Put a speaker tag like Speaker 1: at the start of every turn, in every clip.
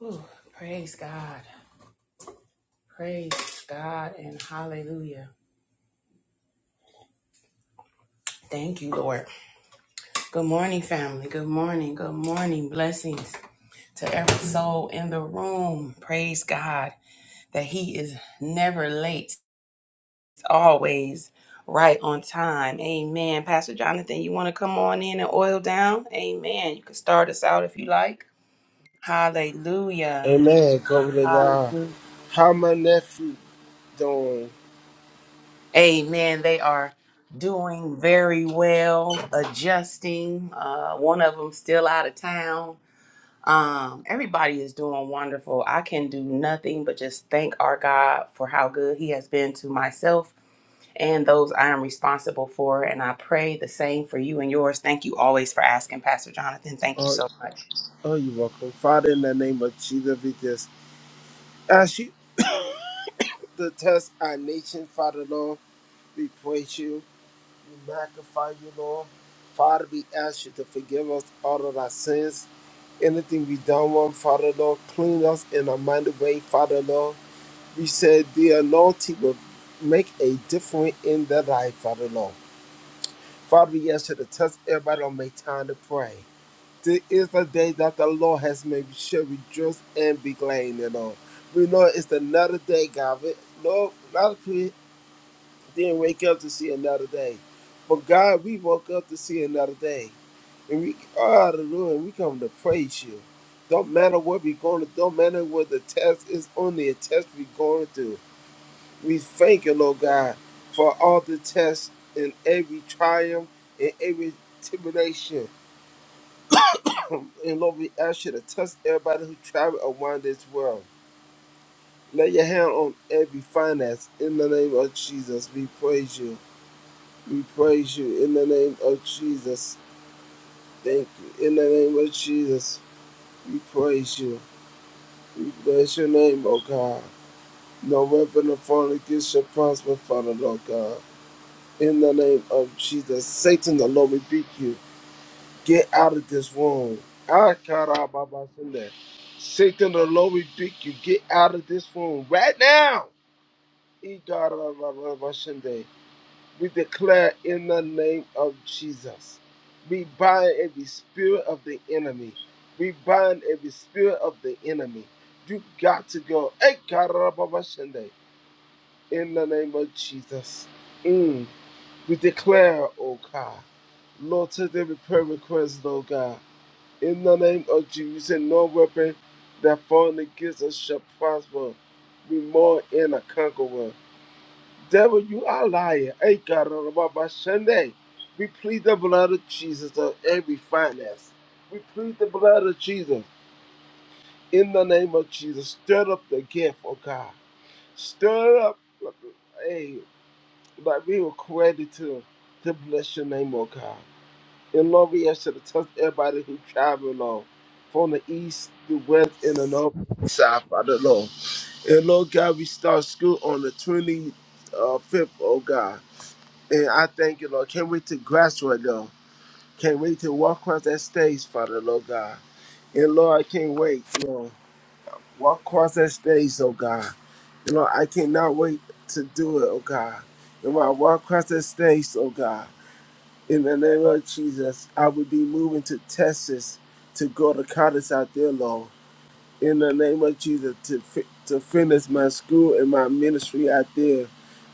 Speaker 1: Ooh, praise God. Praise God and hallelujah. Thank you, Lord. Good morning, family. Good morning. Good morning. Blessings to every soul in the room. Praise God that He is never late, always right on time. Amen. Pastor Jonathan, you want to come on in and oil down? Amen. You can start us out if you like. Hallelujah.
Speaker 2: Amen. Glory to God.
Speaker 1: Hallelujah.
Speaker 2: How my nephew doing?
Speaker 1: Amen. They are doing very well, adjusting. Uh, one of them still out of town. Um, everybody is doing wonderful. I can do nothing but just thank our God for how good He has been to myself and those I am responsible for. And I pray the same for you and yours. Thank you always for asking, Pastor Jonathan. Thank you
Speaker 2: Oh,
Speaker 1: so much.
Speaker 2: oh, you're welcome. Father, in the name of Jesus, we just ask you to test our nation, Father Lord. We praise you. We magnify you, Lord. Father, we ask you to forgive us all of our sins. Anything we done wrong, Father Lord, clean us in a mighty way, Father Lord. We said the anointing will make a difference in their life, Father Lord. Father, we ask you to test everybody on make time to pray. This is the day that the Lord has made. We shall rejoice and be glad in it all. We know it's another day, God. We- No, a lot of people didn't wake up to see another day. But God, we woke up to see another day. And we are hallelujah, and we come to praise you. Don't matter what we're going to, don't matter what the test is, only a test we're going through. We thank you, Lord God, for all the tests and every triumph and every tribulation. And Lord, we ask you to touch everybody who travel around this world. Lay your hand on every finance. In the name of Jesus, we praise you. We praise you. In the name of Jesus, thank you. In the name of Jesus, we praise you. We bless your name, O God. No weapon of form against your prosper, Father, Lord God. In the name of Jesus, Satan, the Lord, rebuke you. Get out of this room. Ah, Karababa Sunday. Satan, the Lord rebuke you. Get out of this room right now. E Karababa Sunday. We declare in the name of Jesus. We bind every spirit of the enemy. We bind every spirit of the enemy. You got to go. E Karababa Sunday. In the name of Jesus. Mm. We declare, oh God. Lord, take every prayer request, Lord God. In the name of Jesus, and no weapon that formed against us shall prosper. Be more in a conqueror. Devil, you are a liar. Hey, God, on about my Sunday. We plead the blood of Jesus on every finance. We plead the blood of Jesus. In the name of Jesus, stir up the gift, oh God. Stir up, hey, like we were created to, to bless your name, oh God. In Lord, we should have to everybody who travel, along, from the east, the west, and the north, south, Father, Lord. And Lord God, we start school on the 25th, oh God. And I thank you, Lord. Can't wait to graduate, Lord. Can't wait to walk across that stage, Father, Lord God. And Lord, I can't wait, Lord. Walk across that stage, oh God. And Lord, I cannot wait to do it, oh God. And when I walk across that stage, oh God. In the name of Jesus, I will be moving to Texas to go to college out there, Lord. In the name of Jesus, to fi- to finish my school and my ministry out there,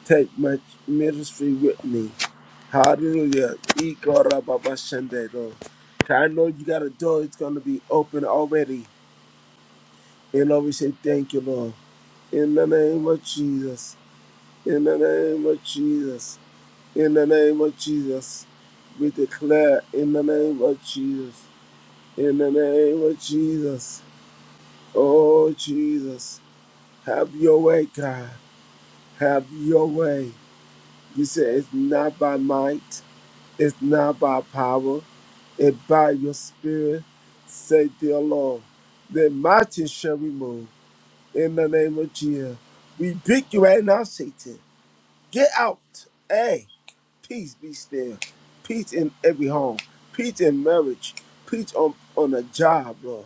Speaker 2: take my ministry with me. Hallelujah. Ikorababashande, Lord. 'Cause I know you got a door; it's gonna be open already. And Lord, we say thank you, Lord. In the name of Jesus. In the name of Jesus. In the name of Jesus. We declare in the name of Jesus. in the name of Jesus. Oh, Jesus, have your way, God. Have your way. You said it's not by might, it's not by power, it's by your spirit, say, dear Lord. The mountain shall we move in the name of Jesus. We pick you right now, Satan. Get out. Hey, peace be still. Peace in every home. Peace in marriage. Peace on, on a job, Lord.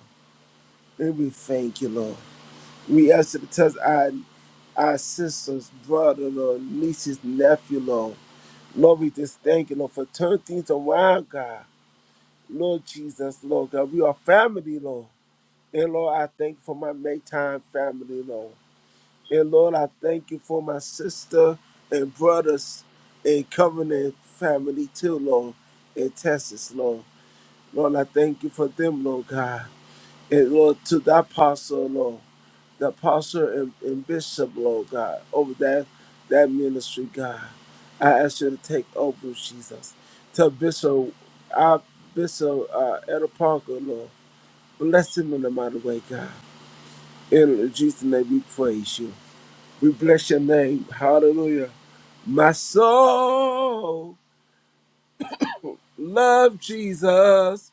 Speaker 2: And we thank you, Lord. We ask it because our our sisters, brother, Lord, nieces, nephew, Lord. Lord, we just thank you, Lord, for turning things around, God. Lord Jesus, Lord God, we are family, Lord. And Lord, I thank you for my make time family, Lord. And Lord, I thank you for my sister and brothers and covenant family too, Lord, in Texas, Lord. Lord, I thank you for them, Lord God. And Lord, to the apostle, Lord. the apostle and, and bishop, Lord God, over that that ministry, God. I ask you to take over, Jesus. Tell Bishop, our Bishop uh, Elder Parker, Lord, bless him in the mighty way, God. In Jesus' name, we praise you. We bless your name. Hallelujah. My soul love Jesus.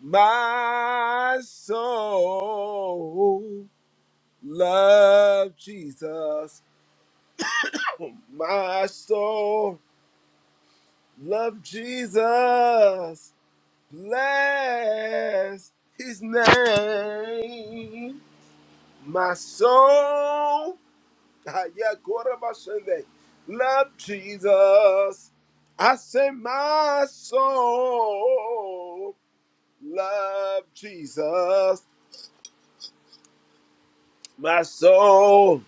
Speaker 2: My soul love Jesus. My soul love Jesus. Bless his name. My soul ah, yeah, God of my Sunday, love Jesus. I say my soul love Jesus. My soul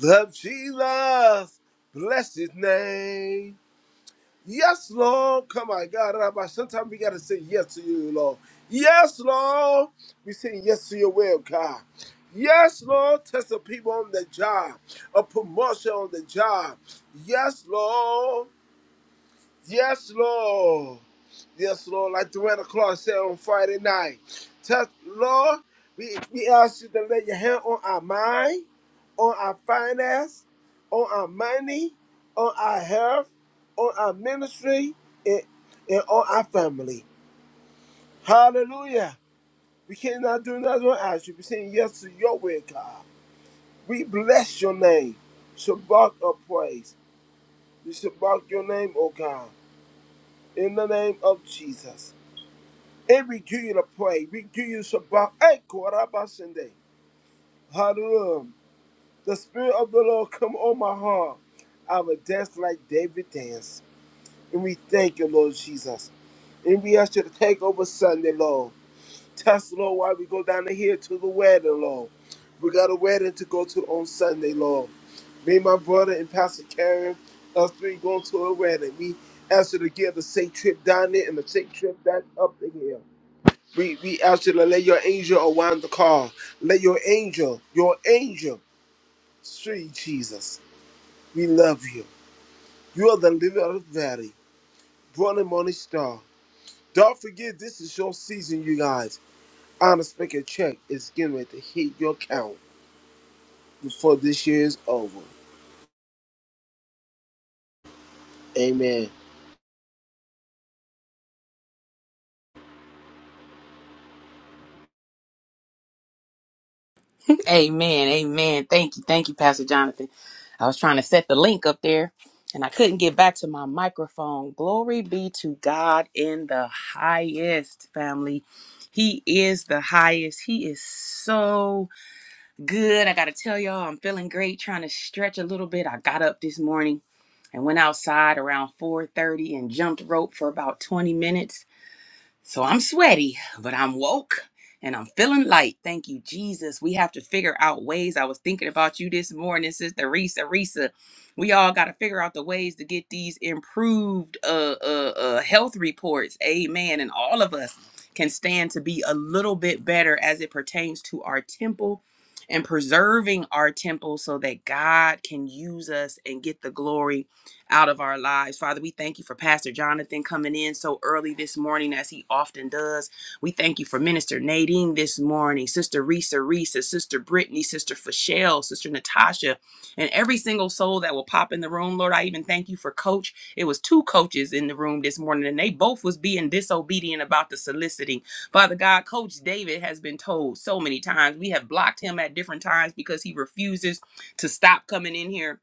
Speaker 2: love Jesus. Bless his name. Yes, Lord. Come on, God. Rabbi. Sometimes we got to say yes to you, Lord. Yes, Lord. We say yes to your will, God. Yes, Lord. Test the people on the job. A promotion on the job. Yes, Lord. Yes, Lord. Yes, Lord. Like the red o'clock said on Friday night. Touch, Lord, we, we ask you to lay your hand on our mind, on our finance, on our money, on our health, on our ministry, and, and on our family. Hallelujah. We cannot do nothing without you. We're saying yes to your will, God. We bless your name. Shabbat of praise. We shabbat your name, O God. In the name of Jesus. It renew you to pray. We Renew you to bow. Hey, Korabasende. Hallelujah. The Spirit of the Lord come on my heart. I will dance like David dance. And we thank you, Lord Jesus. And we ask you to take over Sunday, Lord. Test, Lord, while we go down the hill to the wedding, Lord. We got a wedding to go to on Sunday, Lord. Me, my brother, and Pastor Karen, us three going to a wedding. We ask you to give the safe trip down there and the safe trip back up the hill. We we ask you to let your angel around the car. Let your angel, your angel, sweet Jesus. We love you. You are the living of the valley, born and morning star. Don't forget this is your season, you guys. Honest Maker Check is getting ready to hit your count before this year is over. Amen.
Speaker 1: Amen. Amen. Thank you. Thank you, Pastor Jonathan. I was trying to set the link up there and I couldn't get back to my microphone. Glory be to God in the highest, family. He is the highest. He is so good. I got to tell y'all, I'm feeling great trying to stretch a little bit. I got up this morning and went outside around 4:30 and jumped rope for about 20 minutes so I'm sweaty, but I'm woke and I'm feeling light. Thank you, Jesus. We have to figure out ways. I was thinking about you this morning, Sister Risa. Risa, we all got to figure out the ways to get these improved uh, uh, uh, health reports. Amen. And all of us can stand to be a little bit better as it pertains to our temple and preserving our temple so that God can use us and get the glory out of our lives. Father, we thank you for Pastor Jonathan coming in so early this morning as he often does. We thank you for Minister Nadine this morning, Sister Risa Risa, Sister Brittany, Sister Fashelle, Sister Natasha, and every single soul that will pop in the room. Lord, I even thank you for Coach. It was two coaches in the room this morning, and they both was being disobedient about the soliciting. Father God, Coach David has been told so many times. We have blocked him at different times because he refuses to stop coming in here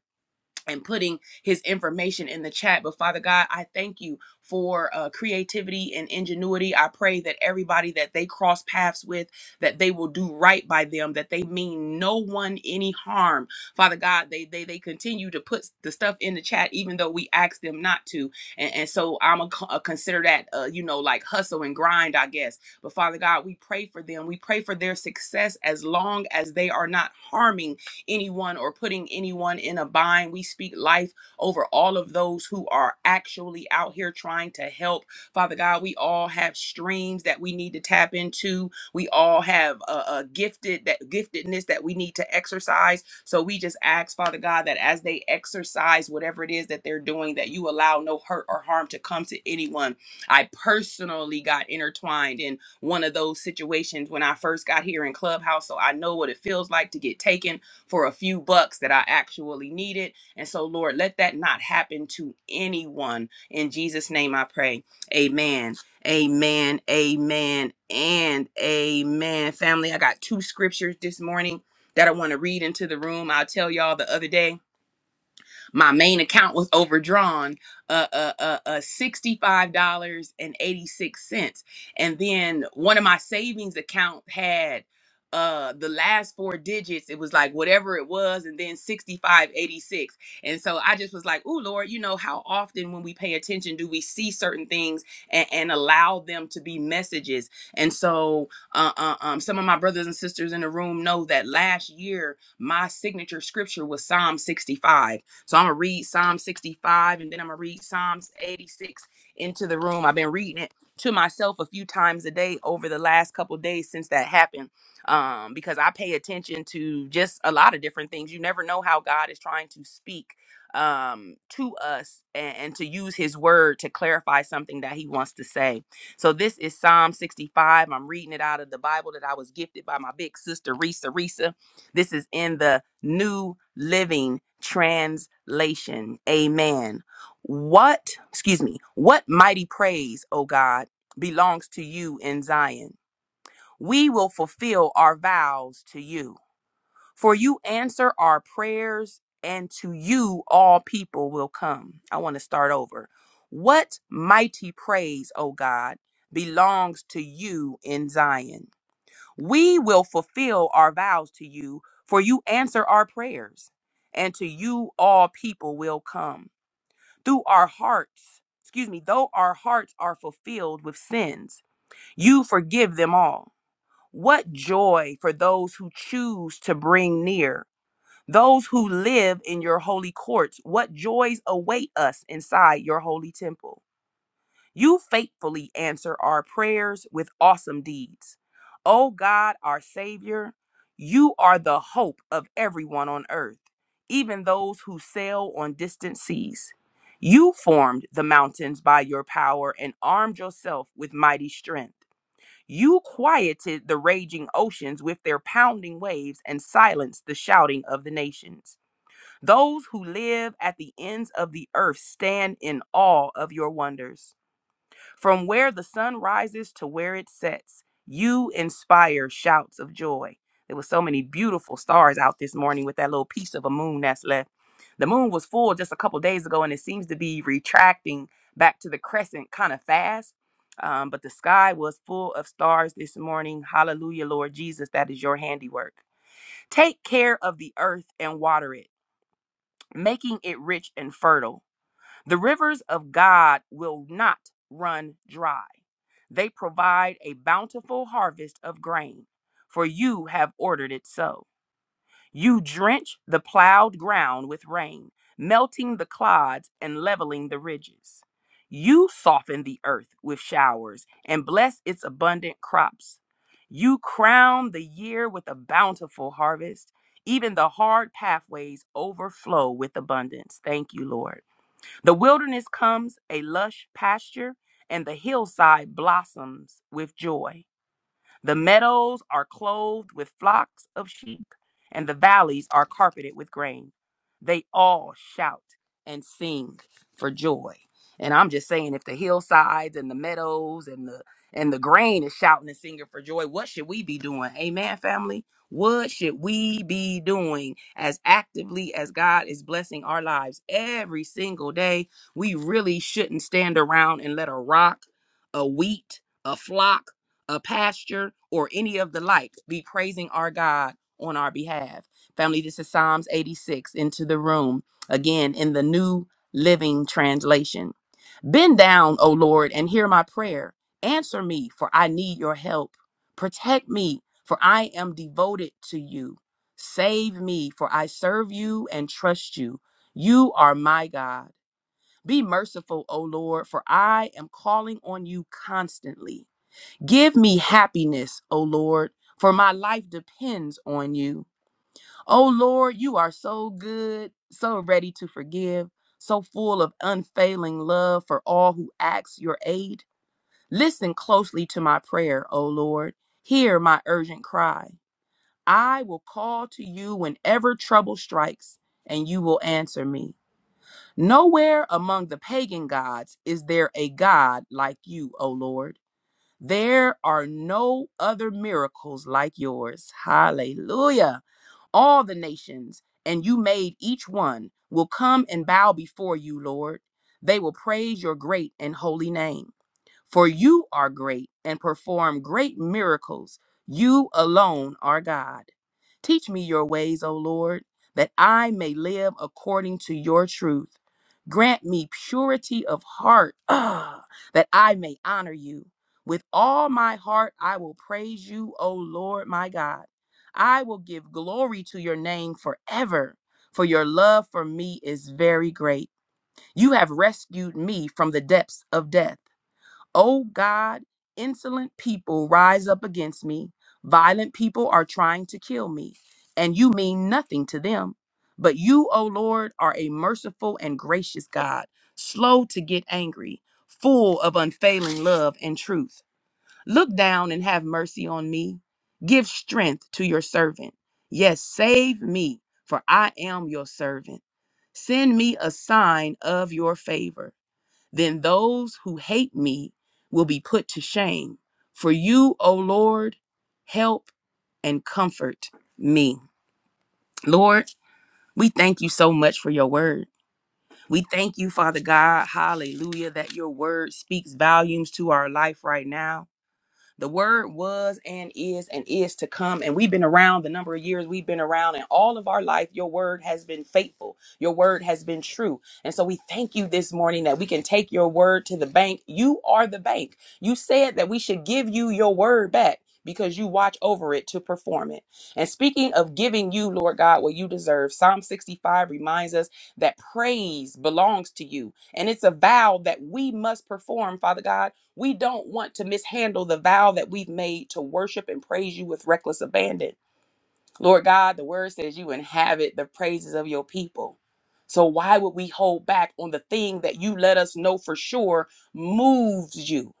Speaker 1: and putting his information in the chat. But Father God, I thank you for uh, creativity and ingenuity. I pray that everybody that they cross paths with, that they will do right by them, that they mean no one any harm. Father God, they they they continue to put the stuff in the chat, even though we ask them not to. And, and so I'm a, co- uh, consider that uh, you know like hustle and grind, I guess. But Father God, we pray for them. We pray for their success as long as they are not harming anyone or putting anyone in a bind. We speak life over all of those who are actually out here trying to help. Father God, we all have streams that we need to tap into. We all have a, a gifted that giftedness that we need to exercise. So we just ask, Father God, that as they exercise whatever it is that they're doing, that you allow no hurt or harm to come to anyone. I personally got intertwined in one of those situations when I first got here in Clubhouse, so I know what it feels like to get taken for a few bucks that I actually needed. And so, Lord, let that not happen to anyone. In Jesus' name I pray. Amen. Amen. Amen. And amen. Family, I got two scriptures this morning that I want to read into the room. I'll tell y'all the other day my main account was overdrawn uh uh uh, uh $65.86 and eighty-six cents. And then one of my savings account had uh the last four digits it was like whatever it was and then 6586 and so i just was like oh lord you know how often when we pay attention do we see certain things and, and allow them to be messages and so uh, uh, um, some of my brothers and sisters in the room know that last year my signature scripture was psalm 65 so I'm going to read Psalm 65 and then I'm going to read Psalms 86 into the room. I've been reading it to myself a few times a day over the last couple days since that happened um, because I pay attention to just a lot of different things. You never know how God is trying to speak um to us and, and to use his word to clarify something that he wants to say so this is psalm 65 i'm reading it out of the bible that i was gifted by my big sister risa risa this is in the New Living Translation. Amen. What, excuse me, what mighty praise, O God, belongs to you in Zion? We will fulfill our vows to you, for you answer our prayers, and to you all people will come. I want to start over. What mighty praise, O God, belongs to you in Zion? We will fulfill our vows to you, for you answer our prayers, and to you all people will come. Through our hearts, excuse me, though our hearts are fulfilled with sins, you forgive them all. What joy for those who choose to bring near, those who live in your holy courts. What joys await us inside your holy temple. You faithfully answer our prayers with awesome deeds. O God, our Savior, you are the hope of everyone on earth, even those who sail on distant seas. You formed the mountains by your power and armed yourself with mighty strength. You quieted the raging oceans with their pounding waves and silenced the shouting of the nations. Those who live at the ends of the earth stand in awe of your wonders. From where the sun rises to where it sets, you inspire shouts of joy. There were so many beautiful stars out this morning with that little piece of a moon that's left. The moon was full just a couple days ago and it seems to be retracting back to the crescent kind of fast. Um, but the sky was full of stars this morning. Hallelujah, Lord Jesus, that is your handiwork. Take care of the earth and water it, making it rich and fertile. The rivers of God will not run dry. They provide a bountiful harvest of grain, for you have ordered it so. You drench the plowed ground with rain, melting the clods and leveling the ridges. You soften the earth with showers and bless its abundant crops. You crown the year with a bountiful harvest. Even the hard pathways overflow with abundance. Thank you, Lord. The wilderness comes a lush pasture, and the hillside blossoms with joy. The meadows are clothed with flocks of sheep, and the valleys are carpeted with grain. They all shout and sing for joy. And I'm just saying, if the hillsides and the meadows and the and the grain is shouting and singing for joy, what should we be doing? Amen, family. What should we be doing as actively as God is blessing our lives every single day? We really shouldn't stand around and let a rock, a wheat, a flock a pasture, or any of the like, be praising our God on our behalf. Family, this is Psalms 86 into the room, again in the New Living Translation. Bend down, O Lord, and hear my prayer. Answer me, for I need your help. Protect me, for I am devoted to you. Save me, for I serve you and trust you. You are my God. Be merciful, O Lord, for I am calling on you constantly. Give me happiness, O Lord, for my life depends on you. O Lord, you are so good, so ready to forgive, so full of unfailing love for all who ask your aid. Listen closely to my prayer, O Lord. Hear my urgent cry. I will call to you whenever trouble strikes, and you will answer me. Nowhere among the pagan gods is there a God like you, O Lord. There are no other miracles like yours. Hallelujah. All the nations, and you made each one, will come and bow before you, Lord. They will praise your great and holy name. For you are great and perform great miracles. You alone are God. Teach me your ways, O Lord, that I may live according to your truth. Grant me purity of heart, ah, that I may honor you. With all my heart, I will praise you, O Lord my God. I will give glory to your name forever, for your love for me is very great. You have rescued me from the depths of death. O God, insolent people rise up against me. Violent people are trying to kill me, and you mean nothing to them. But you, O Lord, are a merciful and gracious God, slow to get angry, full of unfailing love and truth. Look down and have mercy on me. Give strength to your servant. Yes, save me, for I am your servant. Send me a sign of your favor then those who hate me will be put to shame. For you, O Lord, help and comfort me. Lord, we thank you so much for your word. We thank you, Father God, hallelujah, that your word speaks volumes to our life right now. The word was and is and is to come. And we've been around the number of years we've been around, and all of our life, your word has been faithful. Your word has been true. And so we thank you this morning that we can take your word to the bank. You are the bank. You said that we should give you your word back because you watch over it to perform it. And speaking of giving you, Lord God, what you deserve, Psalm 65 reminds us that praise belongs to you. And it's a vow that we must perform, Father God we don't want to mishandle the vow that we've made to worship and praise you with reckless abandon. Lord God, the word says you inhabit the praises of your people. So why would we hold back on the thing that you let us know for sure moves you?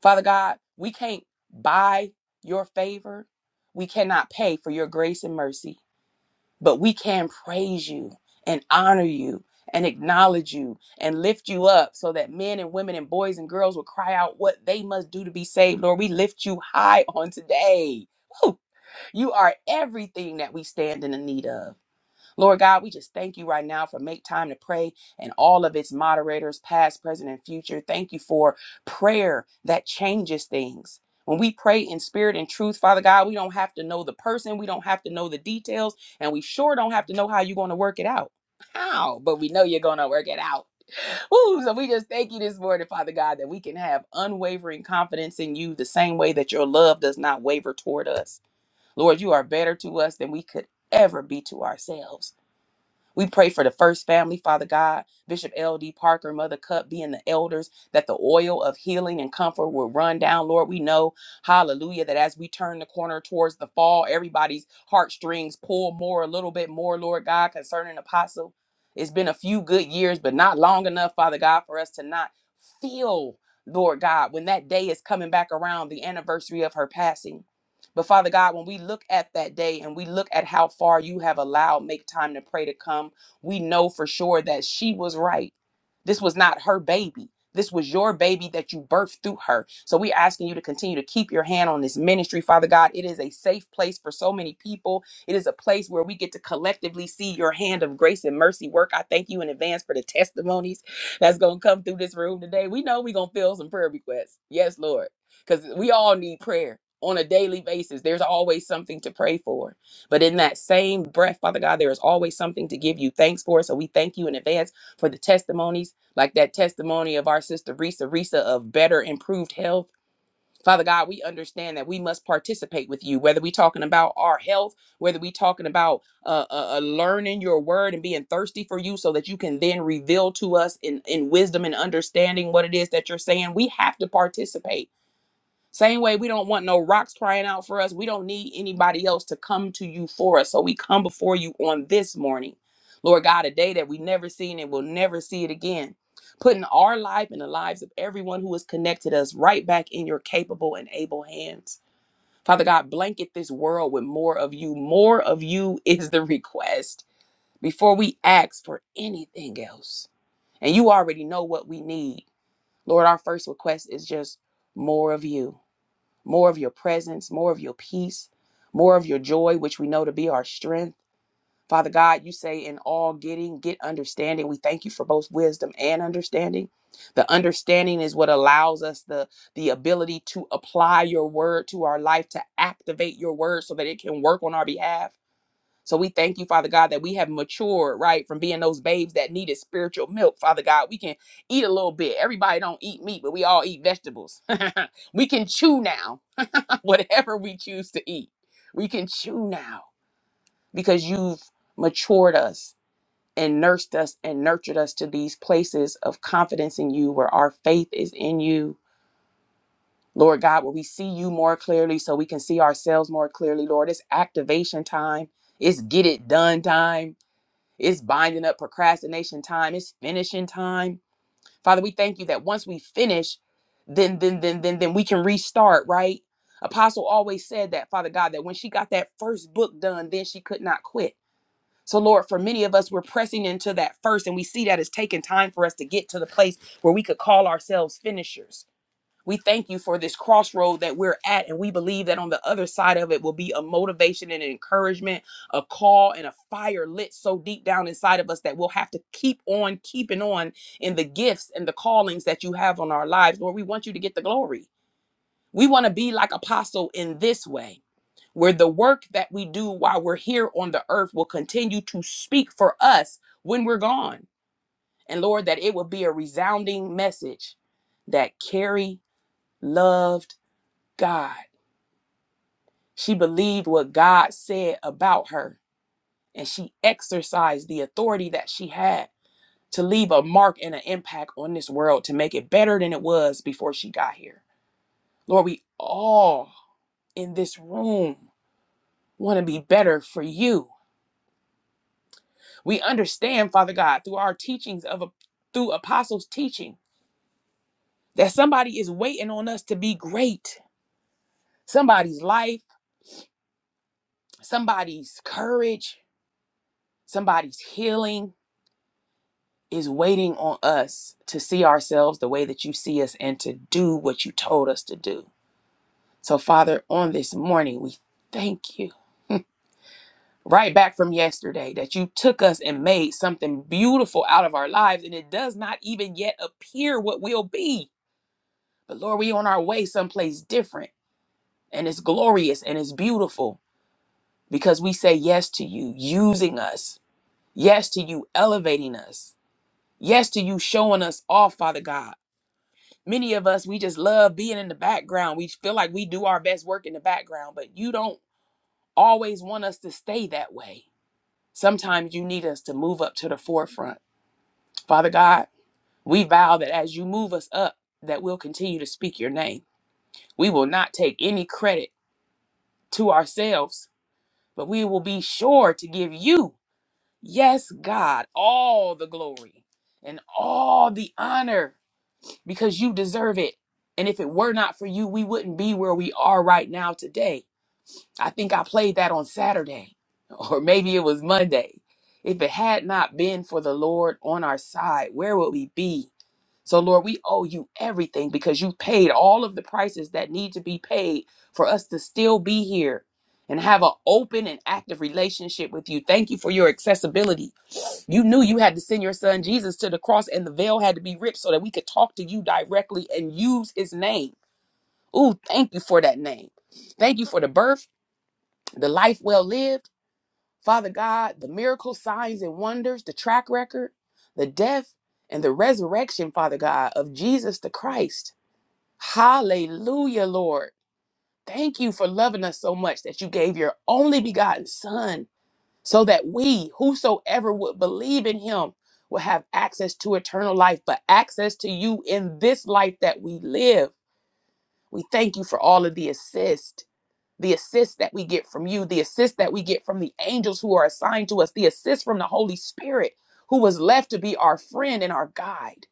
Speaker 1: Father God, we can't buy your favor. We cannot pay for your grace and mercy but we can praise you and honor you and acknowledge you and lift you up so that men and women and boys and girls will cry out what they must do to be saved. Lord, we lift you high on today. Woo! You are everything that we stand in the need of. Lord God, we just thank you right now for Make Time to Pray and all of its moderators, past, present, and future. Thank you for prayer that changes things. When we pray in spirit and truth, Father God, we don't have to know the person, we don't have to know the details, and we sure don't have to know how you're going to work it out. How? But we know you're going to work it out. Woo, so we just thank you this morning, Father God, that we can have unwavering confidence in you the same way that your love does not waver toward us. Lord, you are better to us than we could ever be to ourselves. We pray for the first family, Father God, Bishop L.D. Parker, Mother Cup, being the elders, that the oil of healing and comfort will run down. Lord, we know, hallelujah, that as we turn the corner towards the fall, everybody's heartstrings pull more, a little bit more, Lord God, concerning Apostle. It's been a few good years, but not long enough, Father God, for us to not feel, Lord God, when that day is coming back around, the anniversary of her passing. But Father God, when we look at that day and we look at how far you have allowed Make Time to Pray to come, we know for sure that she was right. This was not her baby. This was your baby that you birthed through her. So we're asking you to continue to keep your hand on this ministry, Father God. It is a safe place for so many people. It is a place where we get to collectively see your hand of grace and mercy work. I thank you in advance for the testimonies that's going to come through this room today. We know we're going to fill some prayer requests. Yes, Lord because we all need prayer on a daily basis. There's always something to pray for. But in that same breath, Father God, there is always something to give you thanks for. So we thank you in advance for the testimonies, like that testimony of our sister Risa, Risa of better, improved health. Father God, we understand that we must participate with you, whether we talking about our health, whether we talking about uh, uh, uh, learning your word and being thirsty for you so that you can then reveal to us in, in wisdom and understanding what it is that you're saying. We have to participate same way, we don't want no rocks crying out for us. We don't need anybody else to come to you for us. So we come before you on this morning, Lord God, a day that we never seen and will never see it again. Putting our life and the lives of everyone who has connected us right back in your capable and able hands. Father God, blanket this world with more of you. More of you is the request before we ask for anything else. And you already know what we need. Lord, our first request is just more of you more of your presence, more of your peace, more of your joy, which we know to be our strength. Father God, you say in all getting, get understanding. We thank you for both wisdom and understanding. The understanding is what allows us the, the ability to apply your word to our life, to activate your word so that it can work on our behalf. So we thank you, Father God, that we have matured, right, from being those babes that needed spiritual milk. Father God, we can eat a little bit. Everybody don't eat meat, but we all eat vegetables. we can chew now whatever we choose to eat. We can chew now because you've matured us and nursed us and nurtured us to these places of confidence in you where our faith is in you. Lord God, where we see you more clearly so we can see ourselves more clearly, Lord. It's activation time. It's get it done time. It's binding up procrastination time. It's finishing time Father, we thank you that once we finish, then then then then then we can restart, right? Apostle always said that, Father God, that when she got that first book done, then she could not quit. So Lord, for many of us, we're pressing into that first, and we see that it's taking time for us to get to the place where we could call ourselves finishers. We thank you for this crossroad that we're at, and we believe that on the other side of it will be a motivation and an encouragement, a call and a fire lit so deep down inside of us that we'll have to keep on keeping on in the gifts and the callings that you have on our lives. Lord, we want you to get the glory. We want to be like Apostle in this way where the work that we do while we're here on the earth will continue to speak for us when we're gone. And Lord, that it will be a resounding message that Carrie loved God. She believed what God said about her, and she exercised the authority that she had to leave a mark and an impact on this world to make it better than it was before she got here. Lord, we all in this room want to be better for you. We understand, Father God, through our teachings of through apostles' teaching, that somebody is waiting on us to be great. Somebody's life, somebody's courage, somebody's healing, is waiting on us to see ourselves the way that you see us and to do what you told us to do. So, Father, on this morning, we thank you. Right back from yesterday, that you took us and made something beautiful out of our lives, and it does not even yet appear what we'll be. But Lord, we on our way someplace different, and it's glorious and it's beautiful because we say yes to you using us, yes to you elevating us, yes to you showing us off, Father God many of us we just love being in the background we feel like we do our best work in the background but you don't always want us to stay that way sometimes you need us to move up to the forefront father god we vow that as you move us up that we'll continue to speak your name we will not take any credit to ourselves but we will be sure to give you yes god all the glory and all the honor because you deserve it. And if it were not for you, we wouldn't be where we are right now today. I think I played that on Saturday, or maybe it was Monday. If it had not been for the Lord on our side, where would we be? So, Lord, we owe you everything because you paid all of the prices that need to be paid for us to still be here and have an open and active relationship with you. Thank you for your accessibility. You knew you had to send your son Jesus to the cross and the veil had to be ripped so that we could talk to you directly and use his name. Ooh, thank you for that name. Thank you for the birth, the life well lived, Father God, the miracles, signs, and wonders, the track record, the death, and the resurrection, Father God, of Jesus the Christ. Hallelujah, Lord. Thank you for loving us so much that you gave your only begotten Son so that we, whosoever would believe in him, will have access to eternal life, but access to you in this life that we live. We thank you for all of the assist, the assist that we get from you, the assist that we get from the angels who are assigned to us, the assist from the Holy Spirit who was left to be our friend and our guide.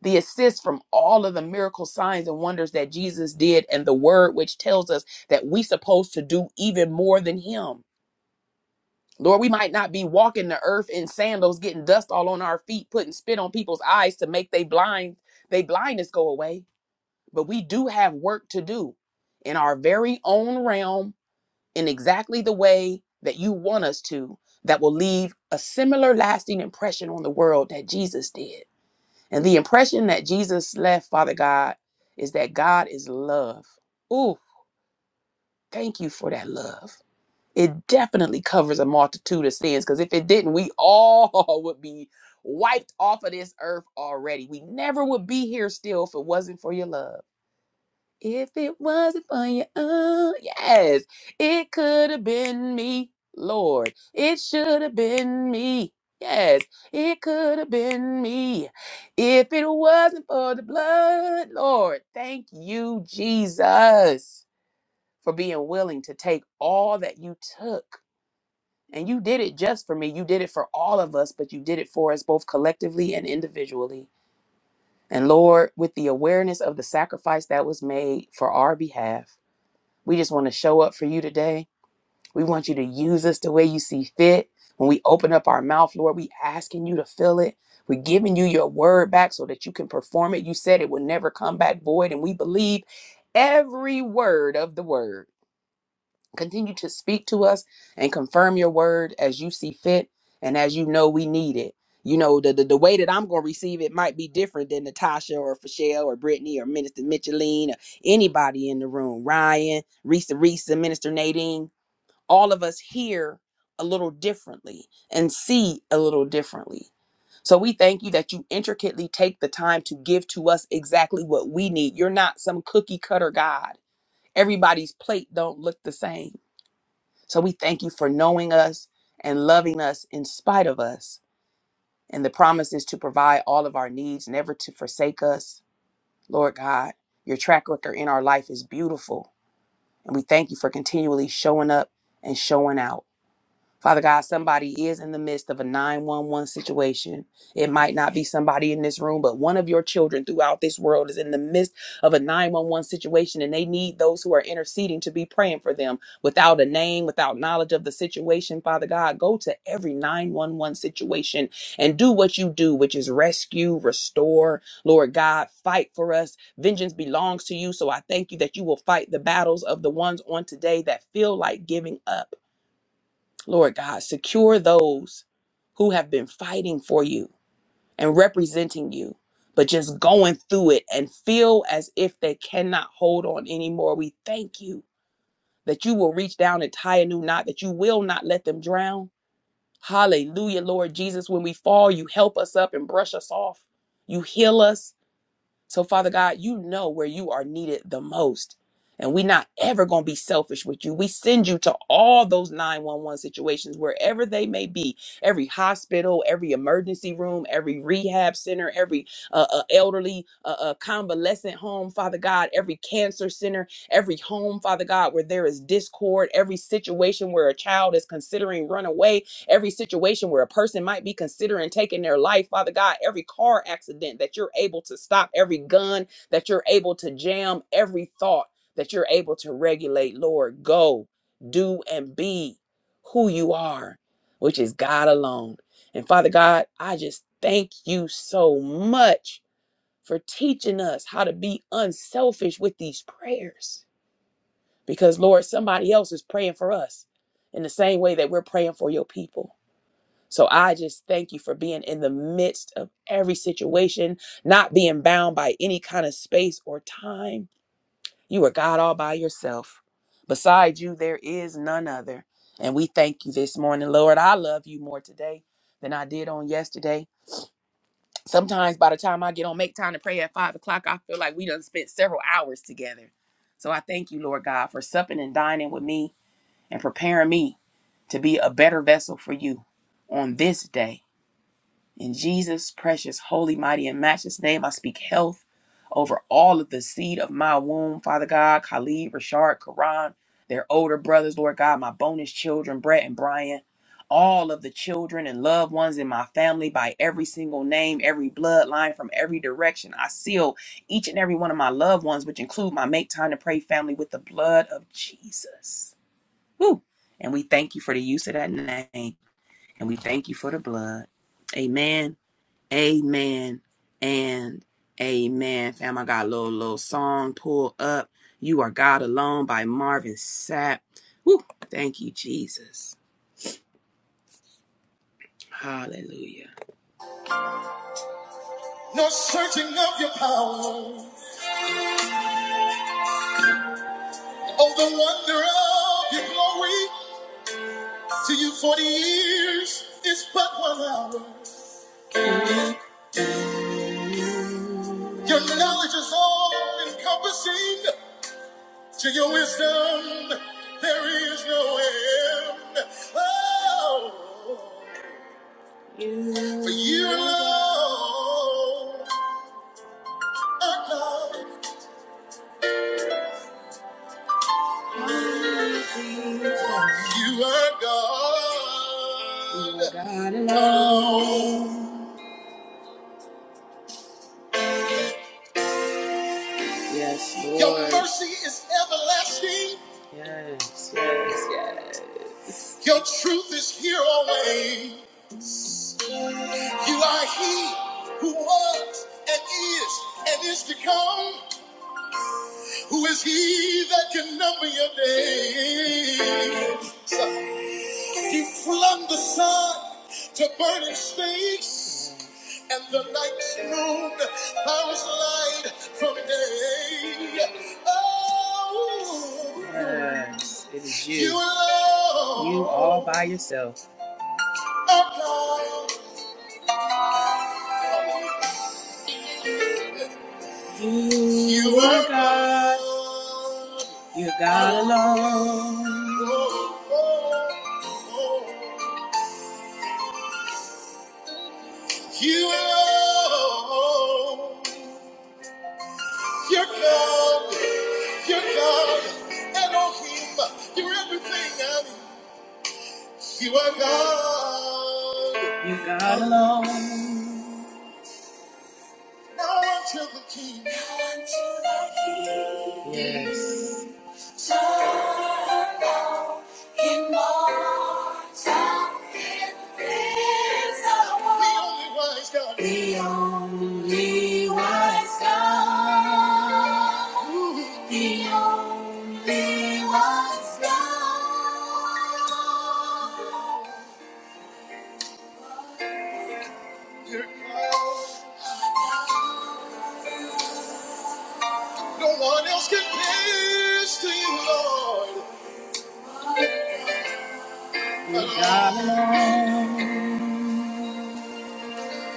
Speaker 1: The assist from all of the miracle signs and wonders that Jesus did, and the word which tells us that we supposed to do even more than him Lord, we might not be walking the earth in sandals, getting dust all on our feet, putting spit on people's eyes to make they blind, they blindness go away. But we do have work to do in our very own realm in exactly the way that you want us to, that will leave a similar lasting impression on the world that Jesus did. And the impression that Jesus left, Father God, is that God is love. Ooh, thank you for that love it definitely covers a multitude of sins because if it didn't we all would be wiped off of this earth already we never would be here still if it wasn't for your love if it wasn't for your uh, yes it could have been me lord it should have been me yes it could have been me if it wasn't for the blood lord thank you jesus for being willing to take all that you took and you did it just for me. You did it for all of us, but you did it for us both collectively and individually. And Lord, with the awareness of the sacrifice that was made for our behalf, we just want to show up for you today. We want you to use us the way you see fit. When we open up our mouth, Lord, we asking you to fill it. We're giving you your word back so that you can perform it. You said it would never come back void, and we believe every word of the word. Continue to speak to us and confirm your word as you see fit and as you know we need it. You know, the, the, the way that I'm going to receive it might be different than Natasha or Fashelle or Brittany or Minister Micheline or anybody in the room. Ryan, Risa Risa, Minister Nadine. All of us hear a little differently and see a little differently. So we thank you that you intricately take the time to give to us exactly what we need. You're not some cookie cutter God. Everybody's plate don't look the same. So we thank you for knowing us and loving us in spite of us. And the promise is to provide all of our needs, never to forsake us. Lord God, your track record in our life is beautiful. And we thank you for continually showing up and showing out. Father God, somebody is in the midst of a 911 situation. It might not be somebody in this room, but one of your children throughout this world is in the midst of a 911 situation and they need those who are interceding to be praying for them without a name, without knowledge of the situation. Father God, go to every 911 situation and do what you do, which is rescue, restore, Lord God, fight for us. Vengeance belongs to you. So I thank you that you will fight the battles of the ones on today that feel like giving up. Lord God, secure those who have been fighting for you and representing you, but just going through it and feel as if they cannot hold on anymore. We thank you that you will reach down and tie a new knot, that you will not let them drown. Hallelujah, Lord Jesus. When we fall, you help us up and brush us off. You heal us so, Father God, you know where you are needed the most. And we're not ever going to be selfish with you. We send you to all those 911 situations, wherever they may be every hospital, every emergency room, every rehab center, every uh, uh, elderly uh, uh, convalescent home, Father God, every cancer center, every home, Father God, where there is discord, every situation where a child is considering runaway every situation where a person might be considering taking their life, Father God, every car accident that you're able to stop, every gun that you're able to jam, every thought that you're able to regulate, Lord, go, do, and be who you are, which is God alone. And Father God, I just thank you so much for teaching us how to be unselfish with these prayers. Because, Lord, somebody else is praying for us in the same way that we're praying for your people. So I just thank you for being in the midst of every situation, not being bound by any kind of space or time. You are God all by yourself. Beside you, there is none other. And we thank you this morning, Lord. I love you more today than I did on yesterday. Sometimes by the time I get on make time to pray at five o'clock, I feel like we done spent several hours together. So I thank you, Lord God, for supping and dining with me and preparing me to be a better vessel for you on this day in Jesus' precious, holy, mighty, and matchless name, I speak health over all of the seed of my womb, Father God, Khalid, Rashard, Karan, their older brothers, Lord God, my bonus children, Brett and Brian, all of the children and loved ones in my family by every single name, every bloodline from every direction. I seal each and every one of my loved ones, which include my Make Time to Pray family, with the blood of Jesus. Woo! And we thank you for the use of that name, and we thank you for the blood. Amen Amen and amen. Fam, I got a little, little song pulled up. You Are God Alone by Marvin Sapp. Woo, thank you, Jesus. Hallelujah. No searching of your power, oh, the wonder of your glory. To you, 40 years is but one hour. Your knowledge is all encompassing. To your wisdom, there is no end. Oh. For you alone are God. You are God. God alone. Yes, Lord. Your mercy is everlasting. Yes, yes, yes. Your truth is here always. You are He who was and is and is to come. Who is he that can number your days? He flung the sun to burning space, and the night's moon bows light from day. Oh, yes, it is you. You alone. You all by yourself. Alone. You are God. You're God alone. You alone. You're God. You're God. Elohim. You're everything I need. You are God. You're God alone. Now unto the King. Now unto the King. Yes. Eternal, immortal, invisible. The only wise God. The only wise God. No one else compares to you, Lord.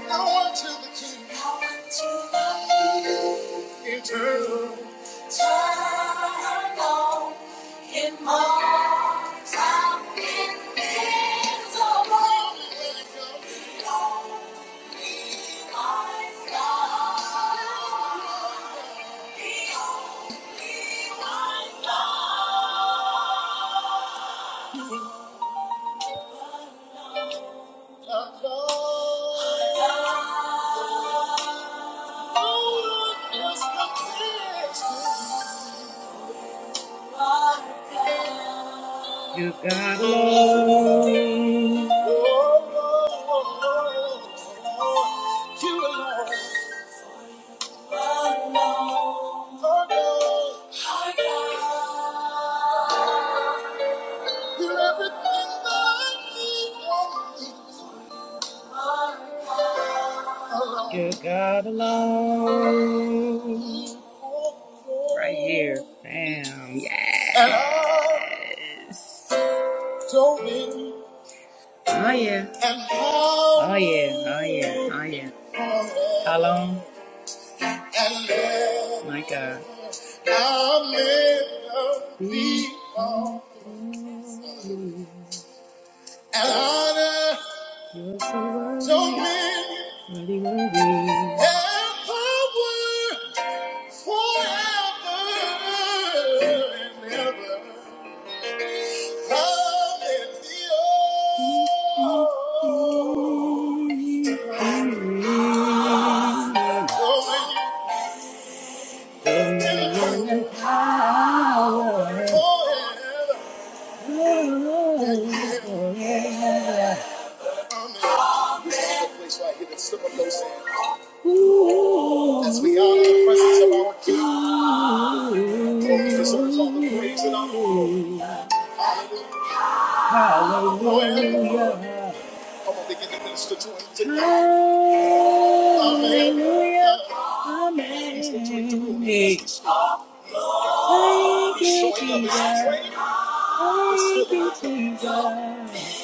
Speaker 1: Power to the King. Power to the King. Eternal. Turn on immortal, invisible. Everything that I need, Right here, bam, yes. Oh yeah, oh yeah, oh yeah, oh yeah. How long? My God. You're so worthy. And power forever and ever. As we are in the presence of our King, so we deserve all the praise and honor. Hallelujah. Come on, begin to minister to him today. Amen. Hallelujah. Minister to him through Amen. him. That's the story. Thank He's you, showing up. He's Jesus. training. He's Thank filling you, up the crowd. Jesus.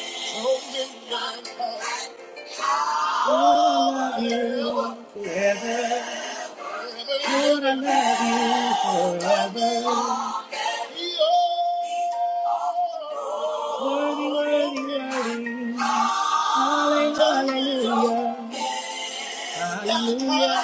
Speaker 1: I love you forever. Lord, I love you forever. Worthy, worthy, worthy. Hallelujah. Hallelujah.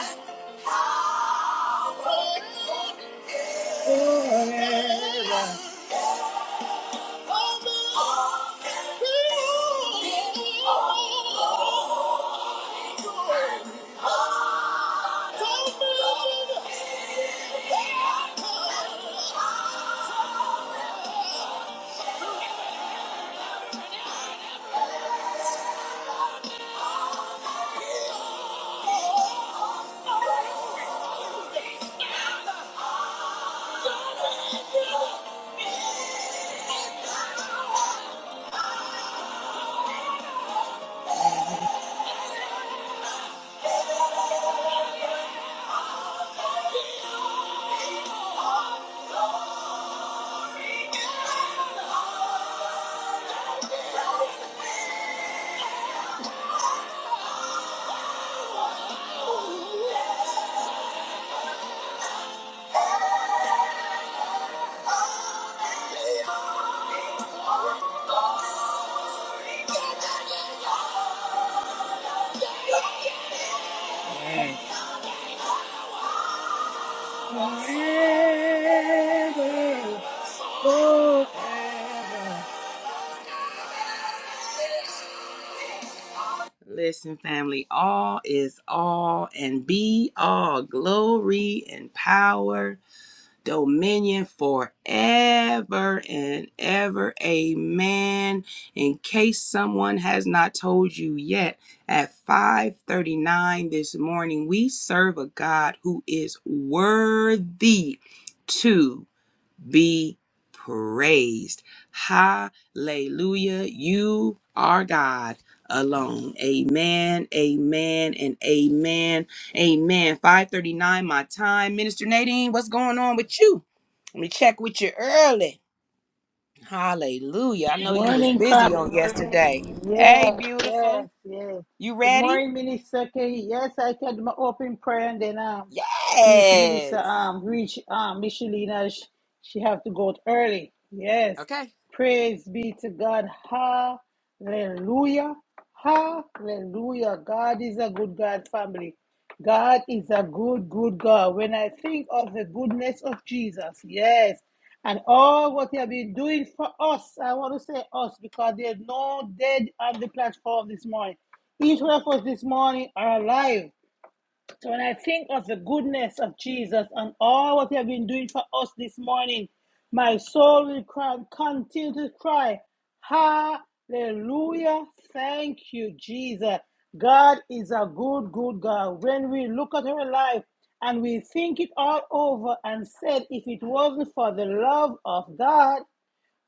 Speaker 1: Mm. Forever, forever. Listen, family, all is all and be all glory and power dominion forever and ever. Amen. In case someone has not told you yet, at 5:39 this morning, we serve a God who is worthy to be praised. Hallelujah. You are God alone. Amen. Amen and amen. Amen. 539 my time. Minister Nadine, what's going on with you? Let me check with you early. Hallelujah. I know you was
Speaker 3: Morning,
Speaker 1: busy
Speaker 3: Club.
Speaker 1: on yesterday.
Speaker 3: Morning.
Speaker 1: Hey,
Speaker 3: Yes,
Speaker 1: beautiful.
Speaker 3: yes, yes.
Speaker 1: You
Speaker 3: Good
Speaker 1: ready?
Speaker 3: morning, Minister K. Yes, I can do my open prayer and then um he to Minister
Speaker 1: Yes.
Speaker 3: um reach um Michelina's. She have to go out early. Yes.
Speaker 1: Okay.
Speaker 3: Praise be to God. Hallelujah. Hallelujah. God is a good God, family. God is a good, good God. When I think of the goodness of Jesus, yes, and all what He has been doing for us, I want to say us because there's no dead on the platform this morning. Each one of us this morning are alive. So when I think of the goodness of Jesus and all what he has been doing for us this morning, my soul will cry, continue to cry, Hallelujah. Thank you, Jesus. God is a good, good God. When we look at our life and we think it all over and said, if it wasn't for the love of God,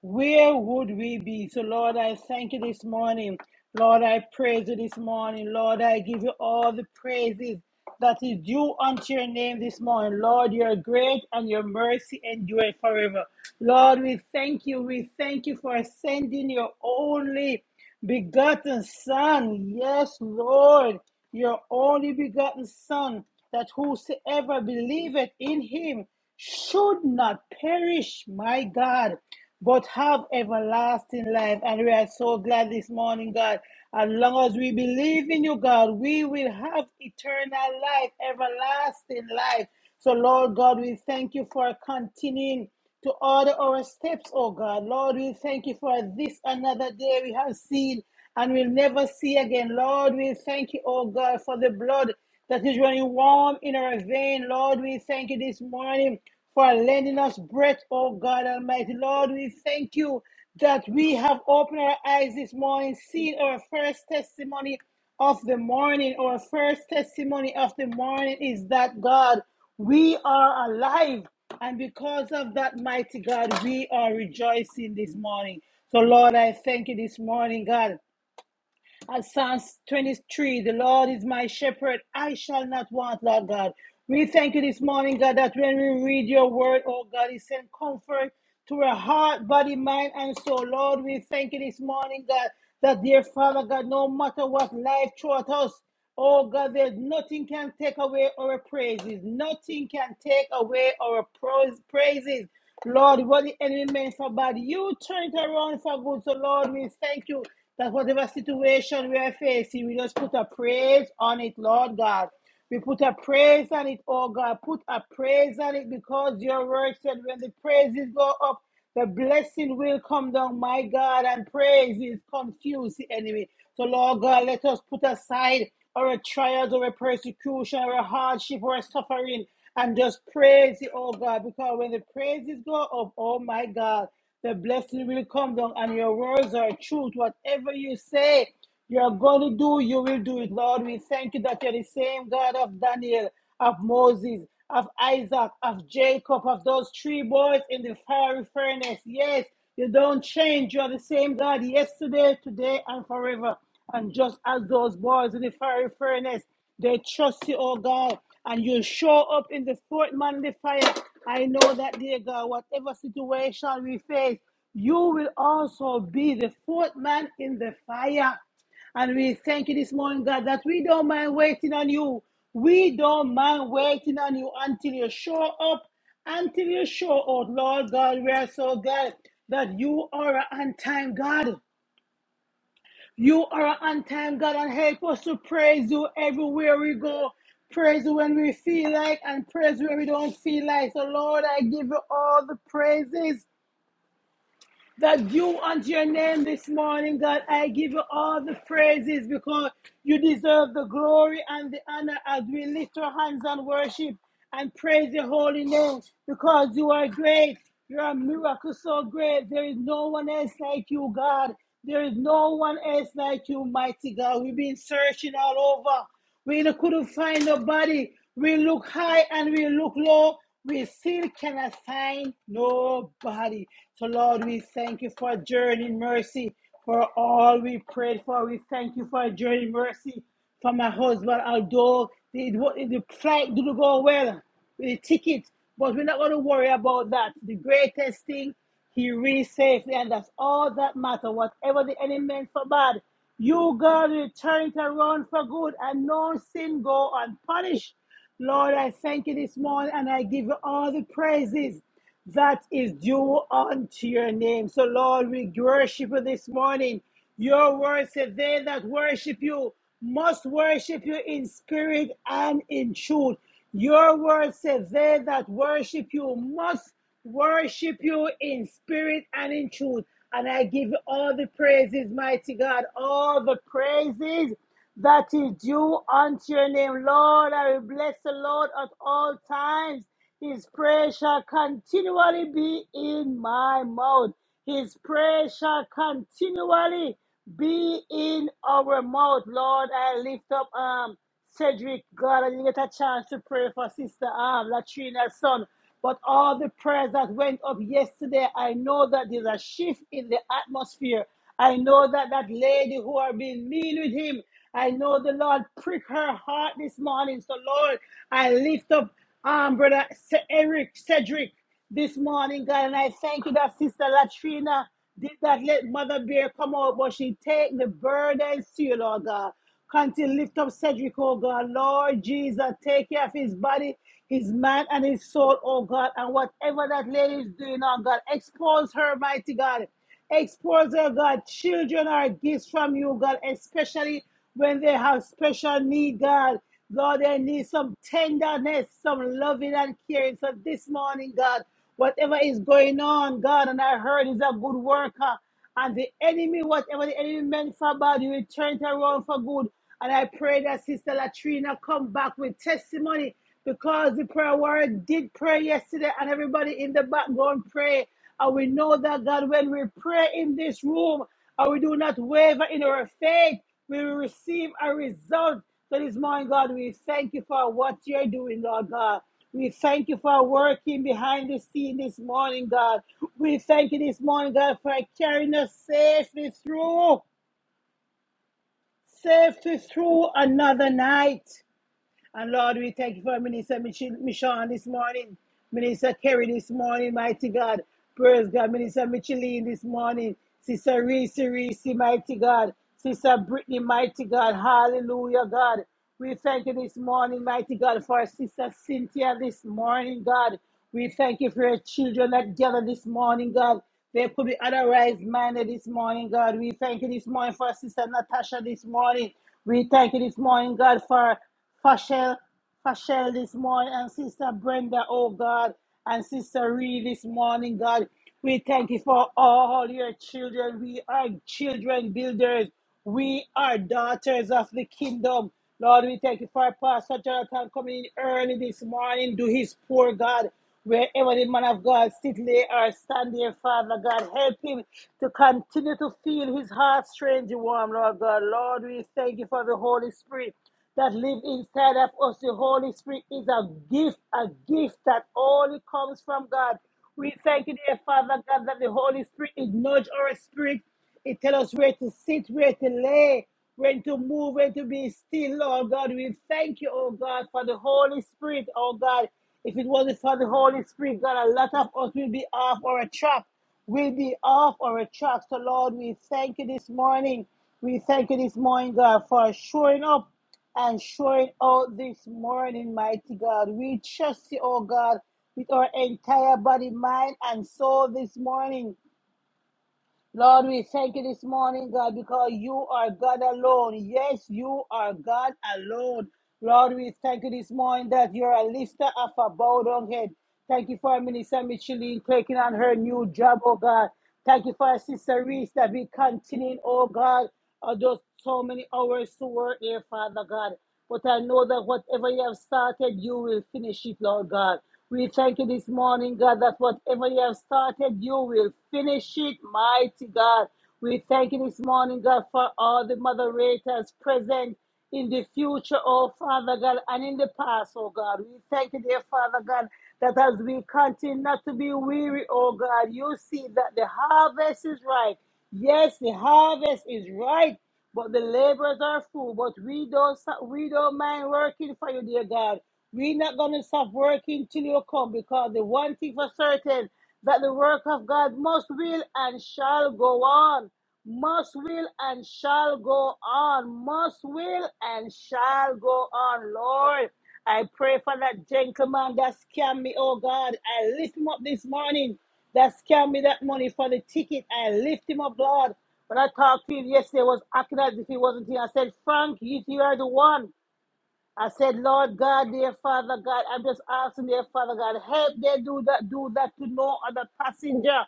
Speaker 3: where would we be? So, Lord, I thank you this morning. Lord, I praise you this morning. Lord, I give you all the praises that is due unto your name this morning. Lord, you are great and your mercy endureth forever. Lord, we thank you. We thank you for sending your only begotten Son. Yes, Lord, your only begotten Son, that whosoever believeth in him should not perish, my God, but have everlasting life. And we are so glad this morning, God. As long as we believe in you, God, we will have eternal life, everlasting life. So, Lord God, we thank you for continuing to order our steps, oh God. Lord, we thank you for this another day we have seen and will never see again. Lord, we thank you, oh God, for the blood that is running warm in our vein. Lord, we thank you this morning for lending us breath, oh God Almighty. Lord, we thank you that we have opened our eyes this morning, seen our first testimony of the morning, our first testimony of the morning is that God, we are alive. And because of that, mighty God, we are rejoicing this morning. So, Lord, I thank you this morning, God. Uh, Psalms 23, the Lord is my shepherd, I shall not want, Lord God. We thank you this morning, God, that when we read your word, oh God, it sends comfort to our heart, body, mind, and soul. Lord, we thank you this morning, God, that dear Father God, no matter what life throws at us, Oh God, there's nothing can take away our praises. Nothing can take away our pros- praises. Lord, what the enemy meant for bad, you turn it around for good. So Lord, we thank you that whatever situation we are facing, we just put a praise on it, Lord God. We put a praise on it, oh God. Put a praise on it because your word said when the praises go up, the blessing will come down, my God, and praises confuse the enemy. So, Lord God, let us put aside our trials, our persecution, our hardship, our suffering, and just praise you, oh God, because when the praises go up, oh my God, the blessing will come down, and your words are truth. Whatever you say, you're going to do, you will do it, Lord. We thank you that you're the same God of Daniel of Moses, of Isaac, of Jacob, of those three boys in the fiery furnace. Yes, you don't change. You are the same God yesterday, today, and forever. And just as those boys in the fiery furnace, they trust you, oh God, and you show up in the fourth man in the fire. I know that, dear God, whatever situation we face, you will also be the fourth man in the fire. And we thank you this morning, God, that we don't mind waiting on you. We don't mind waiting on you until you show up, until you show out, Lord God. We are so glad that you are an on time God. You are an on time God, and help us to praise you everywhere we go. Praise you when we feel like, and praise you when we don't feel like. So, Lord, I give you all the praises that due unto your name this morning, God. I give you all the praises because you deserve the glory and the honor as we lift our hands and worship and praise your holy name because you are great. You are a miracle so great. There is no one else like you, God. There is no one else like you, mighty God. We've been searching all over. We couldn't find nobody. We look high and we look low. We still cannot find nobody. So, Lord, we thank you for journey mercy for all we prayed for. We thank you for journey mercy for my husband. Although the, the flight didn't go well with the ticket, but we're not going to worry about that. The greatest thing, he reached safely, and that's all that matters. Whatever the enemy meant for bad, you God will turn it around for good and no sin go unpunished. Lord, I thank you this morning and I give you all the praises that is due unto your name. So, Lord, we worship you this morning. Your word said, They that worship you must worship you in spirit and in truth. Your word said, They that worship you must worship you in spirit and in truth. And I give you all the praises, mighty God, all the praises that is due unto your name. Lord, I will bless the Lord at all times. His praise shall continually be in my mouth. His praise shall continually be in our mouth. Lord, I lift up arm. Cedric, God, I didn't get a chance to pray for Sister um, Latrina's son. But all the prayers that went up yesterday, I know that there's a shift in the atmosphere. I know that that lady who are being mean with him, I know the Lord prick her heart this morning. So, Lord, I lift up um, brother Ce- Eric Cedric this morning, God, and I thank you that Sister Latrina did not let Mother Bear come out, but she take the burdens to you, Lord God. Continue to lift up Cedric, oh God. Lord Jesus, take care of his body, his mind, and his soul, oh God. And whatever that lady is doing, oh God, expose her, mighty God. Expose her, God. Children are gifts from you, God, especially when they have special need, God. Lord, they need some tenderness, some loving and caring. So this morning, God, whatever is going on, God, and I heard is a good worker. And the enemy, whatever the enemy meant for bad, you will turn it around for good. And I pray that Sister Latrina come back with testimony because the prayer warrior did pray yesterday and everybody in the background pray. And we know that God, when we pray in this room and we do not waver in our faith, we will receive a result. So this morning, God, we thank you for what you're doing, Lord God. We thank you for working behind the scene this morning, God. We thank you this morning, God, for carrying us safely through, safely through another night. And Lord, we thank you for Minister Mich- Michon this morning, Minister Kerry this morning, mighty God. Praise God, Minister Micheline this morning, Sister Reese, Reese, mighty God, Sister Brittany, mighty God. Hallelujah, God. We thank you this morning, mighty God, for Sister Cynthia this morning, God. We thank you for your children that gather this morning, God. They could be otherwise minded this morning, God. We thank you this morning for Sister Natasha this morning. We thank you this morning, God, for Fashel, Fashel this morning, and Sister Brenda, oh God, and Sister Ree this morning, God. We thank you for all your children. We are children builders. We are daughters of the kingdom. Lord, we thank you for Pastor Jonathan coming in early this morning. Do his poor God. Wherever the man of God sit, lay or stand there, Father God, help him to continue to feel his heart strange and warm, Lord God. Lord, we thank you for the Holy Spirit that live inside of us. The Holy Spirit is a gift, a gift that only comes from God. We thank you, dear Father God, that the Holy Spirit is nudge our spirit. It tells us where to sit, where to lay, when to move, when to be still, Lord God. We thank you, oh God, for the Holy Spirit, oh God. If it wasn't for the Holy Spirit, God, a lot of us will be off or a trap will be off our tracks. So, Lord, we thank you this morning. We thank you this morning, God, for showing up and showing out this morning, mighty God. We trust you, oh God, with our entire body, mind, and soul this morning. Lord, we thank you this morning, God, because you are God alone. Yes, you are God alone. Lord, we thank you this morning that you're a lifter of a bowed down head. Thank you for Minister Micheline taking on her new job, oh God. Thank you for our Sister Reese that we continue, oh God or just so many hours to work there, Father God. But I know that whatever you have started, you will finish it, Lord God. We thank you this morning, God, that whatever you have started, you will finish it, mighty God. We thank you this morning, God, for all the moderators present in the future, oh Father God, and in the past, oh God. We thank you, dear Father God, that as we continue not to be weary, oh God, you see that the harvest is ripe Yes, the harvest is ripe, but the laborers are few. But we don't stop, we don't mind working for you, dear God. We're not gonna stop working till you come, because the one thing for certain that the work of God must will and shall go on. Must will and shall go on. Must will and shall go on, Lord. I pray for that gentleman that scammed me, oh God. I lift him up this morning that scammed me that money for the ticket. I lift him up, Lord. When I talked to him yesterday, I was acting as if he wasn't here. I said, Frank, you, you are the one. I said, Lord God, dear Father God, I'm just asking, dear Father God, help they do that, do that to no other passenger.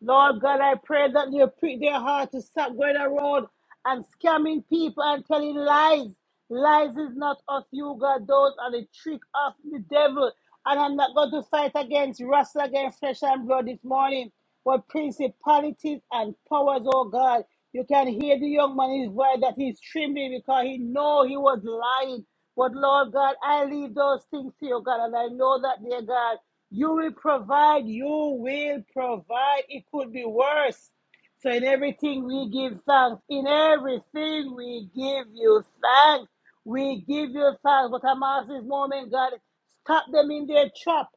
Speaker 3: Lord God, I pray that you prick their heart to stop going around and scamming people and telling lies. Lies is not of you, God. Those are the trick of the devil. And I'm not going to fight against, wrestle against flesh and blood this morning, but principalities and powers, oh God. You can hear the young man in his voice that he's trembling because he know he was lying. But Lord God, I leave those things to you, God, and I know that, dear God, you will provide, you will provide. It could be worse. So in everything we give thanks. In everything we give you thanks. We give you thanks. But I'm asking this moment, God, stop them in their trap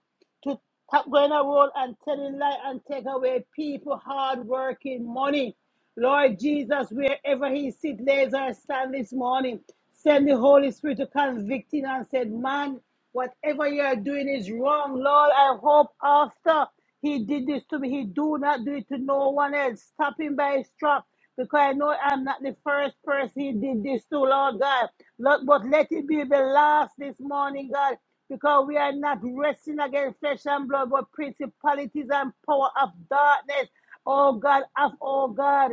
Speaker 3: to stop going around and telling lies and take away people hard working money. Lord Jesus, wherever he sit, lays or stand this morning, send the Holy Spirit to convict him and said, man, whatever you are doing is wrong. Lord, I hope after he did this to me, he do not do it to no one else. Stop him by his strap because I know I'm not the first person he did this to, Lord God. Lord, but let it be the last this morning, God, because we are not wrestling against flesh and blood, but principalities and power of darkness. Oh God, of oh God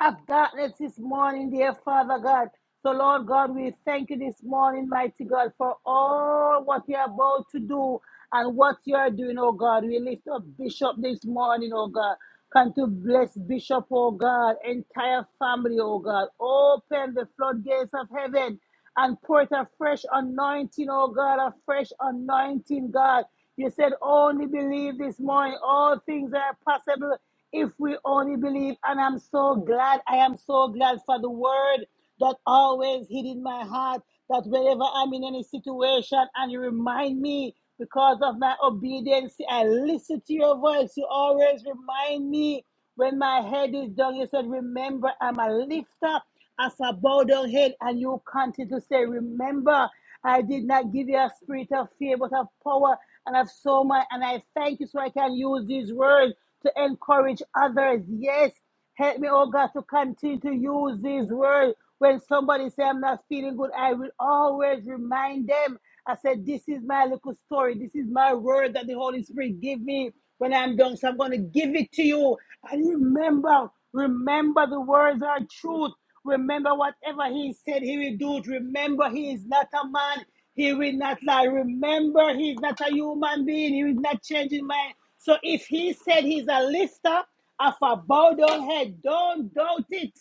Speaker 3: of darkness this morning, dear Father God. So, Lord God, we thank you this morning, mighty God, for all what you're about to do and what you're doing, oh God. We lift up Bishop this morning, oh God. Come to bless Bishop, oh God, entire family, oh God. Open the floodgates of heaven and pour it a fresh anointing, oh God, a fresh anointing, God. You said only believe this morning. All things are possible if we only believe. And I'm so glad. I am so glad for the word that always hid in my heart that whenever I'm in any situation and you remind me because of my obedience, I listen to your voice. You always remind me when my head is down. You said, Remember, I'm a lifter as a bow down head and you continue to say, Remember, I did not give you a spirit of fear, but of power and of so much. And I thank you so I can use these words to encourage others. Yes, help me, oh God, to continue to use these words. When somebody say I'm not feeling good, I will always remind them. I said, This is my little story. This is my word that the Holy Spirit gave me when I'm done. So I'm going to give it to you. And remember, remember the words are truth. Remember whatever He said He will do. it. Remember He is not a man. He will not lie. Remember He is not a human being. He is not changing mind. So if He said He's a lister of a bowed down head, don't doubt it.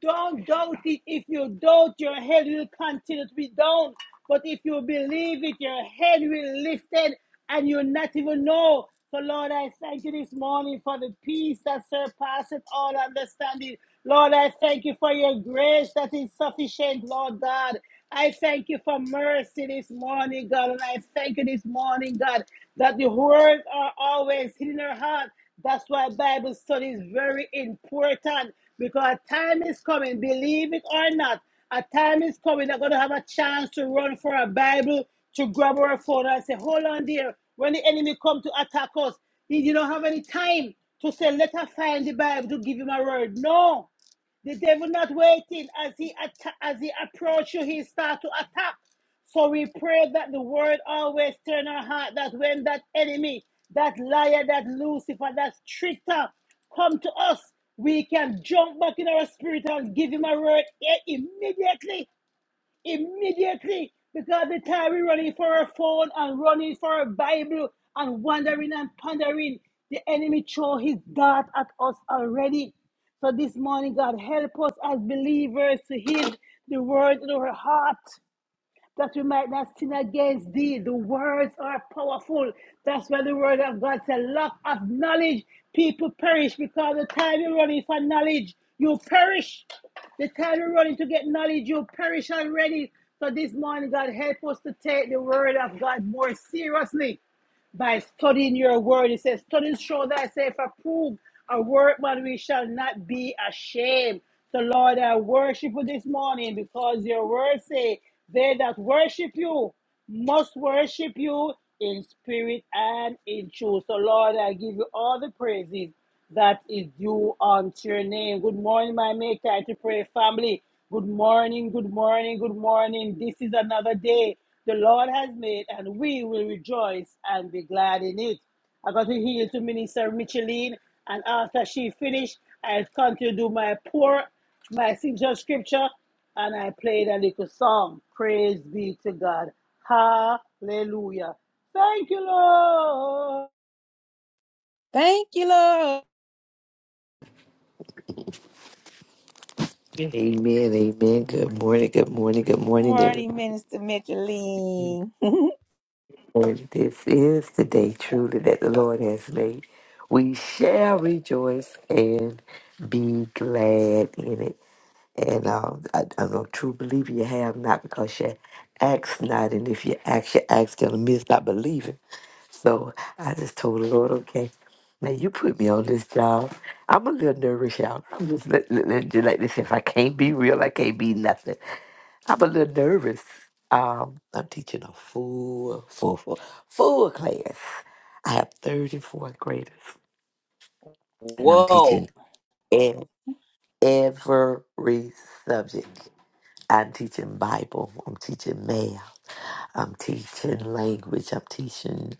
Speaker 3: Don't doubt it. If you doubt, your head will continue to be down. But if you believe it, your head will lifted and you'll not even know. So, Lord, I thank you this morning for the peace that surpasses all understanding. Lord, I thank you for your grace that is sufficient, Lord God. I thank you for mercy this morning, God. And I thank you this morning, God, that the words are always hidden in our heart. That's why Bible study is very important. Because a time is coming, believe it or not, a time is coming they're going to have a chance to run for a Bible, to grab our phone and say, hold on there. When the enemy come to attack us, he you don't have any time to say, let us find the Bible to give him a word. No. The devil not waiting as he atta- as he approach you, he start to attack. So we pray that the word always turn our heart that when that enemy, that liar, that Lucifer, that trickster come to us, we can jump back in our spirit and give him a word eh, immediately immediately because the time we're running for our phone and running for our Bible and wandering and pondering, the enemy threw his dart at us already. So this morning, God, help us as believers to heed the word in our heart that we might not sin against thee. The words are powerful. That's why the word of God said, lack of knowledge, people perish because the time you're running for knowledge, you perish. The time you're running to get knowledge, you perish already. So this morning, God, help us to take the word of God more seriously by studying your word. It says, studies show thyself approved, a workman we shall not be ashamed. So, Lord, I worship you this morning because your word say, they that worship you must worship you in spirit and in truth. So, Lord, I give you all the praises that is due unto your name. Good morning, my make time to pray family. Good morning, good morning, good morning. This is another day the Lord has made, and we will rejoice and be glad in it. I got to heal to Minister Micheline, and after she finished, I continue to do my pour, my signature scripture, and I played a little song. Praise be to God. Hallelujah. Thank you, Lord.
Speaker 1: Thank you, Lord.
Speaker 4: Amen, amen. Good morning, good morning, good morning,
Speaker 1: Morning, Minister Micheline.
Speaker 4: everyone. This is the day truly that the Lord has made. We shall rejoice and be glad in it. And uh, I, I'm a true believer you have not because you ask not. And if you ask, you ask going to miss not believing. So I just told the Lord, okay, now you put me on this job. I'm a little nervous, y'all. I'm just let, let, let- just like this. If I can't be real, I can't be nothing. I'm a little nervous. Um, I'm teaching a full, full, full, full class. I have 34 graders, and I'm
Speaker 1: Whoa.
Speaker 4: teaching in every subject. I'm teaching Bible. I'm teaching math. I'm teaching language. I'm teaching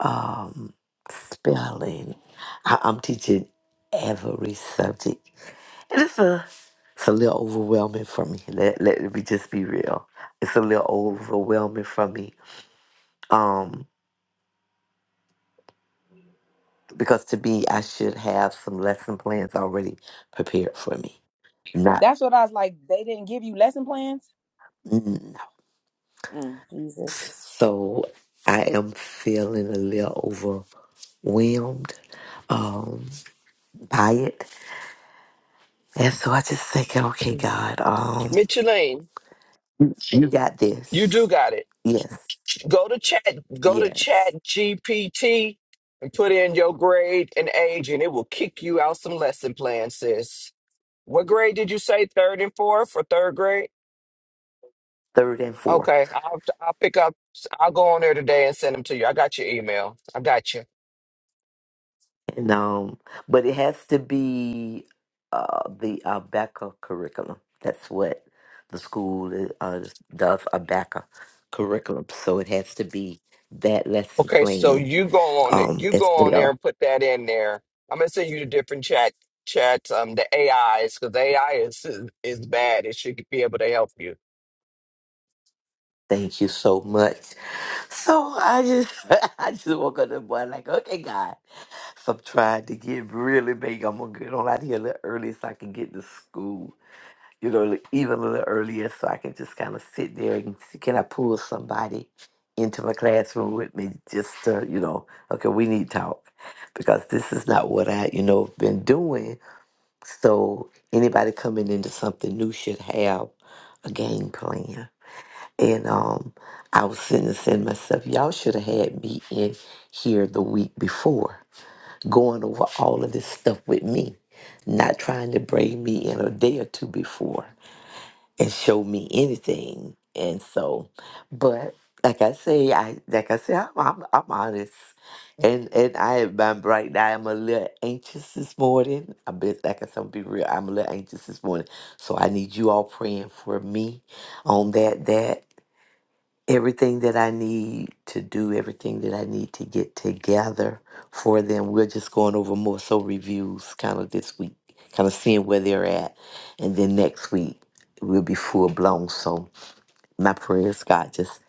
Speaker 4: um, spelling. I- I'm teaching every subject, and it's a it's a little overwhelming for me. Let, let me just be real. It's a little overwhelming for me um, because to me, I should have some lesson plans already prepared for me. Not
Speaker 1: That's what I was like. They didn't give you lesson plans.
Speaker 4: no.
Speaker 1: Mm, Jesus.
Speaker 4: So I am feeling a little overwhelmed um, by it, and so I just think, okay, God, um,
Speaker 5: Micheline,
Speaker 4: you got
Speaker 5: you
Speaker 4: this.
Speaker 5: do got it.
Speaker 4: Yes,
Speaker 5: Go to chat, go to
Speaker 4: yes.
Speaker 5: chat GPT and put in your grade and age, and it will kick you out some lesson plans, sis. What grade did you say? Third and fourth for third grade?
Speaker 4: Third and fourth.
Speaker 5: Okay, I'll, I'll pick up, I'll go on there today and send them to you. I got your email. I got you.
Speaker 4: And, um, but it has to be uh, the ABACA curriculum. That's what the school uh, does, ABACA curriculum. So it has to be that lesson
Speaker 5: Okay, so
Speaker 4: plan.
Speaker 5: you go on it.
Speaker 4: Um,
Speaker 5: You
Speaker 4: as
Speaker 5: go on there
Speaker 4: well.
Speaker 5: and put that in there. I'm gonna send you the different chat chats, um, the AIs, because AI is is bad. It should be able to help you.
Speaker 4: Thank you so much. So I just, I just woke up this morning like, okay, God. So I'm trying to get really big. I'm gonna get on out here a little early so I can get to school. you know, like, even a little earlier so I can just kind of sit there and see, can I pull somebody into my classroom with me just to, you know, okay, we need talk because this is not what I, you know, been doing. So anybody coming into something new should have a game plan. And um, I was sitting there saying to myself, y'all should have had me in here the week before, going over all of this stuff with me, not trying to bring me in a day or two before and show me anything. And so, but like I say, I like I say, I'm I'm, I'm honest, and and I am right now. I'm a little anxious this morning. I bet, like I said, I'm be real. I'm a little anxious this morning, so I need you all praying for me on that. That everything that I need to do, everything that I need to get together for them. We're just going over more so reviews kind of this week, kind of seeing where they're at. And then next week, we'll be full blown. So my prayers, God, just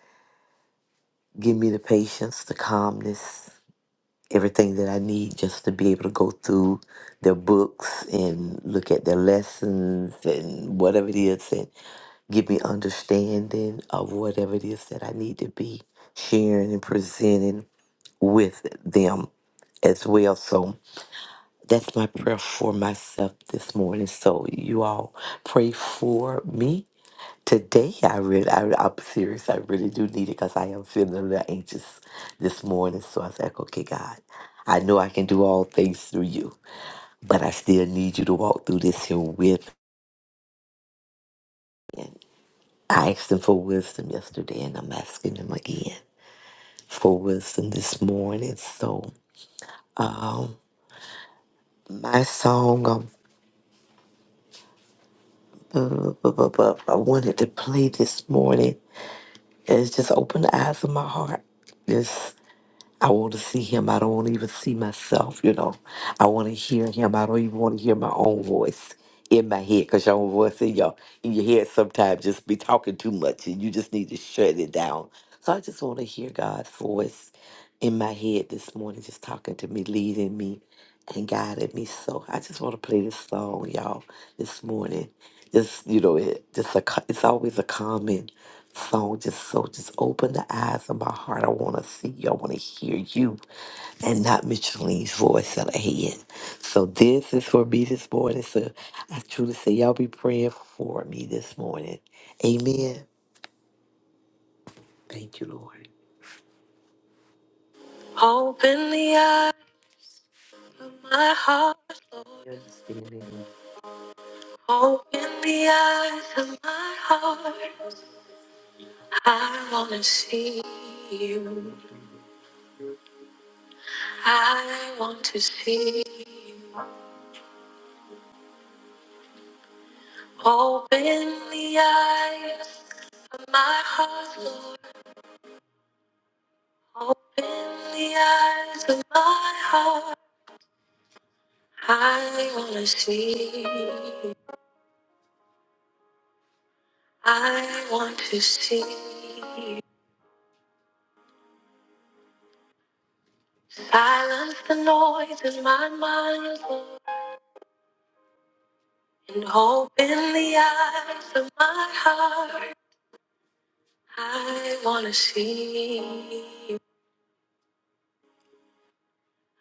Speaker 4: give me the patience, the calmness, everything that I need just to be able to go through their books and look at their lessons and whatever it is and Give me understanding of whatever it is that I need to be sharing and presenting with them as well. So that's my prayer for myself this morning. So you all pray for me. Today, I really, I, I'm serious. I really do need it because I am feeling a little anxious this morning. So I was like, okay, God, I know I can do all things through you, but I still need you to walk through this here with me. And I asked him for wisdom yesterday, and I'm asking him again. for wisdom this morning. So my song um, bu- bu- bu- bu- I wanted to play this morning is just open the eyes of my heart. Just I want to see him. I don't want to even see myself. You know, I want to hear him. I don't even want to hear my own voice in my head because your own voice in your in your head sometimes just be talking too much and you just need to shut it down. So I just want to hear God's voice in my head this morning, just talking to me, leading me. and guided me. So I just want to play this song, y'all, this morning. Just you know, it just a co- it's always a common song. Just so just open the eyes of my heart. I want to see you. I want to hear you, and not Micheline's voice at the head. So this is for me this morning. So I truly say, y'all be praying for me this morning. Amen. Thank you, Lord. Open the eyes of my heart, Lord. Open the eyes of my heart. I want to see you. I want to see you. Open the eyes of my heart, Lord. Open the eyes of my heart. I want to see you. I want to see you. Silence the noise in my mind, Lord. And open the eyes of my heart. I wanna see. you.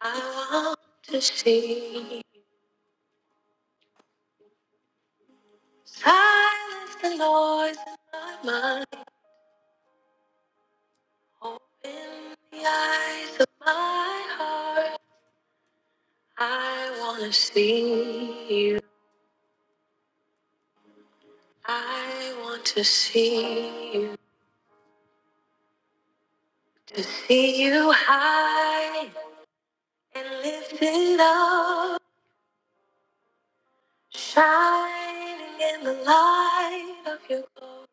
Speaker 4: I want to see. you. Silence the noise in my mind. Open the eyes of my heart. I wanna see you. I want to see you. To see you high and lifted up. Shining in the light of your glory.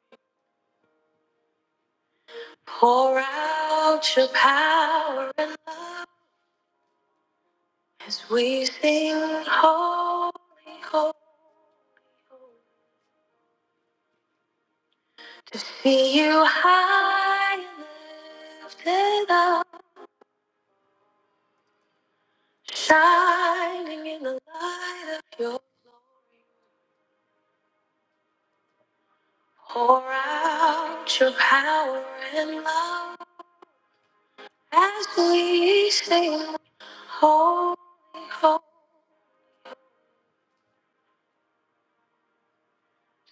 Speaker 4: Pour out your power and love. As we sing holy, holy, to see you high and lifted up, shining in the light of your glory, pour out your power and love as we sing holy, holy.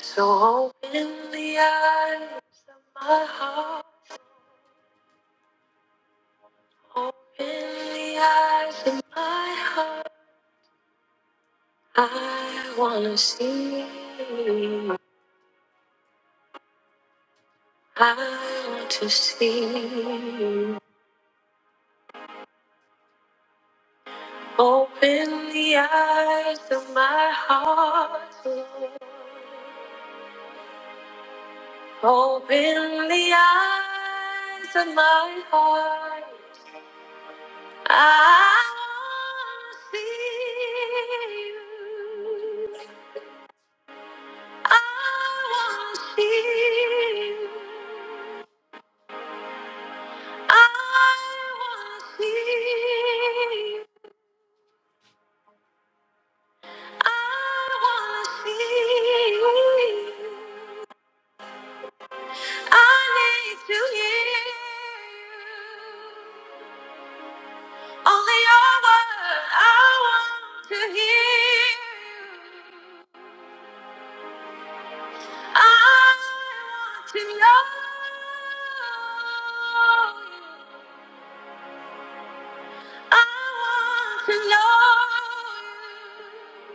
Speaker 4: So open the eyes of my heart Open the eyes of my heart. I wanna see you. I want to see you. Open the eyes of my heart. Lord. Open the eyes of my heart. I wanna see you. I wanna see you. I wanna see. I wanna see. I need to hear you. only your word. I want to hear. I want to know. you. I want to know. you.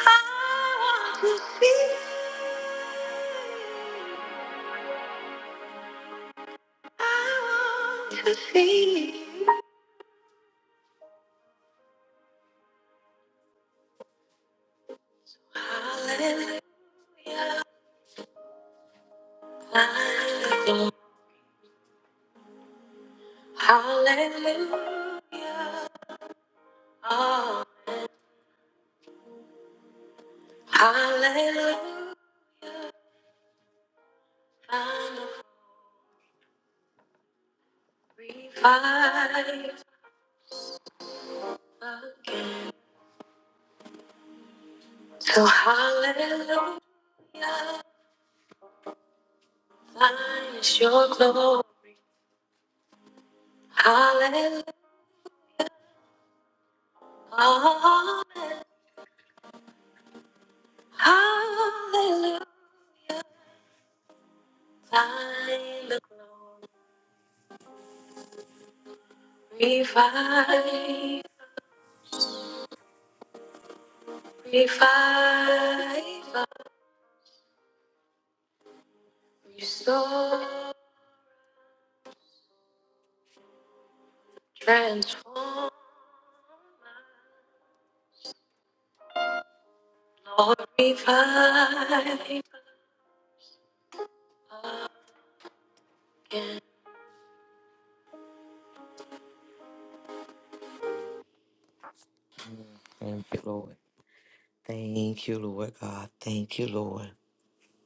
Speaker 4: I want to see. I want to see. Hallelujah. Hallelujah. Hallelujah. Oh, hallelujah. I'm revived again. So hallelujah. Thine is your glory. Hallelujah. Oh, hallelujah. Thine the glory. Revive, revive, restore, transform, Lord, revive. Thank you, Lord. Thank you, Lord God. Thank you, Lord.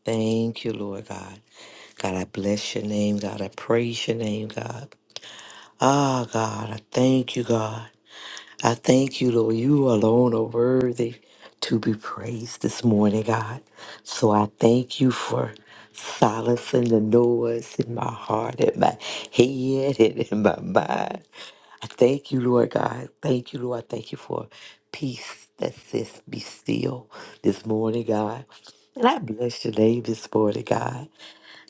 Speaker 4: Thank you, Lord God. God, I bless your name, God. I praise your name, God. Ah, God, I thank you, God. I thank you, Lord. You alone are worthy to be praised this morning, God. So I thank you for silencing the noise in my heart, in my head, and in my mind. I thank you, Lord God. Thank you, Lord. I thank you for peace that says, Be still this morning, God. And I bless your name this morning, God.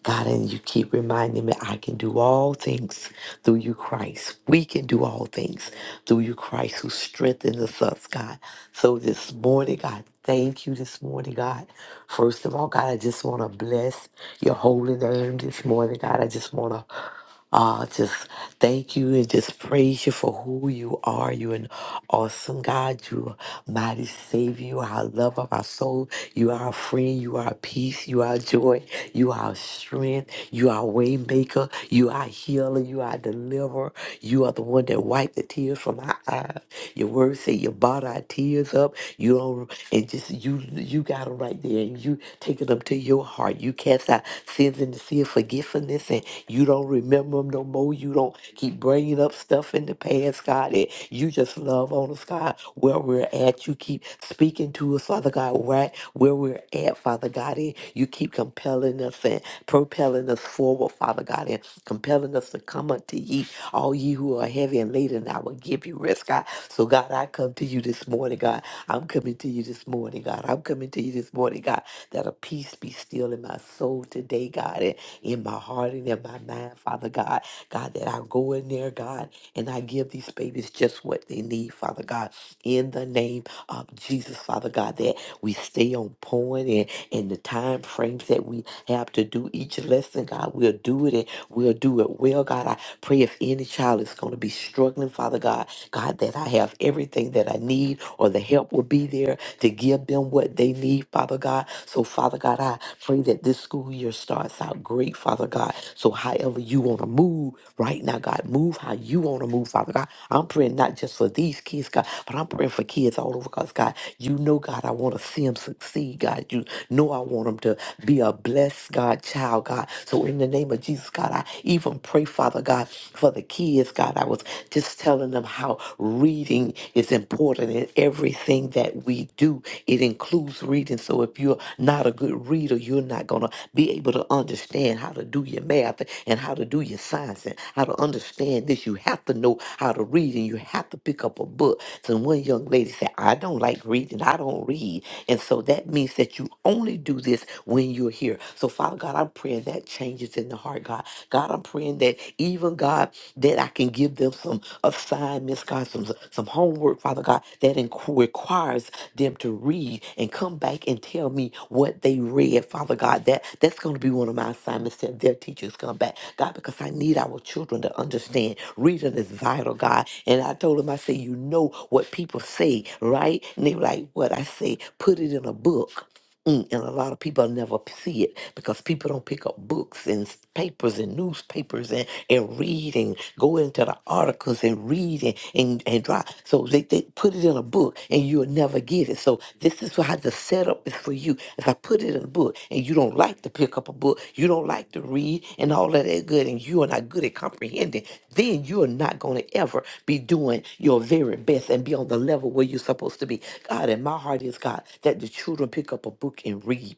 Speaker 4: God, and you keep reminding me, I can do all things through you, Christ. We can do all things through you, Christ, who strengthens us, God. So this morning, God, thank you this morning, God. First of all, God, I just want to bless your holy name this morning, God. I just want to uh, just thank you and just praise you for who you are. You're an awesome God. You're a mighty Savior. You are our love of our soul. You are our friend. You are our peace. You are our joy. You are our strength. You are our way maker. You are our healer. You are our deliverer. You are the one that wiped the tears from our eyes. Your word say you bought our tears tears up. You don't, and just you, you got them right there, and you take it up to your heart. You cast out sins in the sea of forgetfulness, and you don't remember them no more. You don't keep bringing up stuff in the past, God. And you just love on us, God, where we're at. You keep speaking to us, Father God, right where we're at, Father God. And you keep compelling us and propelling us forward, Father God, and compelling us to come unto ye, all ye who are heavy and laden, I will give you rest, God. So, God, I come to you this morning, God. I'm coming to you this morning, God. I'm coming to you this morning, God, that a peace be still in my soul today, God, and in my heart and in my mind, Father God. God, that I go in there, God, and I give these babies just what they need, Father God, in the name of Jesus, Father God, that we stay on point and in the time frames that we have to do each lesson, God, we'll do it and we'll do it well. God, I pray if any child is going to be struggling, Father God, God, that I have everything that I need or the help will be there to give them what they need, Father God. So, Father God, I pray that this school year starts out great, Father God. So, however you want to move right now right now, God. Move how you want to move, Father God. I'm praying not just for these kids, God, but I'm praying for kids all over because, God, you know, God, I want to see them succeed, God. You know, I want them to be a blessed, God, child, God. So, in the name of Jesus, God, I even pray, Father God, for the kids, God. I was just telling them how reading is important in everything that we do, it includes reading. So if you're not a good reader, you're not going to be able to understand how to do your math and how to do your science and how to understand this. You have to know how to read and you have to pick up a book. So one young lady said, I don't like reading. I don't read. And so that means that you only do this when you're here. So Father God, I'm praying that changes in the heart, God. God, I'm praying that even God that I can give them some assignments, God, some, some homework, Father God, that inqu- requires them to read and come back and tell me what they read, Father God. That that's going to be one of my assignments that their teachers come back, God, because I need our children to understand reading is vital, God. And I told them, I said, you know what people say, right? And they were like, what I say, put it in a book. Mm, and a lot of people never see it because people don't pick up books and s- papers and newspapers and, and read and go into the articles and read and, and, and try. So they, they put it in a book and you'll never get it. So this is how the setup is for you. I put it in a book, and you don't like to pick up a book, you don't like to read, and all of that good, and you are not good at comprehending, then you are not going to ever be doing your very best and be on the level where you're supposed to be. God, and my heart is God that the children pick up a book and read.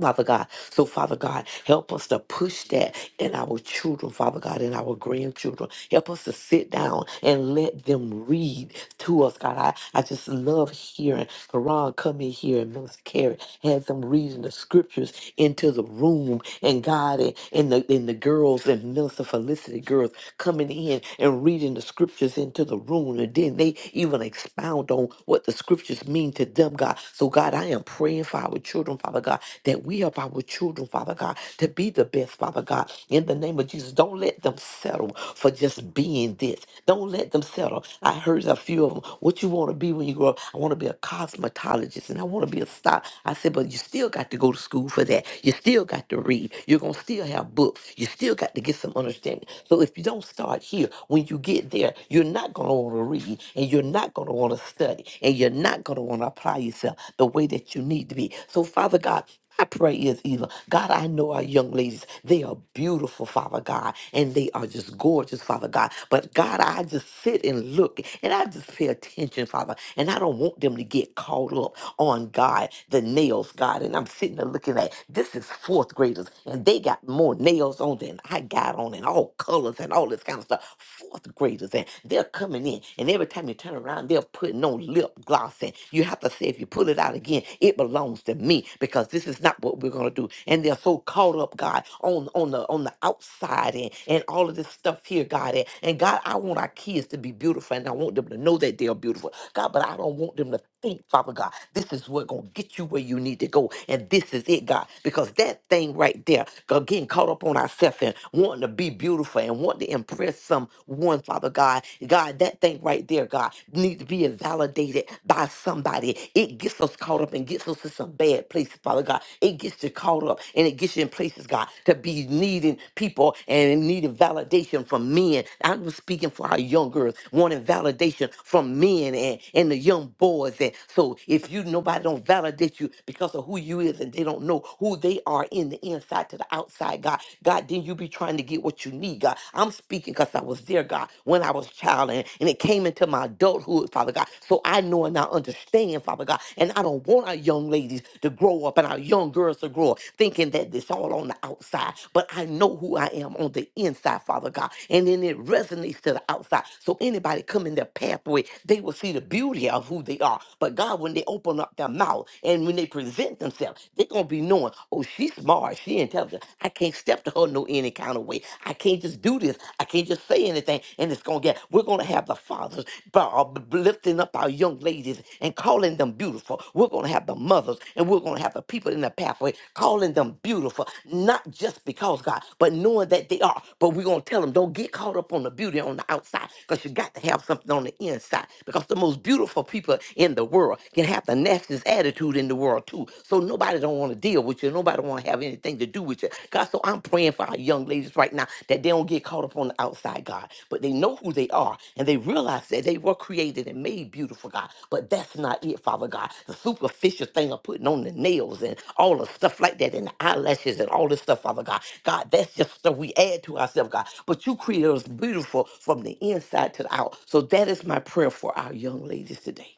Speaker 4: Father God. So, Father God, help us to push that in our children, Father God, in our grandchildren. Help us to sit down and let them read to us, God. I, I just love hearing Karan come in here and Minister Carrie has them reading the scriptures into the room and God and, and the and the girls and Minister Felicity girls coming in and reading the scriptures into the room and then they even expound on what the scriptures mean to them, God. So God God, I am praying for our children, Father God, that we help our children, Father God, to be the best, Father God. In the name of Jesus, don't let them settle for just being this. Don't let them settle. I heard a few of them. What you want to be when you grow up? I want to be a cosmetologist and I want to be a star. I said, but you still got to go to school for that. You still got to read. You're going to still have books. You still got to get some understanding. So if you don't start here, when you get there, you're not going to want to read and you're not going to want to study study and you're not going to want to apply yourself the way that you need to be. So, Father God, I pray is either. God, I know our young ladies, they are beautiful, Father God, and they are just gorgeous, Father God. But God, I just sit and look and I just pay attention, Father. And I don't want them to get caught up on God, the nails, God. And I'm sitting there looking at this is fourth graders, and they got more nails on than I got on, and all colors and all this kind of stuff fourth graders and they're coming in and every time you turn around they're putting on lip gloss and you have to say if you pull it out again it belongs to me because this is not what we're going to do and they're so caught up god on on the on the outside and and all of this stuff here god and, and god i want our kids to be beautiful and i want them to know that they're beautiful god but i don't want them to think, Father God, this is what gonna get you where you need to go, and this is it, God, because that thing right there, God, getting caught up on ourselves and wanting to be beautiful and wanting to impress someone, Father God, God, that thing right there, God, needs to be validated by somebody. It gets us caught up and gets us to some bad places, Father God. It gets you caught up and it gets you in places, God, to be needing people and needing validation from men. I'm speaking for our young girls, wanting validation from men and, and the young boys towards that. So if you nobody don't validate you because of who you is and they don't know who they are in the inside to the outside, God, God, then you be trying to get what you need, God. I'm speaking because I was there, God, when I was a child and, and it came into my adulthood, Father God. So I know and I understand, Father God. And I don't want our young ladies to grow up and our young girls to grow up thinking that it's all on the outside. But I know who I am on the inside, Father God. And then it resonates to the outside. So anybody come in their pathway, they will see the beauty of who they are are. But God, when they open up their mouth and when they present themselves, they're gonna be knowing, oh, she's smart, she intelligent. I can't step to her no any kind of way. I can't just do this. I can't just say anything. And it's gonna get. We're gonna have the fathers bu- uh, b- b- lifting up our young ladies and calling them beautiful. We're gonna have the mothers and we're gonna have the people in the pathway calling them beautiful, not just because God, but knowing that they are. But we're gonna tell them, don't get caught up on the beauty on the outside, because you got to have something on the inside. Because the most beautiful people believer in the world can have the nastiest attitude in the world too. So nobody don't want to deal with you. Nobody want to have anything to do with you. God, so I'm praying for our young ladies right now that they don't get caught up on the outside, God, but they know who they are and they realize that they were created and made beautiful, God. But that's not it, Father God. The superficial thing of putting on the nails and all the stuff like that and the eyelashes and all this stuff, Father God. God, that's just stuff we add to ourselves, God. But you created us beautiful from the inside to the out. So that is my prayer for our young ladies today.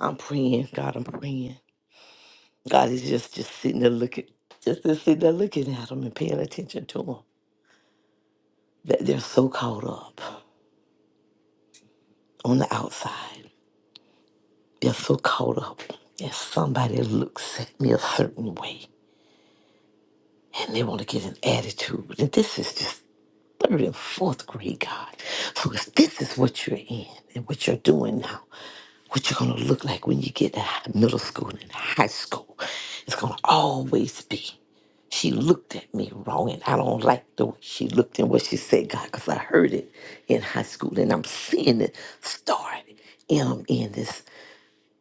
Speaker 4: I'm praying, God, I'm praying. God is just just sitting there looking, just, just sitting there looking at them and paying attention to them. That they're so caught up on the outside. They're so caught up that somebody looks at me a certain way and they want to get an attitude. And this is just third and fourth grade, God. So if this is what you're in and what you're doing now, what you're going to look like when you get to hi- middle school and high school, it's going to always be. She looked at me wrong, and I don't like the way she looked and what she said, God, because I heard it in high school, and I'm seeing it start in, um, in this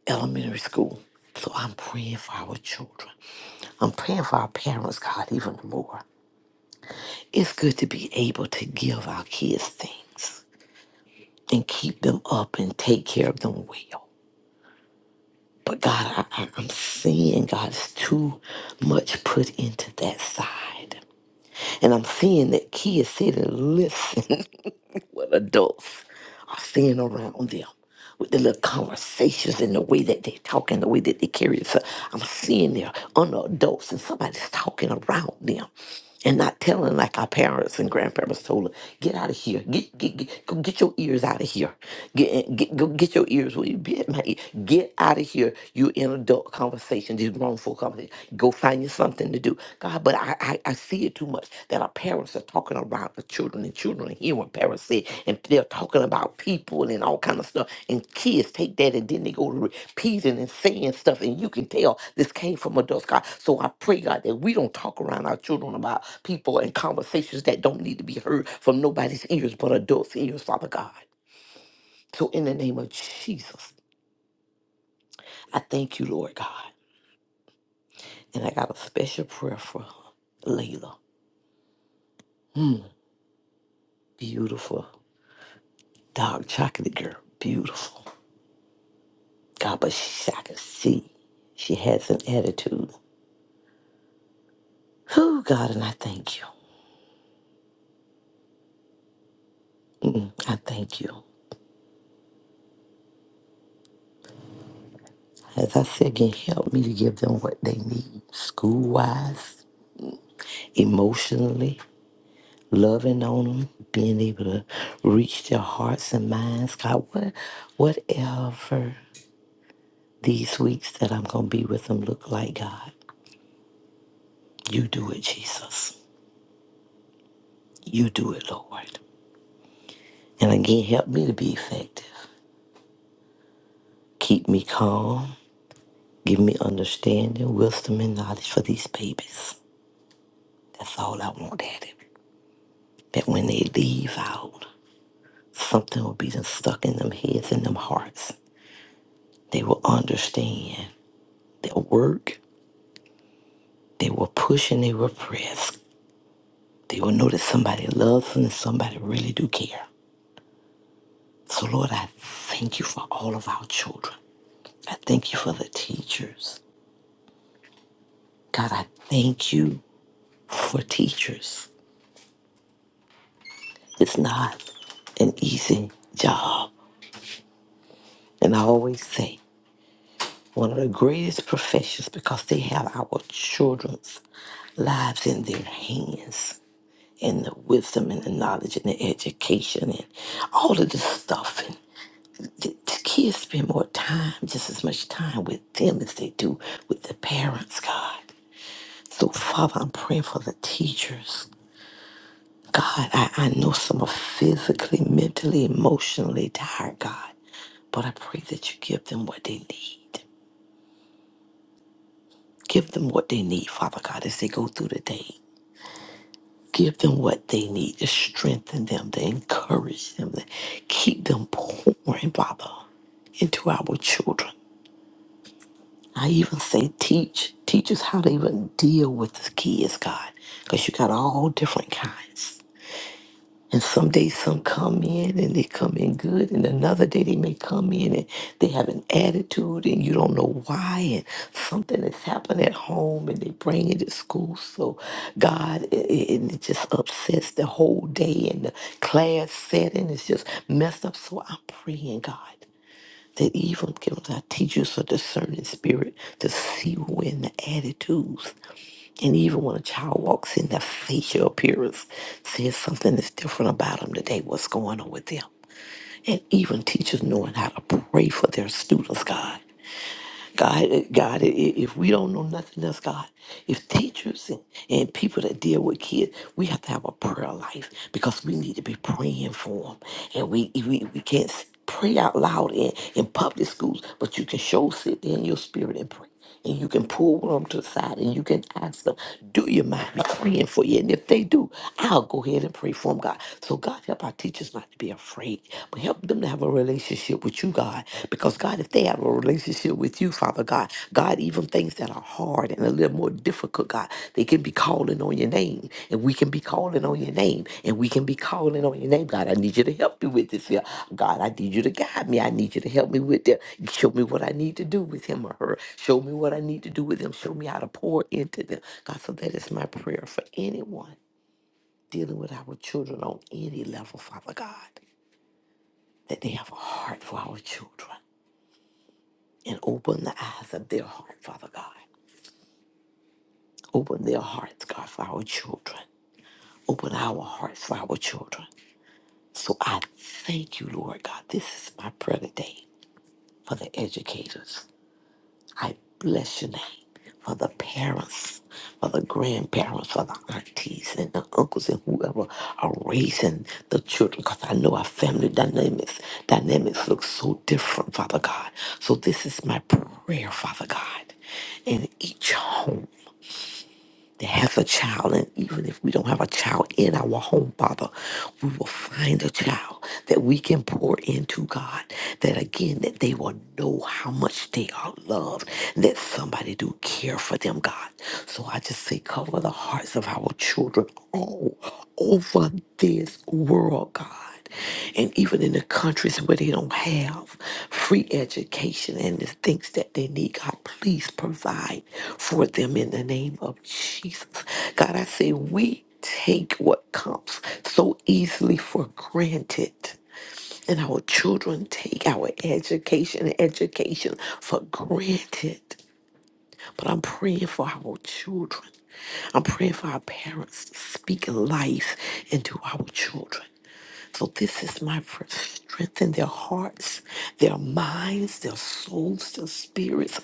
Speaker 4: elementary school. So I'm praying for our children. I'm praying for our parents, God, even more. It's good to be able to give our kids things and keep them up and take care of them well. But God, I, I- I'm seeing God's too much put into that side. And I'm seeing that kids sit and listen what adults are seeing around them with the little conversations and the way that they talk and the way that they carry themselves. I'm seeing they're under adults and somebody's talking around them and not telling like our parents and grandparents told us, get out of here. Get get get go get your ears out of here. Get, eh, get go get your ears where you be at my ear. Get out of here. You in adult conversations, these grown folk conversations. Go find you something to do. God, but I, I, I see it too much that our parents are talking around the children and children hear what parents say and they're talking about people and all kind of stuff. And kids take that and then they go to repeating and saying stuff and you can tell this came from adults, God. So I pray, God, that we don't talk around our children about people and conversations that don't need to be heard from nobody's ears but adults' ears, Father God. So in the name of Jesus, I thank you, Lord God. And I got a special prayer for Layla. Beautiful. Dark chocolate girl. Beautiful. God, but she, I can see she has an attitude. Oh, God, and I thank you. Mm-mm, I thank you. As I said again, help me to give them what they need school wise, emotionally, loving on them, being able to reach their hearts and minds. God, what, whatever these weeks that I'm going to be with them look like, God, you do it, Jesus. You do it, Lord. And again, help me to be effective. Keep me calm. Give me understanding, wisdom, and knowledge for these babies. That's all I want, Daddy. That when they leave out, something will be done stuck in them heads and them hearts. They will understand. They'll work. They will push and they will press. They will know that somebody loves them and somebody really do care. So, Lord, I thank you for all of our children. I thank you for the teachers. God, I thank you for teachers. It's not an easy job. And I always say, one of the greatest professions because they have our children's lives in their hands and the wisdom and the knowledge and the education and all of this stuff. And the, the kids spend more time, just as much time with them as they do with the parents, God. So, Father, I'm praying for the teachers God, I, I know some are physically, mentally, emotionally tired, God, but I pray that you give them what they need. Give them what they need, Father God, as they go through the day. Give them what they need to strengthen them, to encourage them, to keep them pouring, Father, into our children. I even say teach. Teach us how to even deal with the kids, God, because you got all different kinds. And some days some come in and they come in good, and another day they may come in and they have an attitude and you don't know why, and something has happened at home and they bring it to school. So God, it, it it just upsets the whole day and the class setting is just messed up. So I'm praying, God, that even give us our teachers a discerning spirit to see when the attitudes and even when a child walks in, their facial appearance says something is different about them today, what's going on with them. And even teachers knowing how to pray for their students, God. God, eh, God, i- i- if we don't know nothing else, God, if teachers and, and people that deal with kids, we have to have a prayer life because we need to be praying for them. And we, we, we can't s- pray out loud in, in public schools, but you can show sit there in your spirit and pray and you can pull them to the side and you can ask them, Do you mind me praying for you? And if they do, I'll go ahead and pray for them, God. So, God, help our teachers not to be afraid, but help them to have a relationship with you, God. Because, God, if they have a relationship with you, Father God, God, even things that are hard and a little more difficult but God, they can be calling on your name, and we can be calling on your name, and we can be calling on your name. God, I need you to help me with this here. God, I need you to guide me. I need you to help me with that. Show me what I need to do with him or her. Show me what I need to do with them. Show me how to pour into them. God, so that is my prayer for anyone dealing with our children on any level, Father God, that they have a heart for our children and open the eyes of their heart, Father God. Open their hearts, God, for our children. Open our hearts for our children. So I thank you, Lord God. This is my prayer today for the educators. I bless your name for the parents, for the grandparents, for the aunties and the uncles and whoever are raising the children. Because I know our family dynamics dynamics look so different, Father God. So this is my prayer, Father God. In each home. to have a child, and even if we don't have a child in our home, Father, we will find a child that we can pour into God. That again, that they will know how much they are loved, and that somebody do care for them, God. So I just say, cover the hearts of our children all over this world, God and even in the countries where they don't have free education and the things that they need, God, please provide for them in the name of Jesus. God, I say we take what comes so easily for granted. And our children take our education and education for granted. But I'm praying for our children. I'm praying for our parents to speak life into our children. So this is my prayer. Strengthen their hearts, their minds, their souls, their spirits.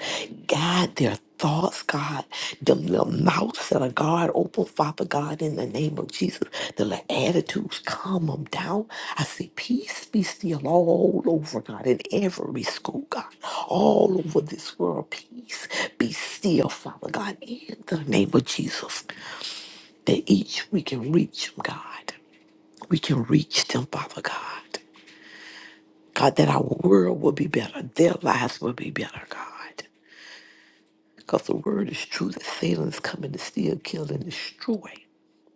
Speaker 4: God, their thoughts, God. Them little mouths that are God open, Father God, in the name of Jesus. The little attitudes, calm them down. I say, peace be still all over, God, in every school, God. All over this world, peace be still, Father God, in the name of Jesus. That each we can reach them, God. We can reach them, Father God. God, that our world will be better. Their lives will be better, God. Because the word is true that Satan's coming to steal, kill, and destroy.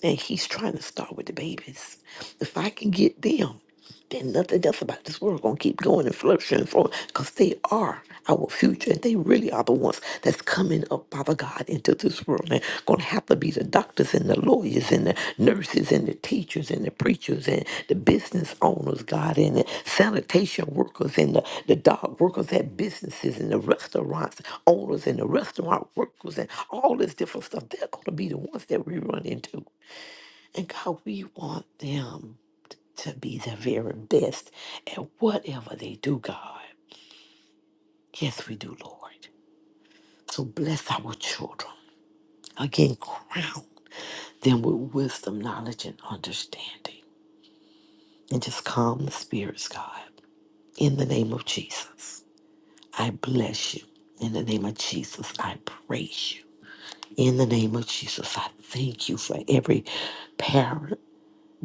Speaker 4: And he's trying to start with the babies. If I can get them, then nothing else about this world gonna keep going and flourishing and flowing because they are our future and they really are the ones that's coming up, Father God, into this world and gonna have to be the doctors and the lawyers and the nurses and the teachers and the preachers and the business owners, God, and the sanitation workers and the, the dog workers at businesses and the restaurants owners and the restaurant workers and all this different stuff. They're gonna be the ones that we run into. And God, we want them to be the very best at whatever they do, God. Yes, we do, Lord. So bless our children. Again, crown them with wisdom, knowledge, and understanding. And just calm the spirits, God. In the name of Jesus, I bless you. In the name of Jesus, I praise you. In the name of Jesus, I thank you for every parent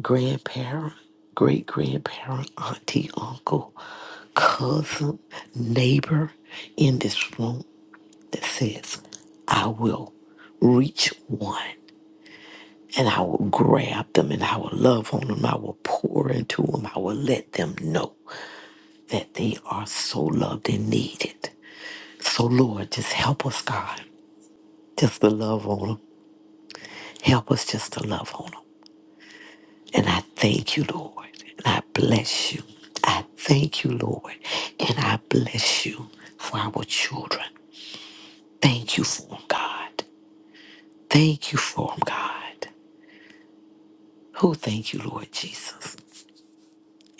Speaker 4: grandparent, great grandparent, auntie, uncle, cousin, neighbor in this room that says, I will reach one and I will grab them and I will love on them. I will pour into them. I will let them know that they are so loved and needed. So, Lord, just help us, God, just to love on them. Help us just to love on them. And I thank you, Lord. And I bless you. I thank you, Lord. And I bless you for our children. Thank you for them, God. Thank you for them, God. Oh, thank you, Lord Jesus.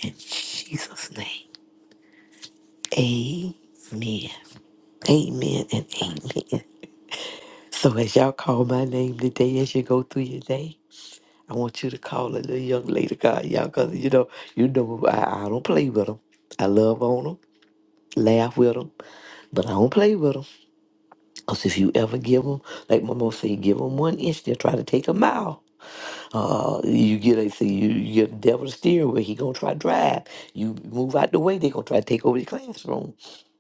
Speaker 4: In Jesus' name. Amen. Amen and amen. So as y'all call my name today, as you go through your day, I want you to call a little young lady, God, y'all, because, you know, you know, I, I don't play with them. I love on them. laugh with them, but I don't play with them. Because if you ever give them, like my mom say, give them one inch, they'll try to take a mile. Uh, you get a see, you, you get the devil the steering wheel, he gonna try to drive. You move out the way, they gonna try to take over the classroom.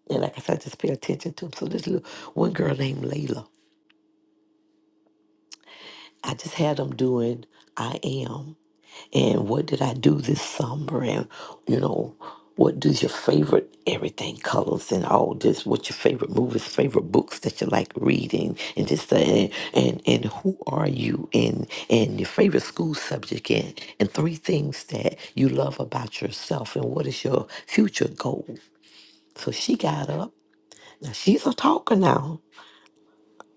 Speaker 4: And like I said, I just pay attention to them. So this little one girl named Layla, I just had them doing I am. and what did I do this summer, and you know, what does your favorite everything colors and all this? What's your favorite movies, favorite books that you like reading, and this that, and and, and who are you, and and your favorite school subject, and and three things that you love about yourself, and what is your future goal? So she got up. Now she's a talker now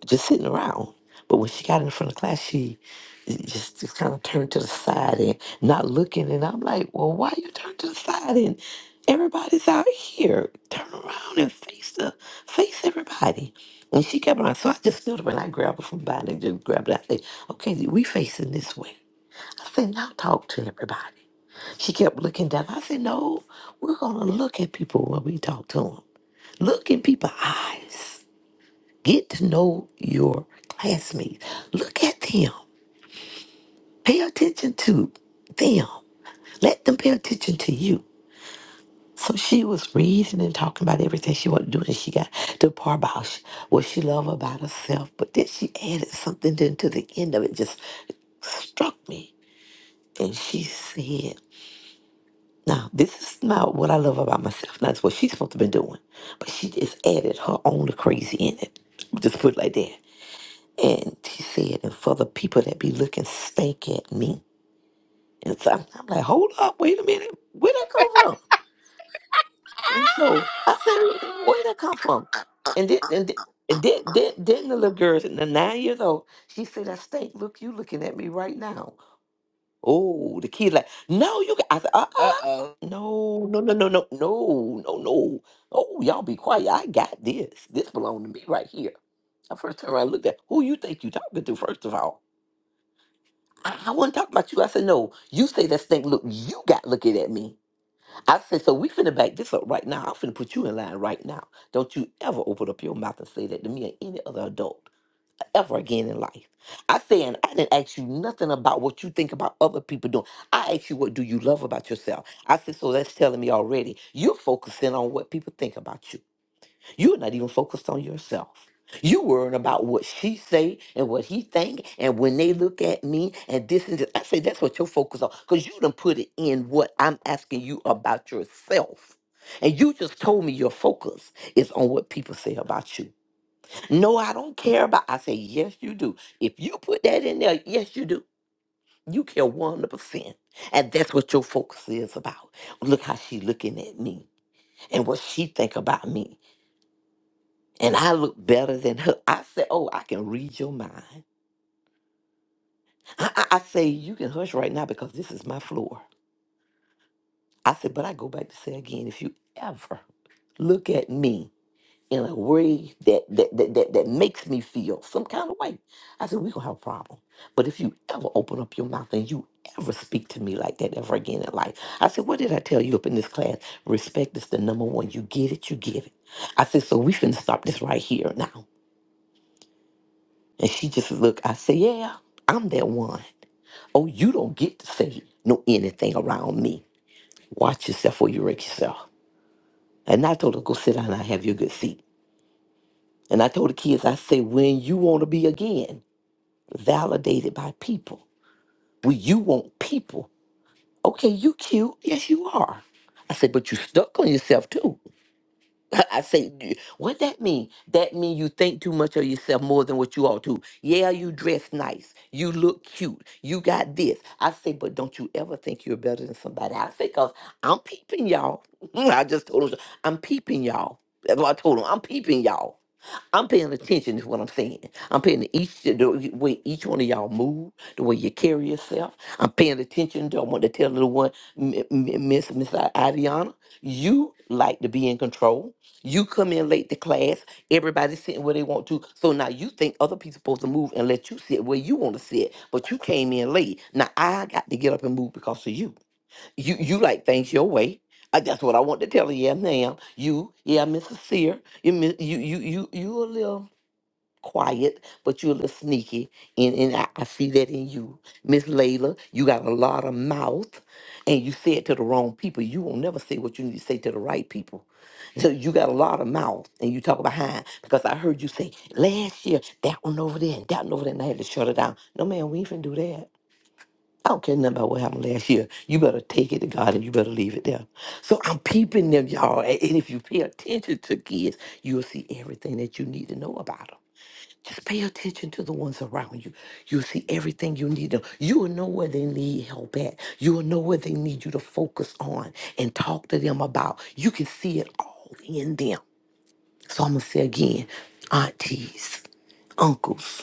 Speaker 4: just sitting around. But when she got in front of class, she just, just kind of turned to the side and not looking. And I'm like, well, why you turn to the side? And everybody's out here. Turn around and face the face everybody. And she kept on. So I just stood up and I grabbed her from behind and just grabbed her. I said, okay, we facing this way. I said, now talk to everybody. She kept looking down. I said, no, we're going to look at people when we talk to them. Look in people's eyes. Get to know your classmates. Look at them. Pay attention to them. Let them pay attention to you. So she was reading and talking about everything she wanted to do, and she got to the part about sh- what she loved about herself. But then she added something then to the end of it, just struck me. And she said, Now, this is not what I love about myself. Now, that's what she's supposed to be doing. But she just added her own crazy in it. Just put it like that. And he said, and for the people that be looking stank at me. And so I'm, I'm like, hold up, wait a minute. Where that come from? And so I said, where that come from? And then, and then, and then, then, then the little girl, the nine years old, she said, I stink. Look, you looking at me right now. Oh, the kid like, no, you. ca-" I said,
Speaker 1: Uh oh.
Speaker 4: uh-uh. No, no, no, no, no, no, no, no. Oh, y'all be quiet. I got this. This belong to me right here. I first turned around and looked at who you think you talking to, first of all. I, I wasn't talking about you. I said, no, you say that stink. Look, you got looking at me. I said, so we finna back this up right now. I'm finna put you in line right now. Don't you ever open up your mouth and say that to me or any other adult ever again in life. I said, and I didn't ask you nothing about what you think about other people doing. I asked you, what do you love about yourself? I said, so that's telling me already. You're focusing on what people think about you. You're not even focused on yourself. You worrying about what she say and what he think and when they look at me and this and this. I say that's what you're focused on because you done put it in what I'm asking you about yourself. And you just told me your focus is on what people say about you. No, I don't care about. I say yes, you do. If you put that in there, yes, you do. You care one hundred percent, and that's what your focus is about. Look how she looking at me and what she think about me. And I look better than her. I said, Oh, I can read your mind. I, I, I say, You can hush right now because this is my floor. I said, But I go back to say again, if you ever look at me in a way that that, that, that, that makes me feel some kind of way, I said, We're going to have a problem. But if you ever open up your mouth and you ever speak to me like that ever again in life, I said, What did I tell you up in this class? Respect is the number one. You get it, you give it. I said, So we finna stop this right here now. And she just looked, I said, Yeah, I'm that one. Oh, you don't get to say no anything around me. Watch yourself or you wreck yourself. And I told her, go sit down and have your good seat. And I told the kids, I said, when you want to be again validated by people, when you want people, okay, you cute. Yes, you are. I said, but you stuck on yourself too. I say, "D- what that mean? That mean you think too much of yourself more than what you ought to. Yeah, you dress nice. You look cute. You got this. I say, but don't you ever think you're better than somebody else? Because I'm peeping y'all. I just told him, I'm peeping y'all. That's what I told him. I'm peeping y'all. I'm paying attention to what I'm saying. I'm paying to each the way each one of y'all move, the way you carry yourself. I'm paying attention to. I want to tell little one, M- M- Miss Miss Adiana, you like to be in control. You come in late to class. Everybody's sitting where they want to. So now you think other people supposed to move and let you sit where you want to sit, but you came in late. Now I got to get up and move because of you you you like things your way. I, that's what I want to tell you, yeah, ma'am. You, yeah, Mrs. Sear, you, mi- you, you, you, you a little quiet, but you a little sneaky, and and I, I see that in you, Miss Layla. You got a lot of mouth, and you say it to the wrong people. You won't never say what you need to say to the right people. So you got a lot of mouth, and you talk behind because I heard you say last year that one over there and that one over there, and I had to shut it down. No, man, we ain't finna do that. I don't care nothing about what happened last year. You better take it to God and you better leave it there. So I'm peeping them, y'all. a- And if you pay attention to kids, you'll see everything that you need to know about them. Just pay attention to the ones around you. You'll see everything you need to. You will know where they need help at. You will know where they need you to focus on and talk to them about. You can see it all in them. So I'm gonna say again, aunties, uncles,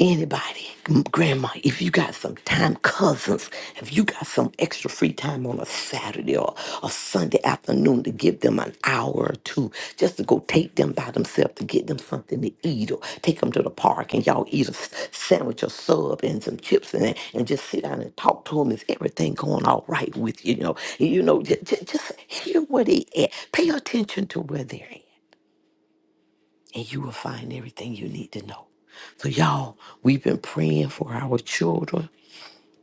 Speaker 4: Anybody, grandma, if you got some time, cousins, if you got some extra free time on a Saturday or a Sunday afternoon to give them an hour or two just to go take them by themselves to get them something to eat or take them to the park and y'all eat a s- sandwich or sub and some chips and, and just sit down and talk to them. Is everything going all right with you? You know, you know, just, just hear where they at. Pay attention to where they're at and you will find everything you need to know. So, y'all, we've been praying for our children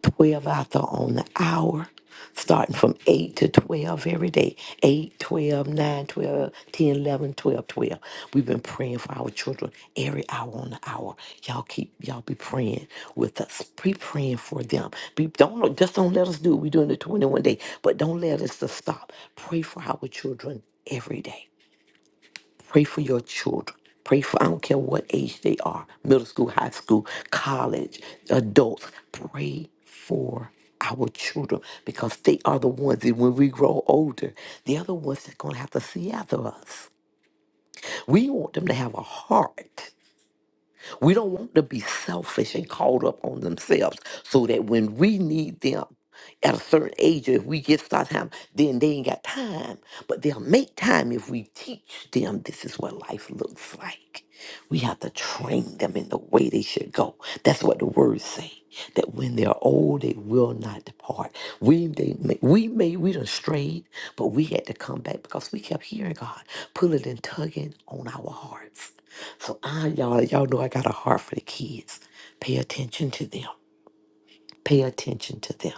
Speaker 4: 12 out there on the hour, starting from 8 to 12 every day eight, twelve, nine, twelve, ten, eleven, twelve, twelve. We've been praying for our children every hour on the hour. Y'all keep, y'all be praying with us. Be praying for them. Be, don't Just don't let us do it. we're doing the 21 day, but don't let us to stop. Pray for our children every day. Pray for your children. Pray for, I don't care what age they are middle school, high school, college, adults. Pray for our children because they are the ones that when we grow older, the other ones that's going to have to see after us. We want them to have a heart we don't want to be selfish and caught up on themselves so that when we need them at a certain age, if we get start time, then they ain't got time. But they'll make time if we teach them this is what life looks like. We have to train them in the way they should go. That's what the words say. That when they're old, they will not depart. We they may, we may we done strayed, but we had to come back because we kept hearing God pulling and tugging on our hearts. So I, y'all, y'all know I got a heart for the kids. Pay attention to them. Pay attention to them.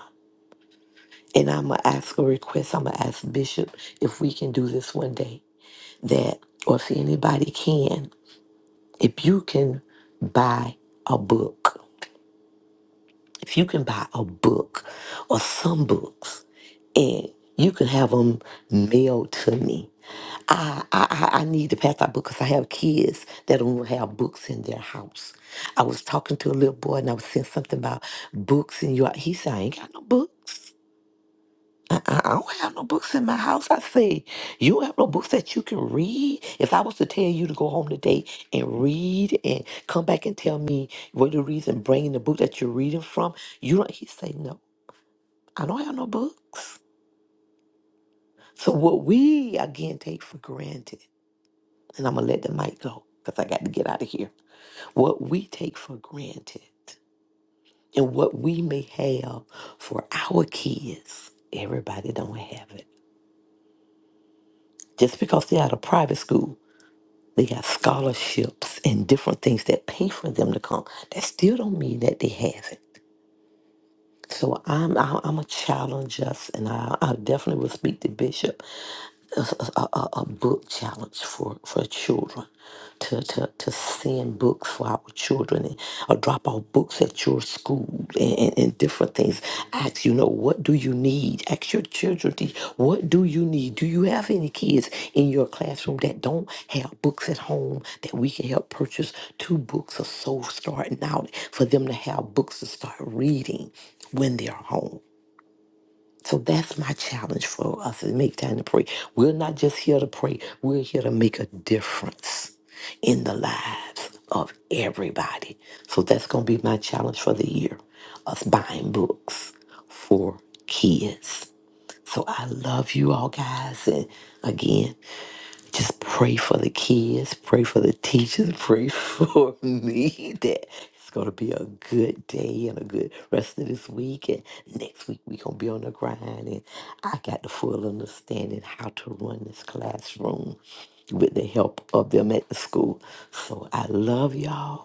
Speaker 4: And I'm gonna ask a request. I'm gonna ask Bishop if we can do this one day. That, or if anybody can, if you can buy a book, if you can buy a book or some books, and you can have them mailed to me I, I, I I need to pass out books because I have kids that don't have books in their house. I was talking to a little boy and I was saying something about books in your. He said, I ain't got no books. I, I I don't have no books in my house. I say, you don't have no books that you can read. If I was to tell you to go home today and read and come back and tell me what you read and bring in the book that you're reading from, you don't. He said, no, I don't have no books. So what we again take for granted and I'm gonna let the mic go because I got to get out of here. What we take for granted and what we may have for our kids, everybody don't have it. Just because they're out of private school, they got scholarships and different things that pay for them to come. That still don't mean that they have it. So I'm I'm, I'm a challenge us, and I, I definitely will speak to Bishop a, a, a a book challenge for, for children to, to, to send books for our children and, or drop off books at your school and, and, and different things. Ask, you know, what do you need? Ask your children, to- what do you need? Do you have any kids in your classroom that don't have books at home that we can help purchase two books or so starting out for them to have books to start reading? when they're home. So that's my challenge for us to make time to pray. We're not just here to pray, we're here to make a difference in the lives of everybody. So that's going to be my challenge for the year us buying books for kids. So I love you all guys. And again, just pray for the kids, pray for the teachers, pray for me that it's going to be a good day and a good rest of this week. And next week, we going to be on the grind. And I got the full understanding how to run this classroom with the help of them at the school. So I love y'all.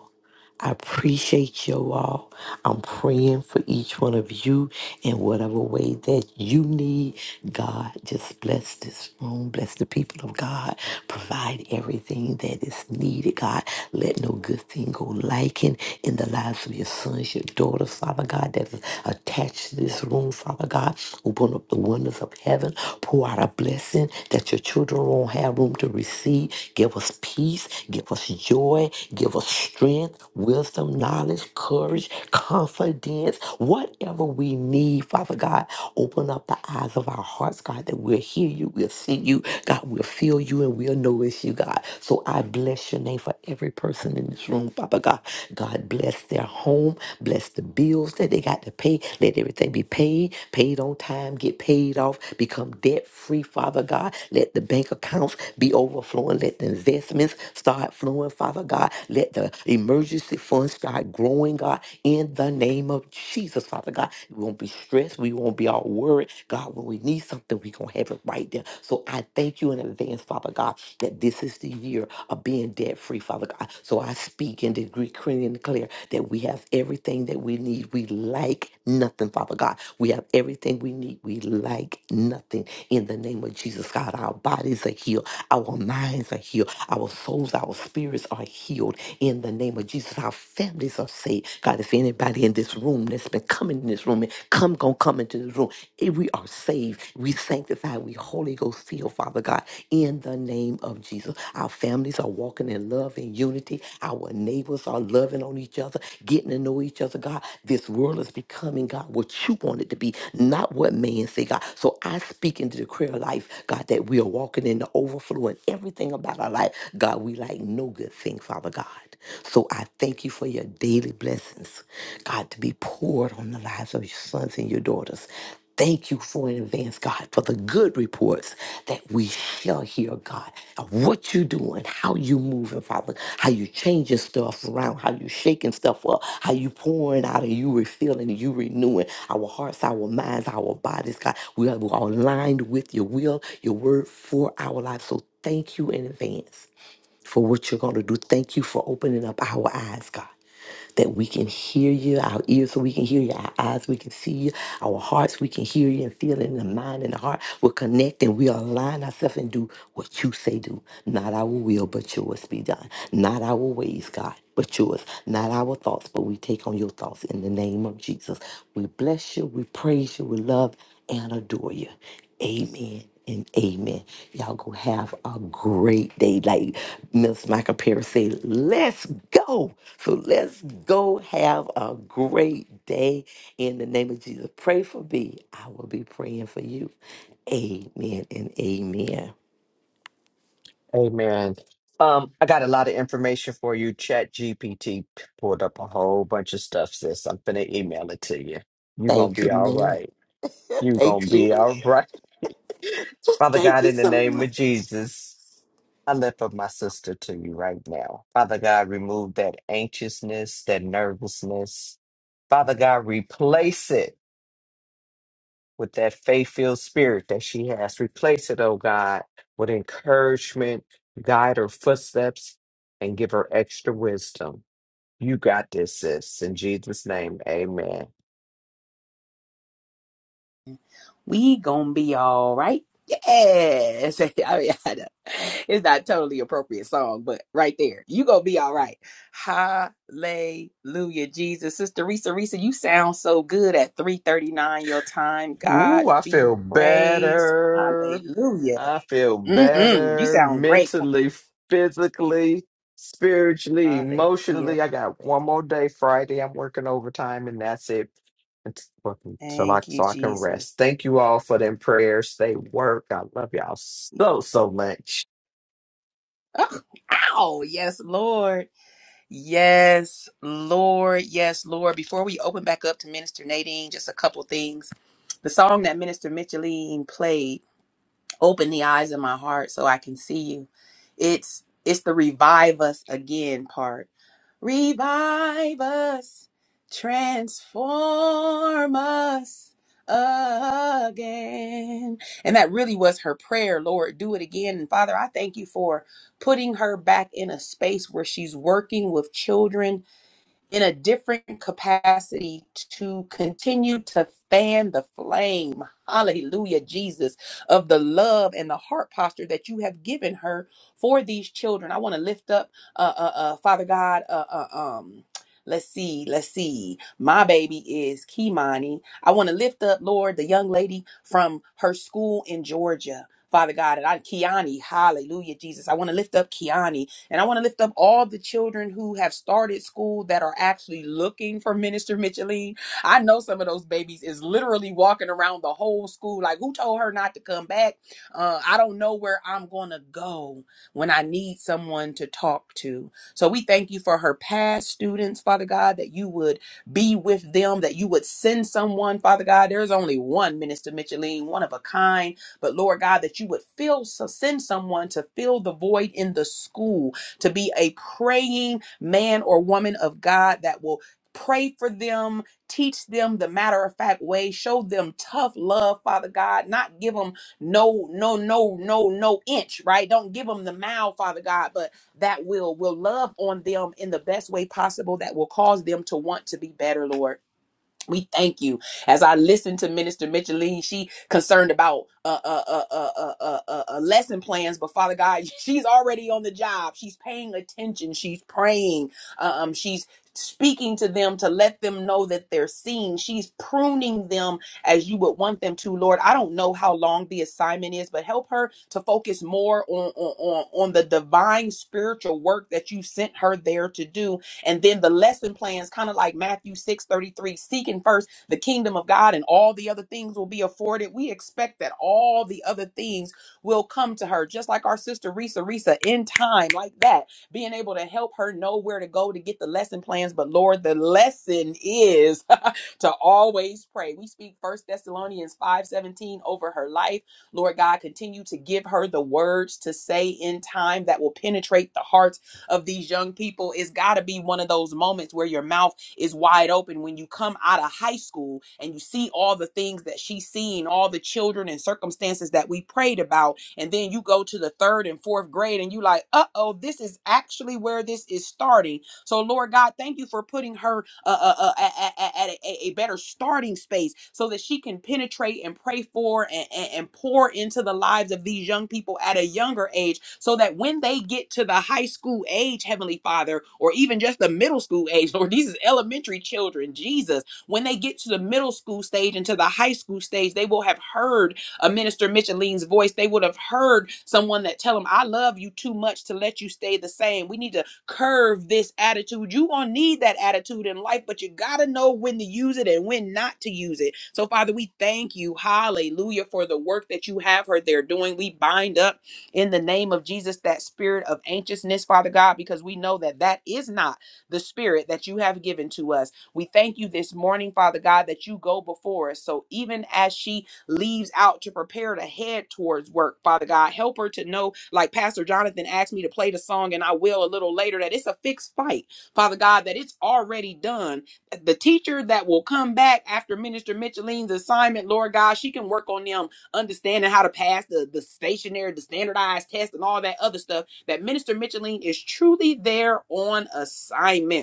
Speaker 4: I appreciate you all. I'm praying for each one of you in whatever way that you need. God, just bless this room. Bless the people of God. Provide everything that is needed, God. Let no good thing go lacking in the lives of your sons, your daughters, Father God, that is attached to this room, Father God. Open up the windows of heaven. Pour out a blessing that your children won't have room to receive. Give us peace. Give us joy. Give us strength strength, wisdom, knowledge, courage, confidence, whatever we need, Father God. Open up the eyes of our hearts, God, that we'll hear you, we'll see you, God, we'll feel you, and we'll know it's you, God. So I bless your name for every person in this room, Father God. God bless their home, bless the bills that they got to pay. Let everything be paid, paid on time, get paid off, become debt free, Father God. Let the bank accounts be overflowing. Let the investments start flowing, Father God. Let the emergency fund start growing, God, in the name of Jesus, Father God. We won't be stressed. We won't be all worried. God, when we need something, we're going to have it right there. So I thank you in advance, Father God, that this is the year of being debt free, Father God. So I speak and decree and declare that we have everything that we need. We like nothing, Father God. We have everything we need. We like nothing in the name of Jesus, God. Our bodies are healed. Our minds are healed. Our souls, our spirits marriages are healed in the name of Jesus. Our families are saved. God, if anybody in this room that's been coming in this room and come, gonna come into this room, eh, we are saved. We sanctified. We Holy Ghost filled, Father God, in the name of Jesus. Our families are walking in love and unity. Our neighbors are loving on each other, getting to know each other, God. This world is becoming, God, what you want it to be, not what man say, God. So I speak into the prayer life, God, that we are walking in the overflow and everything about our life. God, we like no good thing, Father God. So I thank you for your daily blessings, God, to be poured on the lives of your sons and your daughters. Thank you for in advance, God, for the good reports that we shall hear, God, of what you're doing, how you moving, Father, how you changing stuff around, how you shaking stuff up, how you pouring out and you refilling and you renewing our hearts, our minds, our bodies, God. We are we are aligned with your will, your word for our lives. So thank you in advance for what you're going to do. Thank you for opening up our eyes, God, that we can hear you, our ears so we can hear you, our eyes we can see you, our hearts we can hear you and feel it in the mind and the heart. We're connecting. We align ourselves and do what you say do. Not our will, but yours be done. Not our ways, God, but yours. Not our thoughts, but we take on your thoughts in the name of Jesus. We bless you, we praise you, we love and adore you. Amen and amen. Y'all go have a great day. Like Miss Michael Perry said, let's go. So let's go have a great day in the name of Jesus. Pray for me. I will be praying for you. Amen and amen.
Speaker 5: Amen. Um, I got a lot of information for you. Chat GPT pulled up a whole bunch of stuff, sis. I'm finna email it to you. you gonna
Speaker 4: Thank you,
Speaker 5: be all
Speaker 4: man.
Speaker 5: right. You're gonna
Speaker 4: Thank
Speaker 5: be
Speaker 4: you.
Speaker 5: all right. Father
Speaker 4: Thank
Speaker 5: God,
Speaker 4: you
Speaker 5: in the
Speaker 4: so
Speaker 5: name
Speaker 4: much.
Speaker 5: of Jesus, I lift up my sister to you right now. Father God, remove that anxiousness, that nervousness. Father God, replace it with that faith filled spirit that she has. Replace it, oh God, with encouragement, guide her footsteps, and give her extra wisdom. You got this, sis. In Jesus' name, amen.
Speaker 1: We gonna be all right. Yes. I mean, I know. it's not totally appropriate song, but right there, you gonna be all right. Hallelujah, Jesus, Sister Risa, Risa, you sound so good at three thirty nine your time. God
Speaker 5: Ooh, I
Speaker 1: be
Speaker 5: feel
Speaker 1: praised.
Speaker 5: better.
Speaker 1: Hallelujah.
Speaker 5: I feel
Speaker 1: hmm You
Speaker 5: better
Speaker 1: sound great,
Speaker 5: mentally,
Speaker 1: Queen.
Speaker 5: physically, spiritually,
Speaker 1: Hallelujah.
Speaker 5: emotionally. I got one more day Friday. I'm working overtime, and that's it. Until I,
Speaker 1: Thank you,
Speaker 5: so I can
Speaker 1: Jesus.
Speaker 5: rest. Thank you all for them prayers. They work. I love y'all so, so much.
Speaker 1: Oh, ow, yes, Lord. Yes, Lord. Yes, Lord. Before we open back up to Minister Nadine, just a couple things. The song that Minister Micheline played open the eyes of my heart so I can see you. It's it's the revive us again part. Revive us, transform us again. And that really was her prayer, Lord, do it again. And Father, I thank you for putting her back in a space where she's working with children in a different capacity to continue to fan the flame, hallelujah, Jesus, of the love and the heart posture that you have given her for these children. I want to lift up, uh, uh, uh, Father God, uh, uh, um, Let's see, let's see. My baby is Kimani. I want to lift up, Lord, the young lady from her school in Georgia. Father God, and I Kiani, hallelujah, Jesus. I want to lift up Kiani and I want to lift up all the children who have started school that are actually looking for Minister Micheline. I know some of those babies is literally walking around the whole school like, who told her not to come back? Uh, I don't know where I'm going to go when I need someone to talk to. So we thank you for her past students, Father God, that you would be with them, that you would send someone, Father God. There's only one Minister Micheline, one of a kind. But Lord God, that you would fill, so send someone to fill the void in the school to be a praying man or woman of God that will pray for them, teach them the matter of fact way, show them tough love, Father God, not give them no, no, no, no, no inch, right? Don't give them the mouth, Father God, but that will will love on them in the best way possible that will cause them to want to be better, Lord. We thank you. As I listened to Minister Micheline. she concerned about uh, uh, uh, uh, uh, uh, uh, uh, lesson plans, but Father God, she's already on the job. She's paying attention. She's praying. Uh, Um, she's speaking to them to let them know that they're seen. She's pruning them as you would want them to, Lord. I don't know how long the assignment is, but help her to focus more on on on, on the divine spiritual work that you sent her there to do and then the lesson plans, kind of like Matthew 6 33, seeking first the kingdom of God and all the other things will be afforded. We expect that all the other things will come to her, just like our sister Risa Risa in time, like that, being able to help her know where to go to get the lesson plans. But Lord, the lesson is to always pray. We speak First Thessalonians 5 17 over her life. Lord God, continue to give her the words to say in time that will penetrate the hearts of these young people, it's got to be one of those moments where your mouth is wide open when you come out of high school and you see all the things that she's seen, all the children and circumstances that we prayed about. And then you go to the third and fourth grade and you like, uh oh, this is actually where this is starting so, Lord God, thank you for putting her uh, uh, uh, at, at- at- a, a better starting space so that she can penetrate and pray for and, and, and pour into the lives of these young people at a younger age so that when they get to the high school age, Heavenly Father, or even just the middle school age, Lord, these is elementary children, Jesus, when they get to the middle school stage and to the high school stage, they will have heard a minister Micheline's voice, they would have heard someone that tell them, "I love you too much to let you stay the same. We need to curve this attitude. You gonna need that attitude in life, but you gotta know when to use it and when not to use it. So, Father, we thank you, hallelujah, for the work that you have heard they're doing. We bind up in the name of Jesus that spirit of anxiousness, Father God, because we know that that is not the spirit that you have given to us. We thank you this morning, Father God, that you go before us. So even as she leaves out to prepare to head towards work, Father God. Help her to know, like Pastor Jonathan asked me to play the song, and I will a little later, that it's a fixed fight, Father God, that it's already done. The teacher that will come back after Minister Micheline's assignment, Lord God, she can work on them understanding how to pass the, the stationary, the standardized test, and all that other stuff. That Minister Micheline is truly there on assignment.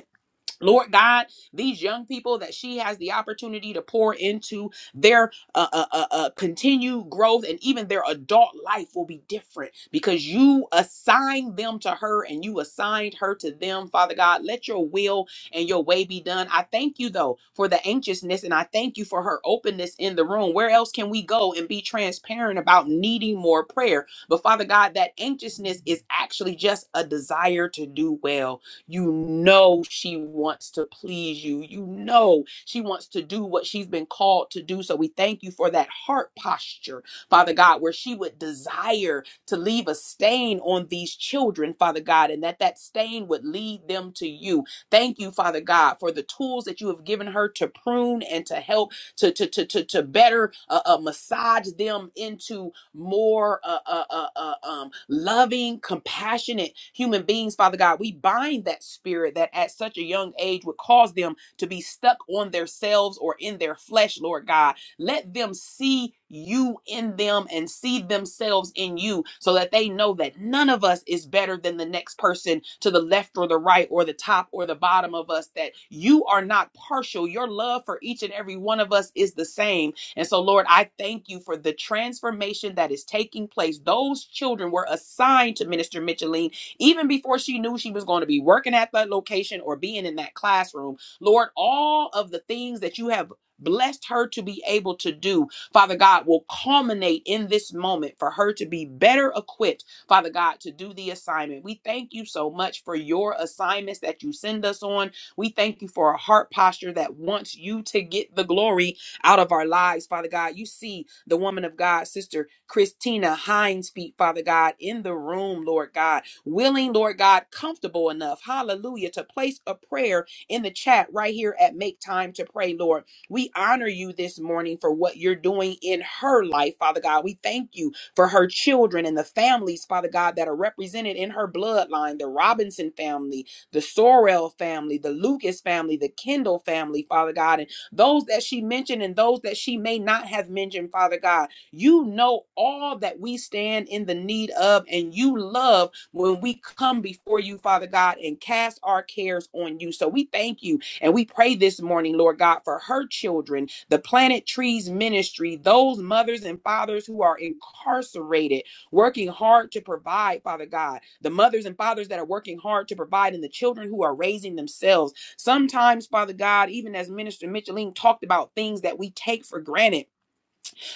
Speaker 1: Lord God, these young people that she has the opportunity to pour into their uh, uh, uh, uh, continued growth and even their adult life will be different because you assigned them to her and you assigned her to them, Father God. Let your will and your way be done. I thank you, though, for the anxiousness and I thank you for her openness in the room. Where else can we go and be transparent about needing more prayer? But, Father God, that anxiousness is actually just a desire to do well. You know she wants to please you. You know she wants to do what she's been called to do. So we thank you for that heart posture, Father God, where she would desire to leave a stain on these children, Father God, and that that stain would lead them to you. Thank you, Father God, for the tools that you have given her to prune and to help to to to to, to better uh, uh, massage them into more uh, uh, uh, uh, um, loving, compassionate human beings, Father God. We bind that spirit that at such a young age would cause them to be stuck on themselves or in their flesh, Lord God. Let them see you in them and see themselves in you so that they know that none of us is better than the next person to the left or the right or the top or the bottom of us, that you are not partial. Your love for each and every one of us is the same and so, Lord, I thank you for the transformation that is taking place. Those children were assigned to Minister Micheline even before she knew she was going to be working at that location or being in that classroom. Lord, all of the things that you have blessed her to be able to do, Father God, will culminate in this moment for her to be better equipped, Father God, to do the assignment. We thank you so much for your assignments that you send us on. We thank you for a heart posture that wants you to get the glory out of our lives, Father God. You see the woman of God, Sister Christina Hines feet, Father God, in the room, Lord God, willing, Lord God, comfortable enough, hallelujah, to place a prayer in the chat right here at Make Time to Pray, Lord. We honor you this morning for what you're doing in her life, Father God. We thank you for her children and the families, Father God, that are represented in her bloodline the Robinson family, the Sorrell family, the Lucas family, the Kendall family, Father God those that she mentioned and those that she may not have mentioned, Father God. You know all that we stand in the need of, and you love when we come before you, Father God, and cast our cares on you. So we thank you and we pray this morning, Lord God, for her children, the Planet Trees Ministry, those mothers and fathers who are incarcerated, working hard to provide, Father God, the mothers and fathers that are working hard to provide, and the children who are raising themselves. Sometimes, Father God, even as Minister Micheline talked about things that we take for granted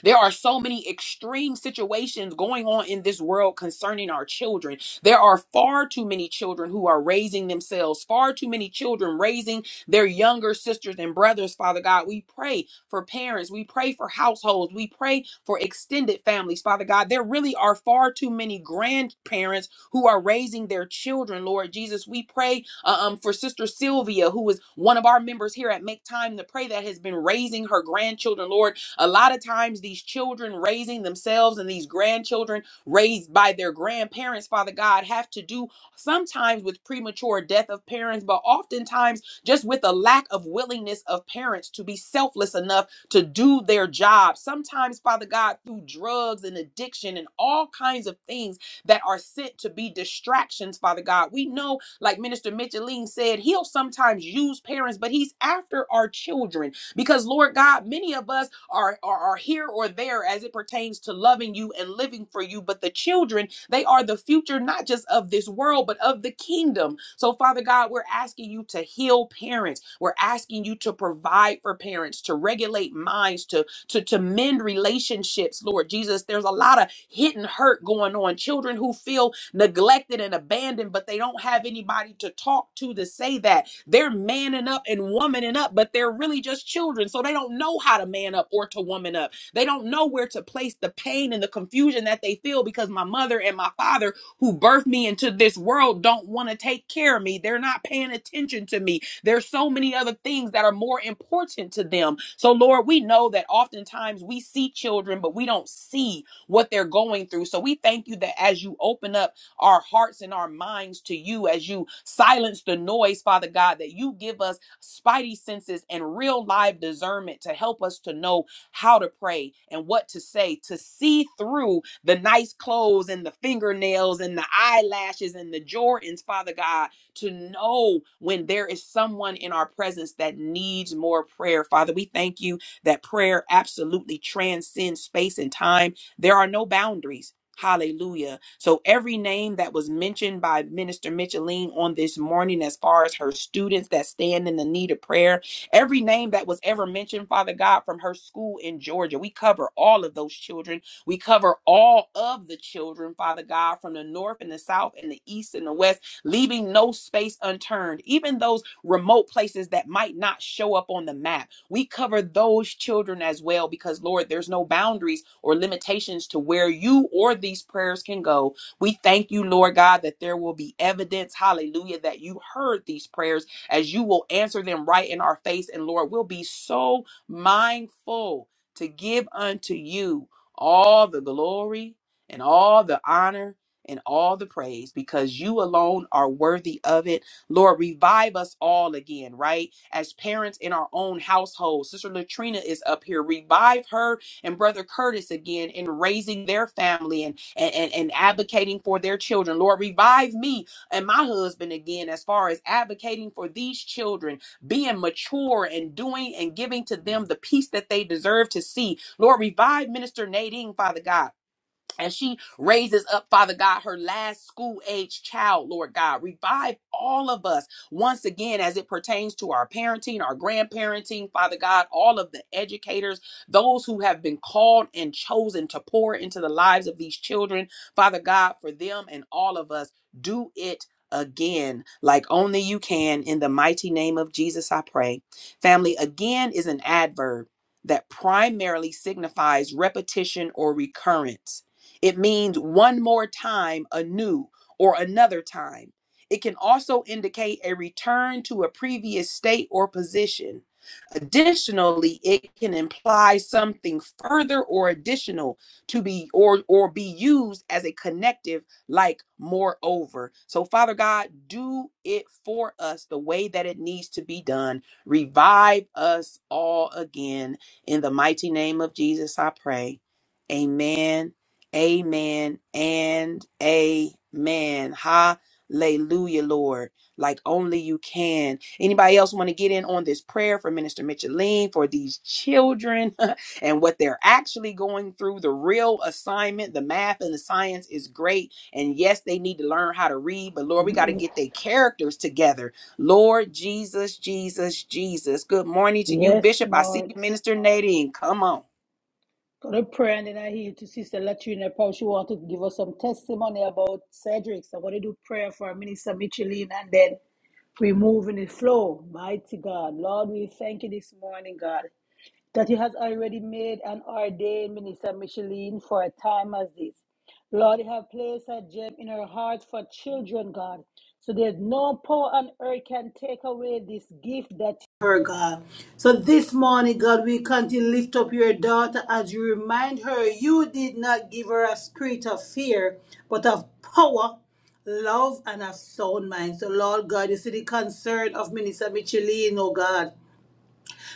Speaker 1: there are so many extreme situations going on in this world concerning our children. There are far too many children who are raising themselves, far too many children raising their younger sisters and brothers, Father God. We pray for parents, we pray for households, we pray for extended families, Father God. There really are far too many grandparents who are raising their children, Lord Jesus. We pray uh, um, for Sister Sylvia, who is one of our members here at Make Time to Pray that has been raising her grandchildren, Lord. A lot of times, these children raising themselves and these grandchildren raised by their grandparents, Father God, have to do sometimes with premature death of parents, but oftentimes just with a lack of willingness of parents to be selfless enough to do their job. Sometimes, Father God, through drugs and addiction and all kinds of things that are sent to be distractions, Father God. We know, like Minister Micheline said, He'll sometimes use parents, but He's after our children because, Lord God, many of us are, are are here or there as it pertains to loving you and living for you but the children they are the future not just of this world but of the kingdom so father god we're asking you to heal parents we're asking you to provide for parents to regulate minds to to, to mend relationships, Lord Jesus. There's a lot of hidden hurt going on. Children who feel neglected and abandoned, but they don't have anybody to talk to to say that. They're manning up and womaning up, but they're really just children. So they don't know how to man up or to woman up. They don't know where to place the pain and the confusion that they feel because my mother and my father, who birthed me into this world, don't want to take care of me. They're not paying attention to me. There's so many other things that are more important to them. So, Lord, we know that oftentimes we see children, but we don't see what they're going through. So, we thank you that as you open up our hearts and our minds to you as you silence the noise, Father God, that you give us spidey senses and real live discernment to help us to know how to pray and what to say, to see through the nice clothes and the fingernails and the eyelashes and the Jordans, Father God, to know when there is someone in our presence that needs more prayer. Father, we thank you that prayer absolutely transcends space and time. There are no boundaries. Hallelujah. So every name that was mentioned by Minister Micheline on this morning, as far as her students that stand in the need of prayer, every name that was ever mentioned, Father God, from her school in Georgia, we cover all of those children. We cover all of the children, Father God, from the north and the south and the east and the west, leaving no space unturned. Even those remote places that might not show up on the map. We cover those children as well because, Lord, there's no boundaries or limitations to where you or these prayers can go. We thank you, Lord God, that there will be evidence, hallelujah, that you heard these prayers as you will answer them right in our face. And, Lord, we'll be so mindful to give unto you all the glory and all the honor and all the praise because you alone are worthy of it Lord, revive us all again, right? As parents in our own household. Sister Latrina is up here. Revive her and Brother Curtis again in raising their family and, and, and, and advocating for their children. Lord, revive me and my husband again as far as advocating for these children, being mature and doing and giving to them the peace that they deserve to see. Lord, revive Minister Nadine, Father God and she raises up, Father God, her last school age child, Lord God. Revive all of us once again as it pertains to our parenting, our grandparenting, Father God, all of the educators, those who have been called and chosen to pour into the lives of these children, Father God, for them and all of us. Do it again, like only you can. In the mighty name of Jesus, I pray. Family, again is an adverb that primarily signifies repetition or recurrence. It means one more time anew or another time. It can also indicate a return to a previous state or position. Additionally, it can imply something further or additional to be or or be used as a connective like moreover. So Father God, do it for us the way that it needs to be done. Revive us all again in the mighty name of Jesus I pray. Amen Amen and amen. Hallelujah, Lord. Like only you can. Anybody else want to get in on this prayer for Minister Micheline, for these children and what they're actually going through? The real assignment, the math and the science is great. And yes, they need to learn how to read, but Lord, we got to get their characters together. Lord Jesus, Jesus, Jesus. Good morning to you,
Speaker 3: Yes,
Speaker 1: Bishop. I see
Speaker 3: Lord.
Speaker 1: you, Minister Nadine. Come on.
Speaker 3: Got a prayer and then I hear to Sister Latrina Paul. She want to give us some testimony about Cedric. So I'm going to do prayer for Minister Micheline and then we move in the flow. Mighty God. Lord, we thank you this morning, God that He has already made and ordained Minister Micheline for a time as this. Lord, you have placed a gem in her heart for children, God. So there's no power on earth can take away this gift that her God. So this morning, God, we continue to lift up your daughter as you remind her you did not give her a spirit of fear, but of power love and of sound mind. So, Lord God, you see the concern of Minister Micheline, oh God.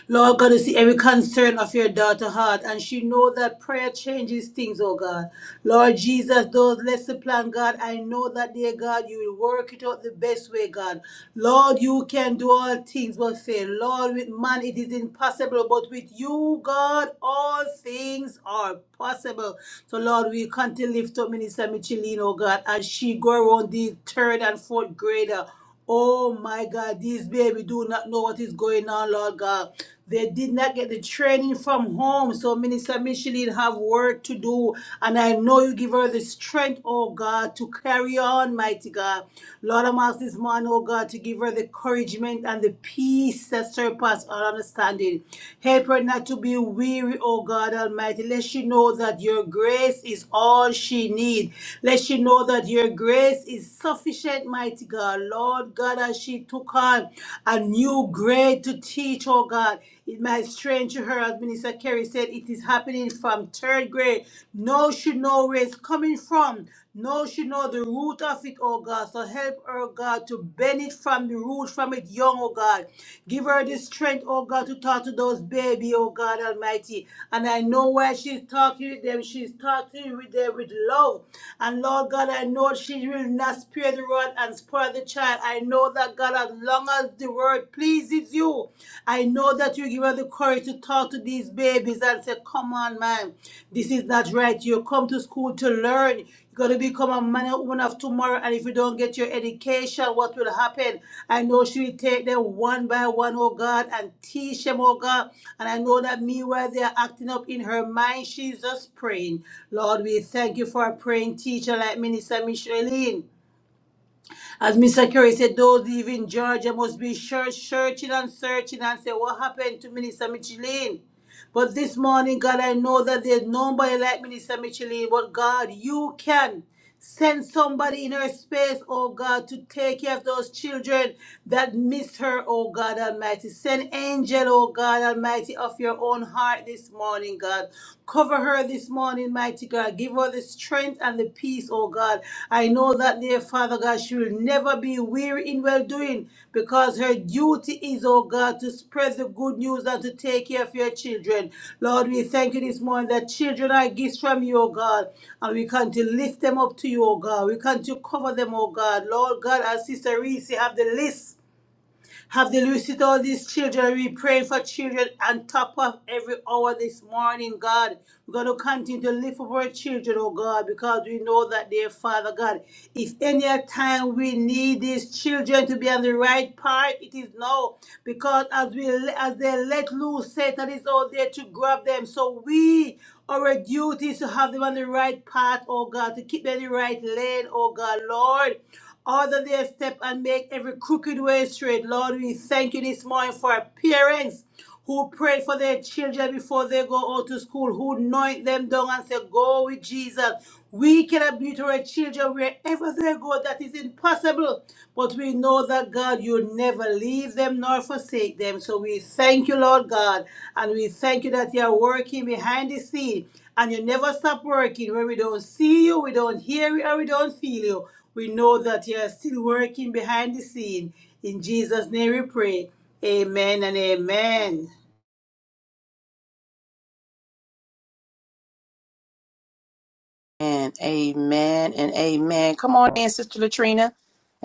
Speaker 3: Lord God, you see every concern of your daughter heart, and she know that prayer changes things, oh God. Lord Jesus, those less the plan, God, I know that, dear God, you will work it out the best way, God. Lord, you can do all things but fail. Lord, with man it is impossible, but with you, God, all things are possible. So, Lord, we can't lift up Minister Michelin, oh God, as she go around the third and fourth grader. Oh my God, these baby do not know what is going on, Lord God. They did not get the training from home. So Minister Micheline have work to do. And I know you give her the strength, oh God, to carry on, mighty God. Lord, I'm asking this morning, oh God, to give her the encouragement and the peace that surpass all understanding. Help her not to be weary, oh God Almighty. Let she know that your grace is all she needs. Let she know that your grace is sufficient, mighty God. God. Lord God, as she took on a new grade to teach, oh God, it might strange to her, as Minister Kerry said, it is happening from third grade. No, she know where it's coming from. No, she know the root of it, oh God. So help her, God, to benefit from the root from it young, oh God. Give her the strength, oh God, to talk to those baby, oh God Almighty. And I know why she's talking with them. She's talking with them with love. And Lord God, I know she will not spare the rod and spoil the child. I know that God, as long as the word pleases you, I know that you give her the courage to talk to these babies and say, Come on, man, this is not right. You come to school to learn. You're going to become a man and woman of tomorrow. And if you don't get your education, what will happen? I know she will take them one by one, oh God, and teach them, oh God. And I know that meanwhile they are acting up in her mind, she's just praying. Lord, we thank you for a praying teacher like Minister Micheline. As Mr. Kerry said, those leaving Georgia must be search- searching and searching and say, what happened to Minister Micheline? But this morning, God, I know that there's nobody like Minister Micheline, but God, you can send somebody in her space, oh God, to take care of those children that miss her, oh God Almighty. Send angel, oh God Almighty, of your own heart this morning, God, Cover her this morning, mighty God. Give her the strength and the peace, oh God. I know that, dear Father God, she will never be weary in well doing because her duty is, oh God, to spread the good news and to take care of your children. Lord, we thank you this morning that children are gifts from you, oh God, and we can to lift them up to you, oh God. We can to cover them, oh God. Lord God, as Sister Reese have the list have they delucid all these children. We pray for children on top of every hour this morning, God. We're going to continue to lift up our children, oh God, because we know that, dear Father God, if any time we need these children to be on the right path, it is now. Because as we as they let loose, Satan is out there to grab them. So we our duty is to have them on the right path, oh God, to keep them in the right lane, oh God, Lord. Order their step and make every crooked way straight. Lord, we thank you this morning for our parents who pray for their children before they go out to school, who anoint them down and say, Go with Jesus. We cannot be to our children wherever they go. That is impossible. But we know that, God, you never leave them nor forsake them. So we thank you, Lord God. And we thank you that you are working behind the scene. And you never stop working. When we don't see you, we don't hear you, or we don't feel you. We know that you are still working behind the scene. In Jesus' name we pray. Amen and amen.
Speaker 1: And amen and amen. Come on in, Sister Latrina.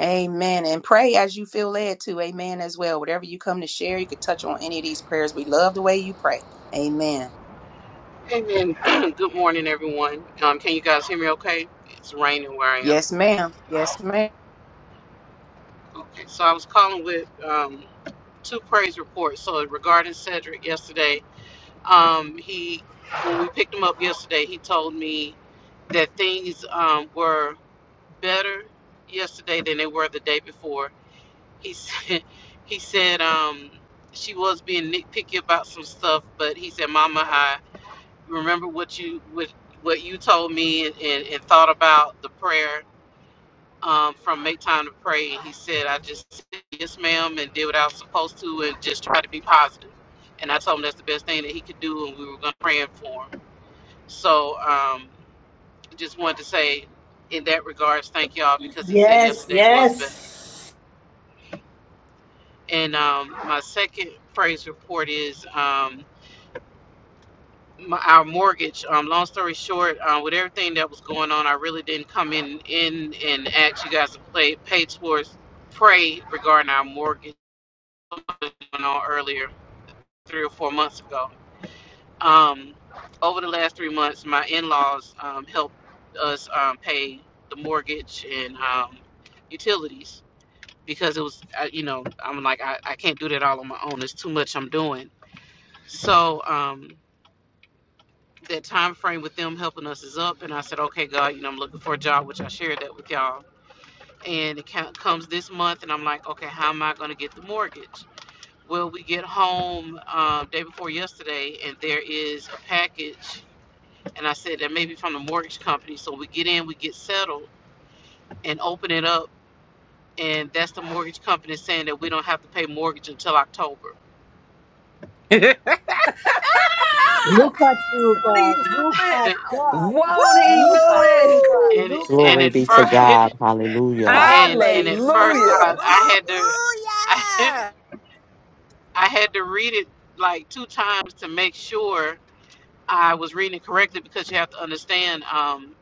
Speaker 1: Amen. And pray as you feel led to. Amen as well. Whatever you come to share, you can touch on any of these prayers. We love the way you pray. Amen.
Speaker 6: Amen. Good morning, everyone. Um, can you guys hear me okay? It's raining where I am.
Speaker 1: Yes, ma'am. Yes, ma'am.
Speaker 6: Okay, so I was calling with um, two praise reports. So regarding Cedric yesterday, um, he when we picked him up yesterday, he told me that things um, were better yesterday than they were the day before. He said, he said um, she was being nitpicky about some stuff, but he said, "Mama, I." remember what you what what you told me and, and, and thought about the prayer um, from make time to pray. He said, I just said yes, ma'am, and did what I was supposed to, and just try to be positive. And I told him that's the best thing that he could do, and we were going to pray for him. So um, just wanted to say, in that regards, thank y'all because he said
Speaker 3: Yes,
Speaker 6: yesterday was better.
Speaker 3: yes.
Speaker 6: And um, my second praise report is. Um, my, our mortgage. Um, long story short, uh, with everything that was going on, I really didn't come in in and ask you guys to play pay towards pray regarding our mortgage going on earlier three or four months ago. Um, over the last three months, my in-laws um, helped us um, pay the mortgage and um, utilities because it was uh, you know I'm like I, I can't do that all on my own. It's too much I'm doing. So um, that time frame with them helping us is up and i said okay god you know i'm looking for a job which i shared that with y'all and it comes this month and i'm like okay how am i going to get the mortgage well we get home um, day before yesterday and there is a package and i said that may be from the mortgage company so we get in we get settled and open it up and that's the mortgage company saying that we don't have to pay mortgage until october
Speaker 3: Look at you,
Speaker 5: Won't he
Speaker 3: God.
Speaker 5: do
Speaker 3: Look
Speaker 5: it?
Speaker 3: at God.
Speaker 5: Won't he do
Speaker 3: Look at
Speaker 5: it?
Speaker 3: you, God.
Speaker 6: and
Speaker 3: Look
Speaker 6: and
Speaker 3: at
Speaker 7: Glory
Speaker 6: at
Speaker 7: be to
Speaker 6: first
Speaker 3: you.
Speaker 7: God. Hallelujah.
Speaker 6: and and at first i
Speaker 5: Hallelujah.
Speaker 6: i had to I, I had to read it like two times to make sure I was reading it correctly because you have to understand. Um,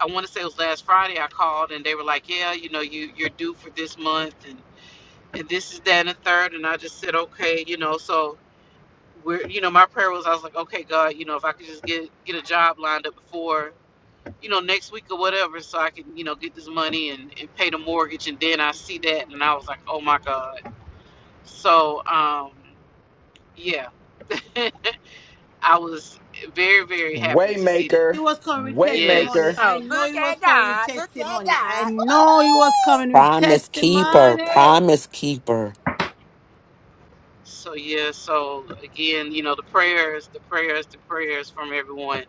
Speaker 6: I want to say it was last Friday I called and they were like, "Yeah, you know, you you're due for this month and and this is that and the third. And I just said, "Okay, you know." So we're you know my prayer was I was like, "Okay, God, you know, if I could just get get a job lined up before you know next week or whatever, so I can you know get this money and and pay the mortgage." And then I see that and I was like, "Oh my God!" So um, yeah. I was very, very happy to see that.
Speaker 5: Waymaker.
Speaker 3: It was coming with testimony.
Speaker 5: Waymaker.
Speaker 6: Yes.
Speaker 3: I
Speaker 1: Oh,
Speaker 3: know
Speaker 1: look
Speaker 3: it was
Speaker 1: at
Speaker 3: coming with
Speaker 1: God. Look at
Speaker 3: testimony. I
Speaker 1: God.
Speaker 3: know it was coming with
Speaker 7: Promise keeper,
Speaker 3: testimony.
Speaker 7: promise keeper.
Speaker 6: So yeah. So again, you know, the prayers, the prayers, the prayers from everyone.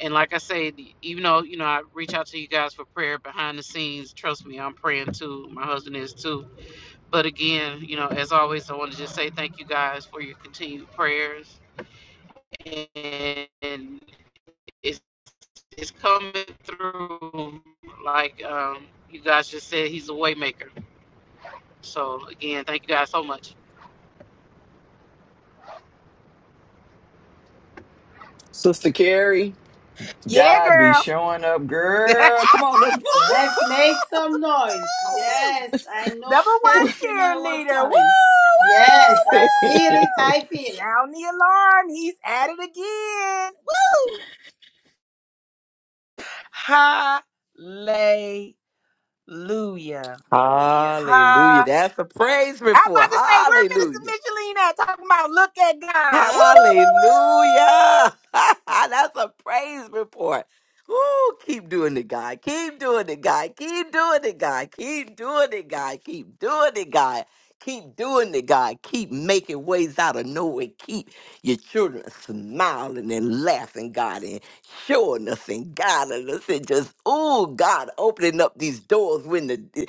Speaker 6: And like I said, even though you know I reach out to you guys for prayer behind the scenes, trust me, I'm praying too. My husband is too. But again, you know, as always, I want to just say thank you guys for your continued prayers, and it's it's coming through. Like um, you guys just said, he's a way maker. So again, thank you guys so much.
Speaker 5: Sister Carrie,
Speaker 1: Yeah,
Speaker 5: God be
Speaker 1: girl.
Speaker 5: showing up, girl. Come on, let's
Speaker 3: Let's
Speaker 5: whoop,
Speaker 3: make some noise. Yes, I know
Speaker 1: Number one
Speaker 5: whoop,
Speaker 3: testimony was
Speaker 1: cheerleader. Woo,
Speaker 3: coming.
Speaker 1: woo,
Speaker 3: Yes, I feel it.
Speaker 5: whoop.
Speaker 1: woo.
Speaker 3: I feel it.
Speaker 1: Sound the alarm. He's at it again. Woo. Hallelujah.
Speaker 4: Hallelujah.
Speaker 1: Ha.
Speaker 4: That's a praise
Speaker 1: I'm
Speaker 4: report.
Speaker 1: about to say, where Minister
Speaker 4: Hallelujah.
Speaker 1: Micheline at? Talking about look at God. Woo, woo, woo,
Speaker 4: Hallelujah.
Speaker 1: woo.
Speaker 4: That's a praise report. Ooh, keep doing it, God. Keep doing it, God. Keep doing it, God. Keep doing it, God. Keep doing it, God. Keep doing it, God. Keep making ways out of nowhere. Keep your children smiling and laughing, God, and showing us and guiding us and just, oh, God, opening up these doors when the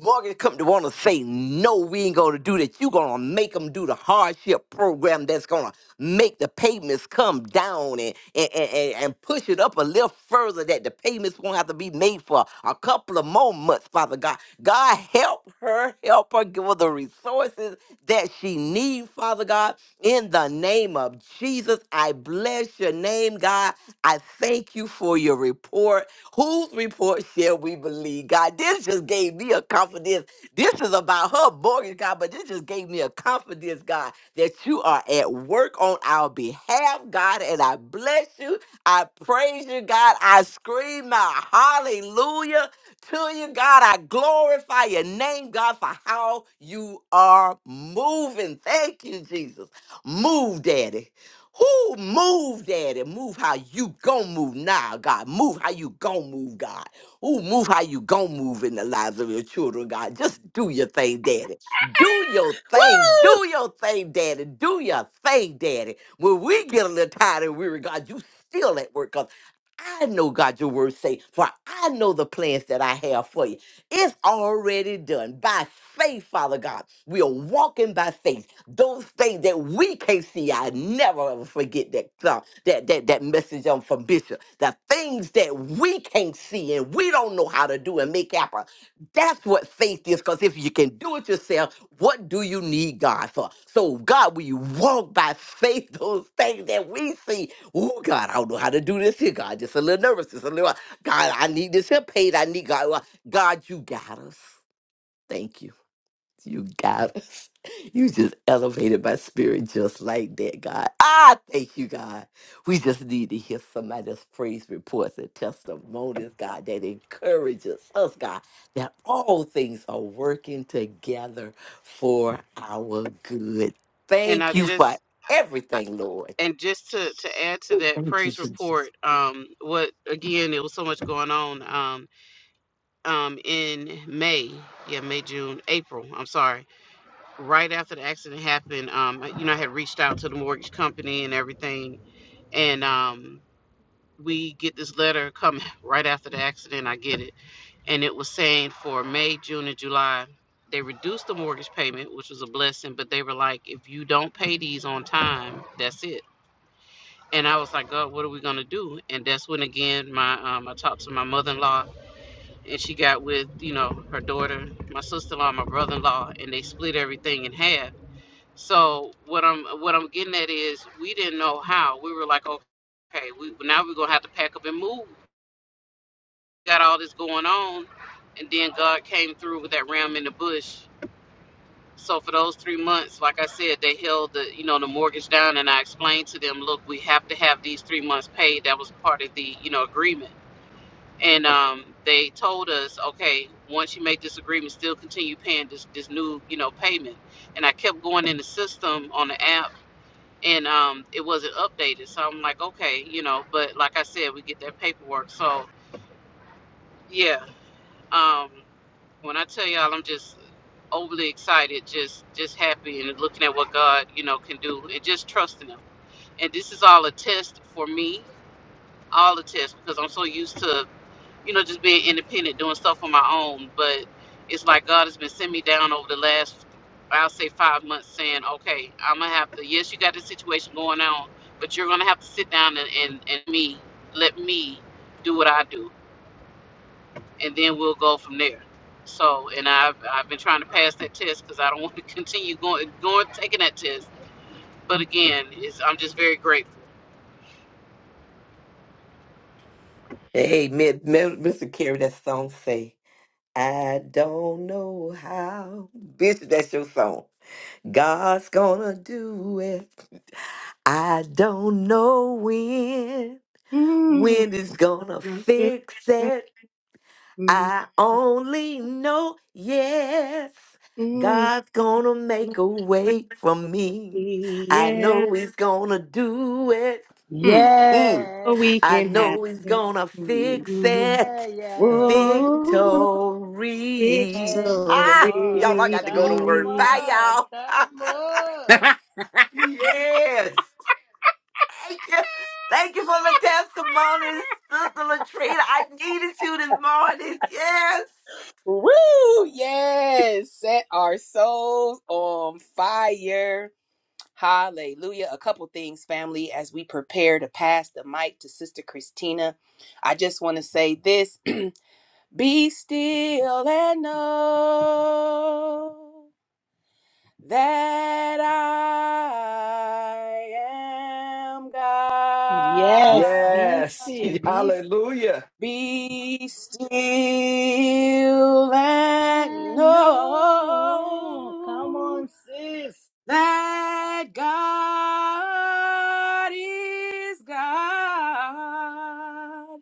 Speaker 4: Morgan come to want to say no, we ain't gonna do that. You gonna make them do the hardship program that's gonna make the payments come down and and, and, and and push it up a little further that the payments won't have to be made for a couple of more months, Father God. God help her, help her, give her the resources that she needs. Father God. In the name of Jesus, I bless your name, God. I thank you for your report. Whose report shall we believe, God? This just gave me a confidence. This is about her mortgage, God, but this just gave me a confidence, God, that you are at work on our behalf, God. And I bless you. I praise you, God. I scream my hallelujah to you, God. I glorify your name, God, for how you are moving. Thank you, Jesus. Move, Daddy. Who move, Daddy? Move how you gon' move now, God. Move how you gon' move, God. Who move how you gon' move in the lives of your children, God. Just do your thing, Daddy. Do your thing. Do your thing, Daddy. Do your thing, Daddy. When we get a little tired and weary, God, you still at work, God. I know God, your word say, for I know the plans that I have for you. It's already done by faith, Father God. We are walking by faith those things that we can't see, I never ever forget that song, that that that message um, from Bishop. The things that we can't see and we don't know how to do and make happen. That's what faith is. Because if you can do it yourself, what do you need God for? So God, we walk by faith those things that we see. Oh God, I don't know how to do this here. God, just a little nervous, just a little. God, I need this here paid. I need God. Well, God, you got us. Thank you. You got us. You just elevated my spirit just like that, God. I thank you, God. We just need to hear somebody's praise reports and testimonies, God, that encourages us, God, that all things are working together for our good.
Speaker 6: and I
Speaker 4: Thank you for
Speaker 6: just I-
Speaker 4: everything, Lord.
Speaker 6: and just to to add to that
Speaker 4: Thank you,
Speaker 6: praise report,
Speaker 4: Jesus.
Speaker 6: um, what again? There was so much going on, um, um, in May, yeah, May, June, April. I'm sorry. Right after the accident happened, um, I- you know, I had reached out to the mortgage company and everything, and um, we get this letter coming right after the accident. I get it, and it was saying for May, June, and July. They reduced the mortgage payment, which was a blessing, but they were like, if you don't pay these on time, that's it And I was like, God, what are we gonna do? And that's when again my um, I talked to my mother in law and she got with, you know, her daughter, my sister in law, my brother in law, and they split everything in half. So what I'm what I'm getting at is we didn't know how. We were like, Okay, we now we're gonna have to pack up and move. Got all this going on and then God came through with that ram in the bush so for those three months, like I said, they held the you know the mortgage down, and I explained to them, look, we have to have these three months paid. That was part of the you know agreement, and um, they told us, okay, once you make this agreement, still continue paying this this new you know payment. And I kept going in the system on the app, and um, it wasn't updated. So I'm like, okay, you know, but like I said, we get that paperwork. So yeah, um, when I tell y'all, I'm just overly excited, just just happy, and looking at what God, you know, can do, and just trusting Him. And this is all a test for me, all a test, because I'm so used to, you know, just being independent, doing stuff on my own. But it's like God has been sending me down over the last, I'll say, five months, saying, okay, I'm gonna have to. Yes, you got this situation going on, but you're gonna have to sit down and and, and me, let me do what I do and then we'll go from there. So, and I've I've been trying to pass that test because I don't want to continue going going taking that test. But again, it's, I'm just very grateful.
Speaker 4: Hey, Mi- Mi- Mr. Carey, that song say, I don't know how. Bitch, that's your song. God's gonna do it. I don't know when.
Speaker 1: Mm,
Speaker 4: When is gonna
Speaker 1: gonna fix
Speaker 4: fix
Speaker 1: it.
Speaker 4: it?
Speaker 1: Mm,
Speaker 4: I only know yes.
Speaker 1: mm,
Speaker 4: God's gonna
Speaker 1: make
Speaker 4: make
Speaker 1: a
Speaker 4: a
Speaker 1: way
Speaker 4: way for
Speaker 1: for
Speaker 4: me.
Speaker 1: me,
Speaker 4: I
Speaker 1: yeah.
Speaker 4: know He's gonna do it.
Speaker 1: Mm,
Speaker 4: Mm.
Speaker 1: so
Speaker 3: Yes.
Speaker 1: we
Speaker 4: I
Speaker 1: can have
Speaker 4: know He's gonna fix
Speaker 1: it.
Speaker 4: it.
Speaker 3: Yeah, yeah.
Speaker 1: Woo,
Speaker 4: Victory.
Speaker 3: Yes,
Speaker 4: Ah, y'all,
Speaker 3: Lord.
Speaker 4: I
Speaker 1: victory.
Speaker 4: got to go to
Speaker 3: Come
Speaker 4: work. Bye,
Speaker 3: on.
Speaker 4: y'all.
Speaker 3: Come on.
Speaker 4: yes. Thank you. Thank you for the testimony, Sister Latrina. I needed you this morning. Yes.
Speaker 1: Woo! Yes, set our souls on fire. Hallelujah. A couple things, family, as we prepare to pass the mic to Sister Christina. I just want to say this Be still and know that I am
Speaker 3: Yes,
Speaker 1: God.
Speaker 3: be
Speaker 5: yes.
Speaker 3: still. Be still.
Speaker 5: Hallelujah.
Speaker 1: Be still and
Speaker 3: I know. Come
Speaker 1: know
Speaker 3: on, sis.
Speaker 1: that God is God.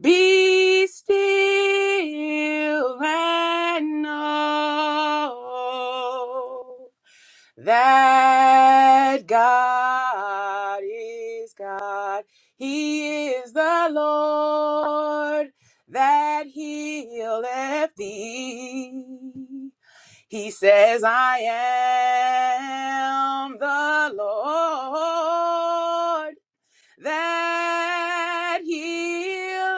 Speaker 1: Be still and know that God is God. He is the Lord that healeth thee. He says, I am the Lord that healeth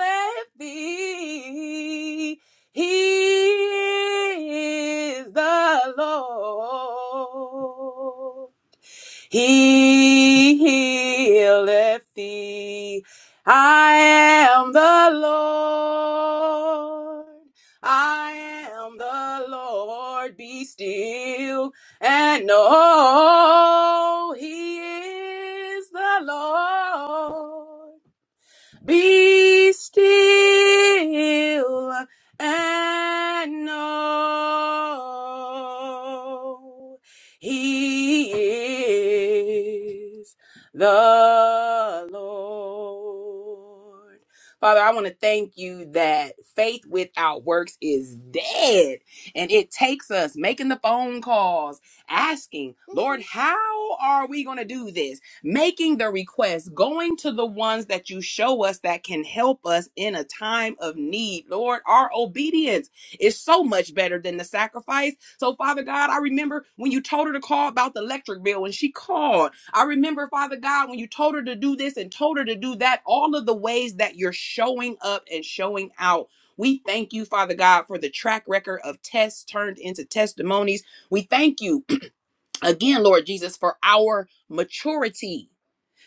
Speaker 1: thee. He is the Lord. He healeth thee. I am the Lord. I am the Lord. Be still and know He is the Lord. Be still and know He is the Lord. Father, I want to thank you that faith without works is dead. And it takes us making the phone calls, asking, Lord, how are we going to do this? making the request, going to the ones that you show us that can help us in a time of need. Lord, our obedience is so much better than the sacrifice. So, Father God, I remember when you told her to call about the electric bill and she called. I remember, Father God, when you told her to do this and told her to do that, all of the ways that you're showing up and showing out. We thank you, Father God, for the track record of tests turned into testimonies. We thank you again, Lord Jesus, for our maturity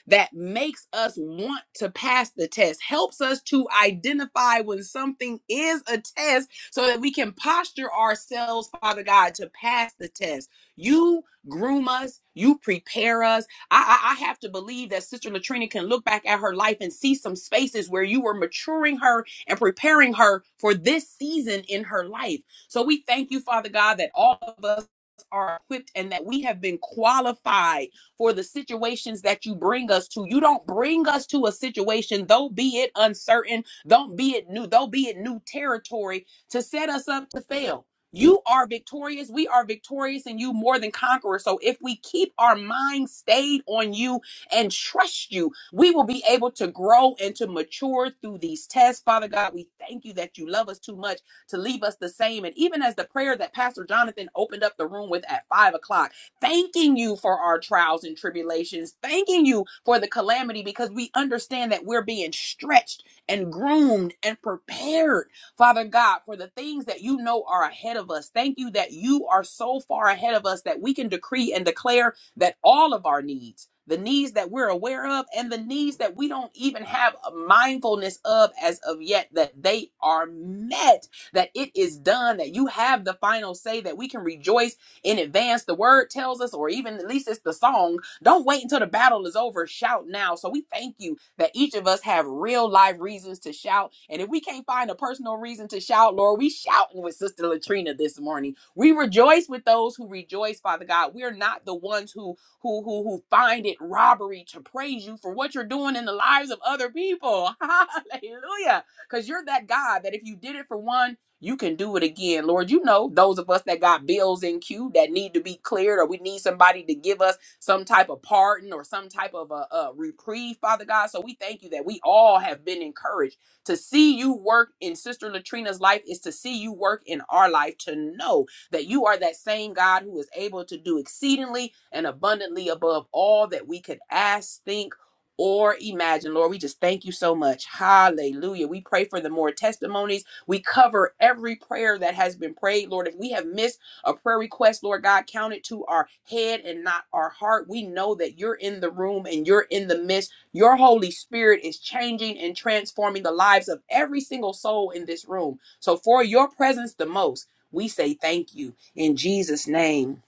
Speaker 1: that makes us want to pass the test, helps us to identify when something is a test so that we can posture ourselves, Father God, to pass the test. You groom us, you prepare us. I, I, I have to believe that Sister Latrina can look back at her life and see some spaces where you were maturing her and preparing her for this season in her life. So we thank you, Father God, that all of us are equipped and that we have been qualified for the situations that you bring us to. You don't bring us to a situation, though be it uncertain, don't be it new, though be it new territory, to set us up to fail. You are victorious. We are victorious, and you more than conquerors. So, if we keep our mind stayed on you and trust you, we will be able to grow and to mature through these tests. Father God, we thank you that you love us too much to leave us the same. And even as the prayer that Pastor Jonathan opened up the room with at five o'clock thanking you for our trials and tribulations, thanking you for the calamity because we understand that we're being stretched and groomed and prepared, Father God, for the things that you know are ahead of us. Thank you that you are so far ahead of us that we can decree and declare that all of our needs, the needs that we're aware of and the needs that we don't even have a mindfulness of as of yet, that they are met, that it is done, that you have the final say, that we can rejoice in advance, the word tells us, or even at least it's the song. Don't wait until the battle is over. Shout now. So we thank you that each of us have real life reasons to shout. And if we can't find a personal reason to shout, Lord, we shouting with Sister Latrina this morning. We rejoice with those who rejoice, Father God. We are not the ones who who who who find it robbery to praise you for what you're doing in the lives of other people. Hallelujah. Because you're that God that if you did it for one, you can do it again, Lord. You know, those of us that got bills in queue that need to be cleared, or we need somebody to give us some type of pardon or some type of a, a reprieve, Father God. So we thank you that we all have been encouraged to see you work in Sister Latrina's life, is to see you work in our life, to know that you are that same God who is able to do exceedingly and abundantly above all that we could ask, think, or imagine. Lord, we just thank you so much. Hallelujah. We pray for the more testimonies we cover every prayer that has been prayed, Lord. If we have missed a prayer request, Lord God, count it to our head and not our heart. We know that you're in the room and you're in the midst. Your Holy Spirit is changing and transforming the lives of every single soul in this room. So, for your presence the most, we say thank you in Jesus' name.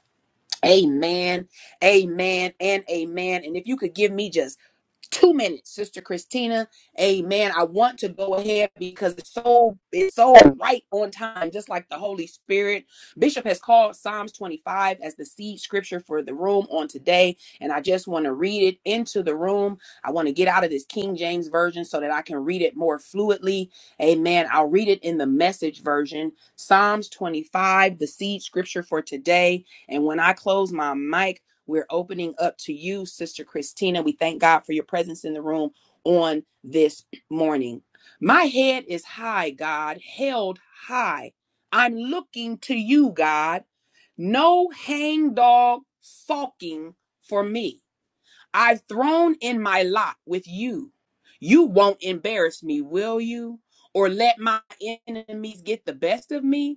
Speaker 1: Amen, amen, and amen. And if you could give me just two minutes, Sister Christina. Amen. I want to go ahead because it's so it's so right on time, just like the Holy Spirit. Bishop has called Psalms 25 as the seed scripture for the room on today, and I just want to read it into the room. I want to get out of this King James version so that I can read it more fluidly. Amen. I'll read it in the message version. Psalms 25, the seed scripture for today. And when I close my mic, we're opening up to you, Sister Christina. We thank God for your presence in the room on this morning. My head is high, God, held high. I'm looking to you, God. No hangdog sulking for me. I've thrown in my lot with you. You won't embarrass me, will you? Or let my enemies get the best of me?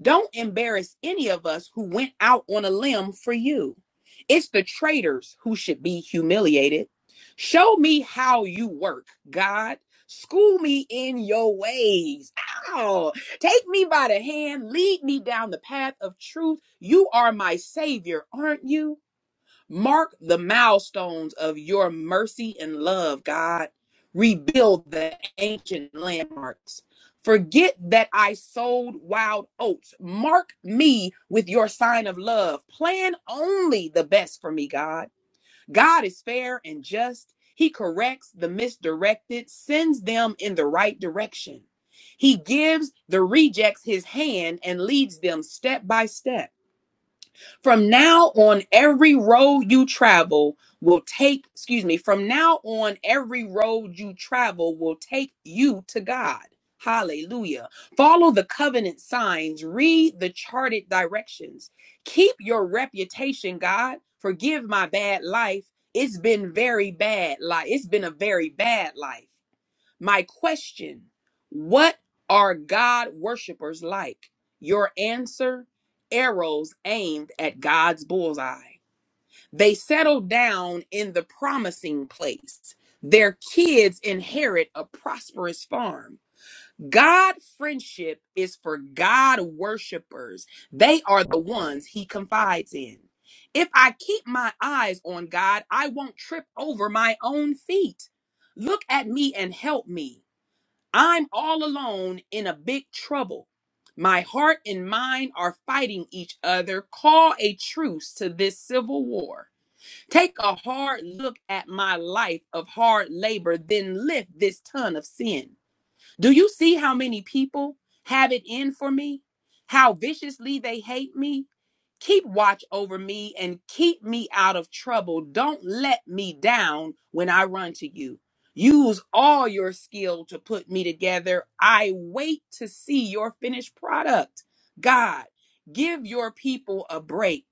Speaker 1: Don't embarrass any of us who went out on a limb for you. It's the traitors who should be humiliated. Show me how you work, God. School me in your ways. Ow. Take me by the hand. Lead me down the path of truth. You are my Savior, aren't you? Mark the milestones of your mercy and love, God. Rebuild the ancient landmarks. Forget that I sold wild oats. Mark me with your sign of love. Plan only the best for me, God. God is fair and just. He corrects the misdirected, sends them in the right direction. He gives the rejects his hand and leads them step by step. From now on, every road you travel will take, excuse me, from now on, every road you travel will take you to God. Hallelujah. Follow the covenant signs, read the charted directions. Keep your reputation, God. Forgive my bad life. It's been very bad life. It's been a very bad life. My question What are God worshipers like? Your answer arrows aimed at God's bullseye. They settle down in the promising place. Their kids inherit a prosperous farm. God friendship is for God worshipers. They are the ones he confides in. If I keep my eyes on God, I won't trip over my own feet. Look at me and help me. I'm all alone in a big trouble. My heart and mind are fighting each other. Call a truce to this civil war. Take a hard look at my life of hard labor, then lift this ton of sin. Do you see how many people have it in for me? How viciously they hate me? Keep watch over me and keep me out of trouble. Don't let me down when I run to you. Use all your skill to put me together. I wait to see your finished product. God, give your people a break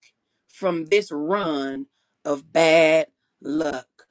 Speaker 1: from this run of bad luck.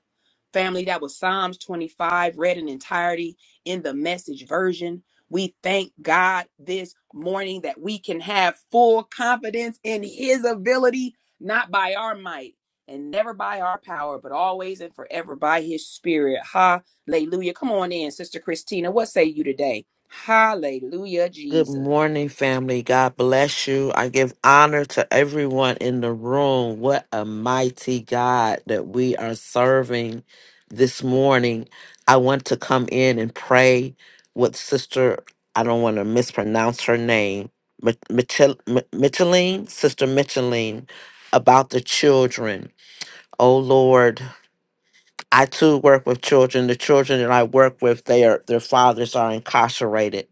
Speaker 1: Family, that was Psalms 25, read in entirety in the message version. We thank God this morning that we can have full confidence in His ability, not by our might and never by our power, but always and forever by His Spirit. Hallelujah. Come on in, Sister Christina. What say you today? Hallelujah,
Speaker 7: Good
Speaker 1: Jesus.
Speaker 7: morning, family. God bless you. I give honor to everyone in the room. What a mighty God that we are serving this morning. I want to come in and pray with Sister, I don't want to mispronounce her name, Mi- Michel- Mi- Micheline, Sister Micheline, about the children. Oh Lord, I too work with children. The children that I work with, they are their fathers are incarcerated.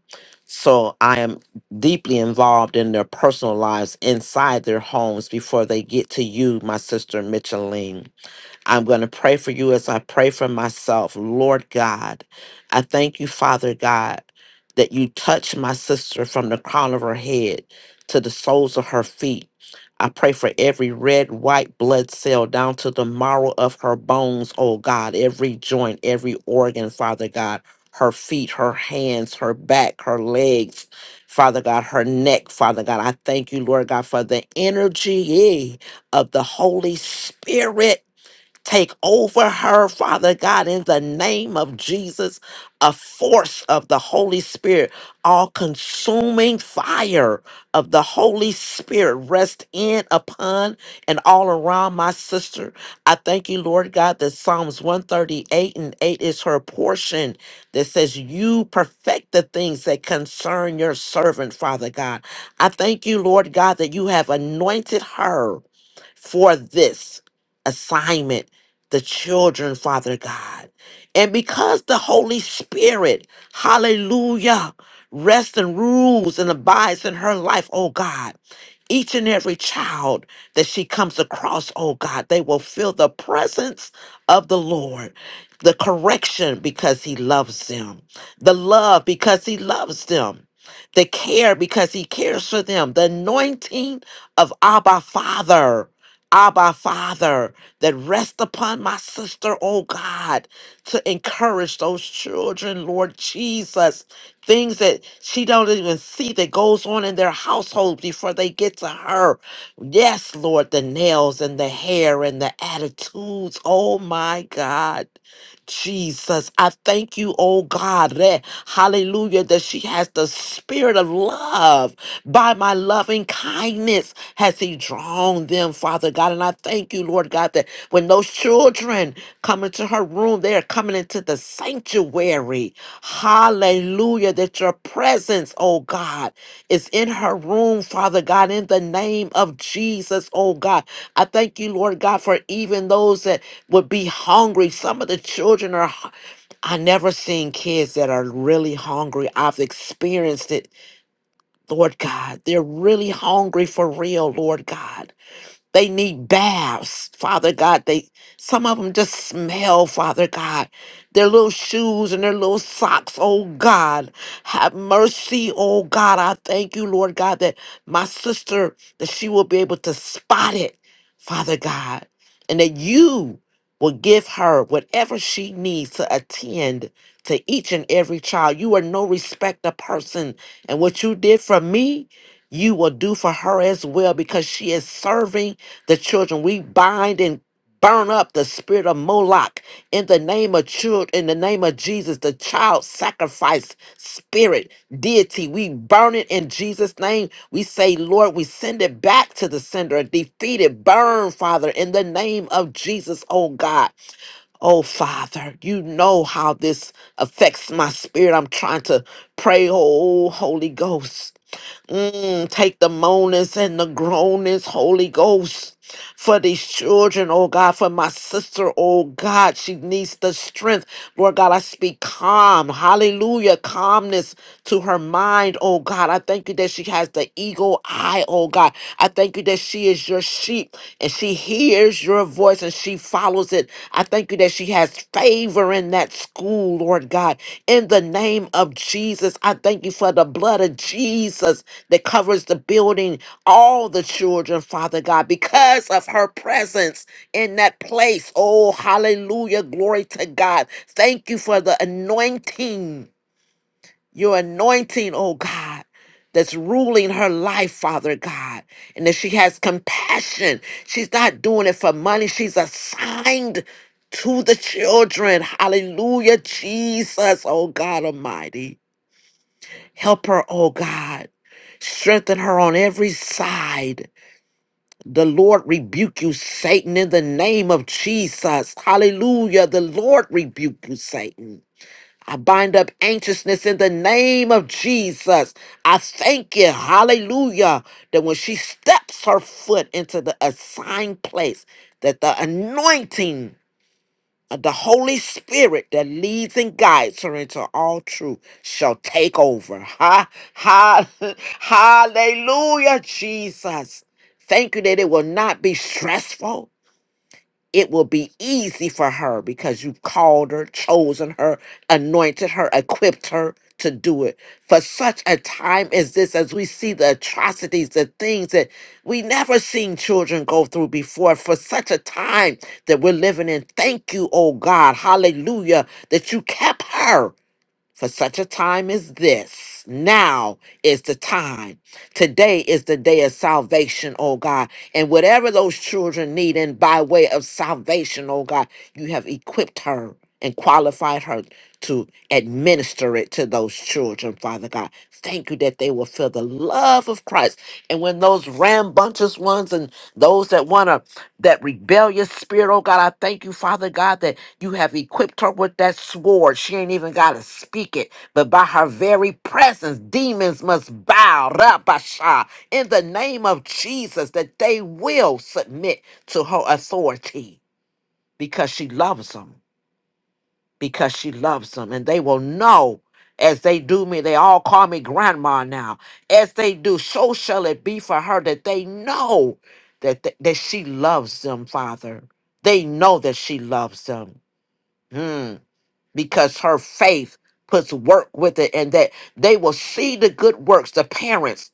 Speaker 7: So I am deeply involved in their personal lives inside their homes before they get to you, my sister Micheline. I'm going to pray for you as I pray for myself. Lord God, I thank you, Father God, that you touch my sister from the crown of her head to the soles of her feet. I pray for every red, white blood cell down to the marrow of her bones, oh God, every joint, every organ, Father God, her feet, her hands, her back, her legs, Father God, her neck, Father God. I thank you, Lord God, for the energy eh, of the Holy Spirit Take over her, Father God, in the name of Jesus, a force of the Holy Spirit, all consuming fire of the Holy Spirit rest in upon and all around my sister. I thank you, Lord God, that Psalms 138 and 8 is her portion that says, You perfect the things that concern your servant, Father God. I thank you, Lord God, that you have anointed her for this assignment, the children, Father God. And because the Holy Spirit, hallelujah, rests and rules and abides in her life, oh God, each and every child that she comes across, oh God, they will feel the presence of the Lord, the correction because He loves them, the love because He loves them, the care because He cares for them, the anointing of Abba Father. Abba, Father, that rest upon my sister, oh God, to encourage those children, Lord Jesus. Things that she don't even see that goes on in their household before they get to her. Yes, Lord, the nails and the hair and the attitudes. Oh my God. Jesus. I thank you, oh God, that hallelujah, that she has the spirit of love. By my loving kindness has he drawn them, Father God. And I thank you, Lord God, that when those children come into her room, they are coming into the sanctuary. Hallelujah, that your presence, oh God, is in her room, Father God, in the name of Jesus, oh God. I thank you, Lord God, for even those that would be hungry. Some of the children are, hu- I never seen kids that are really hungry. I've experienced it, Lord God. They're really hungry for real, Lord God. They need baths, Father God. They some of them just smell, Father God. Their little shoes and their little socks, oh God. Have mercy, oh God. I thank you, Lord God, that my sister, that she will be able to spot it, Father God. And that you will give her whatever she needs to attend to each and every child. You are no respecter person. And what you did for me, you will do for her as well because she is serving the children. We bind and burn up the spirit of Moloch in the name of children, in the name of Jesus, the child sacrifice spirit, deity. We burn it in Jesus' name. We say, Lord, we send it back to the sender and defeat it. Burn, Father, in the name of Jesus, oh God. Oh Father, you know how this affects my spirit. I'm trying to pray, oh Holy Ghost. Mm, take the moanings and the groanings, Holy Ghost, for these children, oh God, for my sister, oh God. She needs the strength. Lord God, I speak calm. Hallelujah. Calmness to her mind, oh God. I thank you that she has the eagle eye, oh God. I thank you that she is your sheep and she hears your voice voice and she follows it. I thank you that she has favor in that school, Lord God. In the name of Jesus, I thank you for the blood of Jesus that covers the building, all the children, Father God, because of her presence in that place. Oh, hallelujah. Glory to God. Thank you for the anointing your anointing, oh God, that's ruling her life, Father God, and that she has compassion. She's not doing it for money, she's assigned to the children. Hallelujah, Jesus, oh God Almighty. Help her, oh God. Strengthen her on every side. The Lord rebuke you, Satan, in the name of Jesus. Hallelujah. The Lord rebuke you, Satan. I bind up anxiousness in the name of Jesus. I thank you, hallelujah, that when she steps her foot into the assigned place, that the anointing of the Holy Spirit that leads and guides her into all truth shall take over. Ha, ha, hallelujah, Jesus. Thank you that it will not be stressful it will be easy for her because you've called her, chosen her, anointed her, equipped her to do it. For such a time as this, as we see the atrocities, the things that we never seen children go through before, for such a time that we're living in, thank you, oh God, hallelujah, that you kept her for such a time as this. Now is the time. Today is the day of salvation, oh God. And whatever those children need, and by way of salvation, oh God, you have equipped her and qualified her to administer it to those children, Father God. Thank you that they will feel the love of Christ. And when those rambunctious ones and those that want to that rebellious spirit, oh God, I thank you, Father God, that you have equipped her with that sword. She ain't even got to speak it, but by her very presence, demons must bow, Rabasha, in the name of Jesus, that they will submit to her authority because she loves them because she loves them. And they will know as they do me. They all call me grandma now. As they do, so shall it be for her that they know that, that, that she loves them, Father. They know that she loves them. Hmm. Because her faith puts work with it and that they will see the good works, the parents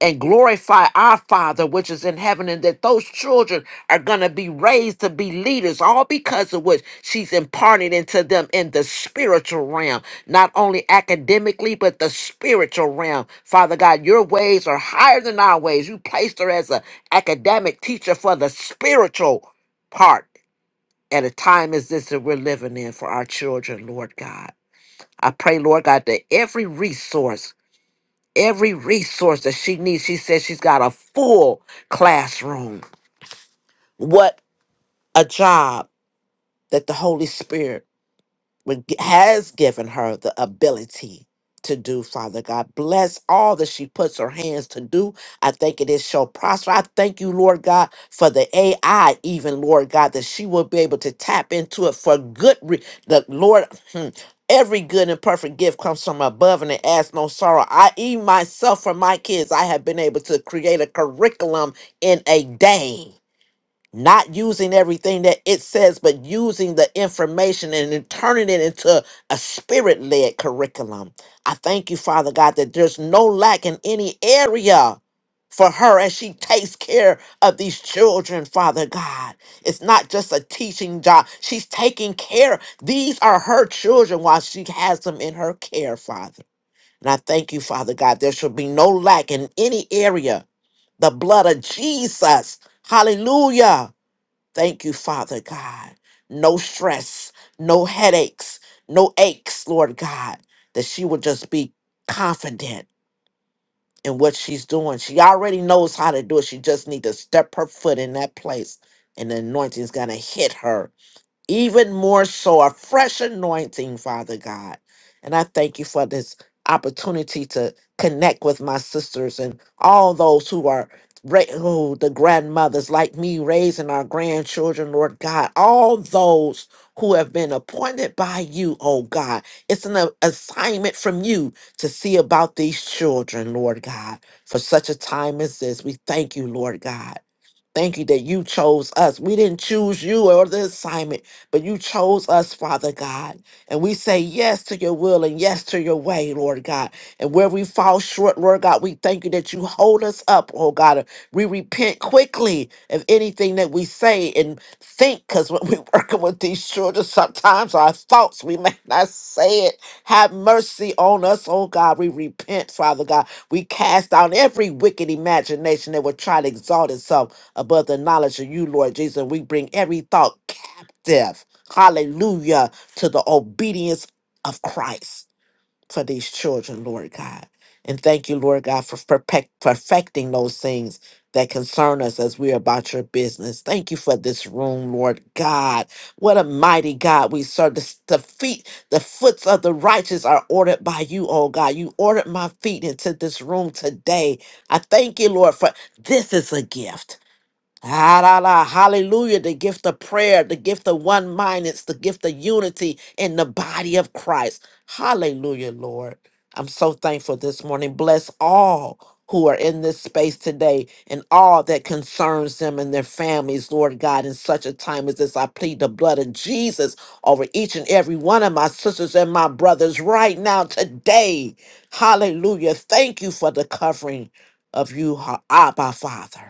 Speaker 7: and glorify our Father which is in heaven, and that those children are going to be raised to be leaders, all because of what she's imparting into them in the spiritual realm, not only academically, but the spiritual realm. Father God, your ways are higher than our ways. You placed her as an academic teacher for the spiritual part at a time as this that we're living in for our children, Lord God. I pray, Lord God, that every resource every resource that she needs. She says she's got a full classroom. What a job that the Holy Spirit would g- has given her the ability to do, Father God. Bless all that she puts her hands to do. I think it is shall prosper. I thank you, Lord God, for the AI, even Lord God, that she will be able to tap into it for good. Re- the Lord, hmm, every good and perfect gift comes from above, and it adds no sorrow. I even myself for my kids, I have been able to create a curriculum in a day not using everything that it says, but using the information and then turning it into a spirit led curriculum. I thank you, Father God, that there's no lack in any area for her as she takes care of these children, Father God. It's not just a teaching job, she's taking care. These are her children while she has them in her care, Father. And I thank you, Father God, there shall be no lack in any area. The blood of Jesus. Hallelujah Thank you, Father God. No stress, no headaches, no aches, Lord God, that she would just be confident in what she's doing. She already knows how to do it. She just needs to step her foot in that place and the anointing is going to hit her even more so a fresh anointing, Father God. And I thank you for this opportunity to connect with my sisters and all those who are ra- who the grandmothers like me raising our grandchildren, Lord God, all those who have been appointed by you, oh God. It's an a- assignment from you to see about these children, Lord God, for such a time as this. We thank you, Lord God. Thank you that you chose us. We didn't choose you or the assignment, but you chose us, Father God. And we say yes to your will and yes to your way, Lord God. And where we fall short, Lord God, we thank you that you hold us up, oh God. We repent quickly of anything that we say and think, because when we're working with these children, sometimes our thoughts, we may not say it. Have mercy on us, oh God. We repent, Father God. We cast down every wicked imagination that would try to exalt itself above the knowledge of you, Lord Jesus. We bring every thought captive, hallelujah, to the obedience of Christ for these children, Lord God. And thank you, Lord God, for perfect, perfecting those things that concern us as we are about your business. Thank you for this room, Lord God. What a mighty God we serve. The, s- the feet, the foots of the righteous are ordered by you, oh God. You ordered my feet into this room today. I thank you, Lord, for this is a gift Ah, la, la, Hallelujah. The gift of prayer, the gift of one mindedness, the gift of unity in the body of Christ. Hallelujah, Lord. I'm so thankful this morning. Bless all who are in this space today and all that concerns them and their families, Lord God, in such a time as this. I plead the blood of Jesus over each and every one of my sisters and my brothers right now, today. Hallelujah. Thank you for the covering of you, Abba Father.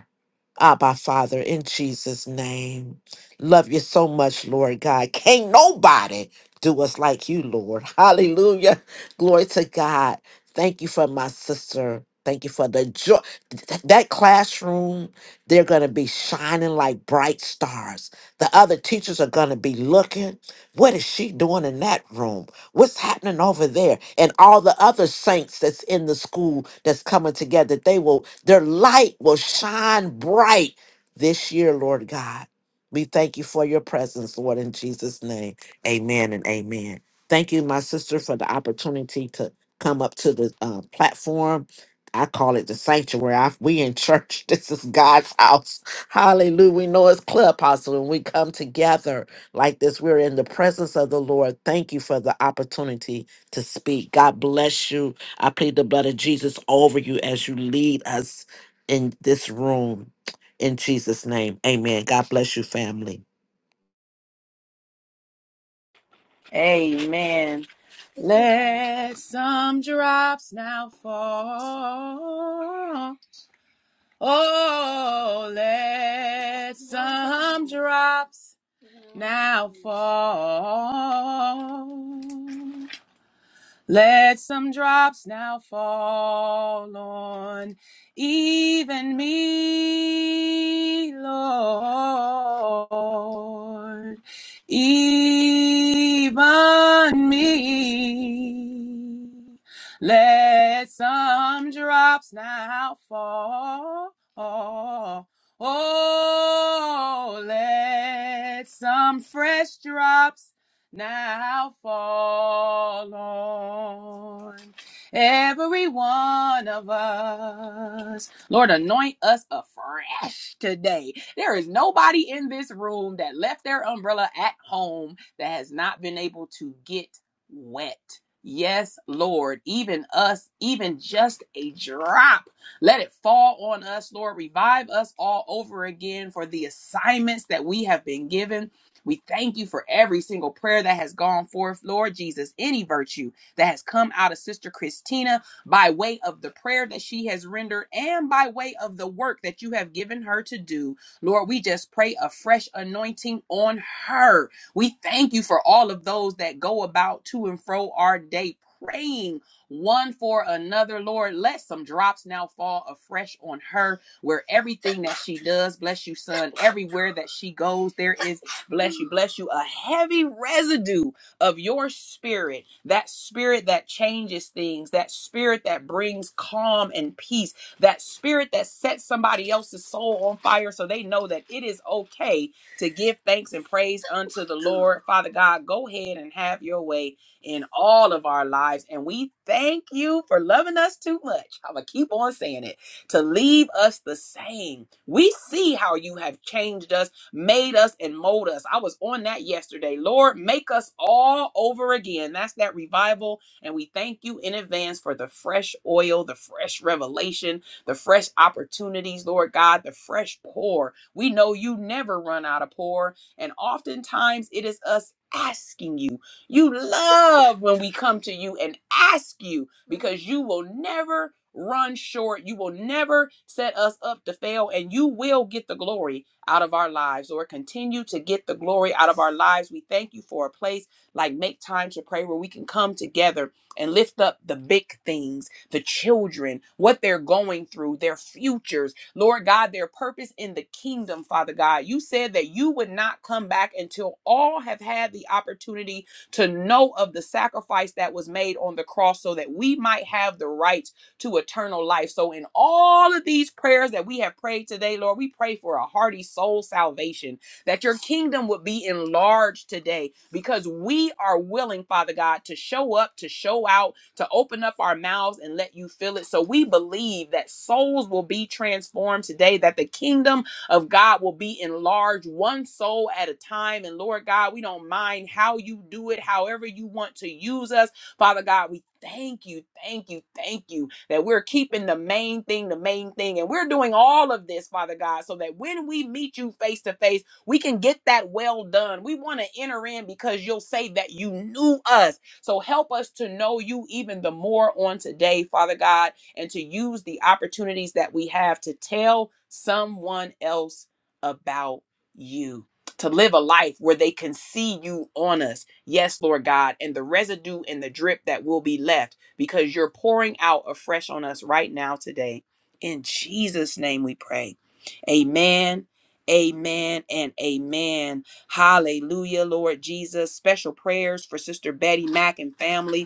Speaker 7: Abba, Father, in Jesus' name. Love you so much, Lord God. Can't nobody do us like you, Lord. Hallelujah. Glory to God. Thank you for my sister. Thank you for the joy. Th- That classroom, they're going to be shining like bright stars. The other teachers are going to be looking. What is she doing in that room? What's happening over there? And all the other saints that's in the school that's coming together, they will, their light will shine bright this year, Lord God. We thank you for your presence, Lord, in Jesus' name. Amen and amen. Thank you, my sister, for the opportunity to come up to the uh, platform. I call it the sanctuary. I, we in church. This is God's house. Hallelujah. We know it's clubhouse when we come together like this. We're in the presence of the Lord. Thank you for the opportunity to speak. God bless you. I plead the blood of Jesus over you as you lead us in this room. In Jesus' name, amen. God bless you, family.
Speaker 1: Amen. Let some drops now fall Oh, let some drops now fall let some drops now fall on even me, Lord, even me. Let some drops now fall. Oh, let some fresh drops now fall on every one of us. Lord, anoint us afresh today. There is nobody in this room that left their umbrella at home that has not been able to get wet. Yes, Lord, even us, even just a drop. Let it fall on us, Lord. Revive us all over again for the assignments that we have been given we thank you for every single prayer that has gone forth, Lord Jesus. Any virtue that has come out of Sister Christina by way of the prayer that she has rendered and by way of the work that you have given her to do, Lord, we just pray a fresh anointing on her. We thank you for all of those that go about to and fro our day praying one for another, Lord. Let some drops now fall afresh on her where everything that she does, bless you, son, everywhere that she goes, there is Bless you, bless you. A heavy residue of your spirit, that spirit that changes things, that spirit that brings calm and peace, that spirit that sets somebody else's soul on fire so they know that it is okay to give thanks and praise unto the Lord. Father God, go ahead and have your way in all of our lives. And we thank you for loving us too much. I'm going to keep on saying it to leave us the same. We see how you have changed us made us and mold us. I was on that yesterday. Lord, make us all over again. That's that revival. And we thank you in advance for the fresh oil, the fresh revelation, the fresh opportunities, Lord God, the fresh pour. We know you never run out of pour. And oftentimes it is us asking you. You love when we come to you and ask you because you will never run short. You will never set us up to fail and you will get the glory out of our lives, Lord. Continue to get the glory out of our lives. We thank you for a place like Make Time to Pray where we can come together and lift up the big things, the children, what they're going through, their futures, Lord God, their purpose in the kingdom, Father God. You said that you would not come back until all have had the opportunity to know of the sacrifice that was made on the cross so that we might have the right to eternal life. So, in all of these prayers that we have prayed today, Lord, we pray for a hearty soul salvation, that your kingdom would be enlarged today because we are willing, Father God, to show up, to show out, to open up our mouths and let you fill it. So, we believe that souls will be transformed today, that the kingdom of God will be enlarged one soul at a time. And Lord God, we don't mind how you do it, however you want to use us. Father God, we thank you, thank you, thank you that we're keeping the main thing, the main thing. And we're doing all of this, Father God, so that when we meet you face to face, we can get that well done. We want to enter in because you'll say that you knew us. So help us to know you even the more on today, Father God, and to use the opportunities that we have to tell someone else about you. To live a life where they can see you on us. Yes, Lord God. And the residue and the drip that will be left because you're pouring out afresh on us right now today. In Jesus' name we pray. Amen. Amen and amen. Hallelujah, Lord Jesus. Special prayers for Sister Betty Mack and family.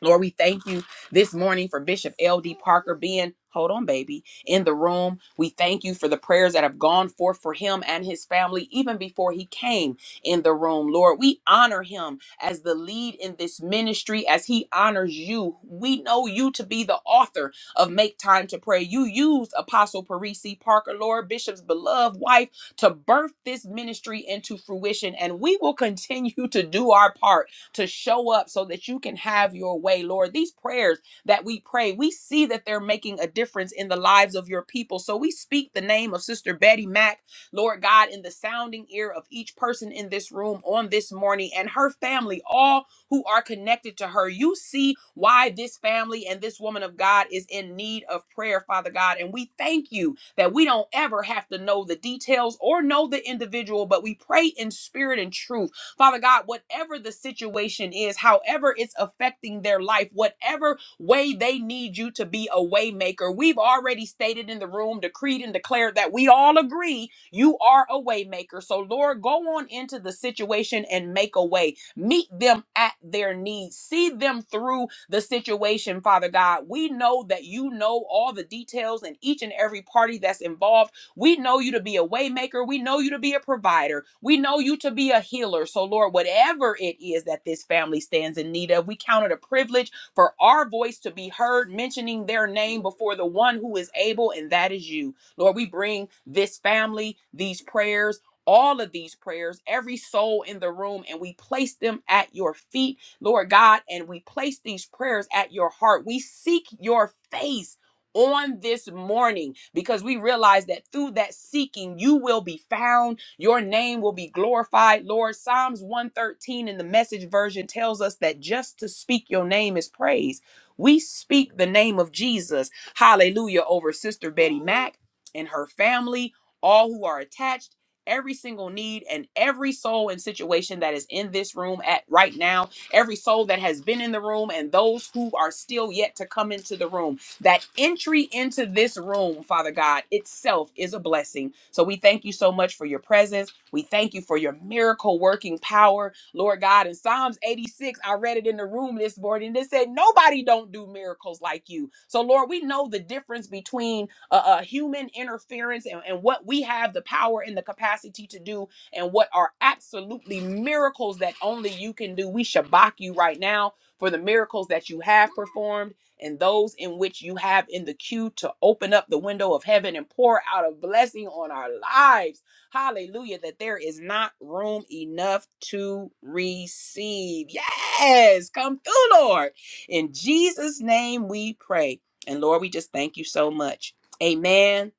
Speaker 1: Lord, we thank you this morning for Bishop L.D. Parker being, hold on, baby, in the room. We thank you for the prayers that have gone forth for him and his family even before he came in the room. Lord, we honor him as the lead in this ministry as he honors you. We know you to be the author of Make Time to Pray. You used Apostle Parisi Parker, Lord, Bishop's beloved wife, to birth this ministry into fruition, and we will continue to do our part to show up so that you can have your way, Lord. These prayers that we pray, we see that they're making a difference in the lives of your people. So we speak the name of Sister Betty Mack, Lord God, in the sounding ear of each person in this room on this morning and her family, all who are connected to her. You see why this family and this woman of God is in need of prayer, Father God. And we thank you that we don't ever have to know the details or know the individual, but we pray in spirit and truth Father God, whatever the situation is, however it's affecting their life, whatever way they need you to be a way maker. We've already stated in the room, decreed and declared that we all agree you are a way maker. So, Lord, go on into the situation and make a way. Meet them at their needs. See them through the situation, Father God. We know that you know all the details and each and every party that's involved we know you to be a waymaker. We know you to be a provider. We know you to be a healer. So, Lord, whatever it is that this family stands in need of, we count it a privilege for our voice to be heard, mentioning their name before the one who is able, and that is you. Lord, we bring this family, these prayers. All of these prayers, every soul in the room, and we place them at your feet, Lord God, and we place these prayers at your heart. We seek your face on this morning because we realize that through that seeking you will be found your name will be glorified lord psalms 113 in the message version tells us that just to speak your name is praise we speak the name of jesus hallelujah over sister betty mack and her family all who are attached Every single need and every soul and situation that is in this room at right now, every soul that has been in the room, and those who are still yet to come into the room. That entry into this room, Father God, itself is a blessing. So we thank you so much for your presence. We thank you for your miracle working power, Lord God. In Psalms 86, I read it in the room this morning. And it said, Nobody don't do miracles like you. So, Lord, we know the difference between uh, uh, human interference and, and what we have the power and the capacity to do and what are absolutely miracles that only you can do. We shabak you right now for the miracles that you have performed and those in which you have in the queue to open up the window of heaven and pour out a blessing on our lives. Hallelujah, that there is not room enough to receive. Yes, come through, Lord. In Jesus' name we pray. And Lord, we just thank you so much. Amen,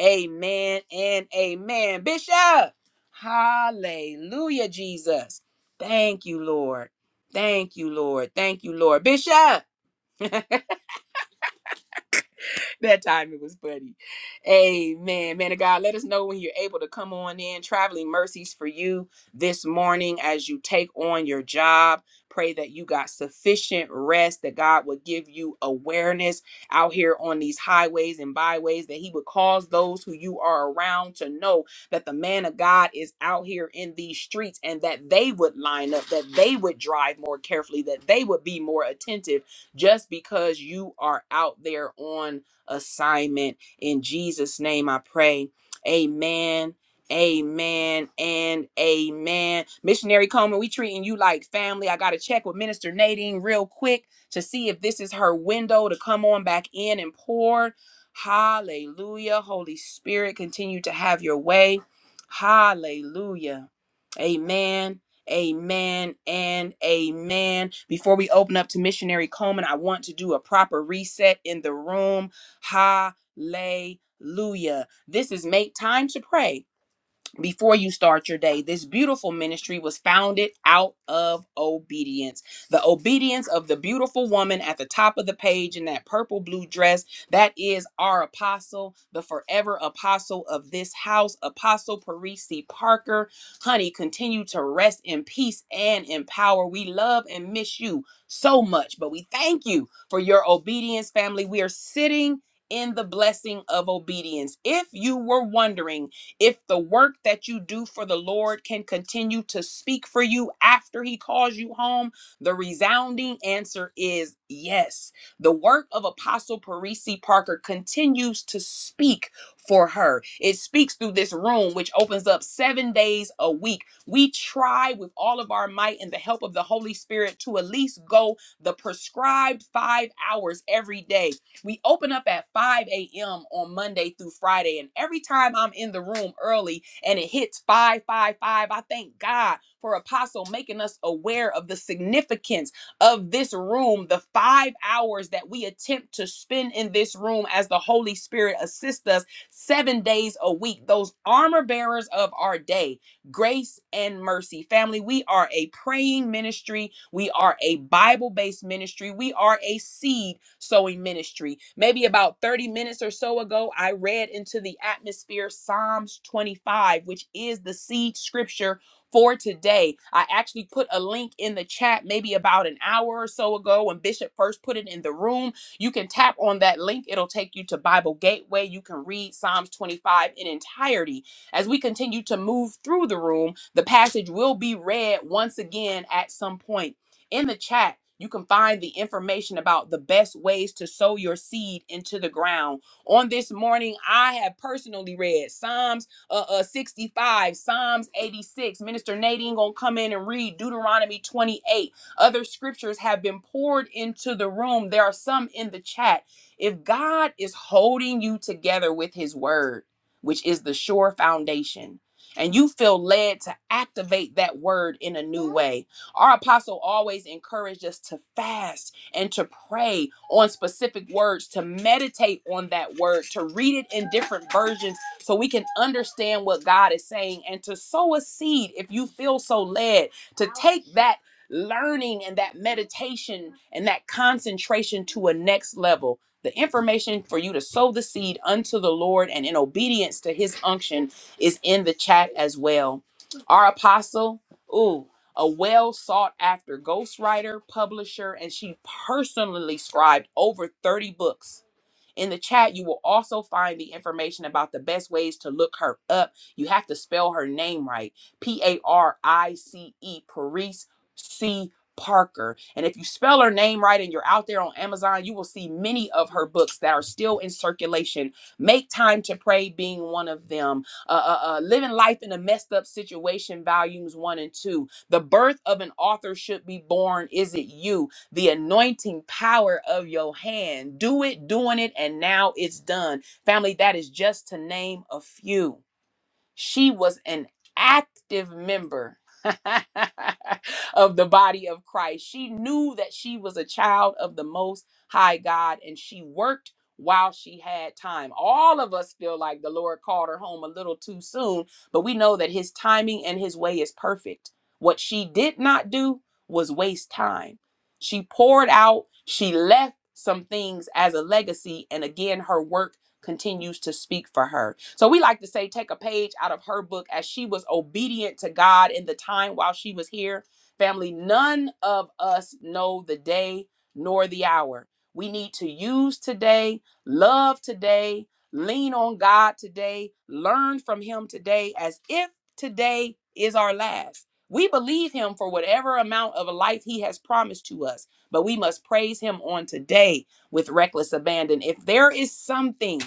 Speaker 1: amen, and amen. Bishop, hallelujah, Jesus. Thank you, Lord. Thank you, Lord. Thank you, Lord. Bishop. that time it was funny. Amen. Man of God, let us know when you're able to come on in. Traveling mercies for you this morning as you take on your job. Pray that you got sufficient rest, that God would give you awareness out here on these highways and byways, that He would cause those who you are around to know that the man of God is out here in these streets and that they would line up, that they would drive more carefully, that they would be more attentive just because you are out there on assignment. In Jesus' name I pray. Amen. Amen and amen. Missionary Coleman, we treating you like family. I gotta check with Minister Nadine real quick to see if this is her window to come on back in and pour. Hallelujah. Holy Spirit, continue to have your way. Hallelujah. Amen. Amen and amen. Before we open up to Missionary Coleman, I want to do a proper reset in the room. Hallelujah. This is Make Time to Pray before you start your day. This beautiful ministry was founded out of obedience. The obedience of the beautiful woman at the top of the page in that purple blue dress. That is our apostle, the forever apostle of this house, Apostle Parisi Parker. Honey, continue to rest in peace and in power. We love and miss you so much, but we thank you for your obedience, family. We are sitting in the blessing of obedience. If you were wondering, if the work that you do for the Lord can continue to speak for you after he calls you home, the resounding answer is yes. The work of Apostle Parisi Parker continues to speak for her. It speaks through this room, which opens up seven days a week. We try with all of our might and the help of the Holy Spirit to at least go the prescribed five hours every day we open up at 5 a.m. on Monday through Friday. And every time I'm in the room early and it hits 555, I thank God for Apostle making us aware of the significance of this room, the five hours that we attempt to spend in this room as the Holy Spirit assists us seven days a week, those armor bearers of our day, grace and mercy. Family, we are a praying ministry, we are a Bible based ministry, we are a seed sowing ministry. Maybe about 30 minutes or so ago, I read into the atmosphere Psalms 25, which is the seed scripture for today. I actually put a link in the chat maybe about an hour or so ago when Bishop first put it in the room. You can tap on that link, it'll take you to Bible Gateway. You can read Psalms 25 in entirety. As we continue to move through the room, the passage will be read once again at some point. In the chat, you can find the information about the best ways to sow your seed into the ground. On this morning, I have personally read Psalms uh, uh 65, Psalms 86. Minister Nadine gonna come in and read Deuteronomy 28. Other scriptures have been poured into the room. There are some in the chat. If God is holding you together with His word, which is the sure foundation, and you feel led to activate that word in a new way. Our apostle always encouraged us to fast and to pray on specific words, to meditate on that word, to read it in different versions so we can understand what God is saying and to sow a seed if you feel so led to take that learning and that meditation and that concentration to a next level. The information for you to sow the seed unto the Lord and in obedience to his unction is in the chat as well. Our apostle, ooh a well sought after ghostwriter, publisher, and she personally scribed over 30 books in the chat, you will also find the information about the best ways to look her up. You have to spell her name right P A R I C E, Paris C. Parker. And if you spell her name right and you're out there on Amazon, you will see many of her books that are still in circulation. Make Time to Pray being one of them. Uh, uh, uh, Living Life in a Messed Up Situation, Volumes 1 and 2. The Birth of an Author Should Be Born. Is it you? the anointing power of your hand. Do it, doing it, and now it's done. Family, that is just to name a few. She was an active member of the body of Christ. She knew that she was a child of the Most High God and she worked while she had time. All of us feel like the Lord called her home a little too soon, but we know that His timing and His way is perfect. What she did not do was waste time. She poured out, she left some things as a legacy, and again, her work continues to speak for her. So we like to say, take a page out of her book as she was obedient to God in the time while she was here. Family, none of us know the day nor the hour. We need to use today, love today, lean on God today, learn from Him today as if today is our last. We believe Him for whatever amount of a life He has promised to us, but we must praise Him on today with reckless abandon. If there is something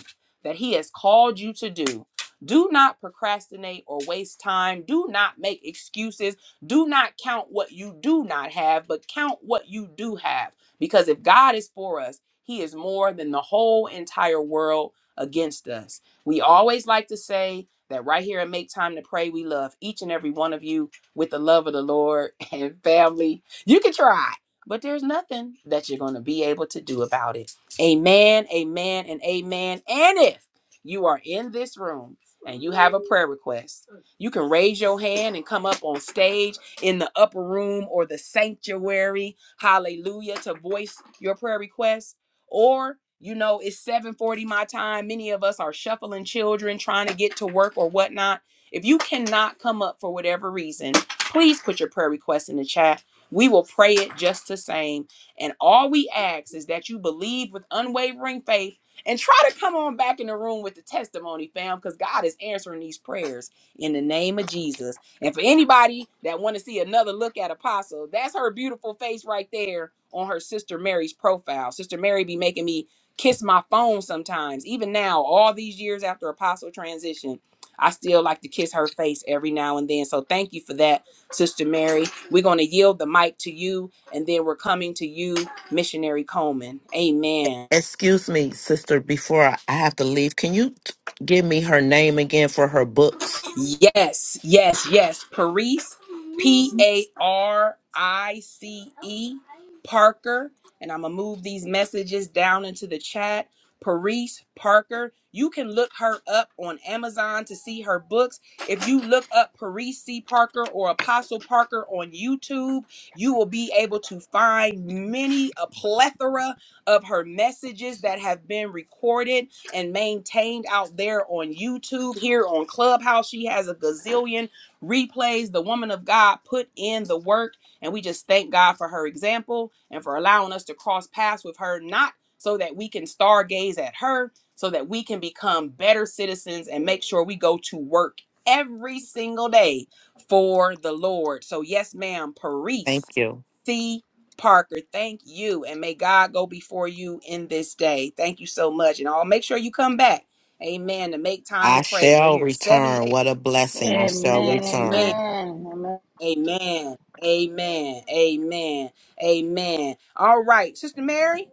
Speaker 1: that He has called you to do. Do not procrastinate or waste time. Do not make excuses. Do not count what you do not have, but count what you do have. Because if God is for us, He is more than the whole entire world against us. We always like to say that right here and Make Time to Pray, we love each and every one of you with the love of the Lord and family. You can try, but there's nothing that you're going to be able to do about it. Amen, amen, and amen. And if you are in this room and you have a prayer request, you can raise your hand and come up on stage in the upper room or the sanctuary, hallelujah, to voice your prayer request. Or, you know, it's 7:40 my time. Many of us are shuffling children, trying to get to work or whatnot. If you cannot come up for whatever reason, please put your prayer request in the chat. We will pray it just the same and all we ask is that you believe with unwavering faith and try to come on back in the room with the testimony, fam, because God is answering these prayers in the name of Jesus. And for anybody that want to see another look at Apostle, that's her beautiful face right there on her sister Mary's profile. Sister Mary be making me kiss my phone sometimes. Even now, all these years after Apostle transition, I still like to kiss her face every now and then. So thank you for that, Sister Mary. We're going to yield the mic to you and then we're coming to you, Missionary Coleman. Amen.
Speaker 7: Excuse me, sister, before I I have to leave, can you t- give me her name again for her books?
Speaker 1: Yes, yes, yes. Paris, P A R I C E, Parker. And I'm going to move these messages down into the chat. Paris Parker. You can look her up on Amazon to see her books. If you look up Paris C. Parker or Apostle Parker on YouTube, you will be able to find many, a plethora of her messages that have been recorded and maintained out there on YouTube, here on Clubhouse. She has a gazillion replays. The woman of God put in the work, and we just thank God for her example and for allowing us to cross paths with her, not so that we can stargaze at her, so that we can become better citizens and make sure we go to work every single day for the Lord. So, yes, ma'am, Paris.
Speaker 7: Thank you.
Speaker 1: C. Parker. Thank you. And may God go before you in this day. Thank you so much. And I'll make sure you come back. Amen. To make time to
Speaker 7: I
Speaker 1: pray. We're
Speaker 7: shall
Speaker 1: here seven
Speaker 7: return.
Speaker 1: days.
Speaker 7: What a blessing. I shall
Speaker 3: Amen.
Speaker 1: Yes, ma'am.
Speaker 7: return.
Speaker 3: Amen. Amen.
Speaker 1: Amen. Amen. Amen. Amen. All right. Sister Mary,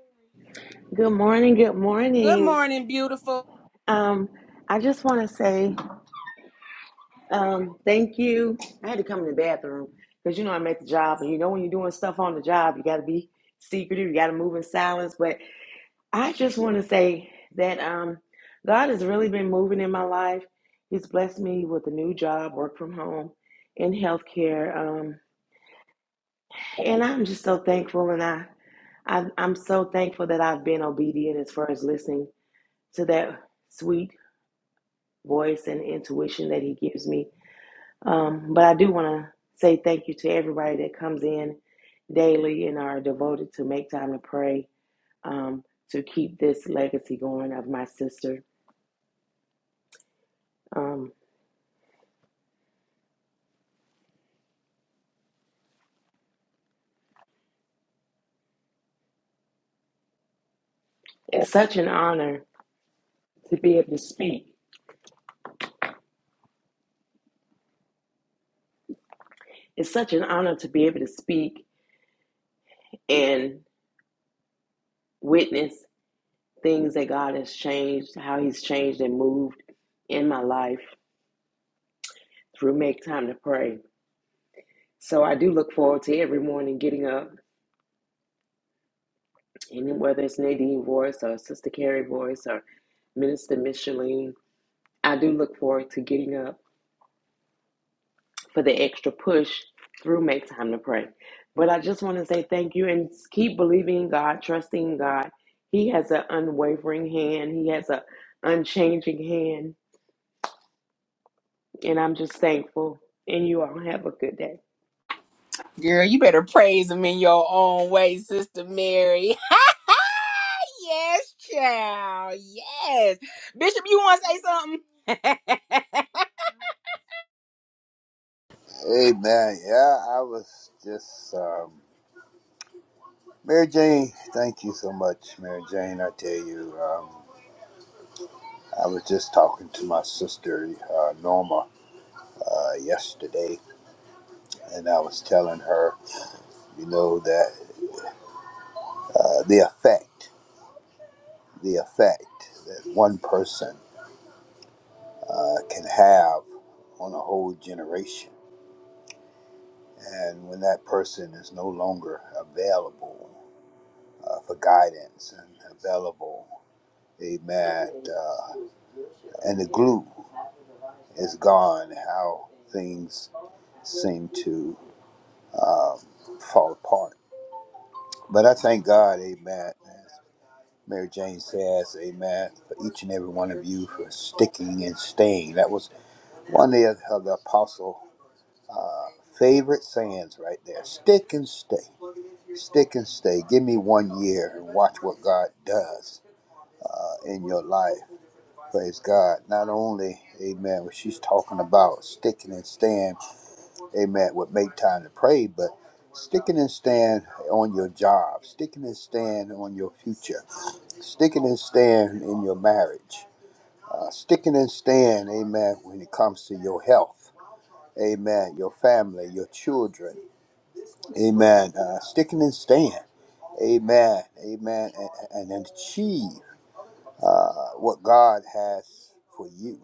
Speaker 8: Good morning. Good
Speaker 1: good
Speaker 8: morning.
Speaker 1: morning, beautiful.
Speaker 8: Um, I just want to say um, thank you. I had to come in the bathroom because you know I'm at the job, and you know when you're doing stuff on the job, you got to be secretive. You got to move in silence. But I just want to say that um, God has really been moving in my life. He's blessed me with a new job, work from home, in healthcare, um, and I'm just so thankful. And I I, I'm so thankful that I've been obedient as far as listening to that sweet voice and intuition that he gives me. Um, but I do want to say thank you to everybody that comes in daily and are devoted to make time to pray um, to keep this legacy going of my sister. Um, it's such an honor. It's such an honor to be able to speak and witness things that God has changed, how He's changed and moved in my life through Make Time to Pray. So I do look forward to every morning getting up And whether it's Nadine Voice or Sister Carrie Voice or Minister Micheline, I do look forward to getting up for the extra push through Make Time to Pray. But I just want to say thank you and keep believing God, trusting God. He has an unwavering hand, He has an unchanging hand. And I'm just thankful. And you all have a good day.
Speaker 1: Girl, you better praise him in your own way, Sister Mary. yes, child. Yes. Bishop, you want to say something?
Speaker 9: Amen. Yeah, I was just um, Mary Jane. Thank you so much, Mary Jane. I tell you, um, I was just talking to my sister uh, Norma uh, yesterday, and I was telling her, you know, that uh, the effect, the effect that one person uh, can have on a whole generation, and when that person is no longer available uh, for guidance and available, Amen. uh, and the glue is gone, how things seem to um, fall apart. But I thank God, amen. As Mary Jane says, amen, for each and every one of you for sticking and staying. That was one of the, of the apostle uh, favorite sayings right there. Stick and stay. Stick and stay. Give me one year and watch what God does uh, in your life. Praise God. Not only, amen, what she's talking about, sticking and staying, amen, would make time to pray, but sticking and stand on your job, sticking and stand on your future, sticking and stand in your marriage, uh, sticking and stand, amen, when it comes to your health, amen, your family, your children, amen, uh, sticking and stand, amen, amen, and, and achieve uh, what God has for you.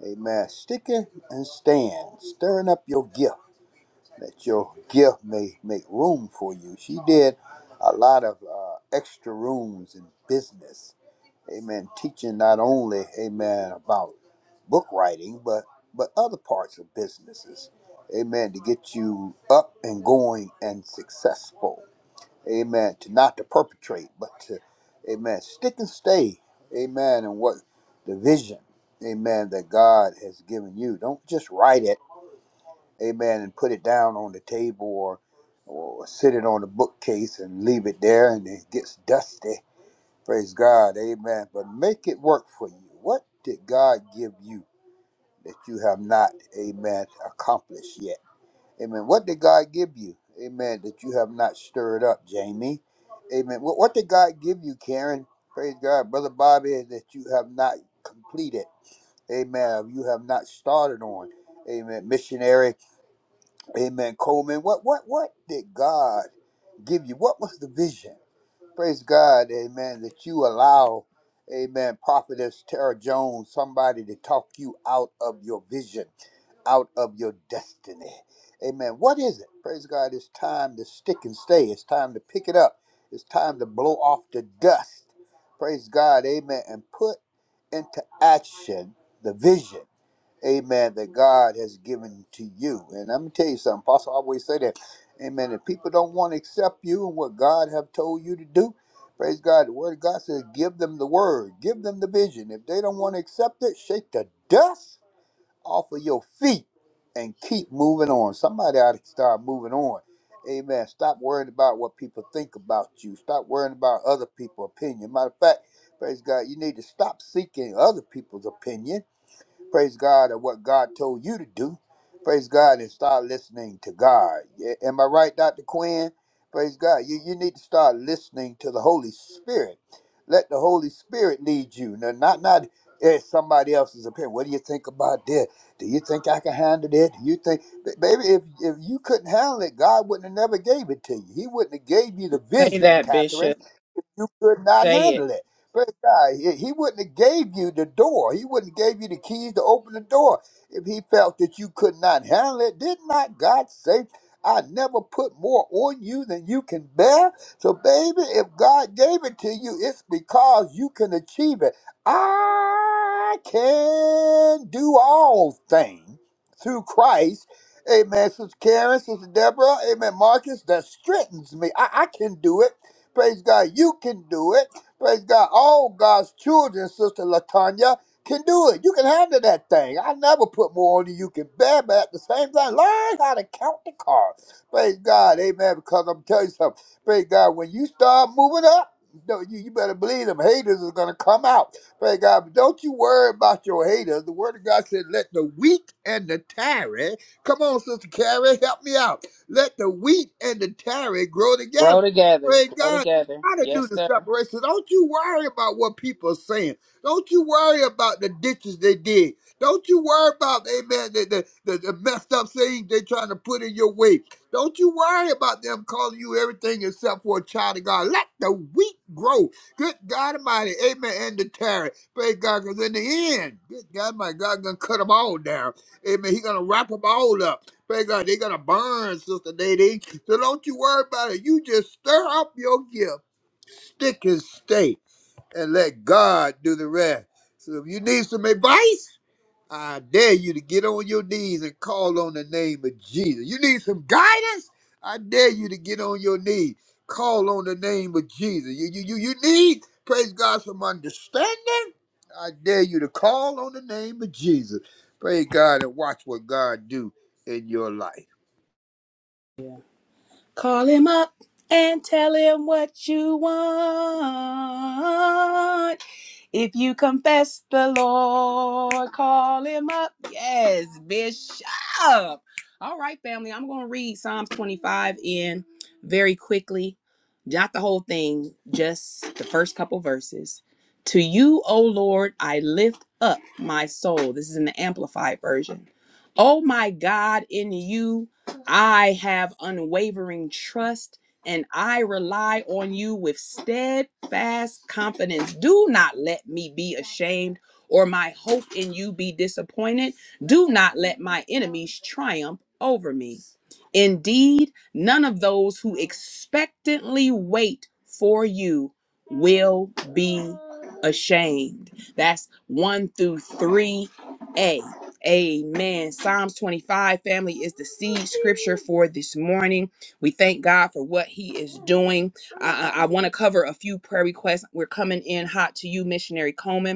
Speaker 9: Amen. Sticking and stand, stirring up your gift. that your gift may make room for you. She did a lot of uh, extra rooms in business. Amen. Teaching not only, amen, about book writing, but but other parts of businesses. Amen. To get you up and going and successful. Amen. To not to perpetrate, but to, amen, stick and stay. Amen. And what the vision, amen, that God has given you. Don't just write it amen, and put it down on the table or or sit it on the bookcase and leave it there and it gets dusty. Praise God, amen. But make it work for you. What did God give you that you have not, amen, accomplished yet? Amen. What did God give you, amen, that you have not stirred up, Jamie? Amen. What, what did God give you, Karen? Praise God, Brother Bobby, that you have not completed, amen, you have not started on, amen, missionary. Amen. Coleman, what what what did God give you? What was the vision? Praise God, amen, that you allow, amen, prophetess Tara Jones, somebody to talk you out of your vision, out of your destiny. Amen. What is it? Praise God, it's time to stick and stay. It's time to pick it up. It's time to blow off the dust. Praise God, amen, and put into action the vision amen, that God has given to you. And I'm gonna tell you something, Apostle always say that. Amen. If people don't want to accept you and what God have told you to do, praise God. The word of God says, give them the word, give them the vision. If they don't want to accept it, shake the dust off of your feet and keep moving on. Somebody ought to start moving on. Amen. Stop worrying about what people think about you. Stop worrying about other people's opinion. Matter of fact, praise God, you need to stop seeking other people's opinion Praise God at what God told you to do. Praise God and start listening to God. Yeah, Am I right, Dr. Quinn? Praise God. You, you need to start listening to the Holy Spirit. Let the Holy Spirit lead you. Now, not not eh, somebody else's opinion. What do you think about this? Do you think I can handle it? Do you think, Ba- baby, if, if you couldn't handle it, God wouldn't have never gave it to you. He wouldn't have gave you the
Speaker 1: Say
Speaker 9: vision,
Speaker 1: that,
Speaker 9: Catherine
Speaker 1: Bishop.
Speaker 9: you could not
Speaker 1: Say it.
Speaker 9: handle it. Praise God. He, he wouldn't have gave you the door. He wouldn't have gave you the keys to open the door if he felt that you could not handle it. Did not God say, I never put more on you than you can bear? So, baby, if God gave it to you, it's because you can achieve it. I can do all things through Christ Amen. Sister Karen, Sister Deborah, Amen. Marcus, that strengthens me. I, I can do it. Praise God, you can do it. Praise God, all God's children, Sister Latanya, can do it. You can handle that thing. I never put more on you. You can bear, but at the same time, learn how to count the cards. Praise God, amen. Because I'm telling you something. Praise God, when you start moving up, don't- you, you better believe them haters is gonna come out. Praise God. But don't you worry about your haters. The word of God said, let the weak and the tarry. Come on, Sister Carrie, help me out. Let the wheat and the tarry grow
Speaker 1: Grow
Speaker 9: together.
Speaker 1: together.
Speaker 9: Praise
Speaker 1: Grow
Speaker 9: God.
Speaker 1: together.
Speaker 9: God to do
Speaker 1: Yes,
Speaker 9: the
Speaker 1: sir.
Speaker 9: separation. Don't you worry about what people are saying. Don't you worry about the ditches they dig. Don't you worry about, amen, the, the, the, the messed up things they're trying to put in your way. Don't you worry about them calling you everything except for a child of God. Let the wheat grow. Good God Almighty, amen, and the tarry. Praise God, because in the end, good God my God going to cut them all down. Amen. He's going to wrap them all up. Praise God, they're going to burn, Sister Nadine. So don't you worry about it. You just stir up your gift stick and stay and let God do the rest. So if you need some advice, I dare you to get on your knees and call on the name of Jesus. You need some guidance? I dare you to get on your knees. Call on the name of Jesus. You, you, you, you need, praise God, some understanding? I dare you to call on the name of Jesus. Praise God and watch what God do in your life.
Speaker 1: Yeah. Call him up and tell him what you want. If you confess the Lord, call him up. Yes, Bishop. All right, family. I'm going to read Psalms 25 in very quickly. Not the whole thing, just the first couple verses. To you, O Lord, I lift up my soul. This is in the Amplified Version. Oh my God, in you I have unwavering trust and I rely on you with steadfast confidence. Do not let me be ashamed or my hope in you be disappointed. Do not let my enemies triumph over me. Indeed, none of those who expectantly wait for you will be ashamed. That's 1 through 3a. Amen. Psalms 25, family, is the seed scripture for this morning. We thank God for what He is doing. I, I want to cover a few prayer requests. We're coming in hot to you, Missionary Coleman.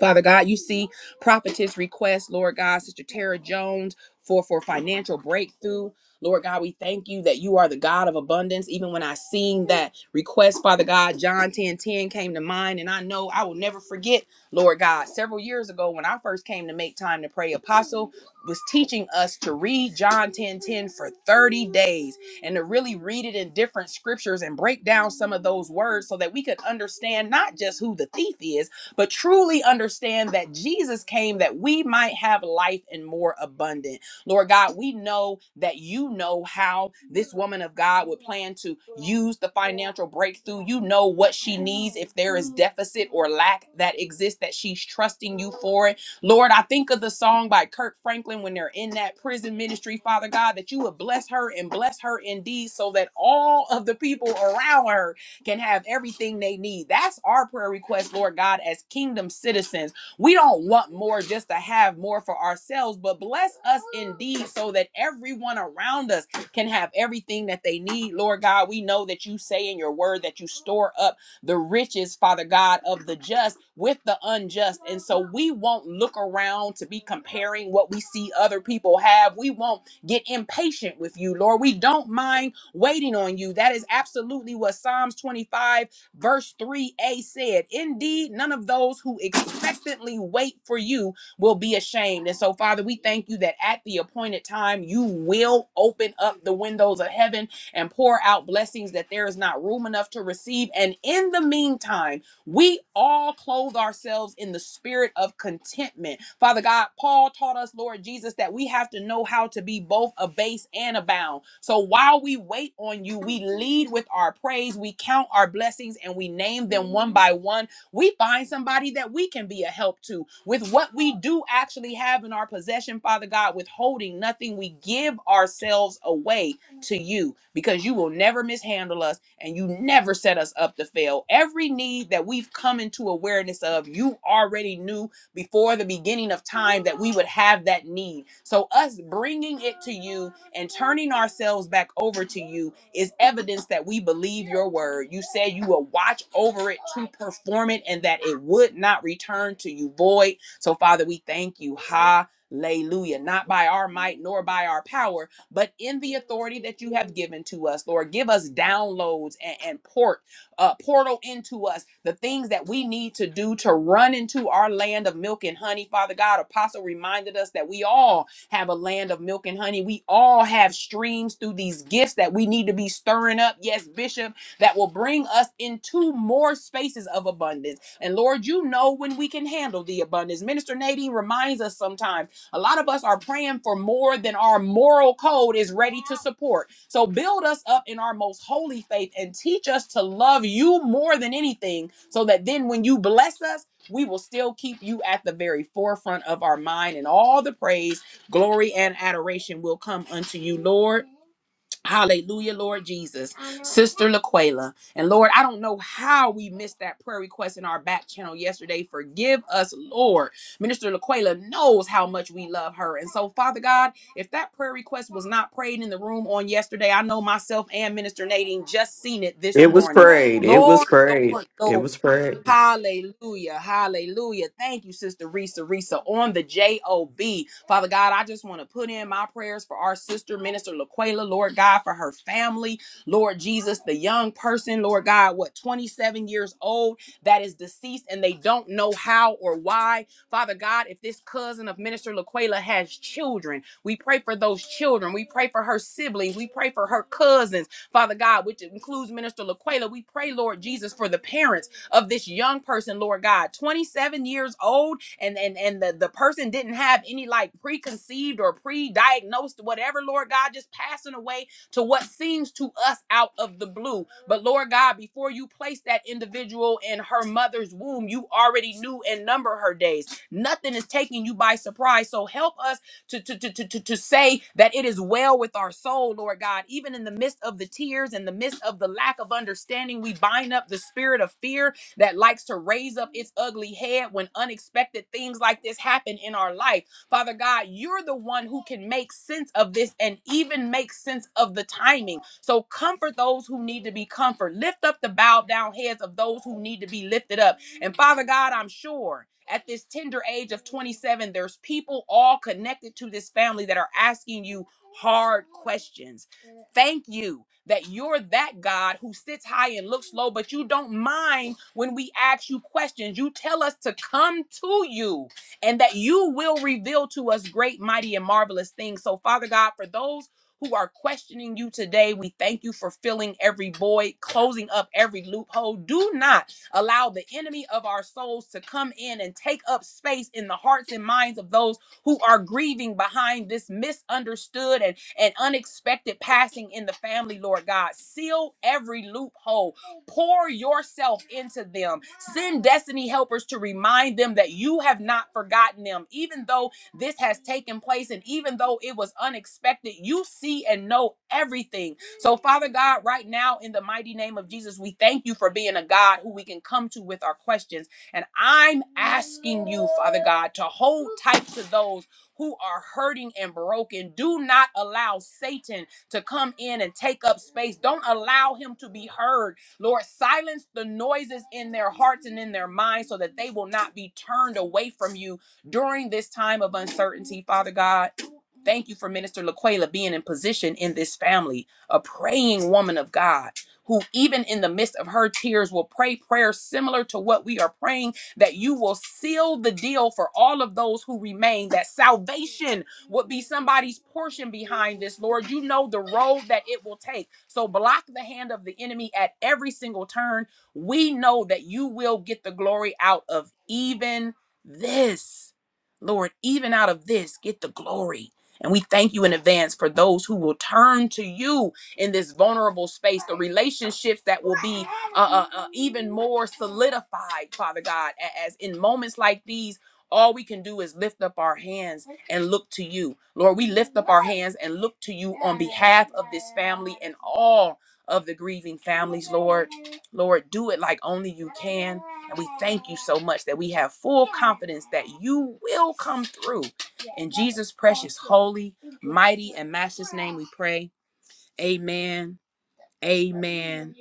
Speaker 1: Father God, you see prophetess request, Lord God, Sister Tara Jones for for financial breakthrough. Lord God, we thank you that you are the God of abundance. Even when I seen that request, Father God, John 10 10 came to mind. And I know I will never forget, Lord God, several years ago when I first came to make time to pray, Apostle was teaching us to read John 10 10 for 30 days and to really read it in different scriptures and break down some of those words so that we could understand not just who the thief is, but truly understand that Jesus came that we might have life and more abundant. Lord God, we know that you know how this woman of God would plan to use the financial breakthrough. You know what she needs if there is deficit or lack that exists that she's trusting you for it. Lord, I think of the song by Kirk Franklin when they're in that prison ministry, Father God, that you would bless her and bless her indeed so that all of the people around her can have everything they need. That's our prayer request, Lord God, as kingdom citizens. We don't want more just to have more for ourselves, but bless us indeed so that everyone around us can have everything that they need. Lord God, we know that you say in your word that you store up the riches, Father God, of the just with the unjust. And so we won't look around to be comparing what we see other people have. We won't get impatient with you, Lord. We don't mind waiting on you. That is absolutely what Psalms 25, verse 3a said. Indeed, none of those who expectantly wait for you will be ashamed. And so, Father, we thank you that at the appointed time, you will open up the windows of heaven and pour out blessings that there is not room enough to receive. And in the meantime, we all clothe ourselves in the spirit of contentment. Father God, Paul taught us, Lord Jesus, that we have to know how to be both abased and abound. So while we wait on you, we lead with our praise, we count our blessings, and we name them one by one. We find somebody that we can be a help to with what we do actually have in our possession, Father God, withholding nothing. We give ourselves away to you because you will never mishandle us and you never set us up to fail. Every need that we've come into awareness of, you already knew before the beginning of time that we would have that need. So, us bringing it to you and turning ourselves back over to you is evidence that we believe your word. You said you will watch over it to perform it and that it would not return to you void. So, Father, we thank you. Hallelujah. Not by our might nor by our power but in the authority that you have given to us, Lord, give us downloads and, and port uh, portal into us the things that we need to do to run into our land of milk and honey. Father God, Apostle reminded us that we all have a land of milk and honey. We all have streams through these gifts that we need to be stirring up. Yes, Bishop, that will bring us into more spaces of abundance. And Lord, you know when we can handle the abundance. Minister Nadine reminds us sometimes a lot of us are praying for more than our moral code is ready to support. So build us up in our most holy faith and teach us to love you more than anything so that then when you bless us, we will still keep you at the very forefront of our mind and all the praise, glory, and adoration will come unto you, Lord. Hallelujah, Lord Jesus. Sister Laquela. And Lord, I don't know how we missed that prayer request in our back channel yesterday. Forgive us, Lord. Minister Laquela knows how much we love her. And so, Father God, if that prayer request was not prayed in the room on yesterday, I know myself and Minister Nadine just seen it this
Speaker 5: It was
Speaker 1: morning.
Speaker 5: prayed. It was
Speaker 1: Lord,
Speaker 5: prayed.
Speaker 1: Lord, Lord.
Speaker 5: It was prayed.
Speaker 1: Hallelujah. Hallelujah. Thank you, Sister Risa Risa on the JOB. Father God, I just want to put in my prayers for our sister, Minister Laquela, Lord God, for her family. Lord Jesus, the young person, Lord God, what, 27 years old that is deceased and they don't know how or why. Father God, if this cousin of Minister Laquela has children, we pray for those children. We pray for her siblings. We pray for her cousins, Father God, which includes Minister Laquela. We pray, Lord Jesus, for the parents of this young person, Lord God, 27 years old, and and and the, the person didn't have any like preconceived or pre-diagnosed whatever, Lord God, just passing away to what seems to us out of the blue. But Lord God, before you placed that individual in her mother's womb, you already knew and number her days. Nothing is taking you by surprise. So help us to, to, to, to, to, to say that it is well with our soul, Lord God. Even in the midst of the tears and the midst of the lack of understanding, we bind up the spirit of fear that likes to raise up its ugly head when unexpected things like this happen in our life. Father God, you're the one who can make sense of this and even make sense of the timing. So comfort those who need to be comforted. Lift up the bowed down heads of those who need to be lifted up. And Father God, I'm sure at this tender age of 27, there's people all connected to this family that are asking you hard questions Thank you that you're that God who sits high and looks low, but you don't mind when we ask you questions. You tell us to come to you and that you will reveal to us great, mighty, and marvelous things. So, Father God, for those who are questioning you today, we thank you for filling every void, closing up every loophole. Do not allow the enemy of our souls to come in and take up space in the hearts and minds of those who are grieving behind this misunderstood and, and unexpected passing in the family, Lord God. Seal every loophole. Pour yourself into them. Send destiny helpers to remind them that you have not forgotten them. Even though this has taken place and even though it was unexpected, you see and know everything. So, Father God, right now, in the mighty name of Jesus, we thank you for being a God who we can come to with our questions and I'm asking you, Father God, to hold tight to those who are hurting and broken. Do not allow Satan to come in and take up space. Don't allow him to be heard. Lord, silence the noises in their hearts and in their minds so that they will not be turned away from you during this time of uncertainty, Father God. Thank you for Minister Laquela being in position in this family, a praying woman of God who, even in the midst of her tears, will pray prayers similar to what we are praying, that you will seal the deal for all of those who remain, that salvation would be somebody's portion behind this, Lord. You know the road that it will take. So block the hand of the enemy at every single turn. We know that you will get the glory out of even this. Lord, even out of this, get the glory. And we thank you in advance for those who will turn to you in this vulnerable space, the relationships that will be uh, uh, uh, even more solidified, Father God, a- as in moments like these. All we can do is lift up our hands and look to you. Lord, we lift up our hands and look to you on behalf of this family and all of the grieving families, Lord. Lord, do it like only you can. And we thank you so much that we have full confidence that you will come through. In Jesus' precious, holy, mighty, and matchless name, we pray. Amen. Amen.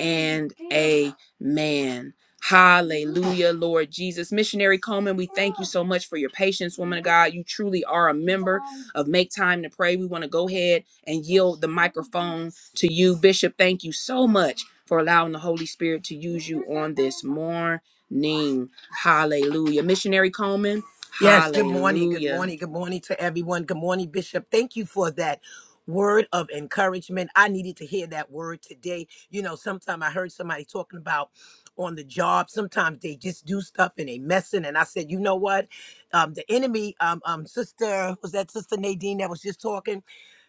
Speaker 1: And amen. Hallelujah, Lord Jesus. Missionary Coleman, we thank you so much for your patience, woman of God. You truly are a member of Make Time to Pray. We want to go ahead and yield the microphone to you. Bishop, thank you so much for allowing the Holy Spirit to use you on this morning. Hallelujah. Missionary Coleman,
Speaker 10: Yes, good morning. Good
Speaker 1: hallelujah.
Speaker 10: morning. Good morning to everyone. Good morning, Bishop. Thank you for that word of encouragement. I needed to hear that word today. You know, sometime I heard somebody talking about on the job, sometimes they just do stuff and they messing. And I said, you know what? Um, the enemy, um, um, sister, was that sister Nadine that was just talking?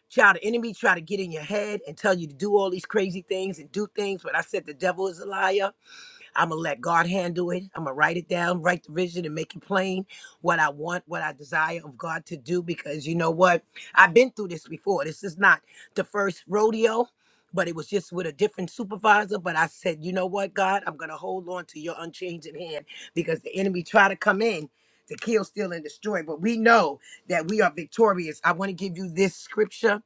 Speaker 10: Child, the enemy try to get in your head and tell you to do all these crazy things and do things. But I said the devil is a liar I'm gonna let God handle it. I'm gonna write it down, write the vision, and make it plain what I want, what I desire of God to do. Because you know what? I've been through this before. This is not the first rodeo, but it was just with a different supervisor. But I said, you know what, God, I'm gonna hold on to your unchanging hand because the enemy try to come in to kill, steal, and destroy. But we know that we are victorious. I want to give you this scripture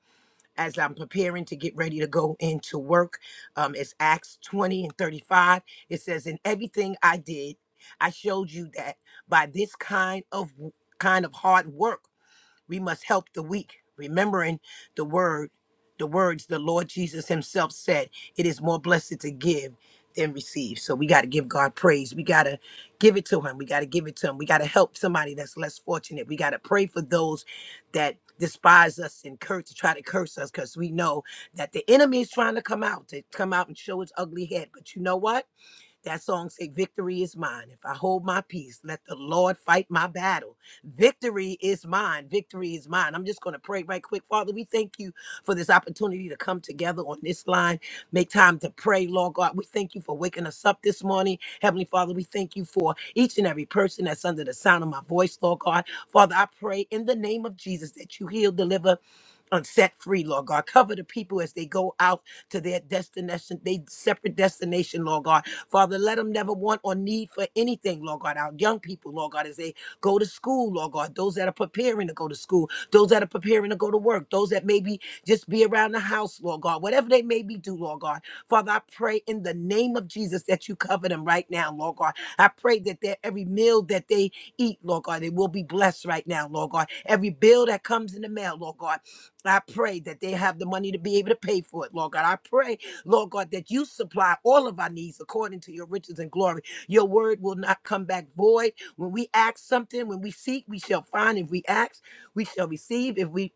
Speaker 10: as I'm preparing to get ready to go into work. Um, it's Acts 20 and 35. It says, In everything I did, I showed you that by this kind of kind of hard work we must help the weak, remembering the word, the words the Lord Jesus himself said, it is more blessed to give than receive. So we got to give God praise. We got to give it to him. We got to give it to him. We got to help somebody that's less fortunate. We got to pray for those that despise us and curse to try to curse us because we know that the enemy is trying to come out to come out and show his ugly head. But you know what? That song say, "Victory is mine. If I hold my peace, let the Lord fight my battle. Victory is mine. Victory is mine." I'm just going to pray right quick, Father. We thank you for this opportunity to come together on this line, make time to pray, Lord God. We thank you for waking us up this morning, Heavenly Father. We thank you for each and every person that's under the sound of my voice, Lord God. Father, I pray in the name of Jesus that you heal, deliver, and set free, Lord God. Cover the people as they go out to their destination, they separate destination, Lord God. Father, let them never want or need for anything, Lord God. Our young people, Lord God, as they go to school, Lord God, those that are preparing to go to school, those that are preparing to go to work, those that maybe just be around the house, Lord God, whatever they may be do, Lord God. Father, I pray in the name of Jesus that you cover them right now, Lord God. I pray that their every meal that they eat, Lord God, they will be blessed right now, Lord God. Every bill that comes in the mail, Lord God, I pray that they have the money to be able to pay for it, Lord God. I pray, Lord God, that you supply all of our needs according to your riches and glory. Your word will not come back void. When we ask something, when we seek, we shall find. If we ask, we shall receive. If we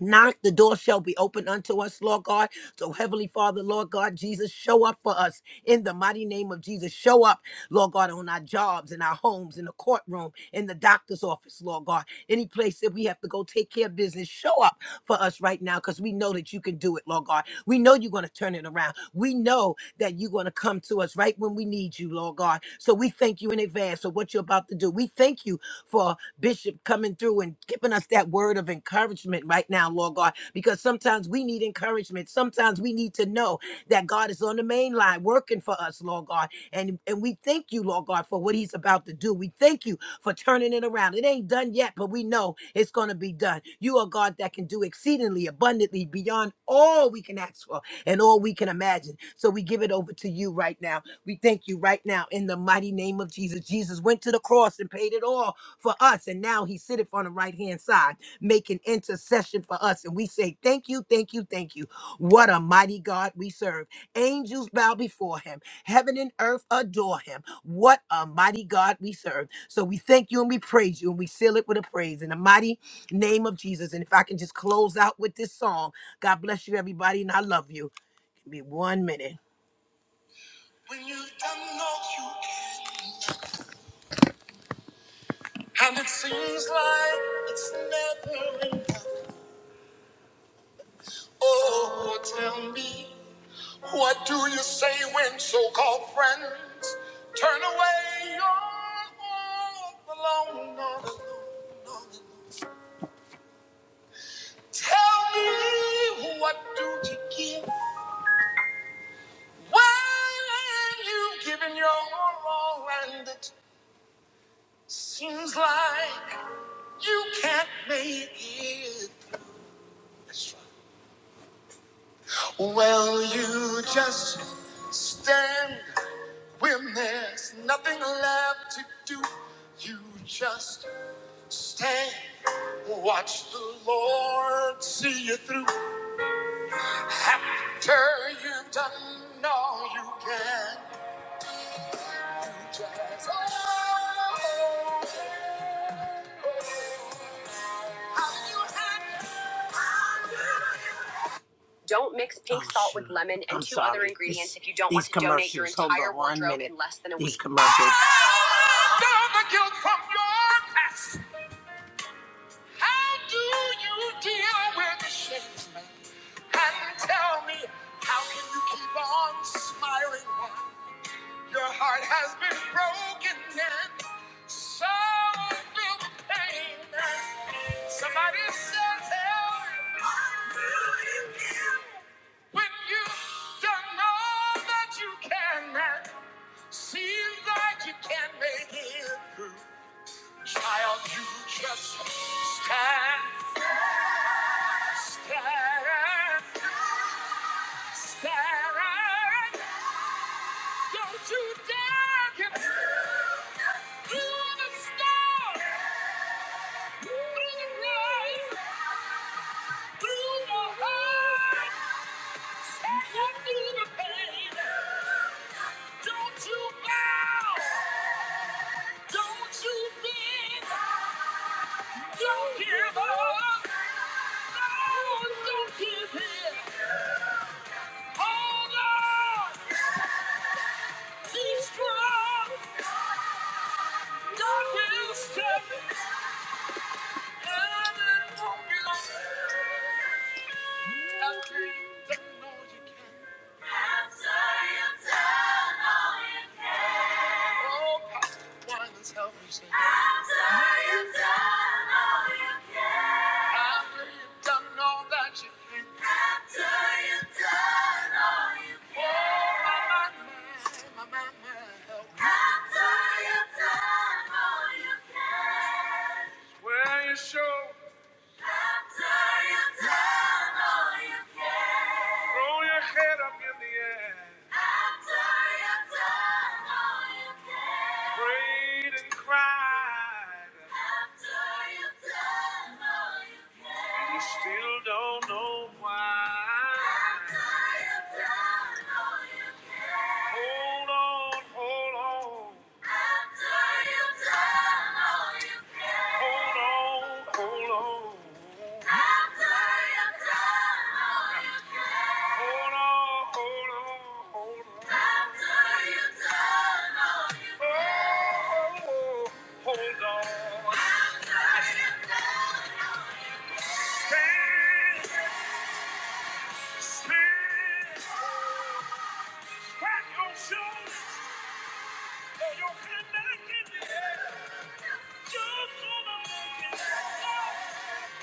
Speaker 10: Knock, the door shall be open unto us, Lord God. So, Heavenly Father, Lord God, Jesus, show up for us in the mighty name of Jesus. Show up, Lord God, on our jobs, in our homes, in the courtroom, in the doctor's office, Lord God. Any place that we have to go take care of business, show up for us right now because we know that you can do it, Lord God. We know you're going to turn it around. We know that you're going to come to us right when we need you, Lord God. So, we thank you in advance for what you're about to do. We thank you for. Bishop coming through and giving us that word of encouragement right now, Lord God, because sometimes we need encouragement. Sometimes we need to know that God is on the main line working for us, Lord God. And, and we thank you, Lord God, for what he's about to do. We thank you for turning it around. It ain't done yet, but we know it's going to be done. You are God that can do exceedingly abundantly beyond all we can ask for and all we can imagine. So we give it over to you right now. We thank you right now in the mighty name of Jesus. Jesus went to the cross and paid it all for us. And now he sitteth on the right hand side, making intercession for us. And we say, Thank you, thank you, thank you. What a mighty God we serve. Angels bow before him, heaven and earth adore him. What a mighty God we serve. So we thank you and we praise you and we seal it with a praise in the mighty name of Jesus. And if I can just close out with this song, God bless you, everybody, and I love you. Give me one minute. When you don't know you can, and it seems like it's never enough. Oh, tell me, what do you say when so-called friends turn away You're all alone, all alone, all alone? Tell me, what do you give when you've given your all and it seems like you can't make it? That's right. Well, you just stand when there's nothing left to do. You just stand, watch the Lord see you through. After you've done all you can, you just. Don't mix pink Oh, salt shoot. with lemon and I'm two sorry. other ingredients These- if you don't want to donate your entire on wardrobe minute. in less than a These week. commercials. Down the guilt from your past. How do you deal with the shame? And tell me, how can you keep on smiling? Your heart has been broken and so will the pain. Somebody says, Help. What will you do when you've done all that you can and seems like you can't make it through? Child, you just stand, stand, stand. Don't you dare get through the storm, through the rain, through the hurt, and through the pain. Don't you bow, don't you bend, don't give up. No, don't give in. Hold on, be strong. God will step in and it won't be long. Where you show After you've done all you can. Throw your head up in the air. After you've done all you can. Prayed and cried. After you've done all you can. you still don't know why. After you've done all you can. Hold on, hold on. Clap your shoes, throw your hand back in the air. You're gonna make it.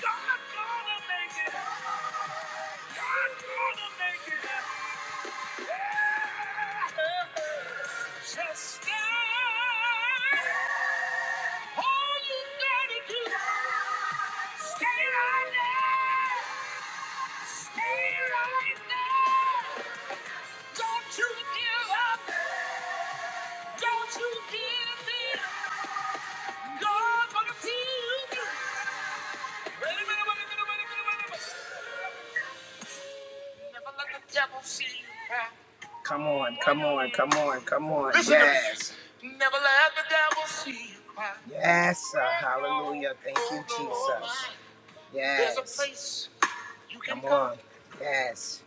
Speaker 10: God gonna make it. God gonna make it. Yeah. Just stand. All you gotta do, stay right there. Stay right there. Don't you give up. Don't you give in. God's gonna see you. Wait a minute, wait a minute, wait a minute, wait a minute. Come on, come on, come on, come on. Listen to me. yes. Never let the devil see you cry. Yes, sir. Hallelujah. Thank you, Jesus. Yes. There's a place you can come on. go. Yes.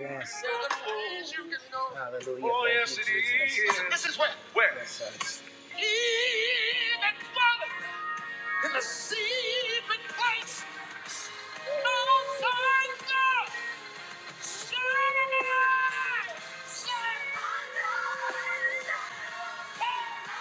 Speaker 10: Yes. Hallelujah. Oh, Thank yes, you, it Jesus. is. This is where. Yes, sir. In the secret place, outside the shadow of the night, Yeah.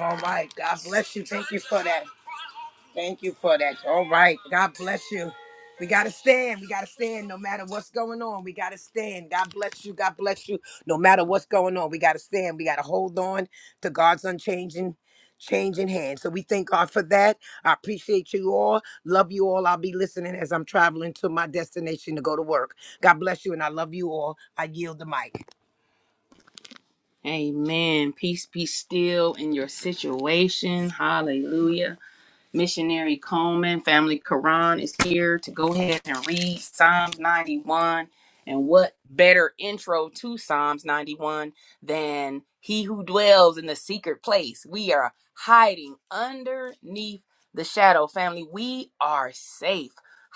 Speaker 10: All right, God bless you. Thank you for that. Thank you for that. All right. God bless you. We got to stand. We got to stand no matter what's going on. We got to stand. God bless you. God bless you. No matter what's going on, we got to stand. We got to hold on to God's unchanging changing hand. So we thank God for that. I appreciate you all. Love you all. I'll be listening as I'm traveling to my destination to go to work. God bless you and I love you all. I yield the mic.
Speaker 1: Amen. Peace be still in your situation. Hallelujah. Missionary Coleman, Family Quran is here to go ahead and read Psalms 91. And what better intro to Psalms 91 than He who dwells in the secret place? We are hiding underneath the shadow, family. We are safe.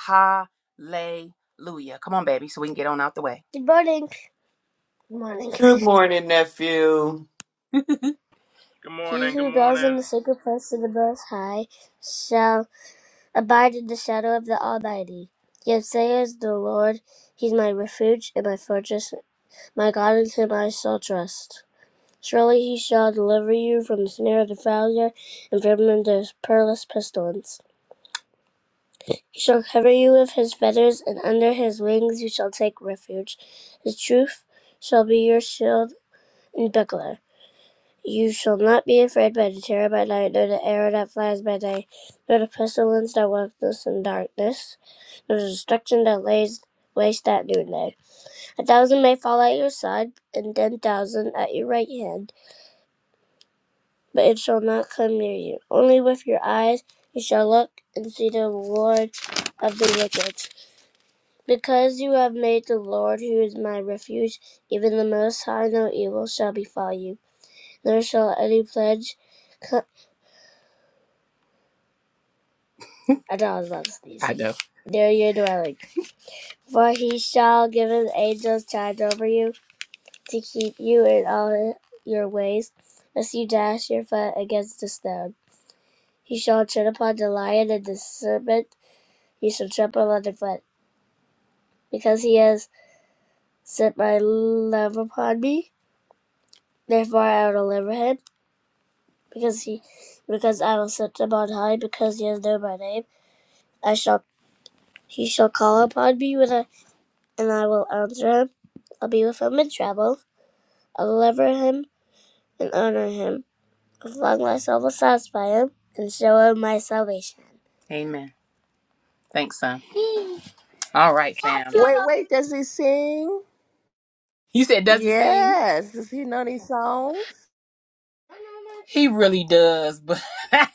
Speaker 1: Hallelujah. Come on, baby, so we can get on out the way. Good morning. Good morning.
Speaker 5: Good morning, nephew.
Speaker 11: Good
Speaker 1: He
Speaker 11: morning.
Speaker 1: who
Speaker 11: Good
Speaker 1: dwells
Speaker 11: morning.
Speaker 1: in the secret place of the Most High shall abide in the shadow of the Almighty. Yet says the Lord, He is my refuge and my fortress, my God in whom I shall trust. Surely he shall deliver you from the snare of the fowler and from the perilous pestilence. He shall cover you with his feathers, and under his wings you shall take refuge. His truth shall be your shield and buckler. You shall not be afraid by the terror by night, nor the arrow that flies by day, nor the pestilence that walks in darkness, nor the destruction that lays waste at noonday. A thousand may fall at your side, and ten thousand at your right hand, but it shall not come near you. Only with your eyes you shall look and see the reward of the wicked. Because you have made the Lord, who is my refuge, even the Most High, no evil shall befall you, nor shall any pledge come I thought I was about to sneeze. I know. Near your dwelling. For he shall give his angels charge over you to keep you in all your ways, lest you dash your foot against a stone. He shall tread upon the lion and the serpent, he shall trample underfoot. Because he has set my love upon me, therefore I will deliver him. Because he, because I will set him on high, because he has known my name, I shall. He shall call upon me when I, and I will answer him. I'll be with him in trouble. I'll deliver him and honor him. As long as my soul will satisfy him and show him my salvation. Amen. Thanks, son. All right, fam.
Speaker 12: Wait, wait, does he sing?
Speaker 1: You said, does he sing?
Speaker 12: Yes. Does he know these songs?
Speaker 1: He really does, but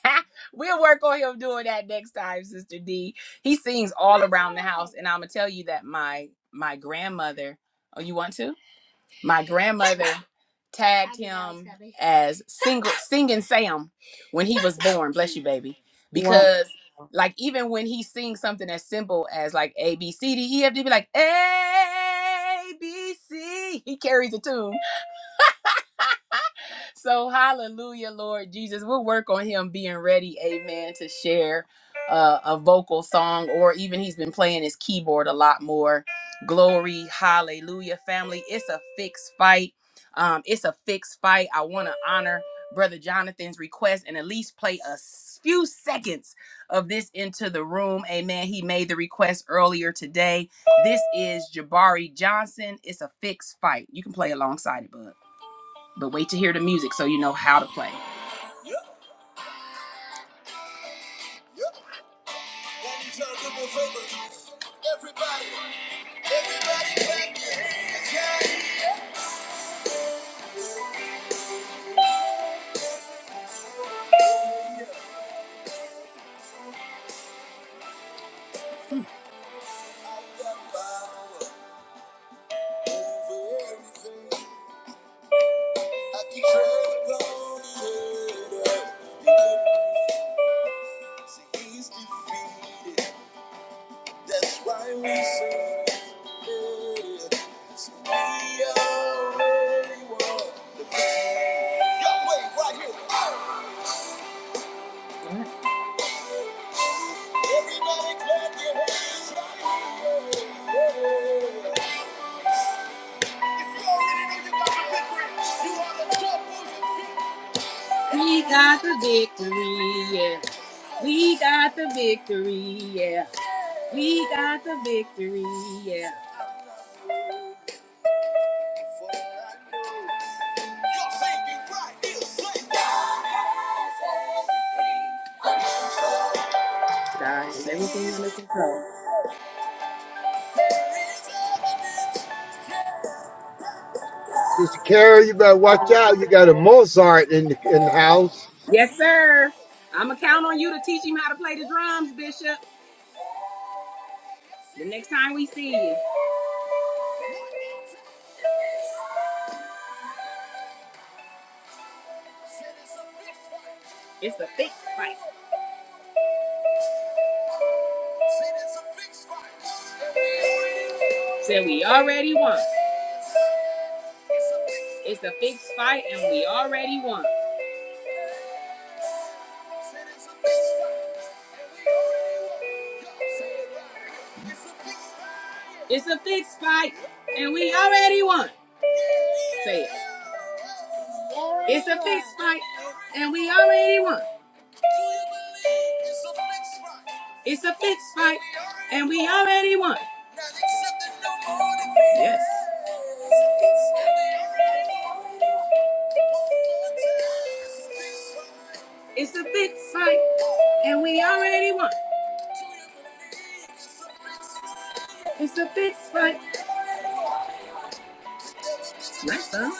Speaker 1: we'll work on him doing that next time, Sister D. He sings all around the house, and I'm gonna tell you that my my grandmother. Oh, you want to? my grandmother tagged him as single singing Sam when he was born. Bless you, baby.
Speaker 12: What?
Speaker 1: Because like even when he sings something as simple as like A B C D E F D, be like A B C, he carries a tune so hallelujah, Lord Jesus. We'll work on him being ready, amen, to share uh, a vocal song or even he's been playing his keyboard a lot more. Glory, hallelujah, family. It's a fixed fight. Um, it's a fixed fight. I want to honor Brother Jonathan's request and at least play a s- few seconds of this into the room. Amen. He made the request earlier today. This is Jabari Johnson. It's a fixed fight. You can play alongside it, bud. But wait to hear the music so you know how to play. He's defeated. That's why we sing. Yeah. So We already won the victory. Y'all wait right here. Oh! Everybody clap your hands right here. Yeah. If you already know you got the victory, you ought to jump on your feet. We got the victory, yeah. We got the victory, yeah. We got the victory, yeah. For I know God and everything under control.
Speaker 9: Sister Carol, you better watch out. You got a Mozart in the, in the house.
Speaker 1: Yes, sir. I'm gonna count on you to teach him how to play the drums, Bishop. The next time we see you, it's a fixed fight. Said we already won. It's a fixed fight, and we already won. It's a fixed fight, and we already won. Say it. It's a fixed fight, and we already won. It's a fixed fight, and we already won. Yes. It's a fixed fight, and we already won. It's a fixed fight. Nice, all.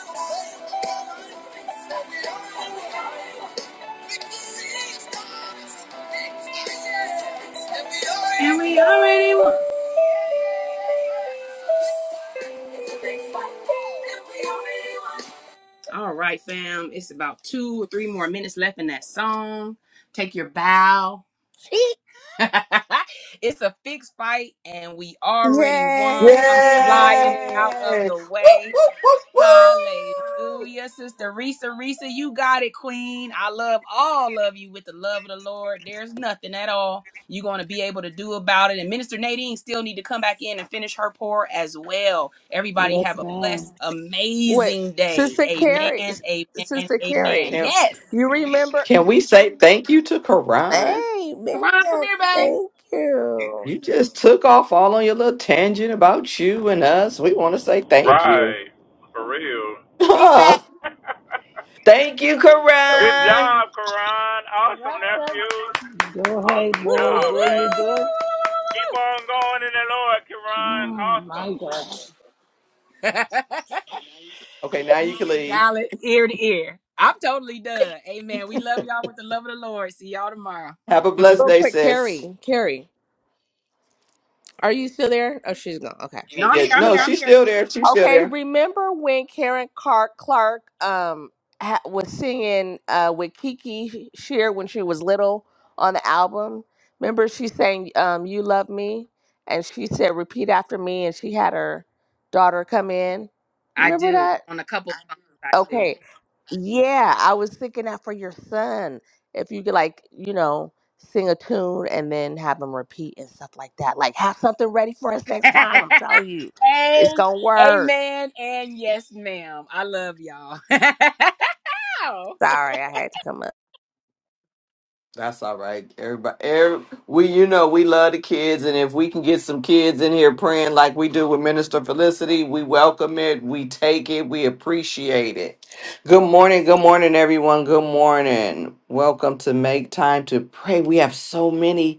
Speaker 1: And we already won. All right, fam. It's about two or three more minutes left in that song. Take your bow. it's a fixed fight, and we already won. I'm sliding out
Speaker 12: Yay!
Speaker 1: of
Speaker 5: Yay!
Speaker 1: the
Speaker 5: Woo,
Speaker 1: way.
Speaker 5: woo, woo, woo!
Speaker 1: Hallelujah. Sister Risa, Risa, you got it, Queen. I love all of you with the love of the Lord. There's nothing at all you're going to be able to do about it. And Minister Nadine still need to come back in and finish her pour as well. Everybody
Speaker 3: Yes,
Speaker 1: have a
Speaker 3: ma'am.
Speaker 1: blessed,
Speaker 12: Wait,
Speaker 1: amazing day.
Speaker 12: Sister
Speaker 1: Amen.
Speaker 12: Carrie,
Speaker 1: Amen.
Speaker 12: Sister
Speaker 1: Amen.
Speaker 12: Carrie,
Speaker 5: Can
Speaker 1: Yes.
Speaker 12: you remember?
Speaker 5: can we say thank you to Karan?
Speaker 12: Hey, man,
Speaker 1: Karan, come here, babe.
Speaker 12: thank you.
Speaker 5: You just took off all on your little tangent about you and us. We want to say thank you.
Speaker 11: Right. For real.
Speaker 1: He's back.
Speaker 5: Thank you,
Speaker 11: Good
Speaker 5: Karan.
Speaker 11: job, Karan.
Speaker 1: You're
Speaker 11: Awesome,
Speaker 1: welcome.
Speaker 11: nephew.
Speaker 3: Go ahead,
Speaker 11: Awesome
Speaker 1: Woo, woo, woo,
Speaker 3: boy.
Speaker 1: woo, woo, woo,
Speaker 11: job,
Speaker 3: Go you
Speaker 11: man.
Speaker 3: girl.
Speaker 1: woo, woo, woo.
Speaker 11: Keep on going in the Lord, Karan. Awesome.
Speaker 3: My God.
Speaker 1: woo.
Speaker 5: Okay, now you
Speaker 1: He's
Speaker 5: can leave.
Speaker 1: valid ear to ear. I'm totally done. Amen. We love y'all with the love of the Lord. See y'all tomorrow.
Speaker 5: Have a
Speaker 1: no,
Speaker 5: blessed
Speaker 12: Real
Speaker 5: day,
Speaker 12: quick,
Speaker 5: sis.
Speaker 12: Carrie, Carrie, are you still there? Oh, she's gone. Okay.
Speaker 1: I'm
Speaker 5: Yeah,
Speaker 1: here. I'm
Speaker 12: It's okay.
Speaker 5: no,
Speaker 1: here. I'm
Speaker 5: she's
Speaker 1: here. Sir.
Speaker 5: still there. She's still
Speaker 12: Okay,
Speaker 5: there.
Speaker 12: remember when Karen Clark Clark um ha- was singing uh with Kiki Shear when she was little on the album? Remember she sang um "You Love Me" and she said "Repeat after me" and she had her daughter come in.
Speaker 1: I
Speaker 12: Remember
Speaker 1: do.
Speaker 12: that?
Speaker 1: On a couple of phones,
Speaker 12: Okay, yeah, I was thinking that for your son, if you could like you know sing a tune and then have him repeat and stuff like that. Like have something ready for us next
Speaker 1: I
Speaker 12: time. I'm
Speaker 1: do.
Speaker 12: telling you, it's
Speaker 1: hey,
Speaker 12: gonna work.
Speaker 1: amen. And yes, ma'am. I love y'all. Wow.
Speaker 12: Sorry, I had to come up.
Speaker 5: That's all right. Everybody, every, we, you know, we love the kids, and if we can get some kids in here praying like we do with Minister Felicity, we welcome it. We take it. We appreciate it. Good morning. Good morning, everyone. Good morning. Welcome to Make Time to Pray. We have so many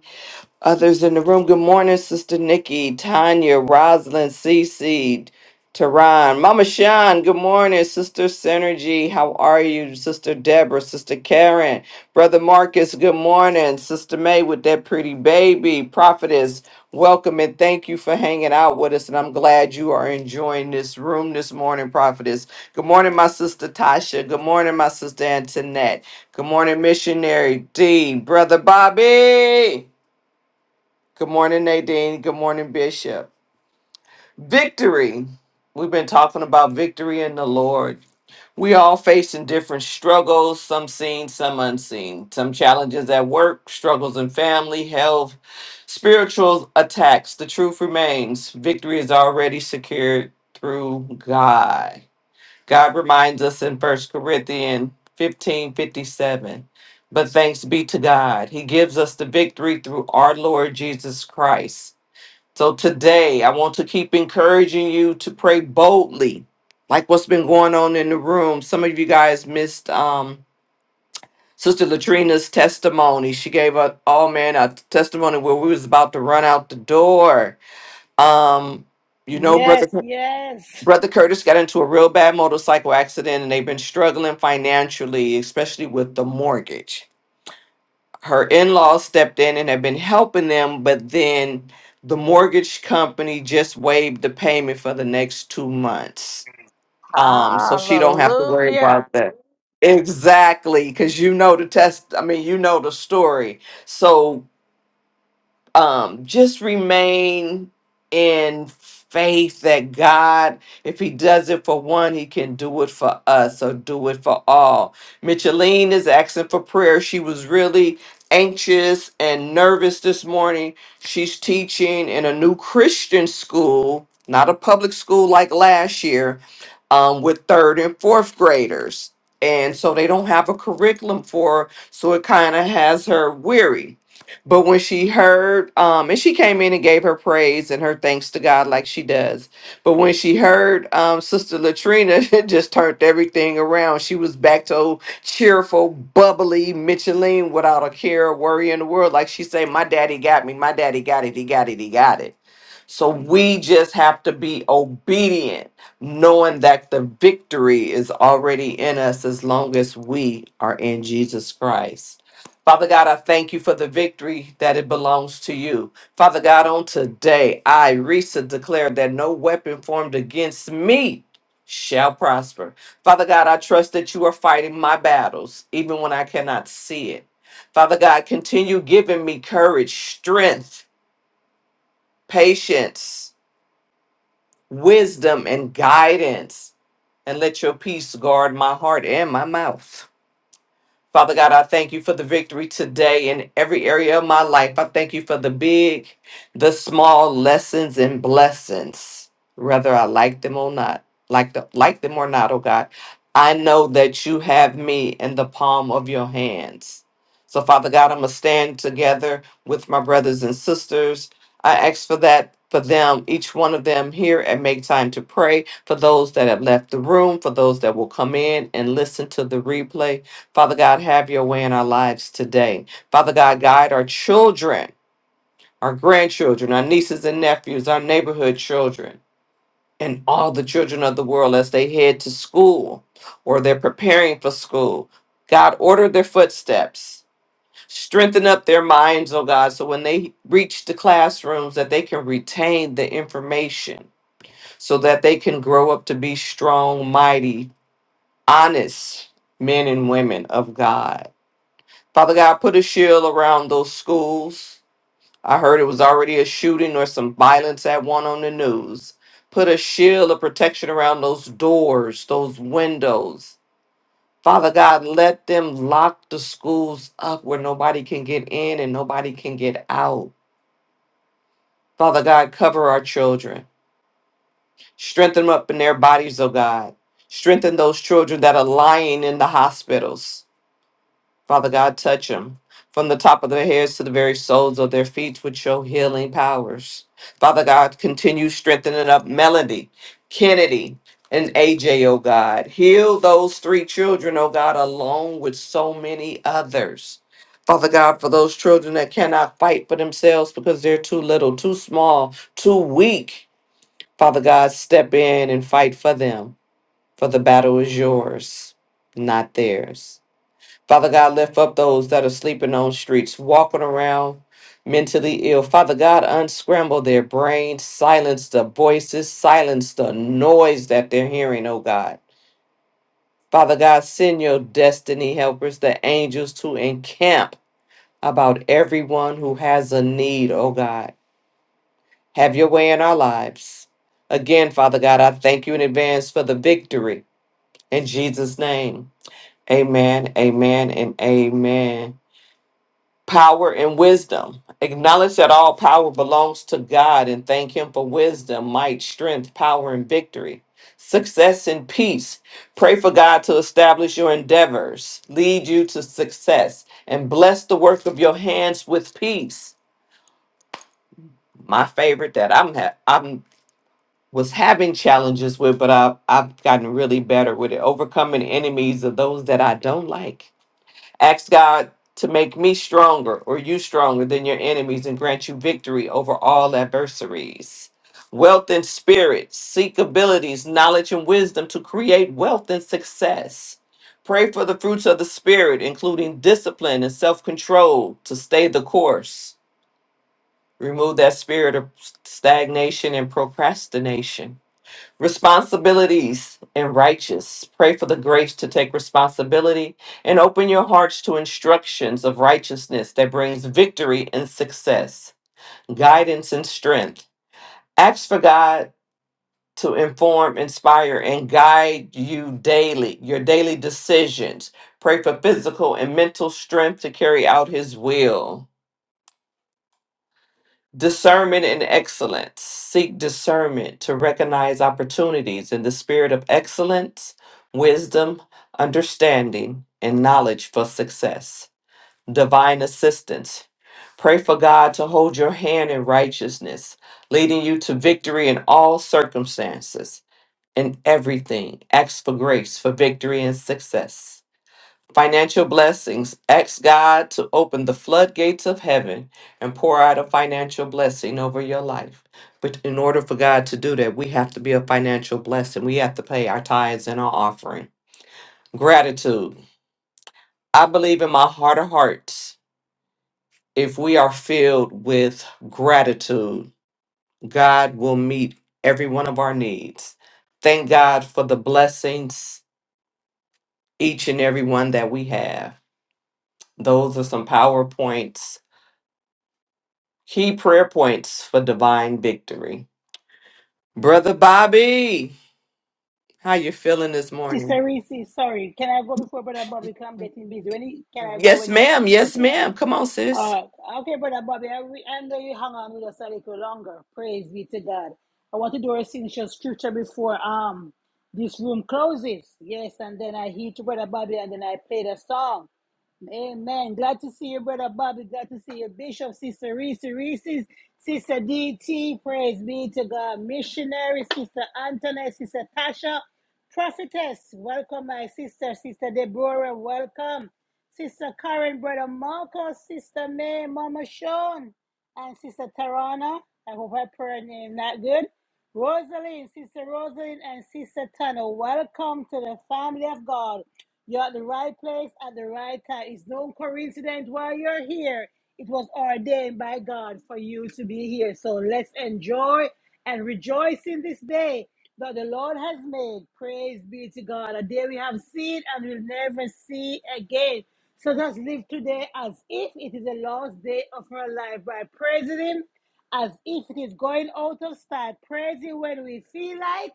Speaker 5: Others in the room, good morning, Sister Nikki, Tanya, Rosalind, Cece, Tehran, Mama Sean, good morning, Sister Synergy, how are you, Sister Deborah, Sister Karen, Brother Marcus, good morning, Sister May with that pretty baby, Prophetess, welcome and thank you for hanging out with us, and I'm glad you are enjoying this room this morning, Prophetess. Good morning, my sister Tasha, good morning, my sister Antoinette, good morning, Missionary D, Brother Bobby. Good morning, Nadine. Good morning, Bishop. Victory. We've been talking about victory in the Lord. We all facing different struggles, some seen, some unseen. Some challenges at work, struggles in family, health, spiritual attacks. The truth remains victory is already secured through God. God reminds us in First Corinthians 15 57. But thanks be to God, He gives us the victory through our Lord Jesus Christ. So today, I want to keep encouraging you to pray boldly, like what's been going on in the room. Some of you guys missed um, Sister Latrina's testimony. She gave us, oh man, a testimony where we was about to run out the door. Um, you know, brother
Speaker 3: Yes, yes.
Speaker 5: brother Curtis got into a real bad motorcycle accident, and they've been struggling financially, especially with the mortgage her in-laws stepped in and have been helping them but then the mortgage company just waived the payment for the next two months um so she don't have to worry
Speaker 12: Hallelujah.
Speaker 5: about that exactly because you know the test i mean you know the story so um just remain in faith that god if he does it for one he can do it for us or do it for all micheline is asking for with and thing around. She was back to old cheerful, bubbly Micheline without a care or worry in the world. Like she said, my daddy got me. My daddy got it. He got it. He got it. So we just have to be obedient, knowing that the victory is already in us as long as we are in Jesus Christ. Father God, I thank you for the victory that it belongs to you. Father God, on today, I, Risa, declare that no weapon formed against me shall prosper. Father God, I trust that you are fighting my battles, even when I cannot see it. Father God, continue giving me courage, strength, patience wisdom and guidance, and let your peace guard my heart and my mouth. Father God, I thank you for the victory today in every area of my life. I thank you for the big, the small lessons and blessings, whether I like them or not, like the, like them or not, oh God. I know that you have me in the palm of your hands. So, Father God, I'm going to stand together with my brothers and sisters. I ask for that for them, each one of them here and Make Time to Pray, for those that have left the room, for those that will come in and listen to the replay. Father God, have your way in our lives today. Father God, guide our children, our grandchildren, our nieces and nephews, our neighborhood children, and all the children of the world as they head to school or they're preparing for school. God, order their footsteps. Strengthen up their minds, oh God, so when they reach the classrooms that they can retain the information so that they can grow up to be strong, mighty, honest men and women of God. Father God, put a shield around those schools. I heard it was already a shooting or some violence at one on the news. Put a shield of protection around those doors, those windows. Father God, let them lock the schools up where nobody can get in and nobody can get out. Father God, cover our children. Strengthen them up in their bodies, oh God. Strengthen those children that are lying in the hospitals. Father God, touch them from the top of their heads to the very soles of their feet with your healing powers. Father God, continue strengthening up Melody, Kennedy, and AJ, oh God. Heal those three children, oh God, along with so many others. Father God, for those children that cannot fight for themselves because they're too little, too small, too weak, Father God, step in and fight for them, for the battle is yours, not theirs. Father God, lift up those that are sleeping on streets, walking around mentally ill. Father God, unscramble their brains, silence the voices, silence the noise that they're hearing, oh God. Father God, send your destiny helpers, the angels, to encamp about everyone who has a need, oh God. Have your way in our lives. Again, Father God, I thank you in advance for the victory. In Jesus' name, amen, amen, and amen. power and wisdom. Acknowledge that all power belongs to God and thank Him for wisdom, might, strength, power, and victory. Success and peace. Pray for God to establish your endeavors, lead you to success, and bless the work of your hands with peace. My favorite that I'm ha- I'm was having challenges with, but I've I've gotten really better with it. Overcoming enemies of those that I don't like Ask God to make me stronger or you stronger than your enemies and grant you victory over all adversaries. Wealth and spirit, seek abilities, knowledge, and wisdom to create wealth and success. Pray for the fruits of the spirit, including discipline and self control, physical and mental strength to carry out his will Praise for victory and success. financial blessings. Ask God to open the floodgates of heaven and pour out a financial blessing over your life. But in order for God to do that, we have to be a financial blessing. We have to pay our tithes and our offering. Gratitude. I believe in my heart of hearts, if we are filled with gratitude, God will meet every one of our needs. Thank God for the blessings, each and every one that we have. Those are some PowerPoints Key prayer points for divine victory. Brother Bobby, how you feeling this morning?
Speaker 3: Sister Reese, sorry. Can I go before Brother Bobby? Because I'm getting busy. When he, can I go
Speaker 5: Yes,
Speaker 3: when he's
Speaker 5: ma'am.
Speaker 3: finished?
Speaker 5: Yes,
Speaker 3: Okay.
Speaker 5: ma'am. Come on, sis.
Speaker 3: Uh, okay, Brother Bobby, I, re- I know you hung on with us a little longer. Praise be to God. I want to do a signature scripture before um this room closes. Yes, and then I heed to Brother Bobby and then I play the song. Amen. Glad to see you, Brother Bobby. Glad to see you, Bishop, Sister Reese, Reese's, Sister DT. Praise be to God. Missionary, Sister Antoinette, Sister Tasha, Prophetess. Welcome, my sister, Sister Deborah. Welcome, Sister Karen, Brother Marcos, Sister May, Mama Sean, and Sister Tarana. I hope I prayer name not good. Rosalind, Sister Rosalind, and Sister Tano. Welcome to the family of God. You're at the right place at the right time. It's no coincidence why you're here. It was ordained by God for you to be here. So let's enjoy and rejoice in this day that the Lord has made. Praise be to God. A day we have seen and will never see again. So let's live today as if it is the last day of our life by praising Him, as if it is going out of style. Praise Him when we feel like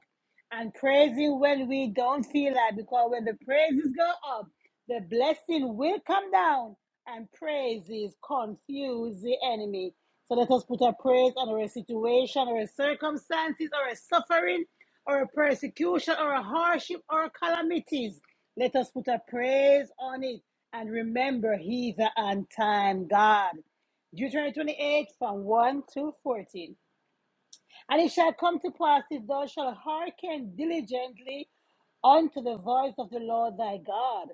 Speaker 3: and praising when we don't feel that, because when the praises go up, the blessing will come down and praises confuse the enemy. So let us put a praise on our situation our circumstances our suffering our persecution our hardship our calamities. Let us put a praise on it and remember he's an on time God. Deuteronomy 28 from 1 to 14. And it shall come to pass if thou shalt hearken diligently unto the voice of the Lord thy God,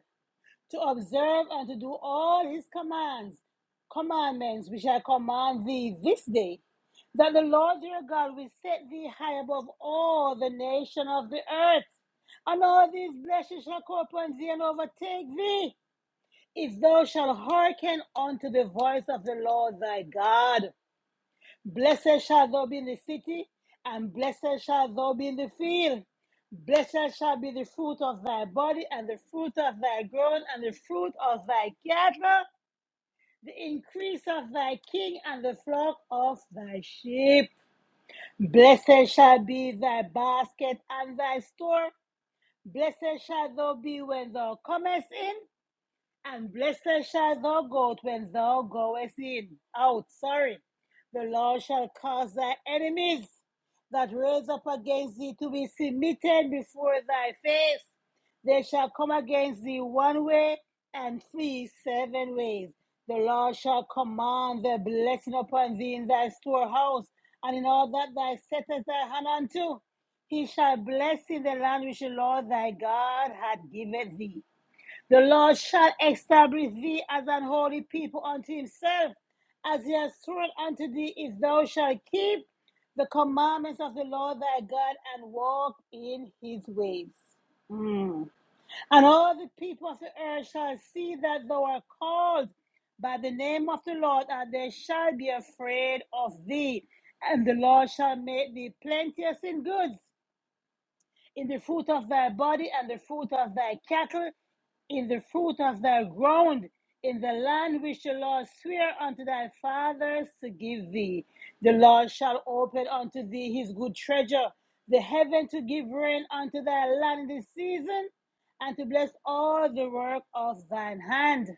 Speaker 3: to observe and to do all his commands, commandments which I command thee this day, that the Lord your God will set thee high above all the nation of the earth, and all these blessings shall come upon thee and overtake thee, if thou shalt hearken unto the voice of the Lord thy God. Blessed shall thou be in the city, and blessed shall thou be in the field. Blessed shall be the fruit of thy body, and the fruit of thy ground, and the fruit of thy cattle, the increase of thy king, and the flock of thy sheep. Blessed shall be thy basket and thy store. Blessed shall thou be when thou comest in, and blessed shall thou go when thou goest in. Out, sorry. The Lord shall cause thy enemies that rose up against thee to be submitted before thy face. They shall come against thee one way and flee seven ways. The Lord shall command the blessing upon thee in thy storehouse and in all that thou settest thy hand unto. He shall bless in the land which the Lord thy God hath given thee. The Lord shall establish thee as an holy people unto himself, as he has sworn unto thee, if thou shalt keep the commandments of the Lord thy God and walk in his ways. Mm. And all the people of the earth shall see that thou art called by the name of the Lord, and they shall be afraid of thee. And the Lord shall make thee plenteous in goods in the fruit of thy body and the fruit of thy cattle, in the fruit of thy ground, in the land which the Lord swear unto thy fathers to give thee. The Lord shall open unto thee his good treasure, the heaven to give rain unto thy land in this season, and to bless all the work of thine hand.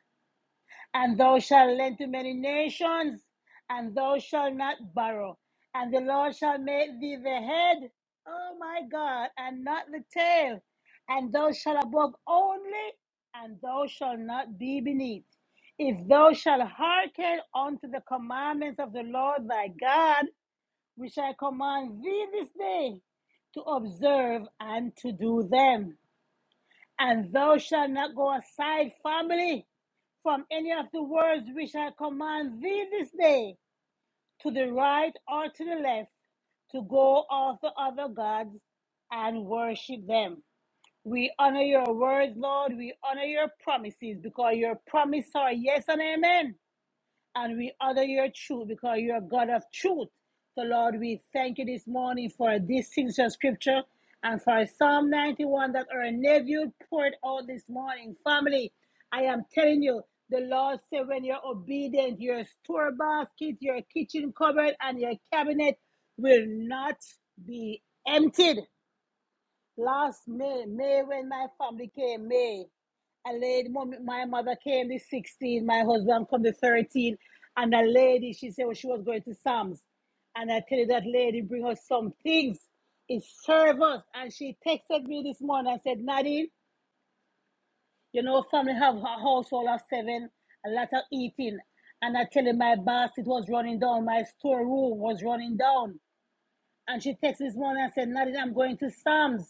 Speaker 3: And thou shalt lend to many nations, and thou shalt not borrow. And the Lord shall make thee the head, oh my God, and not the tail. And thou shalt above only, and thou shalt not be beneath. If thou shalt hearken unto the commandments of the Lord thy God, which I command thee this day, to observe and to do them. And thou shalt not go aside, family, from any of the words which I command thee this day, to the right or to the left, to go after other gods and worship them. We honor your words, Lord. We honor your promises because your promises are yes and amen and we honor your truth because you're a God of truth. So, Lord, we thank you this morning for this signature scripture and for Psalm 91 that our nephew poured out this morning. Family, I am telling you, the Lord said when you're obedient, your store basket, your kitchen cupboard, and your cabinet will not be emptied. Last May, May when my family came, May, a lady, mom- my mother came the 16, my husband come the 13, and a lady, she said well, she was going to Sam's. And I tell you that lady bring us some things. It's service. And she texted me this morning and said, Nadine, you know, family have a household of seven, a lot of eating. And I tell you, my basket was running down, my storeroom was running down. And she texted this morning and said, Nadine, I'm going to Sam's.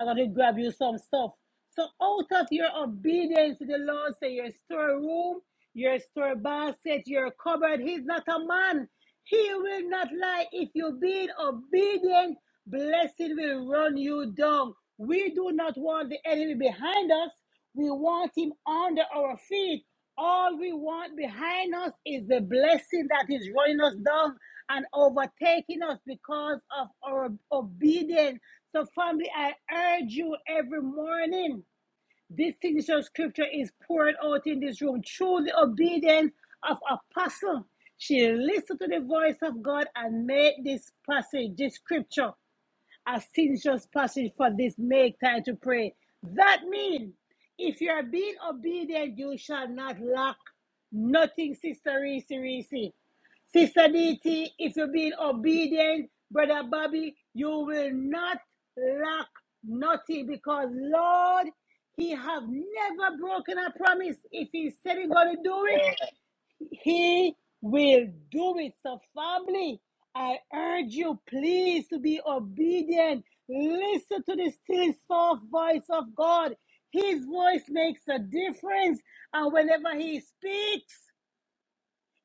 Speaker 3: I'm going to grab you some stuff. So out of your obedience to the Lord, say your storeroom, your store basket, your cupboard, he's not a man. He will not lie. If you be obedient, blessing will run you down. We do not want the enemy behind us. We want him under our feet. All we want behind us is the blessing that is running us down and overtaking us because of our obedience. So, family, I urge you every morning. This signature scripture is poured out in this room through the obedience of apostle. She listened to the voice of God and made this passage, this scripture, a sententious passage for this make time to pray. That means if you are being obedient, you shall not lack nothing, Sister Reese Reese. Sister DT, if you're being obedient, Brother Bobby, you will not lack nothing because Lord, He have never broken a promise. If He said He's going to do it, he will do it. So, family, I urge you, please, to be obedient. Listen to the still soft voice of God. His voice makes a difference. And whenever He speaks,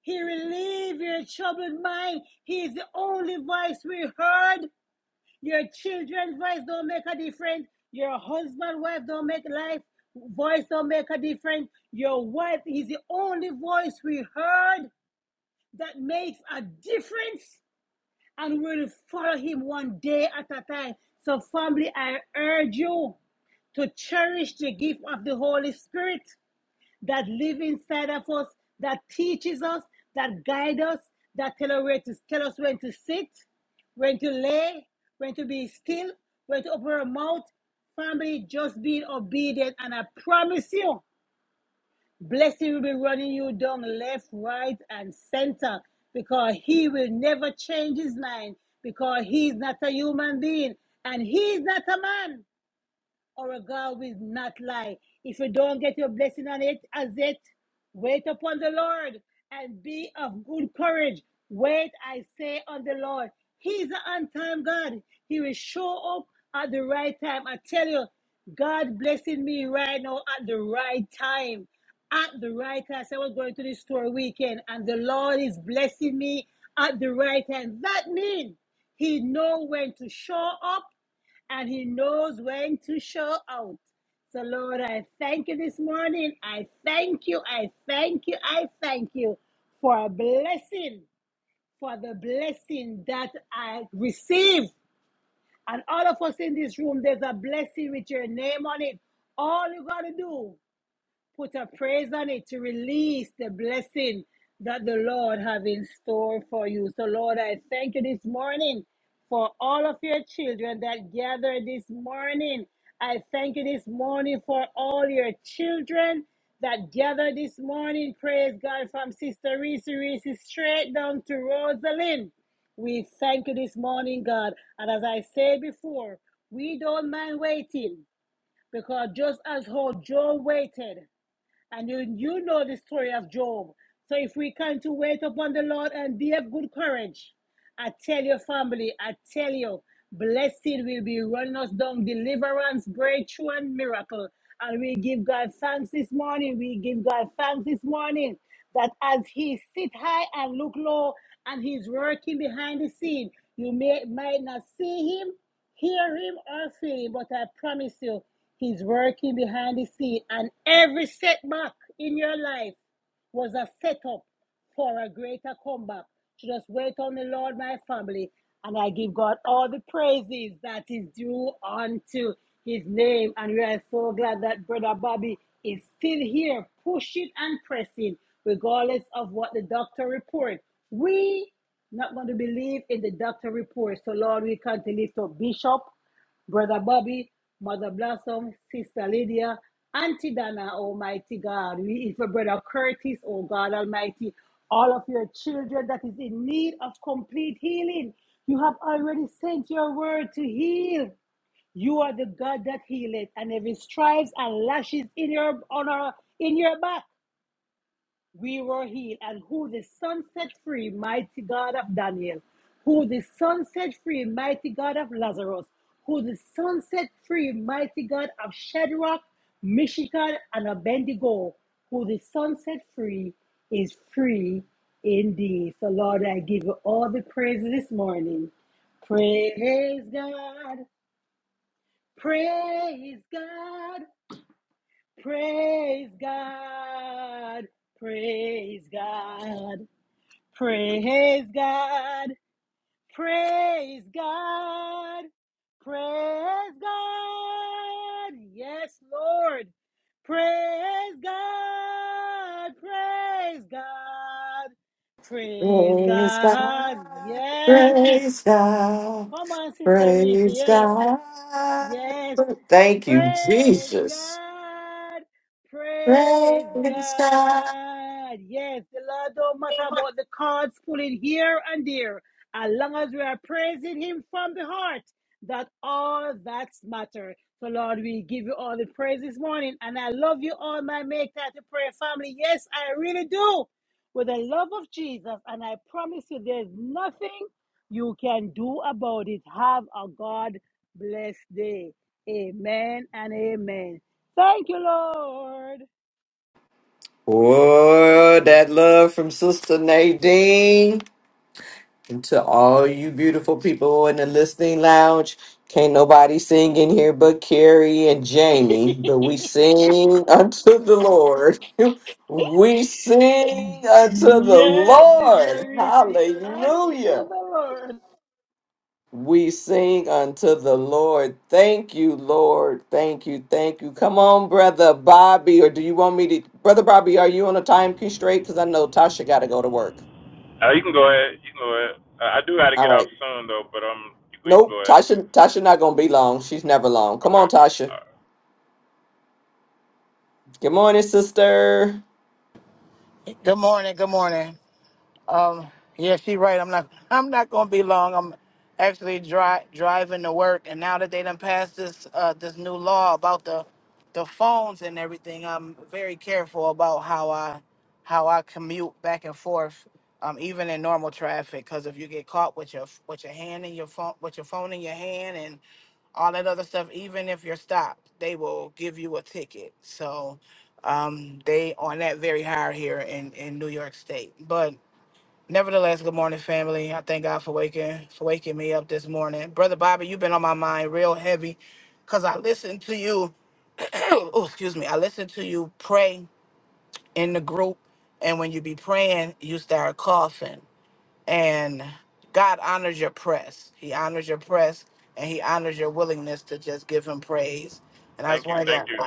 Speaker 3: He relieves your troubled mind. He is the only voice we heard. Your children's voice don't make a difference. Your husband, wife don't make life voice don't make a difference. Your wife is the only voice we heard that makes a difference and will follow him one day at a time. So, family, I urge you to cherish the gift of the Holy Spirit that lives inside of us, that teaches us, that guides us, that tell us, where to, tell us when to sit, when to lay, when to be still, when to open our mouth. Family, just be obedient, and I promise you. Blessing will be running you down left, right, and center because he will never change his mind because he's not a human being and he's not a man or a God will not lie. If you don't get your blessing on it, as it, wait upon the Lord and be of good courage. Wait, I say, on the Lord. He's an on time God. He will show up at the right time. I tell you, God blessing me right now at the right time. At the right time. So I was going to the store weekend and the Lord is blessing me at the right time. That means He know when to show up and he knows when to show out. So, Lord, I thank you this morning. I thank you. I thank you. I thank you for a blessing, for the blessing that I received. And all of us in this room, there's a blessing with your name on it. All you got to do Put a praise on it to release the blessing that the Lord have in store for you. So Lord, I thank you this morning for all of your children that gathered this morning. I thank you this morning for all your children that gathered this morning. Praise God from Sister Reese Reese straight down to Rosalind. We thank you this morning, God. And as I said before, we don't mind waiting because just as how Joe waited and you, you know the story of Job. So if we can to wait upon the Lord and be of good courage, I tell your family, I tell you, blessing will be running us down, deliverance, breakthrough, and miracle. And we give God thanks this morning. We give God thanks this morning that as He sit high and look low, and He's working behind the scene, you may might not see Him, hear him or feel him, but I promise you, he's working behind the scene. And every setback in your life was a setup for a greater comeback. To just wait on the Lord, my family, and I give God all the praises that is due unto his name. And we are so glad that Brother Bobby is still here, pushing and pressing, regardless of what the doctor reports. We not going to believe in the doctor report. So Lord, we come to lift up Bishop Brother Bobby, Mother Blossom, Sister Lydia, Auntie Dana, Almighty God. We eat for Brother Curtis, oh God Almighty. All of your children that is in need of complete healing. You have already sent your word to heal. You are the God that healeth, and every stripes and lashes in your on our in your back we were healed, and who the Son set free, mighty God of Daniel, who the Son set free, mighty God of Lazarus, who the Son set free, mighty God of Shadrach, Meshach, and Abednego, who the Son set free is free indeed. So, Lord, I give you all the praise this morning. Praise God, praise God, praise God, praise God. Praise God. Praise God. Praise God. Yes, Lord. Praise God. Praise God. Praise
Speaker 5: Praise God.
Speaker 3: God. Yes.
Speaker 5: Praise God.
Speaker 3: Come on, Sister Reese.
Speaker 5: Praise
Speaker 3: Yes.
Speaker 5: God.
Speaker 3: Yes.
Speaker 5: Thank you,
Speaker 3: Praise
Speaker 5: Jesus.
Speaker 3: God. Praise
Speaker 5: Praise God.
Speaker 3: God. Yes, the Lord don't matter about the cards pulling here and there. As long as we are praising Him from the heart, that all that matter. So, Lord, we give you all the praise this morning. And I love you all, my Make Time to Pray family. Yes, I really do. With the love of Jesus. And I promise you, there's nothing you can do about it. Have a God blessed day. Amen and amen. Thank you, Lord.
Speaker 5: Oh, that love from Sister Nadine. to all you beautiful people in the listening lounge, can't nobody sing in here but Carrie and Jamie, but we sing unto the Lord. We sing unto the
Speaker 3: Yes, Sister
Speaker 5: Lord.
Speaker 3: Reese, unto
Speaker 5: Hallelujah.
Speaker 3: the Lord.
Speaker 5: We sing unto the Lord. Thank you, Lord. Thank you. Thank you. Come on, Brother Bobby, or do you want me to? Brother Bobby, are you on a time constraint? Because I know Tasha got to go to work.
Speaker 11: Uh, you can go ahead. You can go ahead. Uh, I do got to
Speaker 5: All
Speaker 11: get
Speaker 5: right.
Speaker 11: off soon, though, but um, you, can- you can
Speaker 5: Nope,
Speaker 11: go ahead.
Speaker 5: Tasha. Tasha not gonna be long. She's never long. Come on,
Speaker 11: Okay.
Speaker 5: Tasha.
Speaker 11: All right.
Speaker 5: Good morning, sister.
Speaker 13: Good morning. Good morning. Yeah, she right. I'm not. I'm not gonna be long. I'm actually dri- driving to work, and now that they done passed this uh, this new law about the the phones and everything, I'm very careful about how I how I commute back and forth, um, even in normal traffic. Because if you get caught with your with your hand in your phone with your phone in your hand all that other stuff. Even if you're stopped, they will give you a ticket. So um, they on that very high here in in New York State. But nevertheless, good morning, family. I thank God for waking for waking me up this morning, brother Bobby. You've been on my mind real heavy, cause I listened to you. oh, excuse me. I listened to you pray in the group, and when you be praying, you start coughing and God honors your press. He honors your press, and He honors your willingness to just give Him praise. And I just
Speaker 11: Thank you.
Speaker 13: wanted
Speaker 11: Thank
Speaker 13: to,
Speaker 11: you.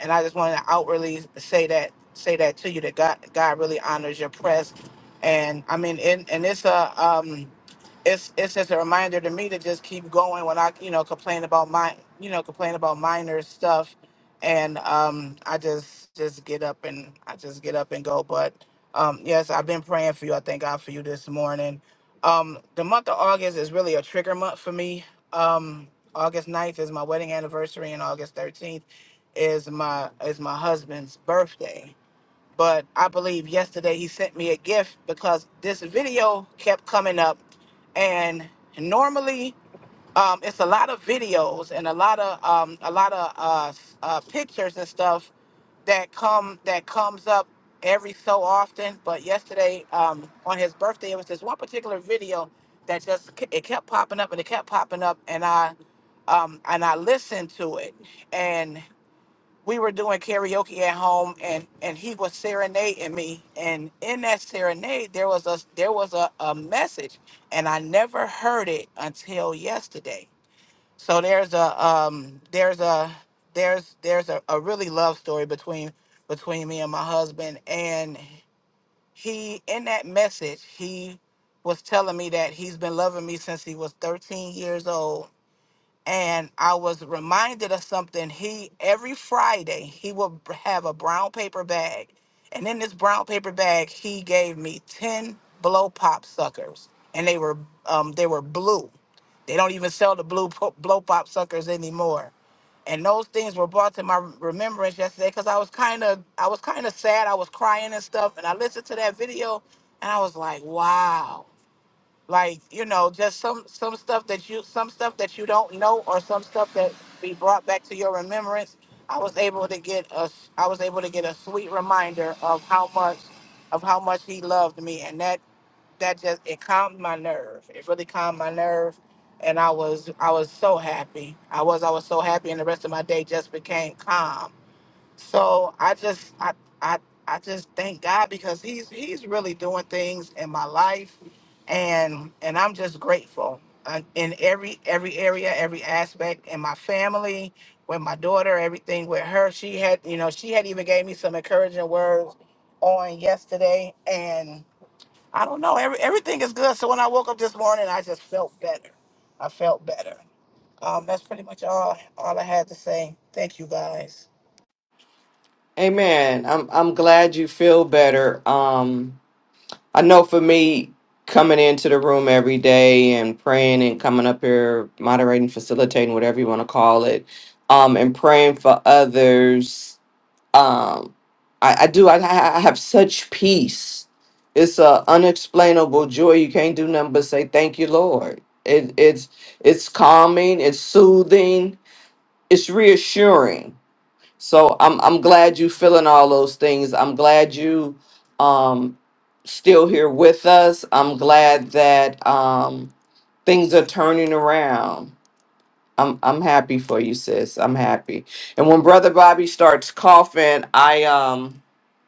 Speaker 13: and I just wanted to outwardly say that, say that to you that God, God really honors your press. And I mean, and, and it's a, um, it's it's just a reminder to me to just keep going when I you know complain about my you know complain about minor stuff, and um I just just get up and I just get up and go. But um yes, I've been praying for you. I thank God for you this morning. Um, the month of August is really a trigger month for me. Um, August ninth is my wedding anniversary, and August thirteenth is my is my husband's birthday but I believe yesterday he sent me a gift because this video kept coming up, and normally um, it's a lot of videos and a lot of um, a lot of uh, s- uh, pictures and stuff that come that comes up every so often. But yesterday um, on his birthday, it was this one particular video that just k- it kept popping up and it kept popping up, and I um, and I listened to it, we were doing karaoke at home and and he was serenading me and in that serenade there was a there was a, a message and i never heard it until yesterday so there's a um there's a there's there's a, a really love story between between me and my husband and he in that message he was telling me that he's been loving me since he was 13 years old and I was reminded of something. He every Friday he would b- have a brown paper bag, and in this brown paper bag he gave me ten blow pop suckers, and they were um they were blue. They don't even sell the blue po- blow pop suckers anymore. And those things were brought to my remembrance yesterday because I was kind of I was kind of sad. I was crying and stuff, and I listened to that video, and I was like, wow like you know just some some stuff that you some stuff that you don't know or some stuff that be brought back to your remembrance i was able to get a i was able to get a sweet reminder of how much of how much he loved me and that that just it calmed my nerve it really calmed my nerve and i was i was so happy i was i was so happy and the rest of my day just became calm so I just I I I just thank God because he's he's really doing things in my life and and I'm just grateful uh, in every every area, every aspect in my family, with my daughter, everything with her. She had, you know, she had even gave me some encouraging words on yesterday and I don't know, every, everything is good. So when I woke up this morning, I just felt better. I felt better. Um, that's pretty much all all I had to say. Thank you guys.
Speaker 5: Amen. I'm I'm glad you feel better. Um, I know for me, coming into the room every day and praying and coming up here, moderating, facilitating, whatever you want to call it, um, and praying for others. um i i do i, I have such peace it's a unexplainable joy you can't do nothing but say thank you lord it it's it's calming it's soothing it's reassuring so i'm i'm glad you feeling all those things i'm glad you um still here with us i'm glad that um things are turning around i'm i'm happy for you sis i'm happy and when brother bobby starts coughing i um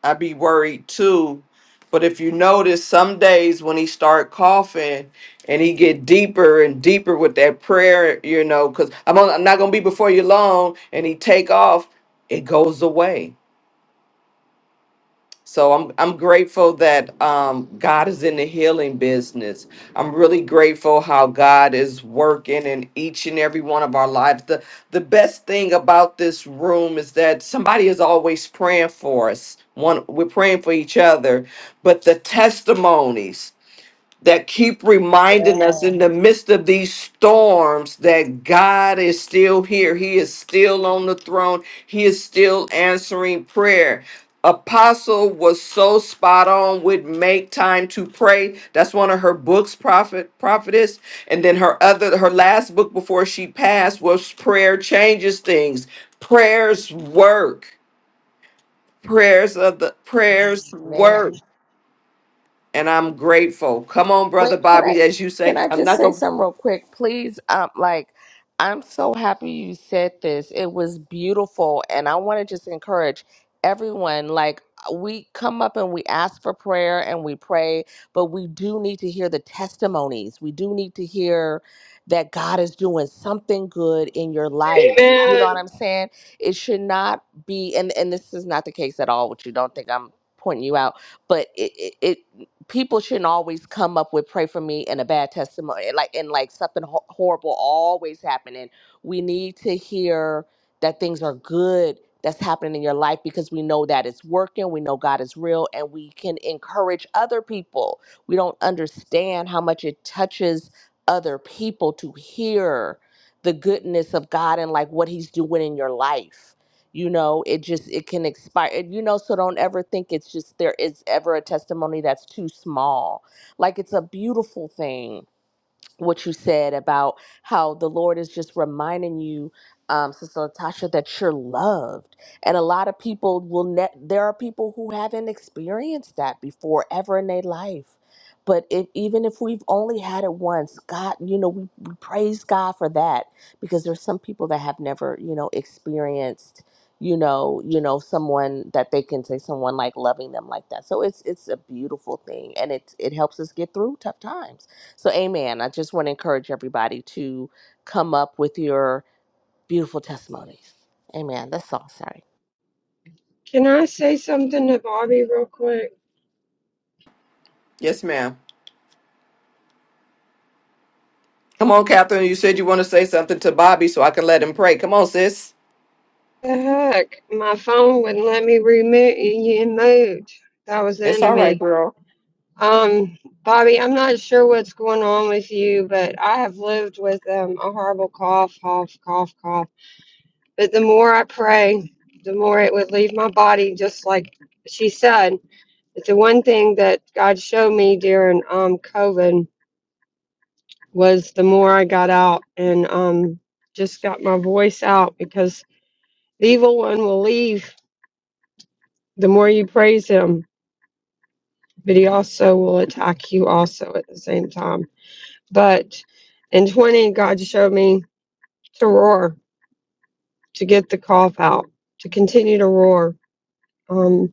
Speaker 5: I be worried too. But if you notice, some days when he start coughing and he get deeper and deeper with that prayer, you know, because I'm on, I'm not gonna be before you long, and he take off, it goes away. So I'm I'm grateful that um, God is in the healing business. I'm really grateful how God is working in each and every one of our lives the best thing about this room is that somebody is always praying for us. One, we're praying for each other, but the testimonies that keep reminding us in the
Speaker 12: Yes,
Speaker 5: midst of these storms that God is still here. He is still on the throne. He is still answering prayer. Apostle was so spot on with Megan to pray that's one of her books prophet prophetess and then her other her last book before she passed was prayer changes things prayers work prayers of the prayers
Speaker 12: man.
Speaker 5: work and i'm grateful come on
Speaker 12: Wait,
Speaker 5: brother
Speaker 12: can I
Speaker 5: bobby as you
Speaker 12: can
Speaker 5: say
Speaker 12: I
Speaker 5: i'm
Speaker 12: just
Speaker 5: not
Speaker 12: say
Speaker 5: gonna
Speaker 12: something real quick, please? Um, like, I'm so happy you said this. It was beautiful, and I want to just encourage everyone. Like, uh, we come up and we ask for prayer and we pray, but we do need to hear the testimonies. We do need to hear that God is doing something good in your life. You know
Speaker 14: Amen.
Speaker 12: what I'm saying? It should not be, and and this is not the case at all. Which you don't think I'm pointing you out, but it it. it people shouldn't always come up with pray for me and a bad testimony eh, like and like something ho- horrible always happening we need to hear that things are good that's happening in your life because we know that it's working we know god is real and we can encourage other people we don't understand how much it touches other people to hear the goodness of god and like what he's doing in your life you know it just it can expire you know so don't ever think it's just there is ever a testimony that's too small like it's a beautiful thing what you said about how the Lord is just reminding you, um, Sister Natasha, that you're loved. And a lot of people will, ne- there are people who haven't experienced that before ever in their life. But if, even if we've only had it once, God, you know, we, we praise God for that because there's some people that have never, you know, experienced, you know, you know, someone that they can say someone like loving them like that. So it's it's a beautiful thing, and it it helps us get through tough times so, amen. I just want to encourage everybody to come up with your beautiful testimonies. Amen. That's all. Sorry.
Speaker 14: Can I say something to Bobby real quick?
Speaker 5: yes ma'am come on catherine you said you want to say something to bobby so i can let him pray come on sis
Speaker 14: The heck, my phone wouldn't let me remute you mute. That was the
Speaker 5: it's all right
Speaker 14: enemy.
Speaker 5: girl
Speaker 14: Um, Bobby, I'm not sure what's going on with you, but I have lived with um, a horrible cough, cough, cough, cough. But the more I pray, the more it would leave my body, just like she said. It's the one thing that God showed me during um, COVID was the more I got out and um, just got my voice out because the evil one will leave the more you praise him, but he also will attack you also at the same time. But in 20, God showed me to roar, to get the cough out, to continue to roar. Um,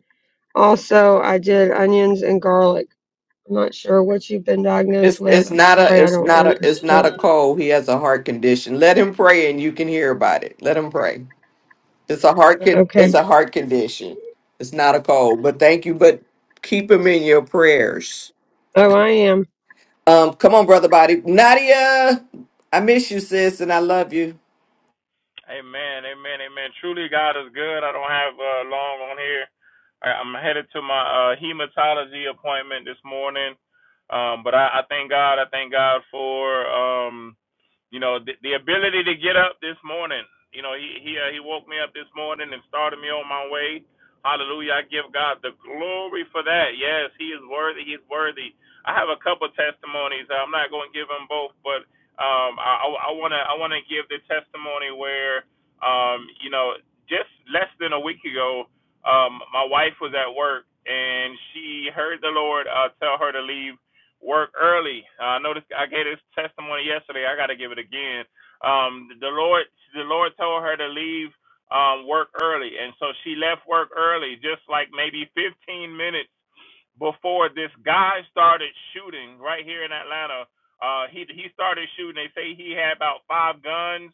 Speaker 14: also, I did onions and garlic. I'm not sure what you've been diagnosed
Speaker 5: it's
Speaker 14: with.
Speaker 5: it's
Speaker 14: I'm
Speaker 5: not a
Speaker 14: sorry, I
Speaker 5: it's
Speaker 14: don't know
Speaker 5: not a
Speaker 14: your
Speaker 5: it's not a
Speaker 14: story.
Speaker 5: cold he has a heart condition let him pray and you can hear about it let him pray It's a heart con- it's
Speaker 14: Okay.
Speaker 5: a heart condition. It's not a cold. But thank you. But keep him in your prayers.
Speaker 14: Oh, I am.
Speaker 5: Um, come on, brother body. Nadia, I miss you, sis, and I love you.
Speaker 11: Amen, amen, amen. Truly, God is good. I don't have uh, long on here. I, I'm headed to my uh, hematology appointment this morning, um, but I, I thank God. I thank God for um, you know the, the ability to get up this morning. You know, he he uh, he woke me up this morning and started me on my way. Hallelujah! I give God the glory for that. Yes, He is worthy. He's worthy. I have a couple testimonies. I'm not going to give them both, but um, I want to I want to give the testimony where um, you know just less than a week ago, um, my wife was at work and she heard the Lord uh, tell her to leave work early. Uh, I noticed I gave this testimony yesterday. I got to give it again. Um, the Lord the Lord told her to leave um, work early, and so she left work early, just like maybe 15 minutes before this guy started shooting right here in Atlanta uh, he he started shooting. They say he had about five guns.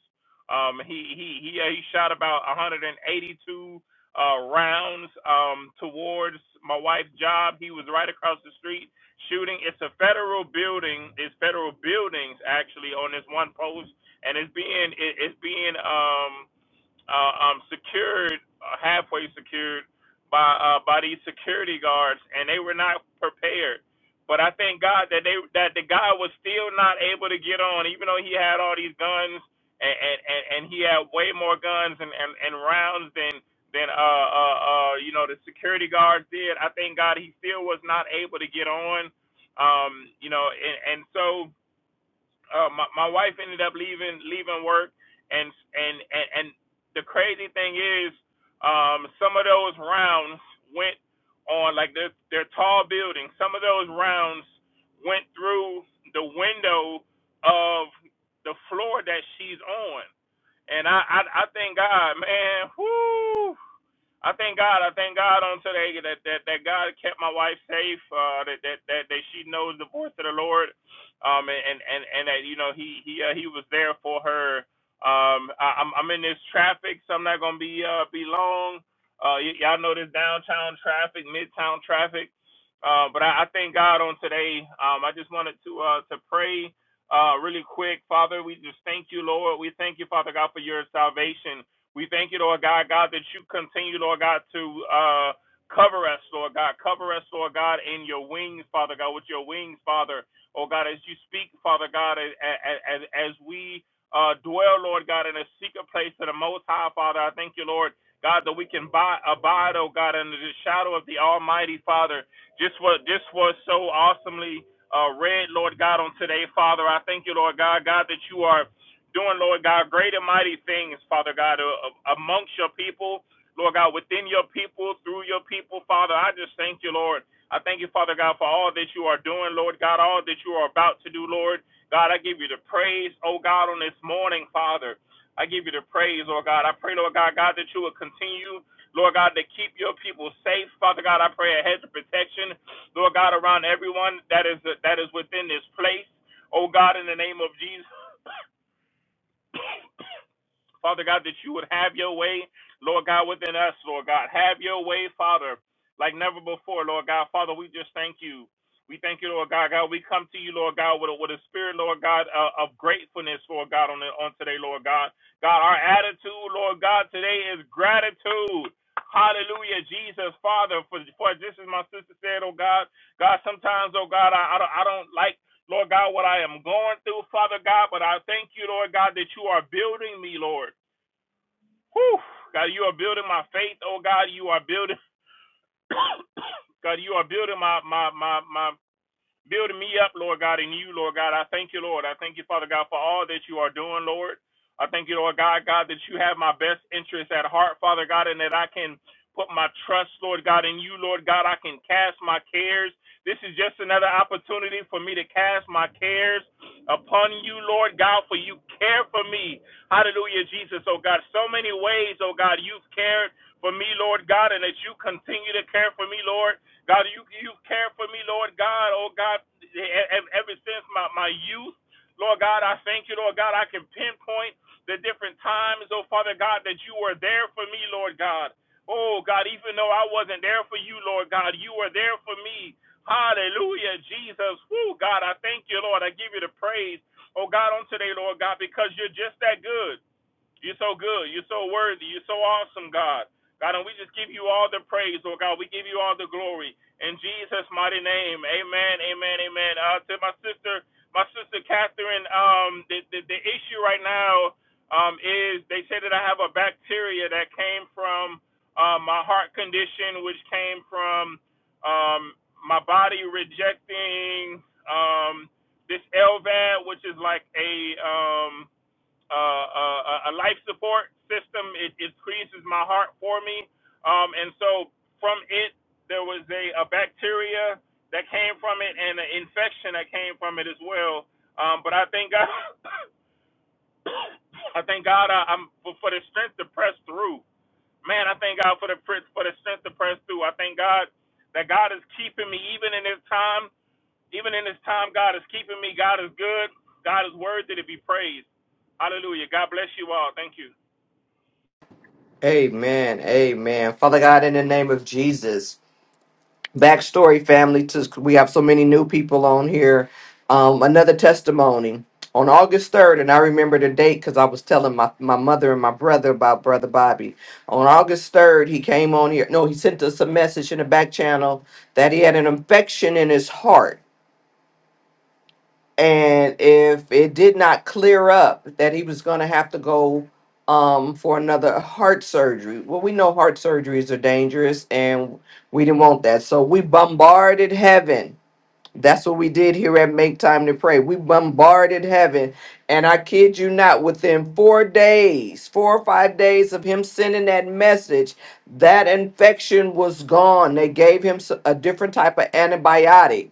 Speaker 11: Um, he he he uh, he shot about 182 uh, rounds um, towards my wife's job. He was right across the street shooting. It's a federal building. It's federal buildings actually on this one post, and it's being it, it's being um uh, um, secured, uh, halfway secured by uh, by these security guards, and they were not prepared. But I thank God that they that the guy was still not able to get on, even though he had all these guns and and, and, and he had way more guns and, and, and rounds than than uh, uh uh you know the security guards did. I thank God he still was not able to get on. Um, you know, and, and so uh, my my wife ended up leaving leaving work, and and and, and the crazy thing is, um, some of those rounds went on like they're they're tall buildings. Some of those rounds went through the window of the floor that she's on, and I I, I thank God, man. Whoo! I thank God. I thank God on today that that, that God kept my wife safe. Uh, that, that that that she knows the voice of the Lord, um, and and and, that you know he he uh, he was there for her. Um, I, I'm I'm in this traffic, so I'm not gonna be uh be long. Uh, y- y'all know this downtown traffic, midtown traffic. Uh, but I, I thank God on today. Um, I just wanted to uh to pray uh really quick, Father. We just thank you, Lord. We thank you, Father God, for your salvation. We thank you, Lord God, God, that you continue, Lord God, to uh, cover us, Lord God. Cover us, Lord God, in your wings, Father God, with your wings, Father. Oh God, as you speak, Father God, as, as, as we uh, dwell, Lord God, in a secret place to the Most High, Father, I thank you, Lord. God, that we can buy, abide, oh God, under the shadow of the Almighty Father. Just what this was so awesomely uh, read, Lord God, on today, Father. I thank you, Lord God, God, that you are doing, Lord God, great and mighty things, Father God, a- amongst your people, Lord God, within your people, through your people, Father. I just thank you, Lord. I thank you, Father God, for all that you are doing, Lord God, all that you are about to do, Lord. God, I give you the praise, oh God, on this morning, Father. I give you the praise, Lord God. I pray, Lord God, God, that you will continue, Lord God, to keep your people safe. Father God, I pray a hedge of protection, Lord God, around everyone that is that is within this place. Oh God, in the name of Jesus, Father God, that you would have your way, Lord God, within us, Lord God. Have your way, Father, like never before, Lord God. Father, we just thank you. We thank you, Lord God. God, we come to you, Lord God, with a, with a spirit, Lord God, uh, of gratefulness, Lord God, on, the, on today, Lord God. God, our attitude, Lord God, today is gratitude. Hallelujah, Jesus, Father, for, for this as my sister said, oh God. God, sometimes, oh God, I, I, don't, I don't like Lord God, what I am going through, Father God, but I thank you, Lord God, that you are building me, Lord. Whew. God, you are building my faith, oh God. You are building God, you are building my my my my building me up, Lord God, in you, Lord God. I thank you, Lord. I thank you, Father God, for all that you are doing, Lord. I thank you, Lord God, God, that you have my best interests at heart, Father God, and that I can put my trust, Lord God, in you, Lord God. I can cast my cares. This is just another opportunity for me to cast my cares upon you, Lord God, for you care for me. Hallelujah, Jesus, oh God. So many ways, oh God, you've cared for me, Lord God, and that you continue to care for me, Lord. God, you you care for me, Lord God. Oh God, e- e- ever since my my youth, Lord God, I thank you, Lord God. I can pinpoint the different times, oh Father God, that you were there for me, Lord God. Oh God, even though I wasn't there for you, Lord God, you were there for me. Hallelujah, Jesus. Woo, God, I thank you, Lord. I give you the praise. Oh God, on today, Lord God, because you're just that good. You're so good. You're so worthy. You're so awesome, God. God, and we just give you all the praise, oh God. We give you all the glory. In Jesus' mighty name. Amen. Amen. Amen. Uh to my sister, my sister Catherine, um, the, the, the issue right now um is they say that I have a bacteria that came from uh, my heart condition, which came from um my body rejecting um this LVAD, which is like a um uh, uh, a, a life support system. It, it creases my heart for me. Um, and so from it, there was a, a bacteria that came from it and an infection that came from it as well. Um, but I thank God, I thank God I, I'm for, for the strength to press through. Man, I thank God for the pr- for the strength to press through. I thank God that God is keeping me even in this time. Even in this time, God is keeping me. God is good. God is worthy to be praised. Hallelujah. God bless you all. Thank you.
Speaker 5: Amen. Amen. Father God, in the name of Jesus. backstory family to we have so many new people on here um, another testimony on august 3rd and i remember the date because i was telling my, my mother and my brother about brother bobby on august 3rd he came on here no he sent us a message in the back channel that he had an infection in his heart and if it did not clear up that he was going to have to go um, for another heart surgery well we know heart surgeries are dangerous and we didn't want that so we bombarded heaven that's what we did here at Make Time to Pray. We bombarded heaven. And I kid you not, within four days, four or five days of him sending that message, that infection was gone. They gave him s- a different type of antibiotic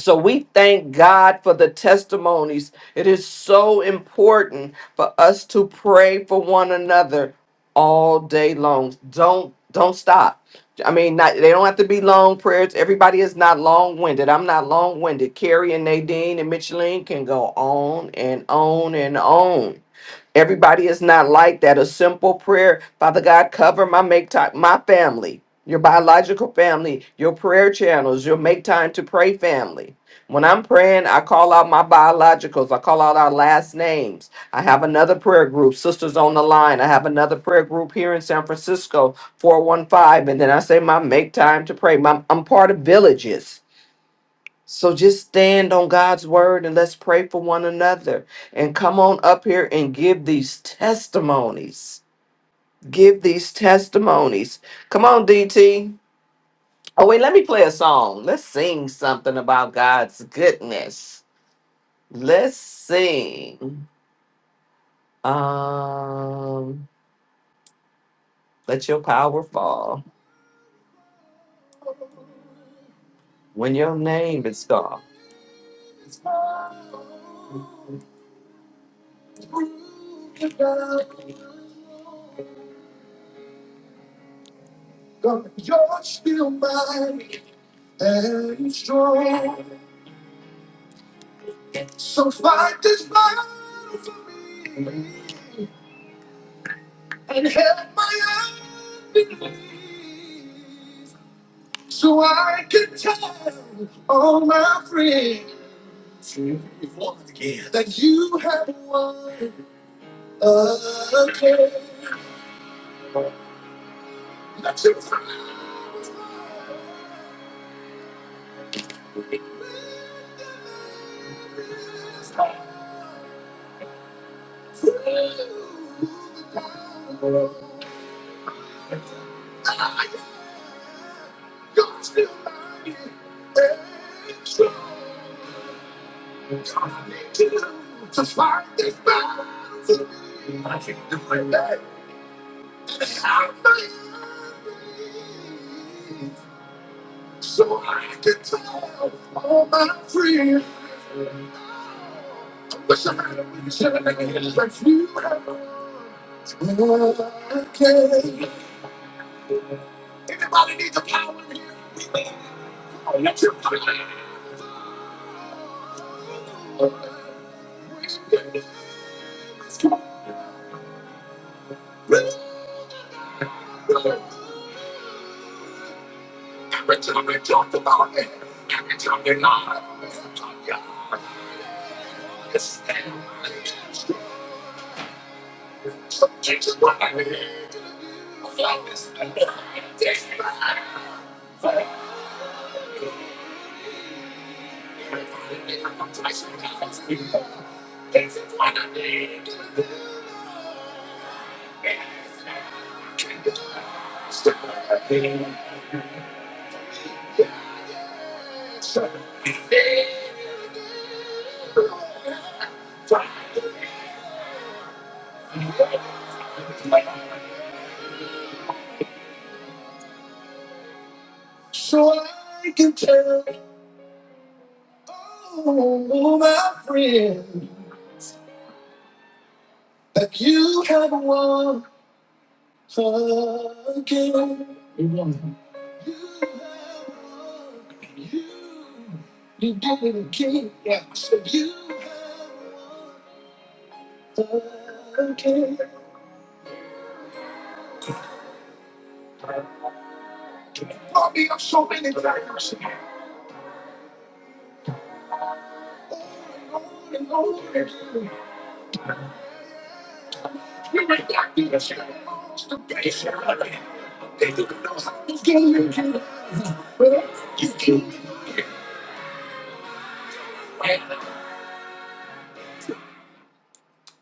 Speaker 5: so we thank God for the testimonies. It is so important for us to pray for one another all day long. Don't don't stop. I mean, not, they don't have to be long prayers. Everybody is not long-winded. I'm not long-winded. Carrie and Nadine and Micheline can go on and on and on. Everybody is not like that. A simple prayer, Father God, cover my make time, my family, your biological family, your prayer channels, your make time to pray family. When I'm praying, I call out my biologicals. I call out our last names. I have another prayer group, Sisters on the Line. I have another prayer group here in San Francisco, 415. And then I say, my make time to pray. My, I'm part of villages. So just stand on God's word and let's pray for one another. And come on up here and give these testimonies. Give these testimonies. Come on, DT. Oh, wait, let me play a song. Let's sing something about God's goodness. Let's sing. Um, let your power fall when your name is gone.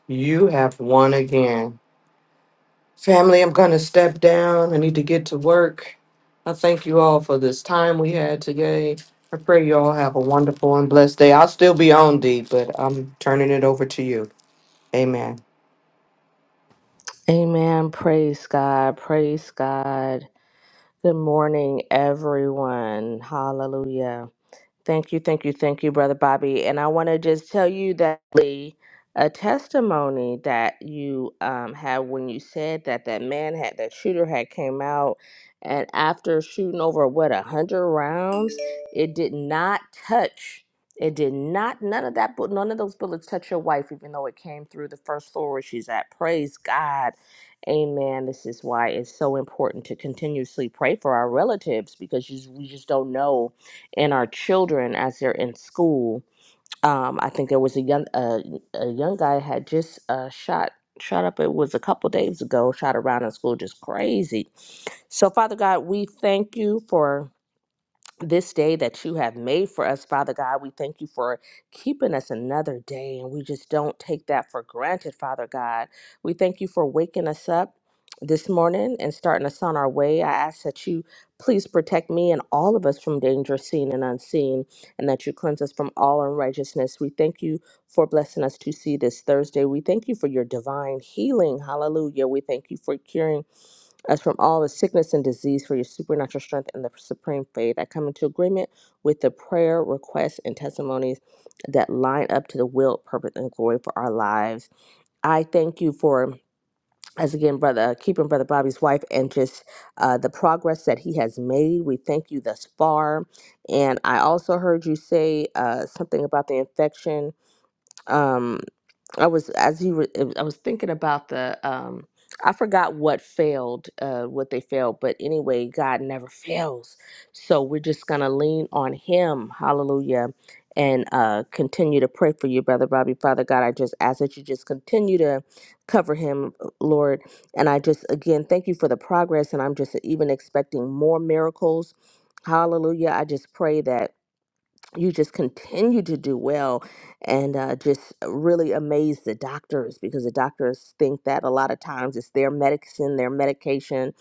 Speaker 5: You have won again. Family, I'm going to step down. I need to get to work. I thank you all for this time we had today. I pray you all have a wonderful and blessed day. I'll still be on D, but I'm turning it over to you. Amen.
Speaker 12: Amen. Praise God. Praise God. Good morning, everyone. Hallelujah. Thank you, thank you, thank you, Brother Bobby. And I want to just tell you that the- a testimony that you um, had when you said that that man had, that shooter had came out, and after shooting over, what, a 100 rounds, it did not touch, it did not, none of that, bu- none of those bullets touch your wife, even though it came through the first floor where she's at. Praise God. Amen. This is why it's so important to continuously pray for our relatives because you, we just don't know and our children as they're in school. Um, I think there was a young uh, a young guy had just uh, shot shot up. It was a couple days ago. Shot around in school, just crazy. So Father God, we thank you for this day that you have made for us, Father God. We thank you for keeping us another day, and we just don't take that for granted, Father God. We thank you for waking us up. This morning and starting us on our way, I ask that you please protect me and all of us from danger seen and unseen, and that you cleanse us from all unrighteousness. We thank you for blessing us to see this Thursday. We thank you for your divine healing. Hallelujah. We thank you for curing us from all the sickness and disease for your supernatural strength and the supreme faith. I come into agreement with the prayer, requests, and testimonies that line up to the will, purpose, and glory for our lives. I thank you for, as again, brother, uh, keeping brother Bobby's wife and just uh, the progress that he has made. We thank you thus far. And I also heard you say uh, something about the infection. Um, I was as you were, uh, I was thinking about the um I forgot what failed, uh what they failed, but anyway, God never fails. So we're just going to lean on him. Hallelujah. And uh continue to pray for you, brother Bobby. Father God, I just ask that you just continue to cover him, uh, Lord. And I just again thank you for the progress and I'm just even expecting more miracles. Hallelujah. I just pray that you just continue to do well and uh, just really amaze the doctors because the doctors think that a lot of times it's their medicine, their medication,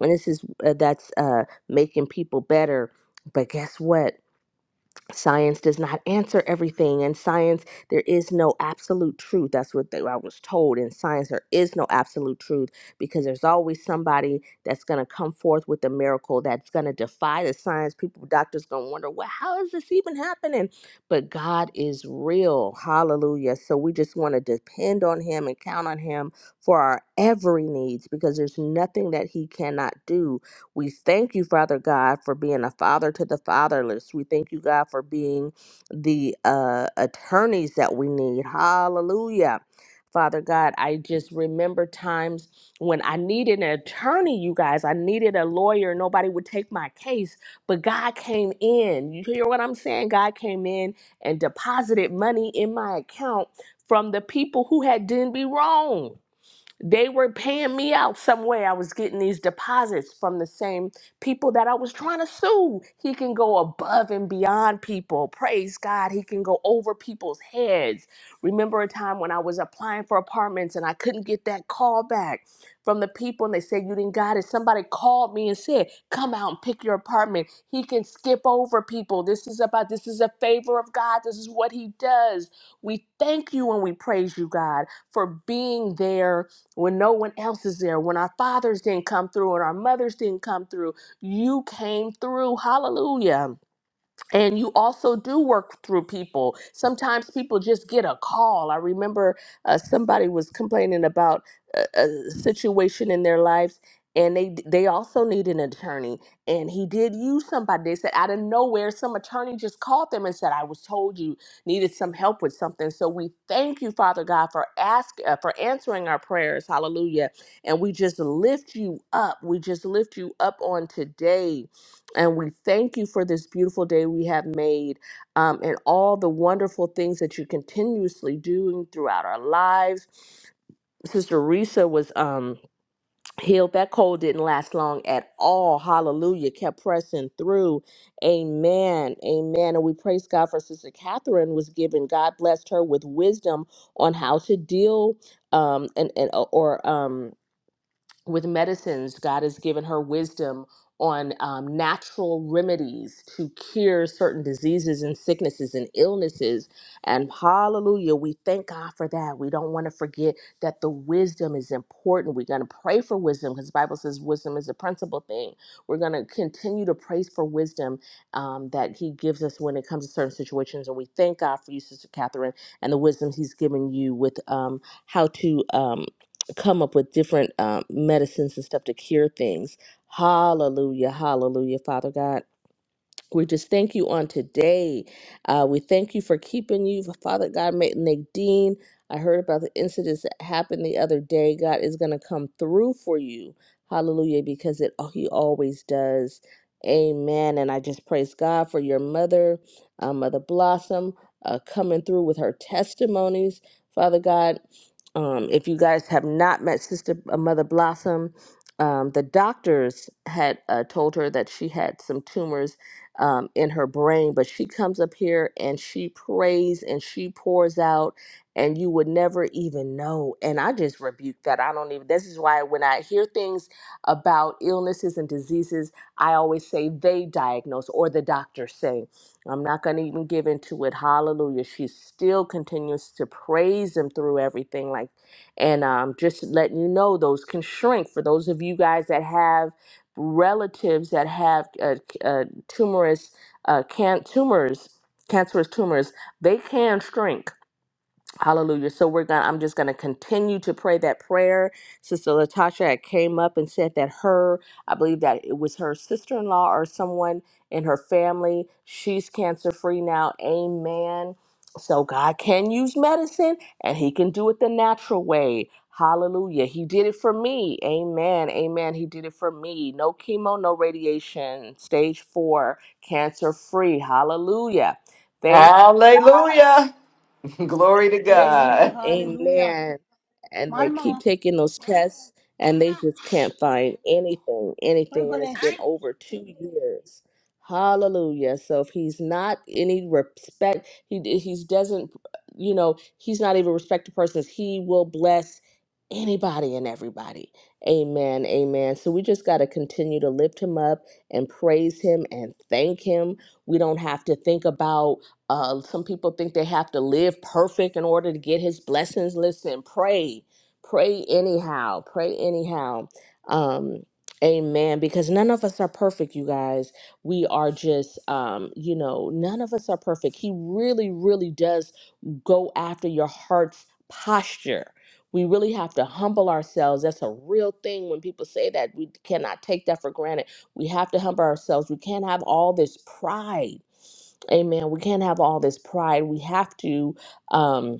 Speaker 12: and this is uh, that's uh, making people better. But guess what? science does not answer everything and science there is no absolute truth that's what they, i was told in science there is no absolute truth because there's always somebody that's going to come forth with a miracle that's going to defy the science people doctors going to wonder well how is this even happening but god is real hallelujah so we just want to depend on him and count on him for our every needs because there's nothing that he cannot do we thank you, Father God, for being a father to the fatherless. We thank you, God, for being the uh, attorneys that we need. Hallelujah. Father God, I just remember times when I needed an attorney, you guys. I needed a lawyer. Nobody would take my case, but God came in. You hear what I'm saying? God came in and deposited money in my account from the people who had done me wrong. They were paying me out some way. I was getting these deposits from the same people that I was trying to sue. He can go above and beyond people. Praise God. He can go over people's heads. Remember a time when I was applying for apartments and I couldn't get that call back from the people and they said, You didn't got it. Somebody called me and said, Come out and pick your apartment. He can skip over people. This is about, this is a favor of God. This is what He does. We thank you and we praise you, God, for being there when no one else is there, when our fathers didn't come through and our mothers didn't come through, you came through. Hallelujah and you also do work through people sometimes people just get a call i remember uh, somebody was complaining about a, a situation in their lives and they they also need an attorney and he did use somebody they said out of nowhere some attorney just called them and said i was told you needed some help with something so we thank you father god for ask uh, for answering our prayers hallelujah and we just lift you up we just lift you up on today and we thank you for this beautiful day we have made um, and all the wonderful things that you're continuously doing throughout our lives. Sister Risa was um, healed. That cold didn't last long at all. Hallelujah. Kept pressing through. Amen. Amen. And we praise God for Sister Catherine was given. God blessed her with wisdom on how to deal um, and, and uh, or um, with medicines. God has given her wisdom on um, natural remedies to cure certain diseases and sicknesses and illnesses. And hallelujah, we thank God for that. We don't want to forget that the wisdom is important. We're going to pray for wisdom because the Bible says wisdom is a principal thing. We're going to continue to praise for wisdom um, that He gives us when it comes to certain situations. And we thank God for you, Sister Catherine, and the wisdom He's given you with um, how to. Um, come up with different um, medicines and stuff to cure things. Hallelujah, hallelujah, Father God. We just thank you on today. Uh, we thank you for keeping you, Father God. May Nadine, I heard about the incidents that happened the other day. God is going to come through for you. Hallelujah, because it oh, He always does. Amen. And I just praise God for your mother, uh, Mother Blossom, uh, coming through with her testimonies. Father God, um, if you guys have not met Sister uh, Mother Blossom, um, the doctors had uh, told her that she had some tumors um, in her brain, but she comes up here and she prays and she pours out, and you would never even know. And I just rebuke that. I don't even, this is why when I hear things about illnesses and diseases, I always say they diagnose or the doctor say. I'm not going to even give into it. Hallelujah. She still continues to praise him through everything. Like, and um, just letting you know, those can shrink for those of you guys that have relatives that have uh, uh, tumorous uh, can- tumors, cancerous tumors, they can shrink Hallelujah. So we're gonna I'm just gonna continue to pray that prayer. Sister Latasha had came up and said that her, I believe that it was her sister-in-law or someone in her family, she's cancer free now. Amen. So God can use medicine and he can do it the natural way. Hallelujah. He did it for me. Amen. Amen. He did it for me. No chemo, no radiation. Stage four, cancer free. Hallelujah. Thank
Speaker 5: Hallelujah. Glory to
Speaker 12: Amen.
Speaker 3: Hallelujah,
Speaker 5: God.
Speaker 3: hallelujah.
Speaker 12: Amen and
Speaker 3: My
Speaker 12: they keep
Speaker 3: mama,
Speaker 12: taking those tests and they just can't find anything,
Speaker 3: we're
Speaker 12: anything. And
Speaker 3: going
Speaker 12: it's
Speaker 3: to
Speaker 12: been over two years. Hallelujah. So if he's not any respect, he he doesn't, you know, he's not even respected persons. He will bless anybody and everybody. Amen. Amen. So we just got to continue to lift him up and praise him and thank him. We don't have to think about uh, some people think they have to live perfect in order to get his blessings. Listen, pray, pray anyhow, pray anyhow. Um, amen. Because none of us are perfect, you guys. We are just, um, you know, none of us are perfect. He really, really does go after your heart's posture. We really have to humble ourselves. That's a real thing when people say that. We cannot take that for granted. We have to humble ourselves. We can't have all this pride Amen. We can't have all this pride. We have to. Um,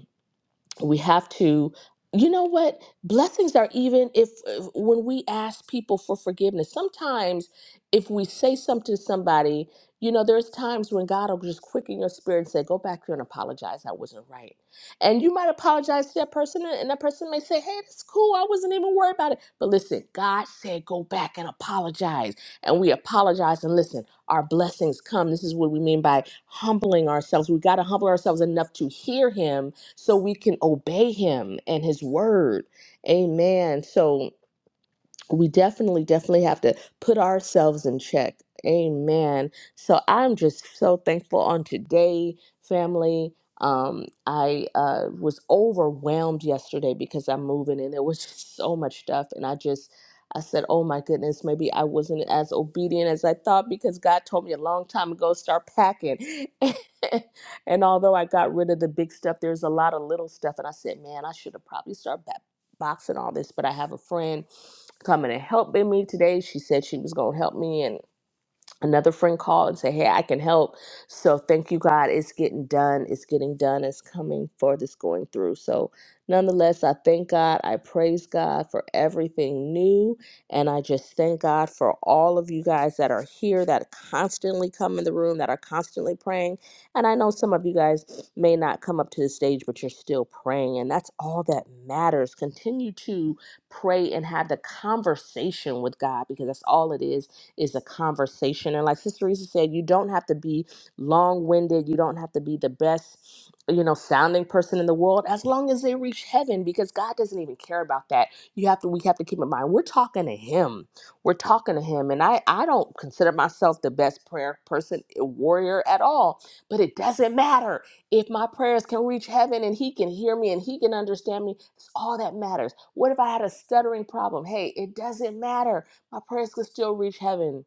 Speaker 12: we have to you know what blessings are even if, if when we ask people for forgiveness sometimes if we say something to somebody you know there's times when god will just quicken your spirit and say go back there and apologize i wasn't right and you might apologize to that person and that person may say hey that's cool i wasn't even worried about it but listen god said go back and apologize and we apologize and listen our blessings come this is what we mean by humbling ourselves we got to humble ourselves enough to hear him so we can obey him and his word. Amen. So, we definitely definitely have to put ourselves in check amen so i'm just so thankful on today family um i uh was overwhelmed yesterday because i'm moving and there was just so much stuff and i just i said oh my goodness maybe i wasn't as obedient as i thought because god told me a long time ago start packing and although i got rid of the big stuff there's a lot of little stuff and i said man i should have probably started ba- boxing all this but i have a friend coming and helping me today. She said she was going to help me, and another friend called and said, Hey, I can help. So thank you, God. It's getting done. It's getting done. It's coming for this going through. So nonetheless, I thank God. I praise God for everything new. And I just thank God for all of you guys that are here that constantly come in the room, that are constantly praying. And I know some of you guys may not come up to the stage, but you're still praying. And that's all that matters. Continue to pray and have the conversation with God because that's all it is is a conversation. And like Sister Risa said, you don't have to be long winded. You don't have to be the best, you know, sounding person in the world as long as they reach heaven because God doesn't even care about that. You have to, we have to keep in mind, we're talking to Him. We're talking to Him. And I, I don't consider myself the best prayer person, eh, warrior at all, but it doesn't matter if my prayers can reach heaven and he can hear me and he can understand me, it's all that matters. What if I had a stuttering problem? Hey, it doesn't matter. Our prayers could still reach heaven.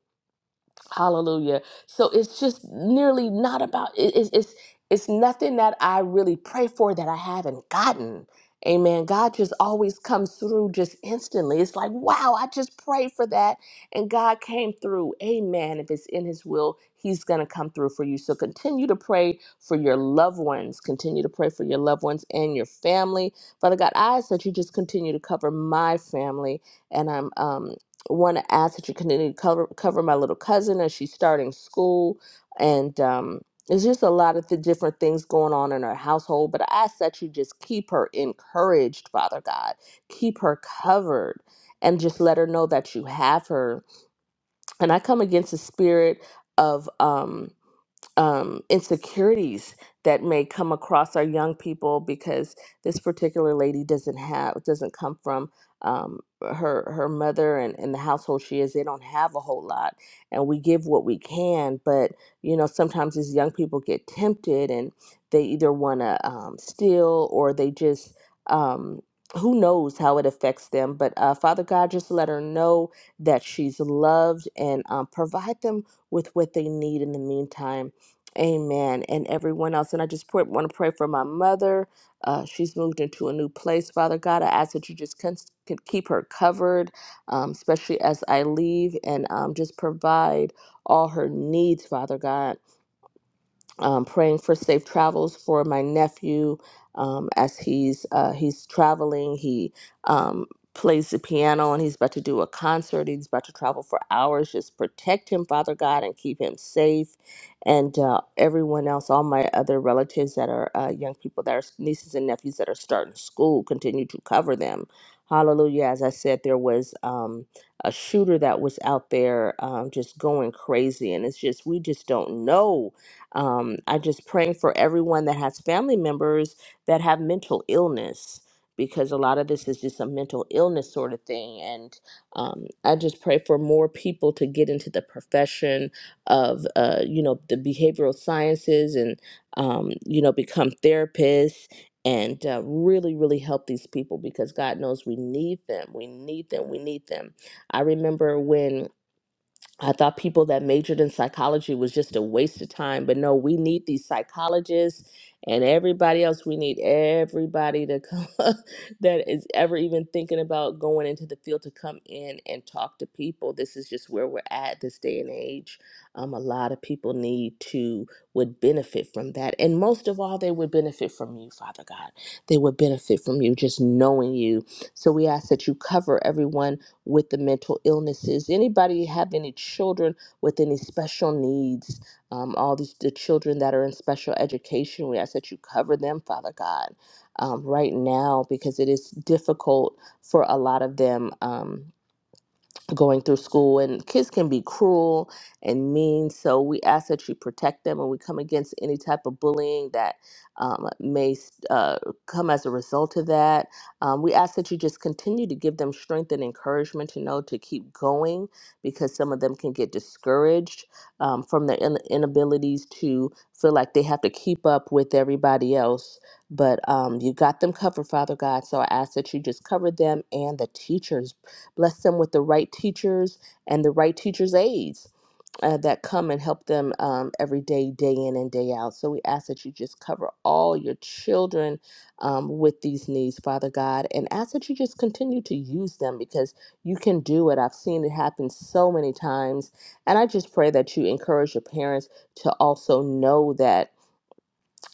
Speaker 12: Hallelujah. So it's just nearly not about it, it's it's it's nothing that I really pray for that I haven't gotten. Amen. God just always comes through just instantly. It's like, wow, I just prayed for that and God came through. Amen. If it's in his will, he's going to come through for you. So continue to pray for your loved ones. Continue to pray for your loved ones and your family. Father God, I ask that you just continue to cover my family and I'm um, want to ask that you continue to cover, cover my little cousin as she's starting school. And um, it's just a lot of the different things going on in her household. But I ask that you just keep her encouraged, Father God. Keep her covered and just let her know that you have her. And I come against the spirit of. Um, um, insecurities that may come across our young people because this particular lady doesn't have doesn't come from um, her her mother and, and the household she is they don't have a whole lot and we give what we can but you know sometimes these young people get tempted and they either want to um, steal or they just um, who knows how it affects them but uh, father god just let her know that she's loved and um, provide them with what they need in the meantime Amen. And everyone else. And I just pray, want to pray for my mother. Uh, she's moved into a new place, Father God. I ask that you just can, can keep her covered, um, especially as I leave, and um, just provide all her needs, Father God um, praying for safe travels for my nephew um, as he's uh, he's traveling. He um, plays the piano and he's about to do a concert. He's about to travel for hours. Just protect him, Father God, and keep him safe. And uh, everyone else, all my other relatives that are uh, young people that are nieces and nephews that are starting school, continue to cover them. Hallelujah. As I said, there was um, a shooter that was out there um, just going crazy. And it's just, we just don't know um, I just praying for everyone that has family members that have mental illness because a lot of this is just a mental illness sort of thing. And um, I just pray for more people to get into the profession of, uh, you know, the behavioral sciences and, um, you know, become therapists and uh, really, really help these people because God knows we need them. We need them. We need them. I remember when I thought people that majored in psychology was just a waste of time, but no, we need these psychologists and everybody else. We need everybody to come that is ever even thinking about going into the field to come in and talk to people. This is just where we're at this day and age. Um, a lot of people need to would benefit from that, and most of all, they would benefit from you, Father God. They would benefit from you just knowing you. So we ask that you cover everyone with the mental illnesses. Anybody have any children with any special needs? Um, all these the children that are in special education, we ask that you cover them, Father God, um, right now because it is difficult for a lot of them. Um, going through school and kids can be cruel and mean so we ask that you protect them and we come against any type of bullying that um, may uh, come as a result of that um, we ask that you just continue to give them strength and encouragement to know to keep going because some of them can get discouraged um, from their in- inabilities to feel like they have to keep up with everybody else but um, you got them covered father god so i ask that you just cover them and the teachers Bless them with the right teachers and the right teachers' aides uh, that come and help them um, every day, day in and day out. So we ask that you just cover all your children um, with these needs, Father God, and ask that you just continue to use them because you can do it. I've seen it happen so many times. And I just pray that you encourage your parents to also know that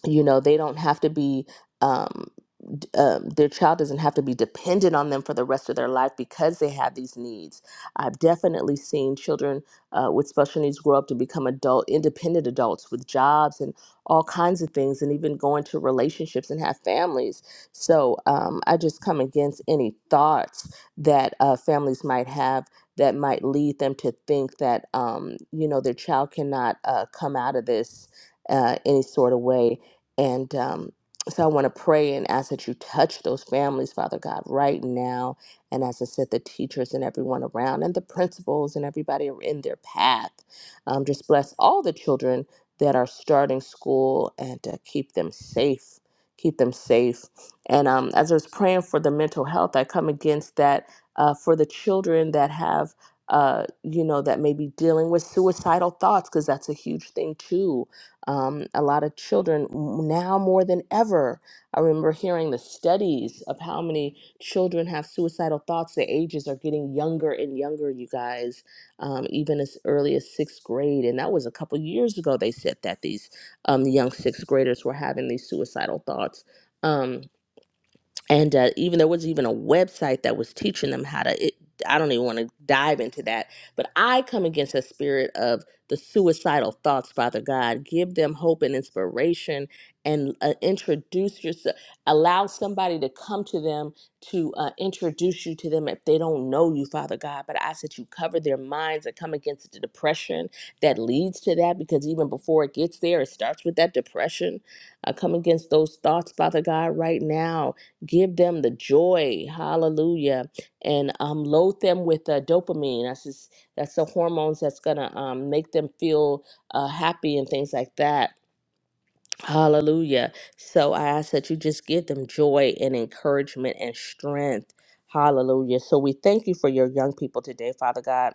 Speaker 12: you know they don't have to be um, d- um, their child doesn't have to be dependent on them for the rest of their life because they have these needs i've definitely seen children uh, with special needs grow up to become adult independent adults with jobs and all kinds of things and even go into relationships and have families so um, i just come against any thoughts that uh, families might have that might lead them to think that um, you know their child cannot uh, come out of this uh, any sort of way and um, so I want to pray and ask that you touch those families, Father God, right now. And as I said, the teachers and everyone around and the principals and everybody in their path. Um, just bless all the children that are starting school and uh, keep them safe. Keep them safe. And um, as I was praying for the mental health, I come against that uh, for the children that have. Uh, you know, that may be dealing with suicidal thoughts because that's a huge thing too um, a lot of children now more than ever. I remember hearing the studies of how many children have suicidal thoughts. The ages are getting younger and younger, you guys, um, even as early as sixth grade. And that was a couple years ago, they said that these um, young sixth graders were having these suicidal thoughts. Um, and uh, even there was even a website that was teaching them how to it, i don't even want to dive into that but i come against a spirit of the suicidal thoughts father god give them hope and inspiration and uh, introduce yourself allow somebody to come to them to uh, introduce you to them if they don't know you father god but i ask that you cover their minds and come against the depression that leads to that because even before it gets there it starts with that depression i come against those thoughts father god right now Give them the joy, hallelujah, and um, load them with uh, dopamine. That's just, that's the hormones that's gonna um, make them feel uh, happy and things like that. Hallelujah. So I ask that you just give them joy and encouragement and strength. Hallelujah. So we thank you for your young people today, Father God.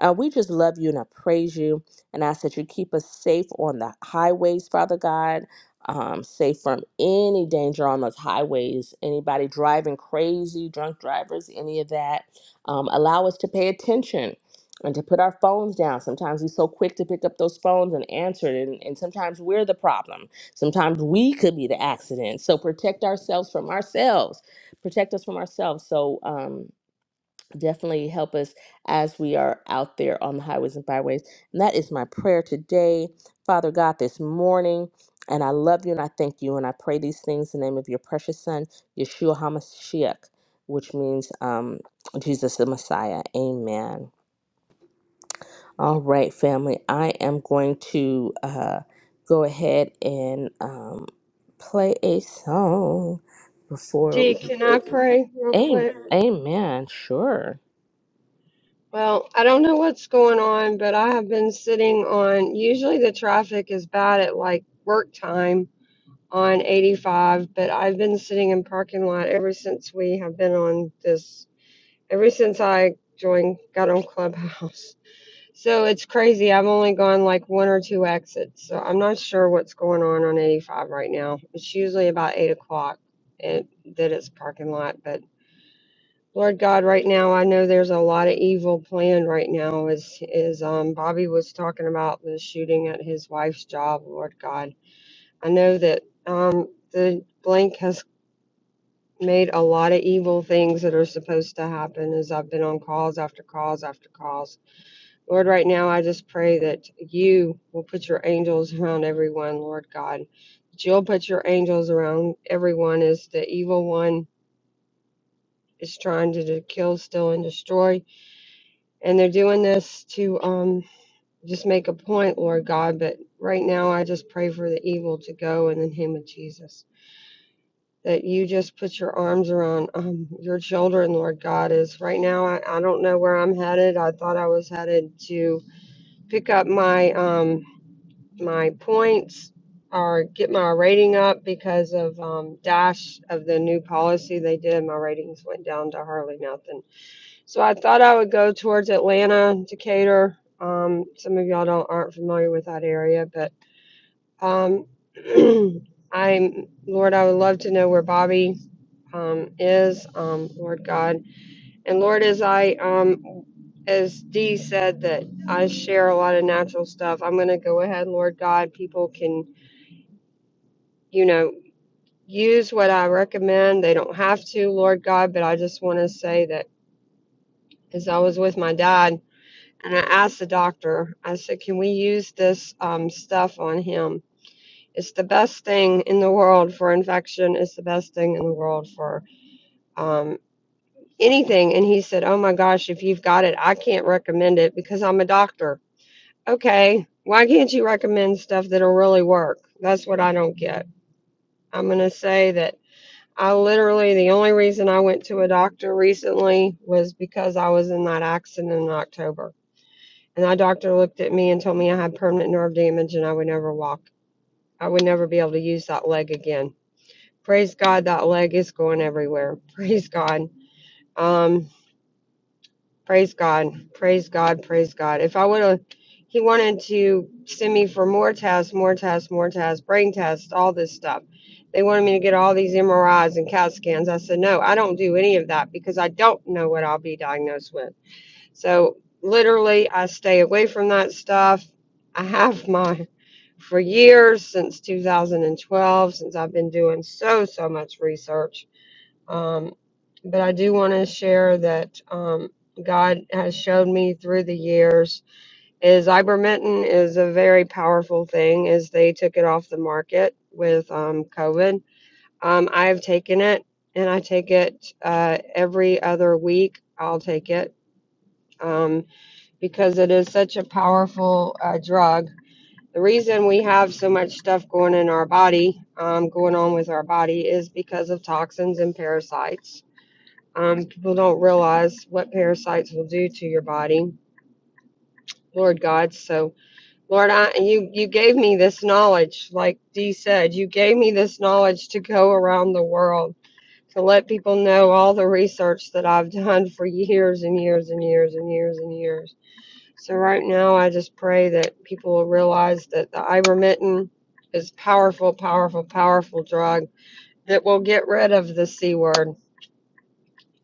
Speaker 12: Uh, we just love you and I praise you and ask that you keep us safe on the highways, Father God. Um, safe from any danger on those highways, anybody driving crazy, drunk drivers, any of that. Um, allow us to pay attention and to put our phones down. Sometimes we're so quick to pick up those phones and answer it, and, and sometimes we're the problem. Sometimes we could be the accident. So protect ourselves from ourselves. Protect us from ourselves. So um, definitely help us as we are out there on the highways and byways. And that is my prayer today, Father God, this morning. And I love you and I thank you. And I pray these things in the name of your precious Son, Yeshua HaMashiach, which means um, Jesus the Messiah. Amen. All right, family. I am going to uh, go ahead and um, play a song before
Speaker 14: Dee,
Speaker 12: we.
Speaker 14: can I pray real
Speaker 12: Amen.
Speaker 14: quick?
Speaker 12: Amen. Sure.
Speaker 14: Well, I don't know what's going on, but I have been sitting on, usually the traffic is bad at like work time on 85, but I've been sitting in parking lot ever since we have been on this, ever since I joined, got on Clubhouse. So it's crazy. I've only gone like one or two exits. So I'm not sure what's going on on 85 right now. It's usually about eight o'clock it, that it's parking lot, but Lord God, right now I know there's a lot of evil planned right now as is um Bobby was talking about the shooting at his wife's job, Lord God. I know that um the blank has made a lot of evil things that are supposed to happen as I've been on calls after calls after calls. Lord, right now I just pray that you will put your angels around everyone, Lord God. That you'll put your angels around everyone as the evil one is trying to, to kill, steal, and destroy And they're doing this to um, just make a point, Lord God. But right now, I just pray for the evil to go in the name of Jesus. That you just put your arms around um, your children, Lord God. Is right now, I, I don't know where I'm headed. I thought I was headed to pick up my um, my points or get my rating up because of um, Dash of the new policy they did. My ratings went down to hardly nothing so I thought I would go towards Atlanta, Decatur. Um, some of y'all don't aren't familiar with that area, but um, I'm Lord. I would love to know where Bobby um, is, um, Lord God, and Lord, as I um, as Dee said that I share a lot of natural stuff. I'm going to go ahead, Lord God. People can you know use what I recommend. They don't have to, Lord God, but I just want to say that as I was with my dad. And I asked the doctor, I said, can we use this um, stuff on him? It's the best thing in the world for infection. It's the best thing in the world for um, anything. And he said, oh my gosh, if you've got it, I can't recommend it because I'm a doctor. Okay, why can't you recommend stuff that'll really work? That's what I don't get. I'm going to say that I literally, the only reason I went to a doctor recently was because I was in that accident in October And that doctor looked at me and told me I had permanent nerve damage and I would never walk. I would never be able to use that leg again. Praise God, that leg is going everywhere. Praise God. Um, praise God. Praise God. Praise God. If I would have, he wanted to send me for more tests, more tests, more tests, brain tests, all this stuff. They wanted me to get all these MRIs and CAT scans. I said, no, I don't do any of that because I don't know what I'll be diagnosed with. So literally, I stay away from that stuff. I have my for years since 2012, since I've been doing so so much research. Um, but I do want to share that um, God has showed me through the years is ivermectin is a very powerful thing. Is they took it off the market with um, COVID. Um, I've taken it and I take it uh, every other week. I'll take it. Um, because it is such a powerful uh, drug. The reason we have so much stuff going in our body, um, going on with our body, is because of toxins and parasites. Um, people don't realize what parasites will do to your body, Lord God. So, Lord, I, you you gave me this knowledge, like Dee said, you gave me this knowledge to go around the world to let people know all the research that I've done for years and years and years and years and years so right now, I just pray that people will realize that the ivermectin is powerful, powerful, powerful drug that will get rid of the c word,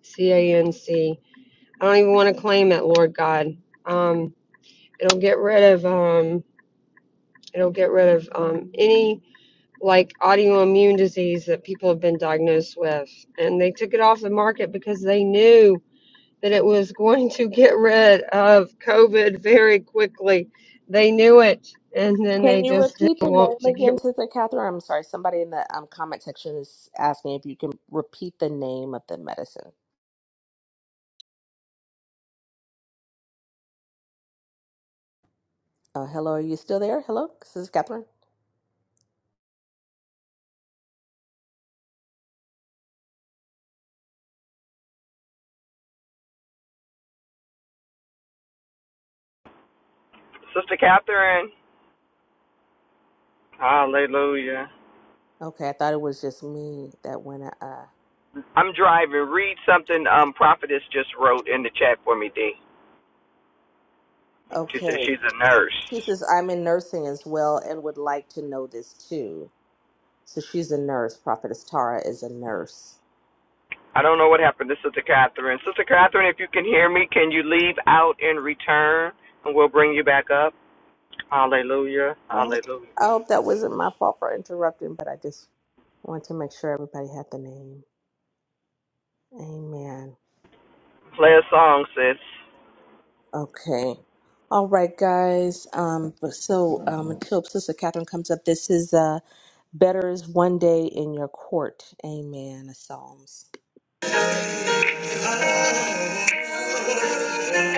Speaker 14: c a n c. I don't even want to claim it, Lord God. Um, it'll get rid of um, it'll get rid of um, any like autoimmune disease that people have been diagnosed with, and they took it off the market because they knew that it was going to get rid of COVID very quickly. They knew it, and then
Speaker 12: Can
Speaker 14: they
Speaker 12: you
Speaker 14: just
Speaker 12: repeat the
Speaker 14: didn't want to
Speaker 12: name
Speaker 14: get rid.
Speaker 12: again,
Speaker 14: of
Speaker 12: Sister Catherine? I'm sorry. Somebody in the um, comment section is asking if you can repeat the name of the medicine. Uh, hello, are you still there? Hello, Sister Catherine.
Speaker 5: Sister Catherine. Hallelujah.
Speaker 12: Okay, I thought it was just me that went. Uh,
Speaker 5: I'm driving. Read something um Prophetess just wrote in the chat for me, D. She said
Speaker 12: okay.
Speaker 5: she's a
Speaker 12: She
Speaker 5: nurse.
Speaker 12: says, I'm in nursing as well and would like to know this too. So she's a nurse. Prophetess Tara is a nurse.
Speaker 5: I don't know what happened to Sister Catherine. Sister Catherine, if you can hear me, can you leave out and return? And we'll bring you back up. Hallelujah.
Speaker 12: I hope
Speaker 5: Hallelujah.
Speaker 12: I hope that wasn't my fault for interrupting, but I just want to make sure everybody had the name. Amen.
Speaker 5: Play a song, sis.
Speaker 12: Okay. All right, guys. Um, but so um, until Sister Catherine comes up, this is uh, Better is One Day in Your Court. Amen. A Psalms. So we're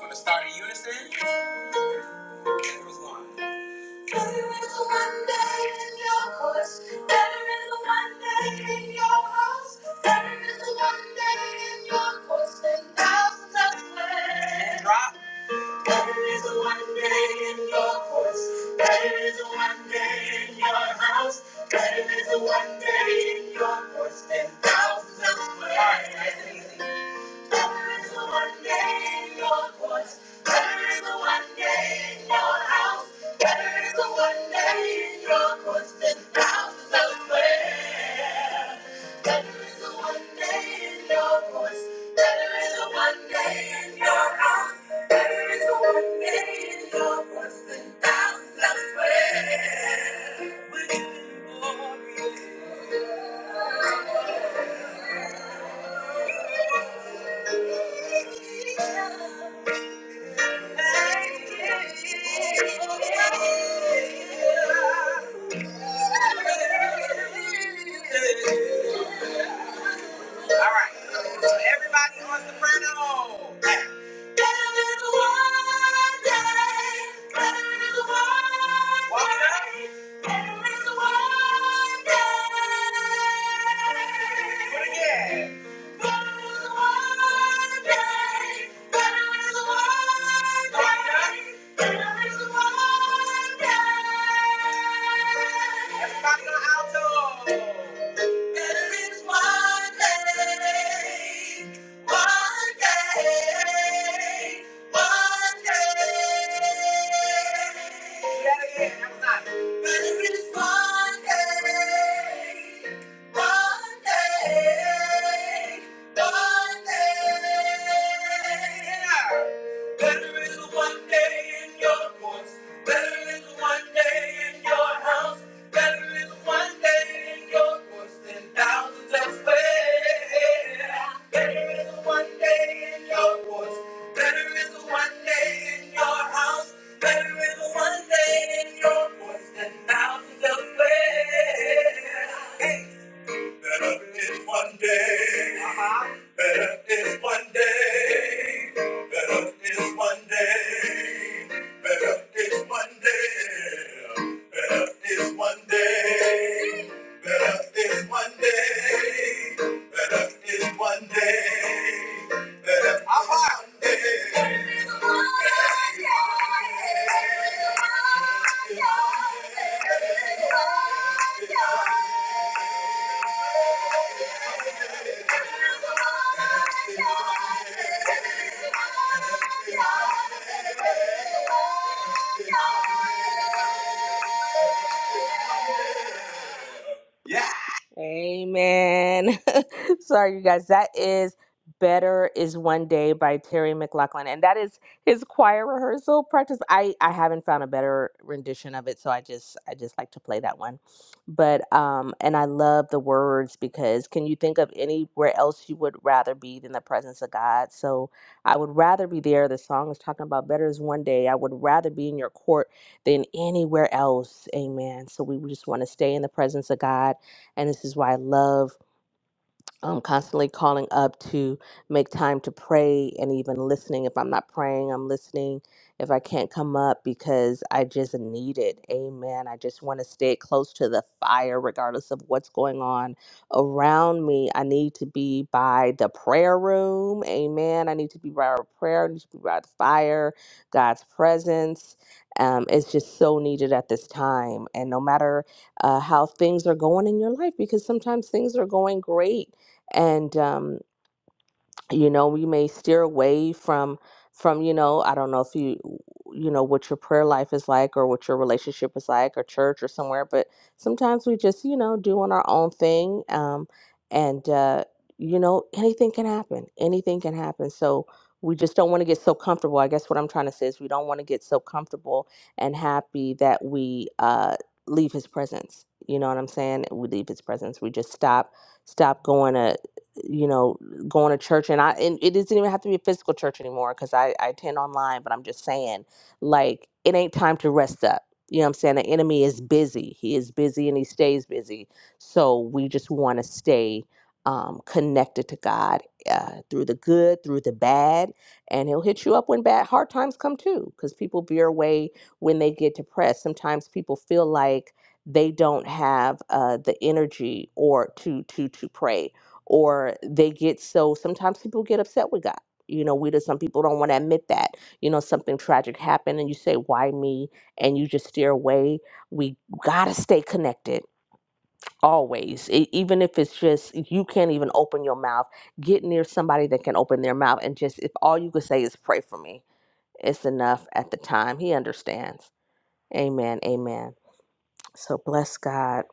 Speaker 12: gonna start in unison. Here's one. Better is a Monday in your courts. Better is a Monday in your house. Better is a Monday in your courts than thousands elsewhere. There is a one day in your courts. There is a one day in your house. There is a one day in your courts. And thousands elsewhere. That's easy. There is a one name, Lord, was. There is a one name, Lord, house. There is a one name, Lord, was. Ten thousands elsewhere. There is a one name, Lord, was. There is a one name, Lord, house. There is a one name, Lord, was. Ten thousands elsewhere. All right. So everybody on soprano. Better is one day. Better is one Walk it up. There is one day. But again. There is one day. There is one day. There is one day. Everybody on alto. There is one day. One day. One day. Say that again. There is one day, one day, one day. Better is one day in your voice. Better is one day in your house. Better is one day in your voice than thousands elsewhere. Better is one day in your voice. Better is one day in your house. Better is one day in your voice than thousands elsewhere. Hey. Better is one day. Uh-huh. Better is one day. Better is one day. Better is one day. Better is one day. Better is one day. Better is one day. Better I'm out. Better is one day. Yeah. Amen. Sorry, you guys. That is Better is One Day by Terry McLaughlin. And that is his choir rehearsal practice. I, I haven't found a better rendition of it, so I just I just like to play that one. But um and I love the words because can you think of anywhere else you would rather be than the presence of God? So I would rather be there. The song is talking about better is one day. I would rather be in your court than anywhere else. Amen. So we just want to stay in the presence of God and this is why I love I'm constantly calling up to make time to pray and even listening. If I'm not praying, I'm listening. If I can't come up because I just need it. Amen. I just want to stay close to the fire regardless of what's going on around me. I need to be by the prayer room. Amen. I need to be by our prayer. I need to be by the fire, God's presence. Um, it's just so needed at this time. And no matter uh, how things are going in your life, because sometimes things are going great and um, you know we may steer away from from you know i don't know if you you know what your prayer life is like or what your relationship is like or church or somewhere but sometimes we just you know doing our own thing um and uh you know anything can happen anything can happen so we just don't want to get so comfortable i guess what i'm trying to say is we don't want to get so comfortable and happy that we uh leave his presence you know what i'm saying we leave his presence we just stop stop going to you know going to church and I and it doesn't even have to be a physical church anymore because I, I attend online, but I'm just saying, like, it ain't time to rest up. You know what I'm saying? The enemy is busy. He is busy and he stays busy. So we just want to stay um, connected to God uh, through the good, through the bad, and he'll hit you up when bad hard times come too, because people veer away when they get depressed. Sometimes people feel like they don't have uh, the energy or to to to pray or they get so sometimes people get upset with God. You know, we do some people don't want to admit that. You know, something tragic happened and you say, Why me? and you just steer away. We gotta stay connected always. E- even if it's just you can't even open your mouth, get near somebody that can open their mouth and just if all you could say is pray for me, it's enough at the time. He understands. Amen. Amen. So bless God.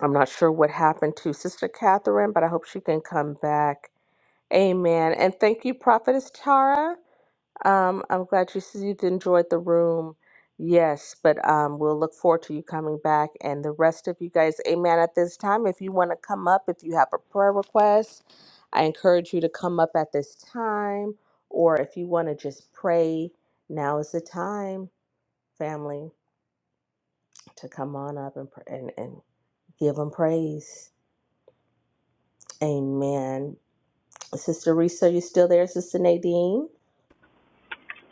Speaker 12: I'm not sure what happened to Sister Catherine, but I hope she can come back Amen. And thank you, Prophetess Tara. Um, I'm glad you said you enjoyed the room. Yes, but um, we'll look forward to you coming back and the rest of you guys. Amen. At this time, if you want to come up, if you have a prayer request, I encourage you to come up at this time. Or if you want to just pray, now is the time, family, to come on up and, pr- and, and give them praise. Amen. Sister Risa, you still there? Sister Nadine?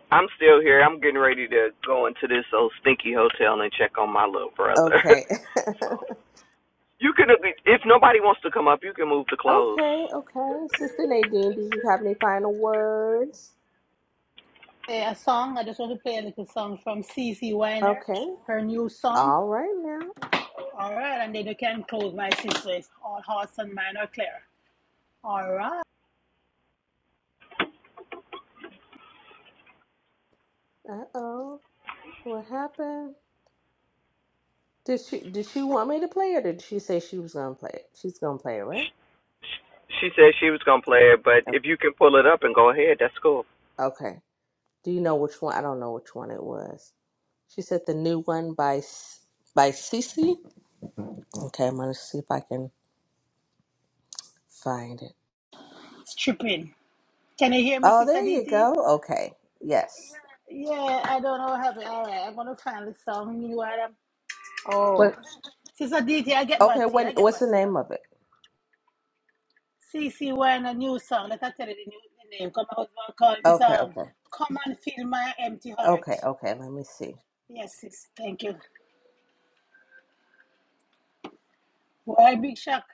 Speaker 5: I'm still here. I'm getting ready to go into this old stinky hotel and check on my little brother.
Speaker 12: Okay.
Speaker 5: so you can, if nobody wants to come up, you can move to close.
Speaker 12: Okay, okay. Sister Nadine, did you have any final words?
Speaker 3: play a song. I just want to play a little song from C. C. Weiner,
Speaker 12: Okay.
Speaker 3: her new song.
Speaker 12: All right now.
Speaker 3: All right, and then you can close my sisters. All hearts and mine are clear. All right,
Speaker 12: Uh oh. What happened? Did she did she want me to play or did she say she was gonna play it? She's gonna play it, right?
Speaker 5: She she said she was gonna play it, but if you can pull it up and go ahead, that's cool.
Speaker 12: Okay. Do you know which one? I don't know which one it was. She said the new one by S- by Cece. Okay, I'm gonna see if I can find it.
Speaker 3: it's tripping. Can you hear me,
Speaker 12: Oh,
Speaker 3: Sister
Speaker 12: there you
Speaker 3: DT?
Speaker 12: go. Okay. Yes.
Speaker 3: Yeah, I don't know how. happened. All right, I'm going to find the song. You know what? I'm- Oh.
Speaker 12: What?
Speaker 3: Sister DT, I get
Speaker 12: Okay.
Speaker 3: back to you. I
Speaker 12: What?
Speaker 3: get
Speaker 12: What's
Speaker 3: back
Speaker 12: the
Speaker 3: to you.
Speaker 12: name of it?
Speaker 3: CC Wine, a new song. Let I tell you the, new, the name. Come, on, husband called. It's
Speaker 12: Okay.
Speaker 3: um,
Speaker 12: Okay.
Speaker 3: Come and Fill My Empty Heart.
Speaker 12: Okay. Okay. Let me see.
Speaker 3: Yes, sis. Thank you. Why, Big Shock?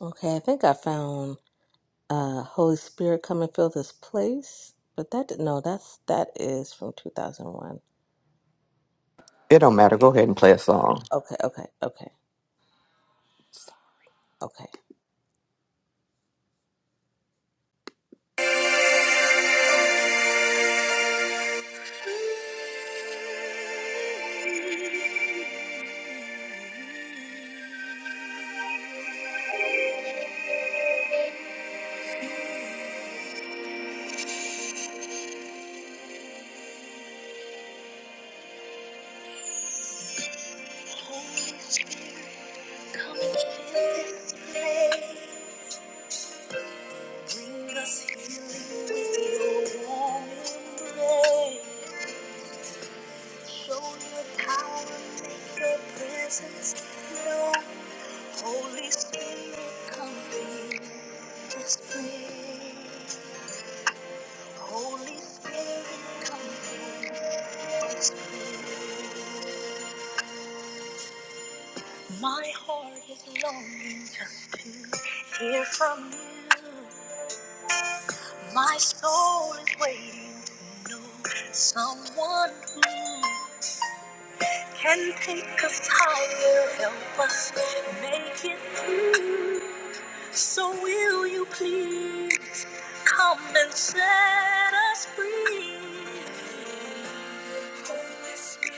Speaker 12: Okay, I think I found uh Holy Spirit come and fill this place, but that did- no, that's that is from 2001.
Speaker 5: It don't matter. Go ahead and play a song.
Speaker 12: Okay, okay, okay, okay. Holy Spirit, come and fill this place. Bring us healing with your warm embrace. Show your power, make your presence known. Holy Spirit, come fill this place. Holy Spirit, come fill My heart is longing just to hear from you. My soul is waiting to know someone who Can think of how you will help us make it through. So will you please come and set us free? Holy Spirit,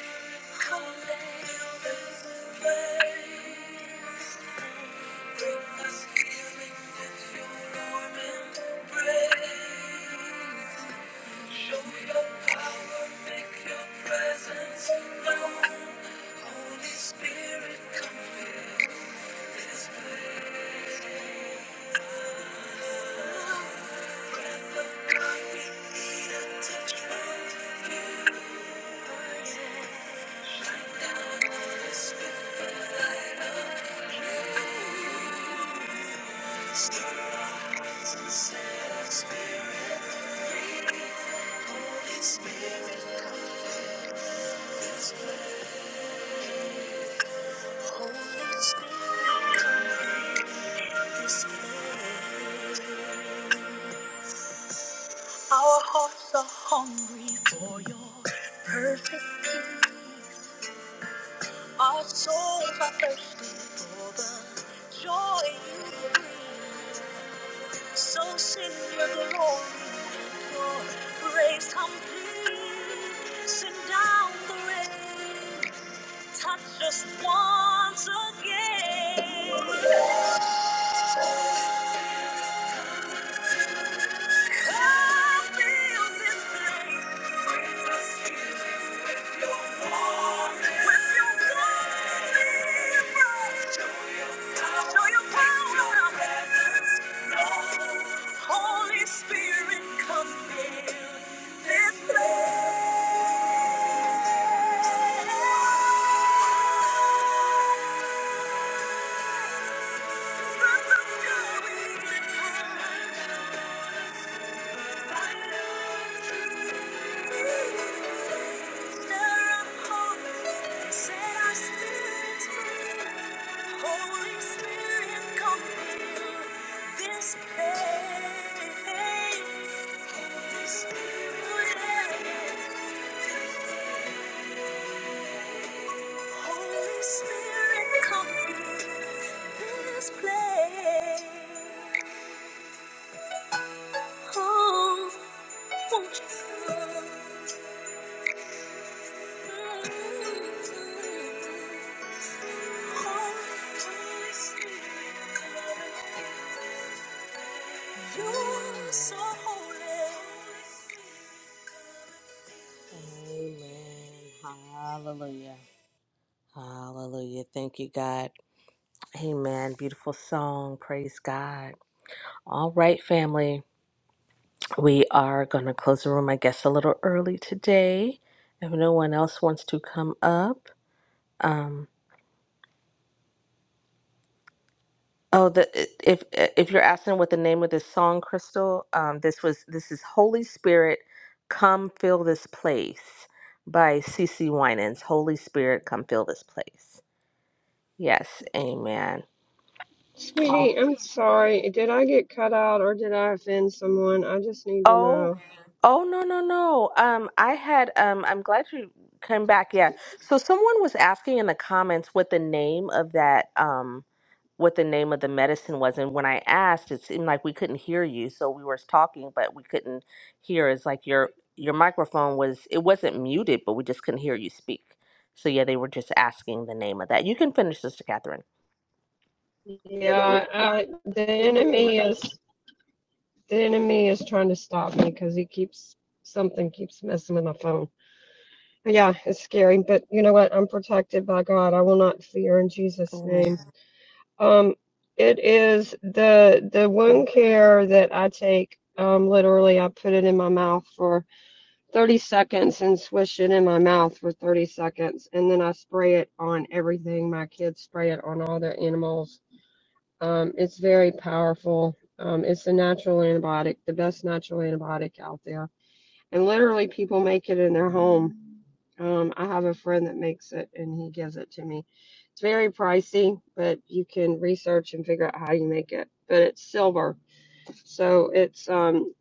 Speaker 12: come and fill this place. Bring us healing with your warm embrace. Show your power, make your presence known. Holy Spirit, come fill this place. We need a touch from you. Shine down on us with the light of Stir our hearts and set our spirit free. Holy Spirit, come fill this place. Our hearts are hungry for your perfect peace. Our souls are thirsty for the joy you bring. So send your glory, your grace complete. Send down the rain, touch us once again. Holy Spirit, come fill this place. This place, oh, won't you come? You're so holy. Amen. Hallelujah. Hallelujah. Thank you, God. Amen. Beautiful song. Praise God. All right, family. We are going to close the room, I guess, a little early today. If no one else wants to come up, um, Oh, the if if you're asking what the name of this song, Crystal, um, this was this is Holy Spirit, come fill this place by C. C. Winans. Holy Spirit, come fill this place. Yes, Amen.
Speaker 14: it. Sweetie, I'm sorry. Did I get cut out or did I offend someone? I just need to
Speaker 12: Oh,
Speaker 14: know.
Speaker 12: oh no, no, no. Um, I had um I'm glad you came back. Yeah. So someone was asking in the comments what the name of that um what the name of the medicine was and when I asked it seemed like we couldn't hear you. So we were talking but we couldn't hear. It's like your your microphone was it wasn't muted, but we just couldn't hear you speak. So yeah, they were just asking the name of that. You can finish, Sister Catherine.
Speaker 14: Yeah, I, the enemy is the enemy is trying to stop me because he keeps something keeps messing with my phone. Yeah, it's scary, but you know what? I'm protected by God. I will not fear in Jesus' name.
Speaker 12: Amen.
Speaker 14: Um, it is the the wound care that I take. Um, literally, I put it in my mouth for 30 seconds and swish it in my mouth for 30 seconds, and then I spray it on everything. My kids spray it on all their animals. Um, it's very powerful. Um, it's a natural antibiotic, the best natural antibiotic out there. And literally, people make it in their home. Um, I have a friend that makes it and he gives it to me. It's very pricey, but you can research and figure out how you make it. But it's silver. So it's um,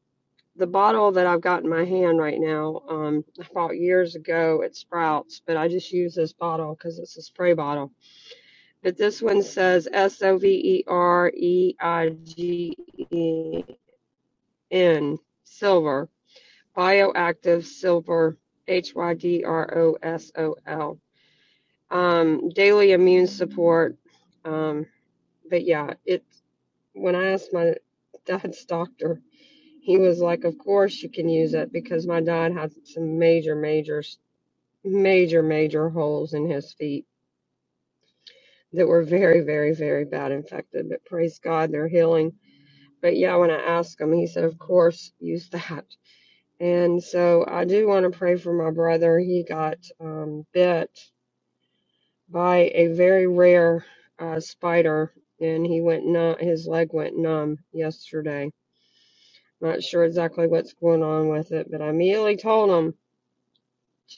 Speaker 14: the bottle that I've got in my hand right now. Um, I bought years ago at Sprouts, but I just use this bottle because it's a spray bottle. But this one says S O V E R E I G E N, silver, bioactive silver, H Y D R O S O L. um, daily immune support. Um, but yeah, it when I asked my dad's doctor, he was like, "Of course you can use it," because my dad had some major, major, major, major holes in his feet that were very, very, very bad infected. But praise God, they're healing. But yeah, when I asked him, he said, "Of course, use that." And so I do want to pray for my brother. He got um, bit by a very rare uh, spider, and he went numb. His leg went numb yesterday. Not sure exactly what's going on with it, but I immediately told him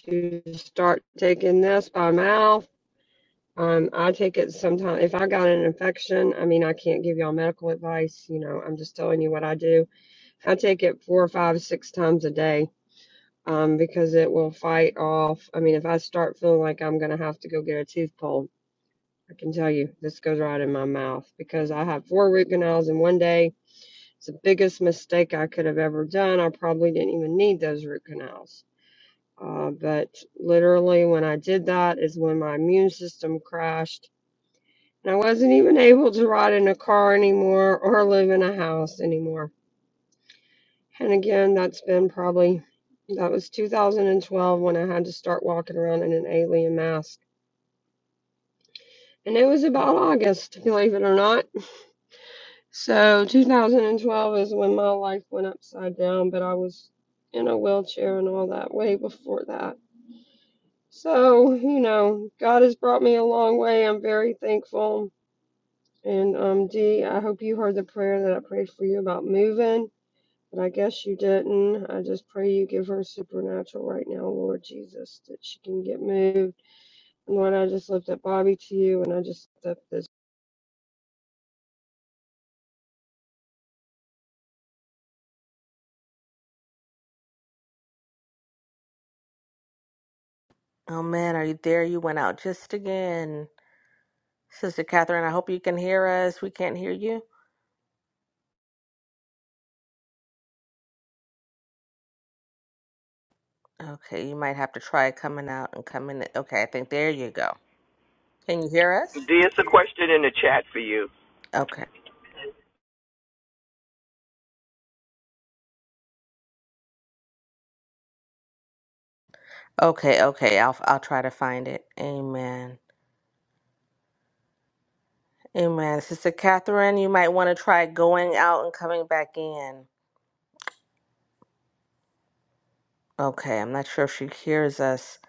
Speaker 14: to start taking this by mouth. Um, I take it sometimes. If I got an infection, I mean, I can't give y'all medical advice. You know, I'm just telling you what I do. I take it four or five, six times a day um, because it will fight off. I mean, if I start feeling like I'm going to have to go get a tooth pulled I can tell you this goes right in my mouth because I had four root canals in one day. It's the biggest mistake I could have ever done. I probably didn't even need those root canals. Uh, but literally, when I did that, is when my immune system crashed. And I wasn't even able to ride in a car anymore or live in a house anymore. And again, that's been probably, that was 2012 when I had to start walking around in an alien mask. And it was about August, believe it or not So 2012 is when my life went upside down, but I was in a wheelchair and all that way before that. So, you know, God has brought me a long way. I'm very thankful. And um Dee, I hope you heard the prayer that I prayed for you about moving, but I guess you didn't. I just pray you give her supernatural right now, Lord Jesus, that she can get moved. And Lord, I just lift up Bobby to you and I just lift up this.
Speaker 12: Oh man, are you there? You went out just again. Sister Catherine, I hope you can hear us. We can't hear you. Okay, you might have to try coming out and coming in. Okay, I think there you go. Can you hear us?
Speaker 5: There's a question in the chat for you.
Speaker 12: Okay. Okay, okay. I'll I'll try to find it. Amen. Amen. Sister Catherine, you might want to try going out and coming back in. Okay, I'm not sure if she hears us.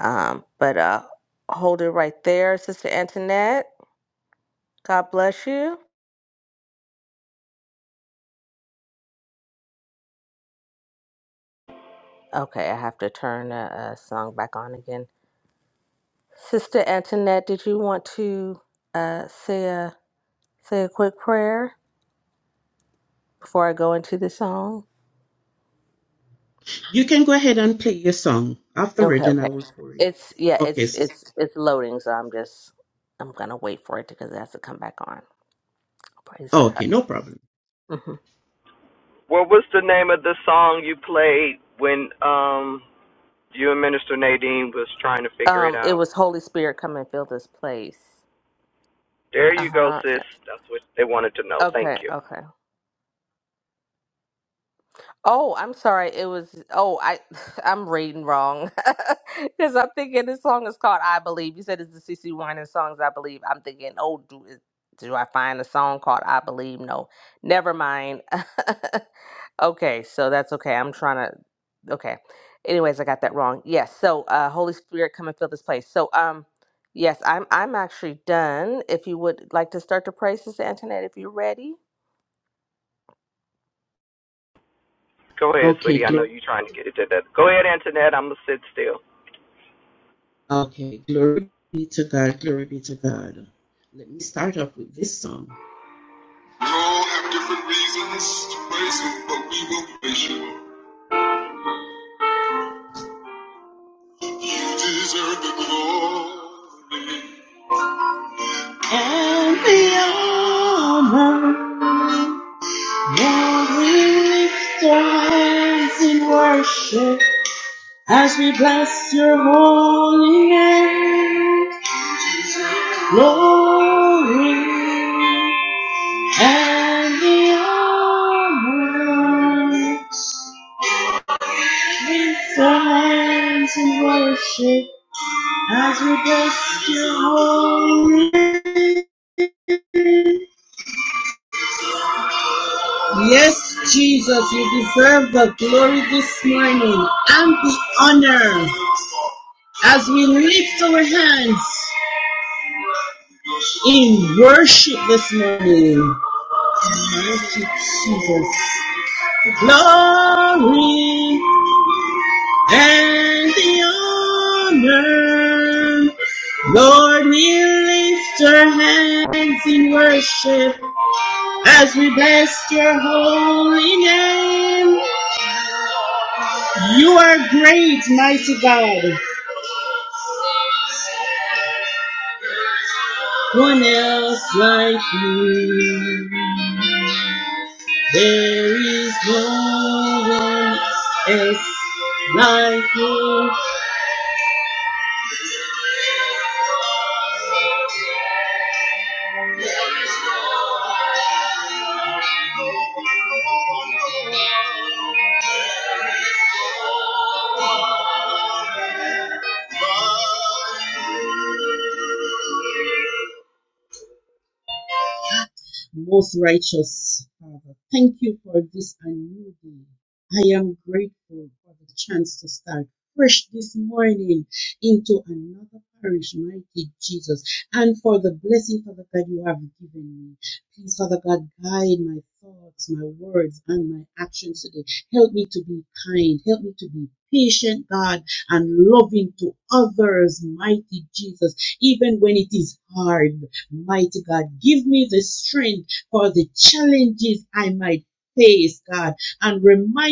Speaker 12: Um, but uh hold it right there, Sister Antoinette. God bless you. Okay, I have to turn the uh, song back on again. Sister Antoinette, did you want to uh, say a say a quick prayer before I go into the song?
Speaker 15: You can go ahead and play your song. Afterward,
Speaker 12: Okay,
Speaker 15: then I
Speaker 12: okay.
Speaker 15: will pour it.
Speaker 12: It's yeah,
Speaker 15: Okay,
Speaker 12: it's
Speaker 15: sis.
Speaker 12: it's it's loading, so I'm just I'm gonna wait for it because it has to come back on. Praise
Speaker 15: Oh,
Speaker 12: God.
Speaker 15: okay, no problem.
Speaker 12: hmm
Speaker 5: What was the name of the song you played when um you and Minister Nadine was trying to figure it
Speaker 12: Um, it
Speaker 5: out?
Speaker 12: was Holy Spirit come and fill this place.
Speaker 5: There
Speaker 12: Uh
Speaker 5: you go,
Speaker 12: huh.
Speaker 5: sis. That's what they wanted to know. Thank
Speaker 12: Okay,
Speaker 5: you.
Speaker 12: okay. Oh, I'm sorry. It was oh, I I'm reading wrong because I'm thinking this song is called "I Believe." You said it's the CC Winans songs. I believe. I'm thinking, oh, do is- do I find a song called "I Believe"? No, never mind. okay, so that's okay. I'm trying to. Okay, anyways, I got that wrong. Yes. So, uh, Holy Spirit, come and fill this place. So, um, yes, I'm I'm actually done. If you would like to start the praise, Sister Antoinette, if you're ready.
Speaker 5: Go ahead,
Speaker 15: Okay,
Speaker 5: sweetie. I know
Speaker 15: glory.
Speaker 5: you're trying to get it to that. Go ahead, Antoinette. I'm gonna sit still.
Speaker 15: Okay, glory be to God. Glory be to God. Let me start off with this song. We all have different reasons to praise Him, but we will praise You. You deserve the glory and the honor. Now we stand in worship. As we bless your holy name, glory and the honor, lift our hands in worship as we bless your holy name. Yes, Jesus, you deserve the glory this morning and the honor as we lift our hands in worship this morning. Glory and the honor. Lord, we lift our hands in worship as we bless your holy name. You are great, mighty God. One else like you. There is no one else like you. no, no, no. Most righteous Father, thank you for this a new day. I am grateful for the chance to start fresh this morning into another parish, mighty Jesus, and for the blessing, Father God, you have given me. Please, Father God, guide my thoughts, my words, and my actions today. Help me to be kind. Help me to be patient, God, and loving to others, mighty Jesus, even when it is hard. Mighty God, give me the strength for the challenges I might face, God, and remind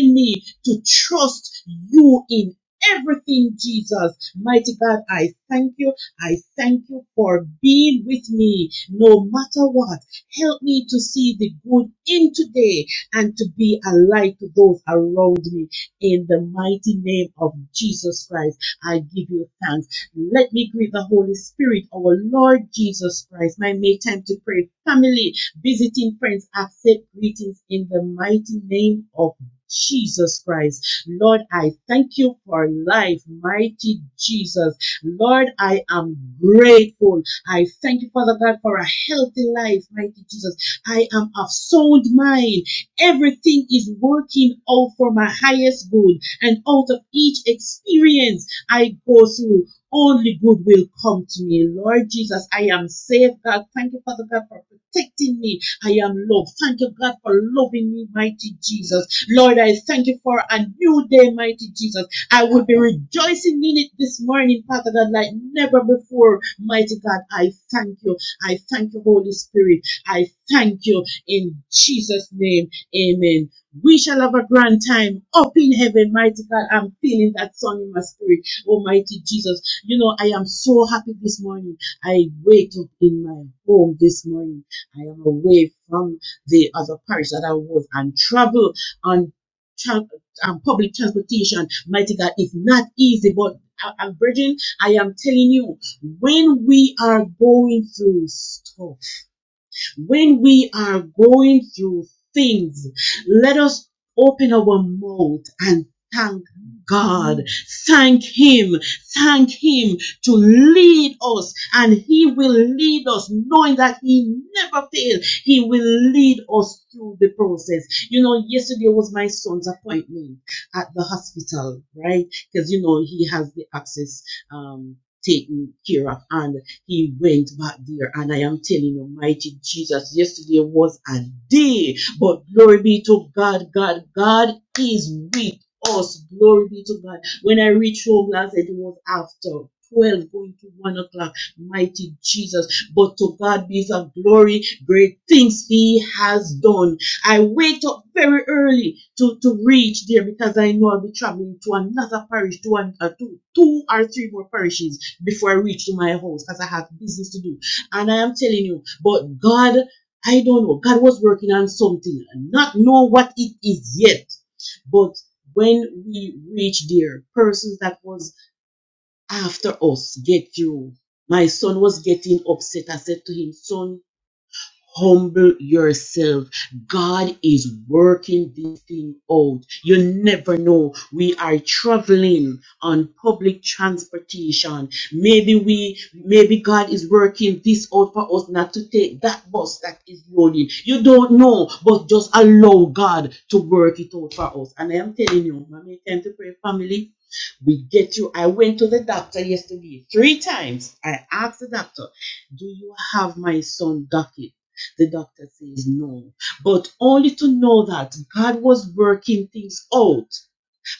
Speaker 15: to trust you in everything, Jesus. Mighty God, I thank you. I thank you for being with me no matter what. Help me to see the good in today and to be a light to those around me. In the mighty name of Jesus Christ, I give you thanks. Let me greet the Holy Spirit, our Lord Jesus Christ. My May time to pray. Family, visiting friends, accept greetings in the mighty name of Jesus Christ. Lord, I thank you for life, mighty Jesus. Lord, I am grateful. I thank you, Father God, for a healthy life, mighty Jesus. I am of sound mind. Everything is working out for my highest good, and out of each experience I go through, only good will come to me. Lord Jesus, I am saved, God. Thank you, Father God, for protecting me. I am loved. Thank you, God, for loving me, mighty Jesus. Lord, I thank you for a new day, mighty Jesus. I will be rejoicing in it this morning, Father God, like never before. Mighty God, I thank you. I thank you, Holy Spirit. I thank you in Jesus' name. Amen. We shall have a grand time up in heaven, mighty God. I'm feeling that song in my spirit, Almighty Jesus. You know, I am so happy this morning. I wake up in my home this morning. I am away from the other parish that I was and travel on tran- um, public transportation. Mighty God, it's not easy, but I, I'm Virgin. I am telling you, when we are going through stuff, when we are going through things, let us open our mouth and thank God. Thank Him. Thank Him to lead us, and He will lead us, knowing that He never fails. He will lead us through the process. You know, yesterday was my son's appointment at the hospital, right? Because you know he has the access um, taken care of, and. He went back there, and I am telling you, mighty Jesus, yesterday was a day, but glory be to God, God, God is with us. Glory be to God. When I reached home last night, it was after. 12 going to 1 o'clock, mighty Jesus. But to God be the glory, great things He has done. I wake up very early to, to reach there because I know I'll be traveling to another parish, to, an, uh, to two or three more parishes before I reach to my house because I have business to do. And I am telling you, but God, I don't know. God was working on something, not know what it is yet. But when we reach there, persons that was after us get through. My son was getting upset. I said to him, son, Humble yourself. God is working this thing out. You never know. We are traveling on public transportation. Maybe we, maybe God is working this out for us not to take that bus that is loaded. You don't know, but just allow God to work it out for us. And I am telling you, mommy, time to pray, family. We get through. I went to the doctor yesterday three times. I asked the doctor, "Do you have my son docket?" the doctor says no. But only to know that God was working things out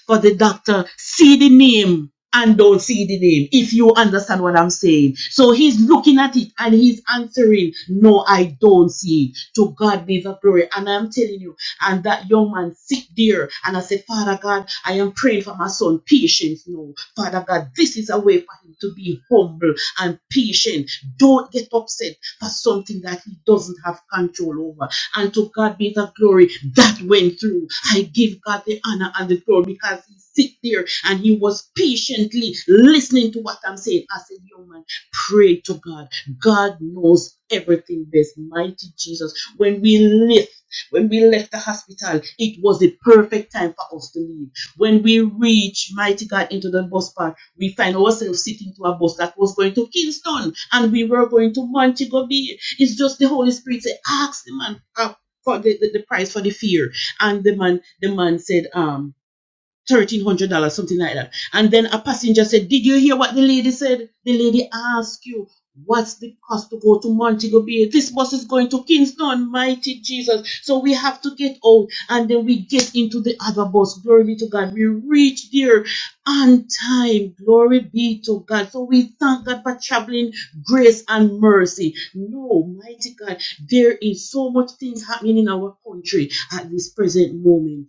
Speaker 15: for the doctor. See the name and don't see the name, if you understand what I'm saying. So he's looking at it and he's answering, No, I don't see it. To God be the glory. And I'm telling you, and that young man sit there and I said, Father God, I am praying for my son patience now. Father God. This is a way for him to be humble and patient. Don't get upset for something that he doesn't have control over. And to God be the glory that went through. I give God the honor and the glory because he sit there and he was patiently listening to what I'm saying. I said, young man, pray to God. God knows everything best. Mighty Jesus. When we lift, when we left the hospital, it was the perfect time for us to leave. When we reached mighty God, into the bus park, we find ourselves sitting to a bus that was going to Kingston and we were going to Montego Bay. It's just the Holy Spirit said, ask the man uh, for the, the, the price for the fear. And the man, the man said, um, thirteen hundred dollars, something like that. And then a passenger said, "Did you hear what the lady said? The lady asked you." What's the cost to go to Montego Bay? This bus is going to Kingston, mighty Jesus. So we have to get out and then we get into the other bus. Glory be to God. We reach there on time. Glory be to God. So we thank God for traveling grace and mercy. No, mighty God, there is so much things happening in our country at this present moment.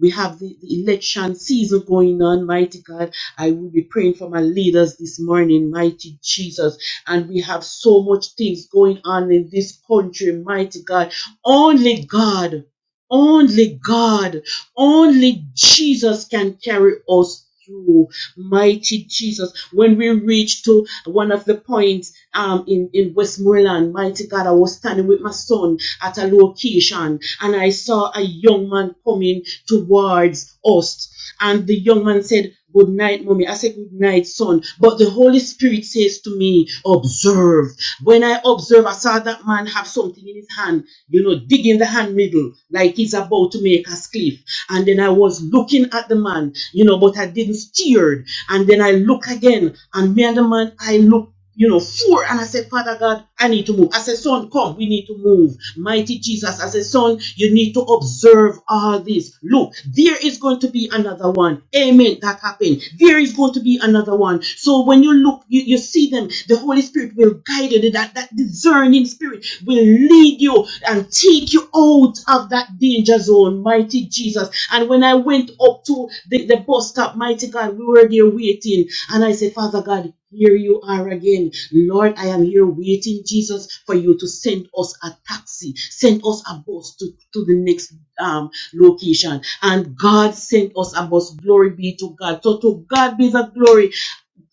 Speaker 15: We have the, the election season going on, mighty God. I will be praying for my leaders this morning, mighty Jesus. And we have so much things going on in this country, mighty God. Only God, only God, only Jesus can carry us through, mighty Jesus. When we reach to one of the points um, in, in Westmoreland, mighty God, I was standing with my son at a location and I saw a young man coming towards us. And the young man said, Good night, mommy. I said, Good night, son. But the Holy Spirit says to me, Observe. When I observe, I saw that man have something in his hand, you know, digging the hand middle, like he's about to make a cliff. And then I was looking at the man, you know, but I didn't steer. And then I look again, and me and the man, I look you know, four. And I said, Father God, I need to move. I said, Son, come, we need to move. Mighty Jesus, I said, Son, you need to observe all this. Look, there is going to be another one. Amen. That happened. There is going to be another one. So when you look, you, you see them, the Holy Spirit will guide you. That, that discerning spirit will lead you and take you out of that danger zone. Mighty Jesus. And when I went up to the, the bus stop, mighty God, we were there waiting. And I said, Father God, here you are again. Lord, I am here waiting, Jesus, for you to send us a taxi, send us a bus to, to the next um, location. And God sent us a bus. Glory be to God. So to God be the glory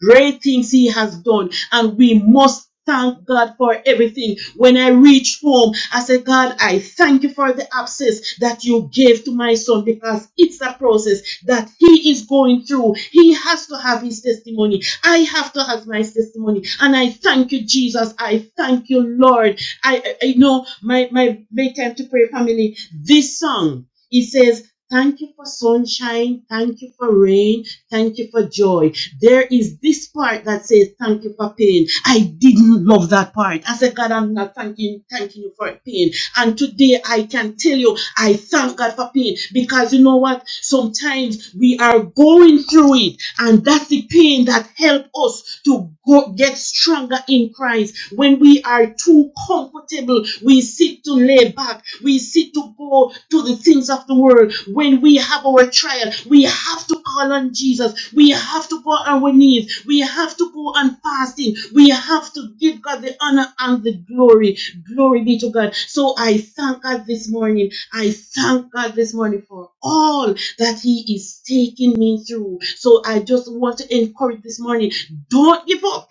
Speaker 15: great things he has done and we must thank God for everything. When I reached home, I said, God, I thank you for the abscess that you gave to my son because it's a process that he is going through. He has to have his testimony. I have to have my testimony. And I thank you, Jesus. I thank you, Lord. I, I, I know my, my, my time to pray family, this song, it says, Thank you for sunshine. Thank you for rain. Thank you for joy. There is this part that says, Thank you for pain. I didn't love that part. I said, God, I'm not thanking, thanking you for pain. And today I can tell you, I thank God for pain because you know what? Sometimes we are going through it, and that's the pain that helps us to go, get stronger in Christ. Christ. When we are too comfortable, we seek to lay back. We seek to go to the things of the world. When we have our trial, we have to call on Jesus. We have to go on our knees. We have to go on fasting. We have to give God the honor and the glory. Glory be to God. So I thank God this morning. I thank God this morning for all that He is taking me through. So I just want to encourage this morning don't give up.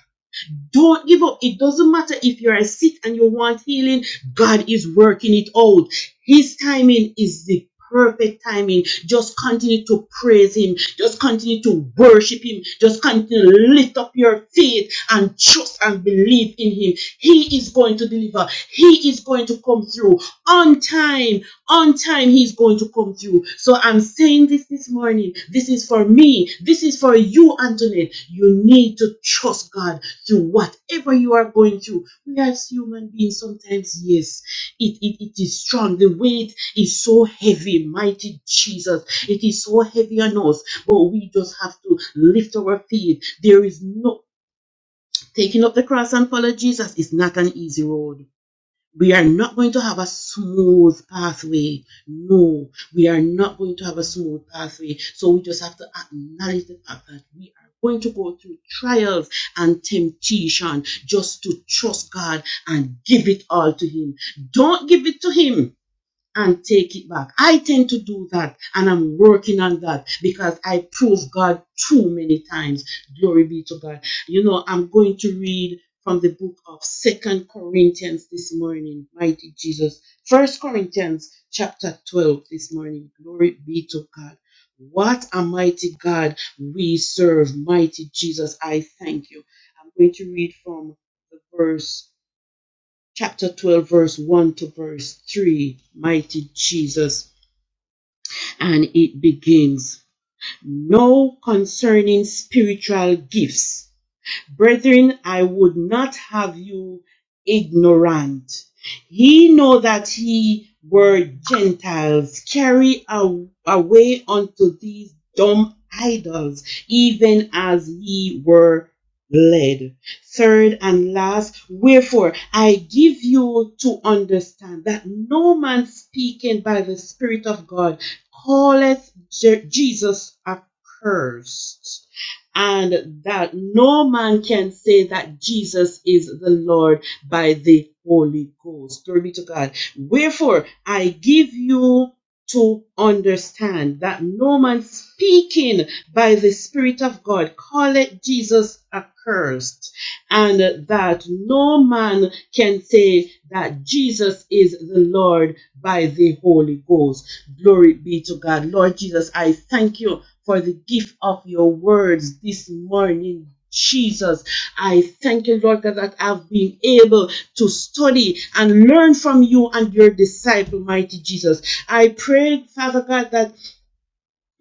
Speaker 15: Don't give up. It doesn't matter if you're sick and you want healing, God is working it out. His timing is the perfect timing. Just continue to praise Him, just continue to worship Him, just continue to lift up your faith and trust and believe in Him. He is going to deliver, He is going to come through on time. On time, He's going to come through. So I'm saying this this morning. This is for me, this is for you, Antoinette. You need to trust God to whatever you are going through. We as human beings, sometimes, yes, it, it, it is strong. The weight is so heavy, mighty Jesus. It is so heavy on us, but we just have to lift our feet. There is no taking up the cross and follow Jesus is not an easy road we are not going to have a smooth pathway. No, we are not going to have a smooth pathway. So we just have to acknowledge the fact that we are going to go through trials and temptation just to trust God and give it all to Him. Don't give it to Him and take it back. I tend to do that and I'm working on that because I proved God too many times. Glory be to God. You know, I'm going to read from the book of Second Corinthians this morning. Mighty Jesus. First Corinthians chapter 12 this morning. Glory be to God. What a mighty God we serve. Mighty Jesus, I thank you. I'm going to read from the verse chapter 12 verse 1 to verse 3 mighty jesus and it begins. No concerning spiritual gifts. Brethren, I would not have you ignorant. Ye know that ye were Gentiles, carried away unto these dumb idols, even as ye were led. Third and last, wherefore I give you to understand that no man speaking by the Spirit of God calleth Jesus accursed and that no man can say that Jesus is the Lord by the Holy Ghost. Glory be to God. Wherefore, I give you to understand that no man speaking by the Spirit of God calleth Jesus accursed, and that no man can say that Jesus is the Lord by the Holy Ghost. Glory be to God. Lord Jesus, I thank you for the gift gift of your words this morning. Jesus, I thank you, Lord, that I've been able to study and learn from you and your disciple, mighty Jesus. I pray, Father God, that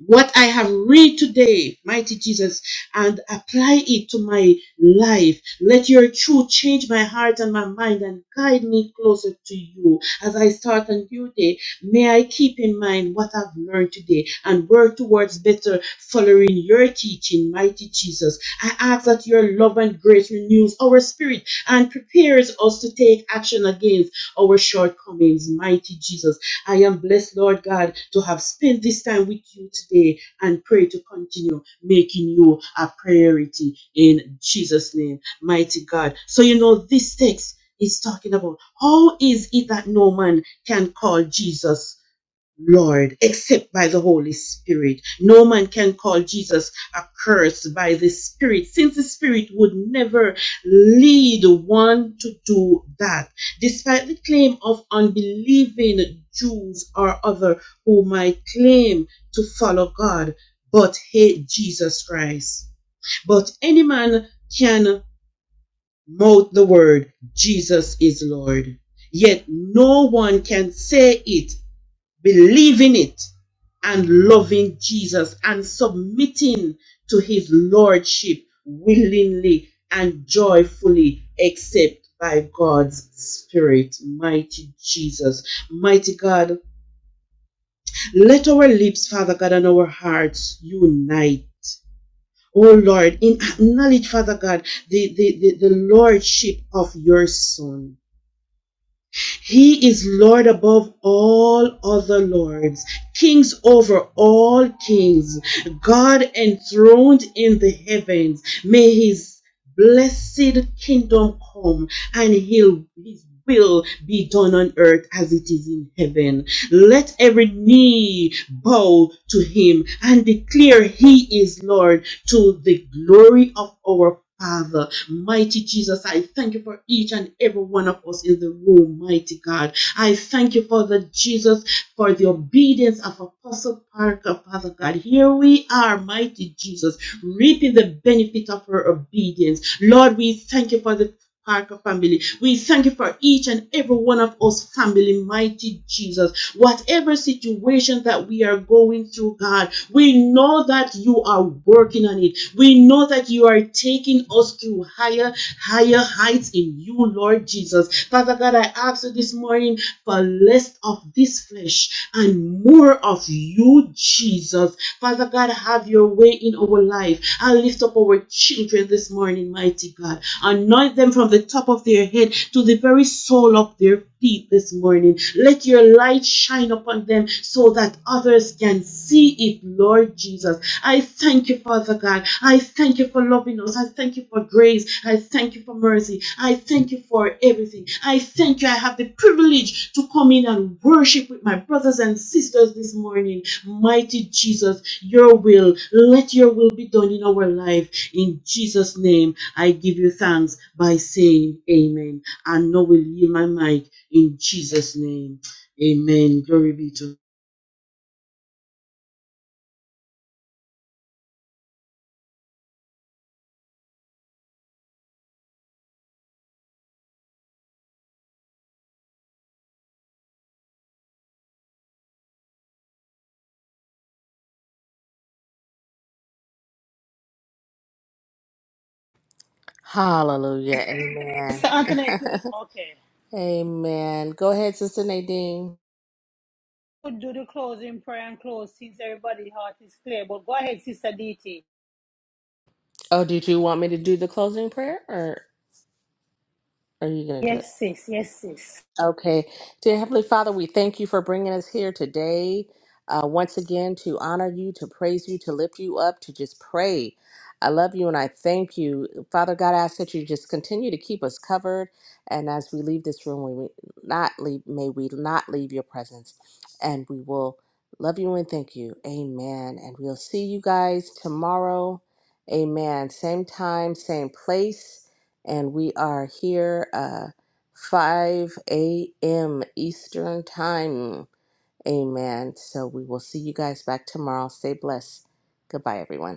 Speaker 15: what I have read today, mighty Jesus, and apply it to my life. Let your truth change my heart and my mind and guide me closer to you. As I start a new day, may I keep in mind what I've learned today and work towards better following your teaching, mighty Jesus. I ask that your love and grace renews our spirit and prepares us to take action against our shortcomings, mighty Jesus. I am blessed, Lord God, to have spent this time with you today and pray to continue making you a priority in Jesus' name, mighty God. So, you know, this text is talking about how is it that no man can call Jesus Lord, except by the Holy Spirit. No man can call Jesus accursed by the Spirit, since the Spirit would never lead one to do that. Despite the claim of unbelieving Jews or other who might claim to follow God but hate Jesus Christ. But any man can mouth the word, Jesus is Lord. Yet no one can say it, believe in it and loving Jesus and submitting to his lordship willingly and joyfully, except by God's Spirit. Mighty Jesus, mighty God, let our lips, Father God, and our hearts unite. Oh Lord, in acknowledge, Father God, the, the, the, the lordship of your Son. He is Lord above all other lords, kings over all kings, God enthroned in the heavens. May his blessed kingdom come and he'll, his will be done on earth as it is in heaven. Let every knee bow to him and declare he is Lord to the glory of our Father, mighty Jesus, I thank you for each and every one of us in the room, mighty God. I thank you, Father Jesus, for the obedience of Apostle Parker, Father God. Here we are, mighty Jesus, reaping the benefit of her obedience. Lord, we thank you for the Parker family. We thank you for each and every one of us, family, mighty Jesus. Whatever situation that we are going through, God, we know that you are working on it. We know that you are taking us to higher, higher heights in you, Lord Jesus. Father God, I ask you this morning for less of this flesh and more of you, Jesus. Father God, have your way in our life. I lift up our children this morning, mighty God. Anoint them from the top of their head to the very sole of their feet this morning. Let your light shine upon them so that others can see it, Lord Jesus. I thank you, Father God. I thank you for loving us. I thank you for grace. I thank you for mercy. I thank you for everything. I thank you. I have the privilege to come in and worship with my brothers and sisters this morning. Mighty Jesus, your will. Let your will be done in our life. In Jesus' name. I give you thanks by saying amen. And now we'll yield my mic in Jesus' name. Amen. Glory be to
Speaker 12: Hallelujah. Amen.
Speaker 3: Mister Anthony? do it. Okay.
Speaker 12: Amen. Go ahead, Sister Nadine.
Speaker 3: Could do the closing prayer and close since everybody's heart is clear. But go ahead, Sister DT.
Speaker 12: Oh, did you want me to do the closing prayer or are you going to do it?
Speaker 3: Yes, sis. Yes, sis.
Speaker 12: Okay. Dear Heavenly Father, we thank you for bringing us here today, uh, once again, to honor you, to praise you, to lift you up, to just pray. I love you and I thank you. Father God, I ask that you just continue to keep us covered. And as we leave this room, we will not leave, may we not leave your presence. And we will love you and thank you. Amen. And we'll see you guys tomorrow. Amen. Same time, same place. And we are here. Uh, 5 a.m. Eastern Time. Amen. So we will see you guys back tomorrow. Stay blessed. Goodbye, everyone.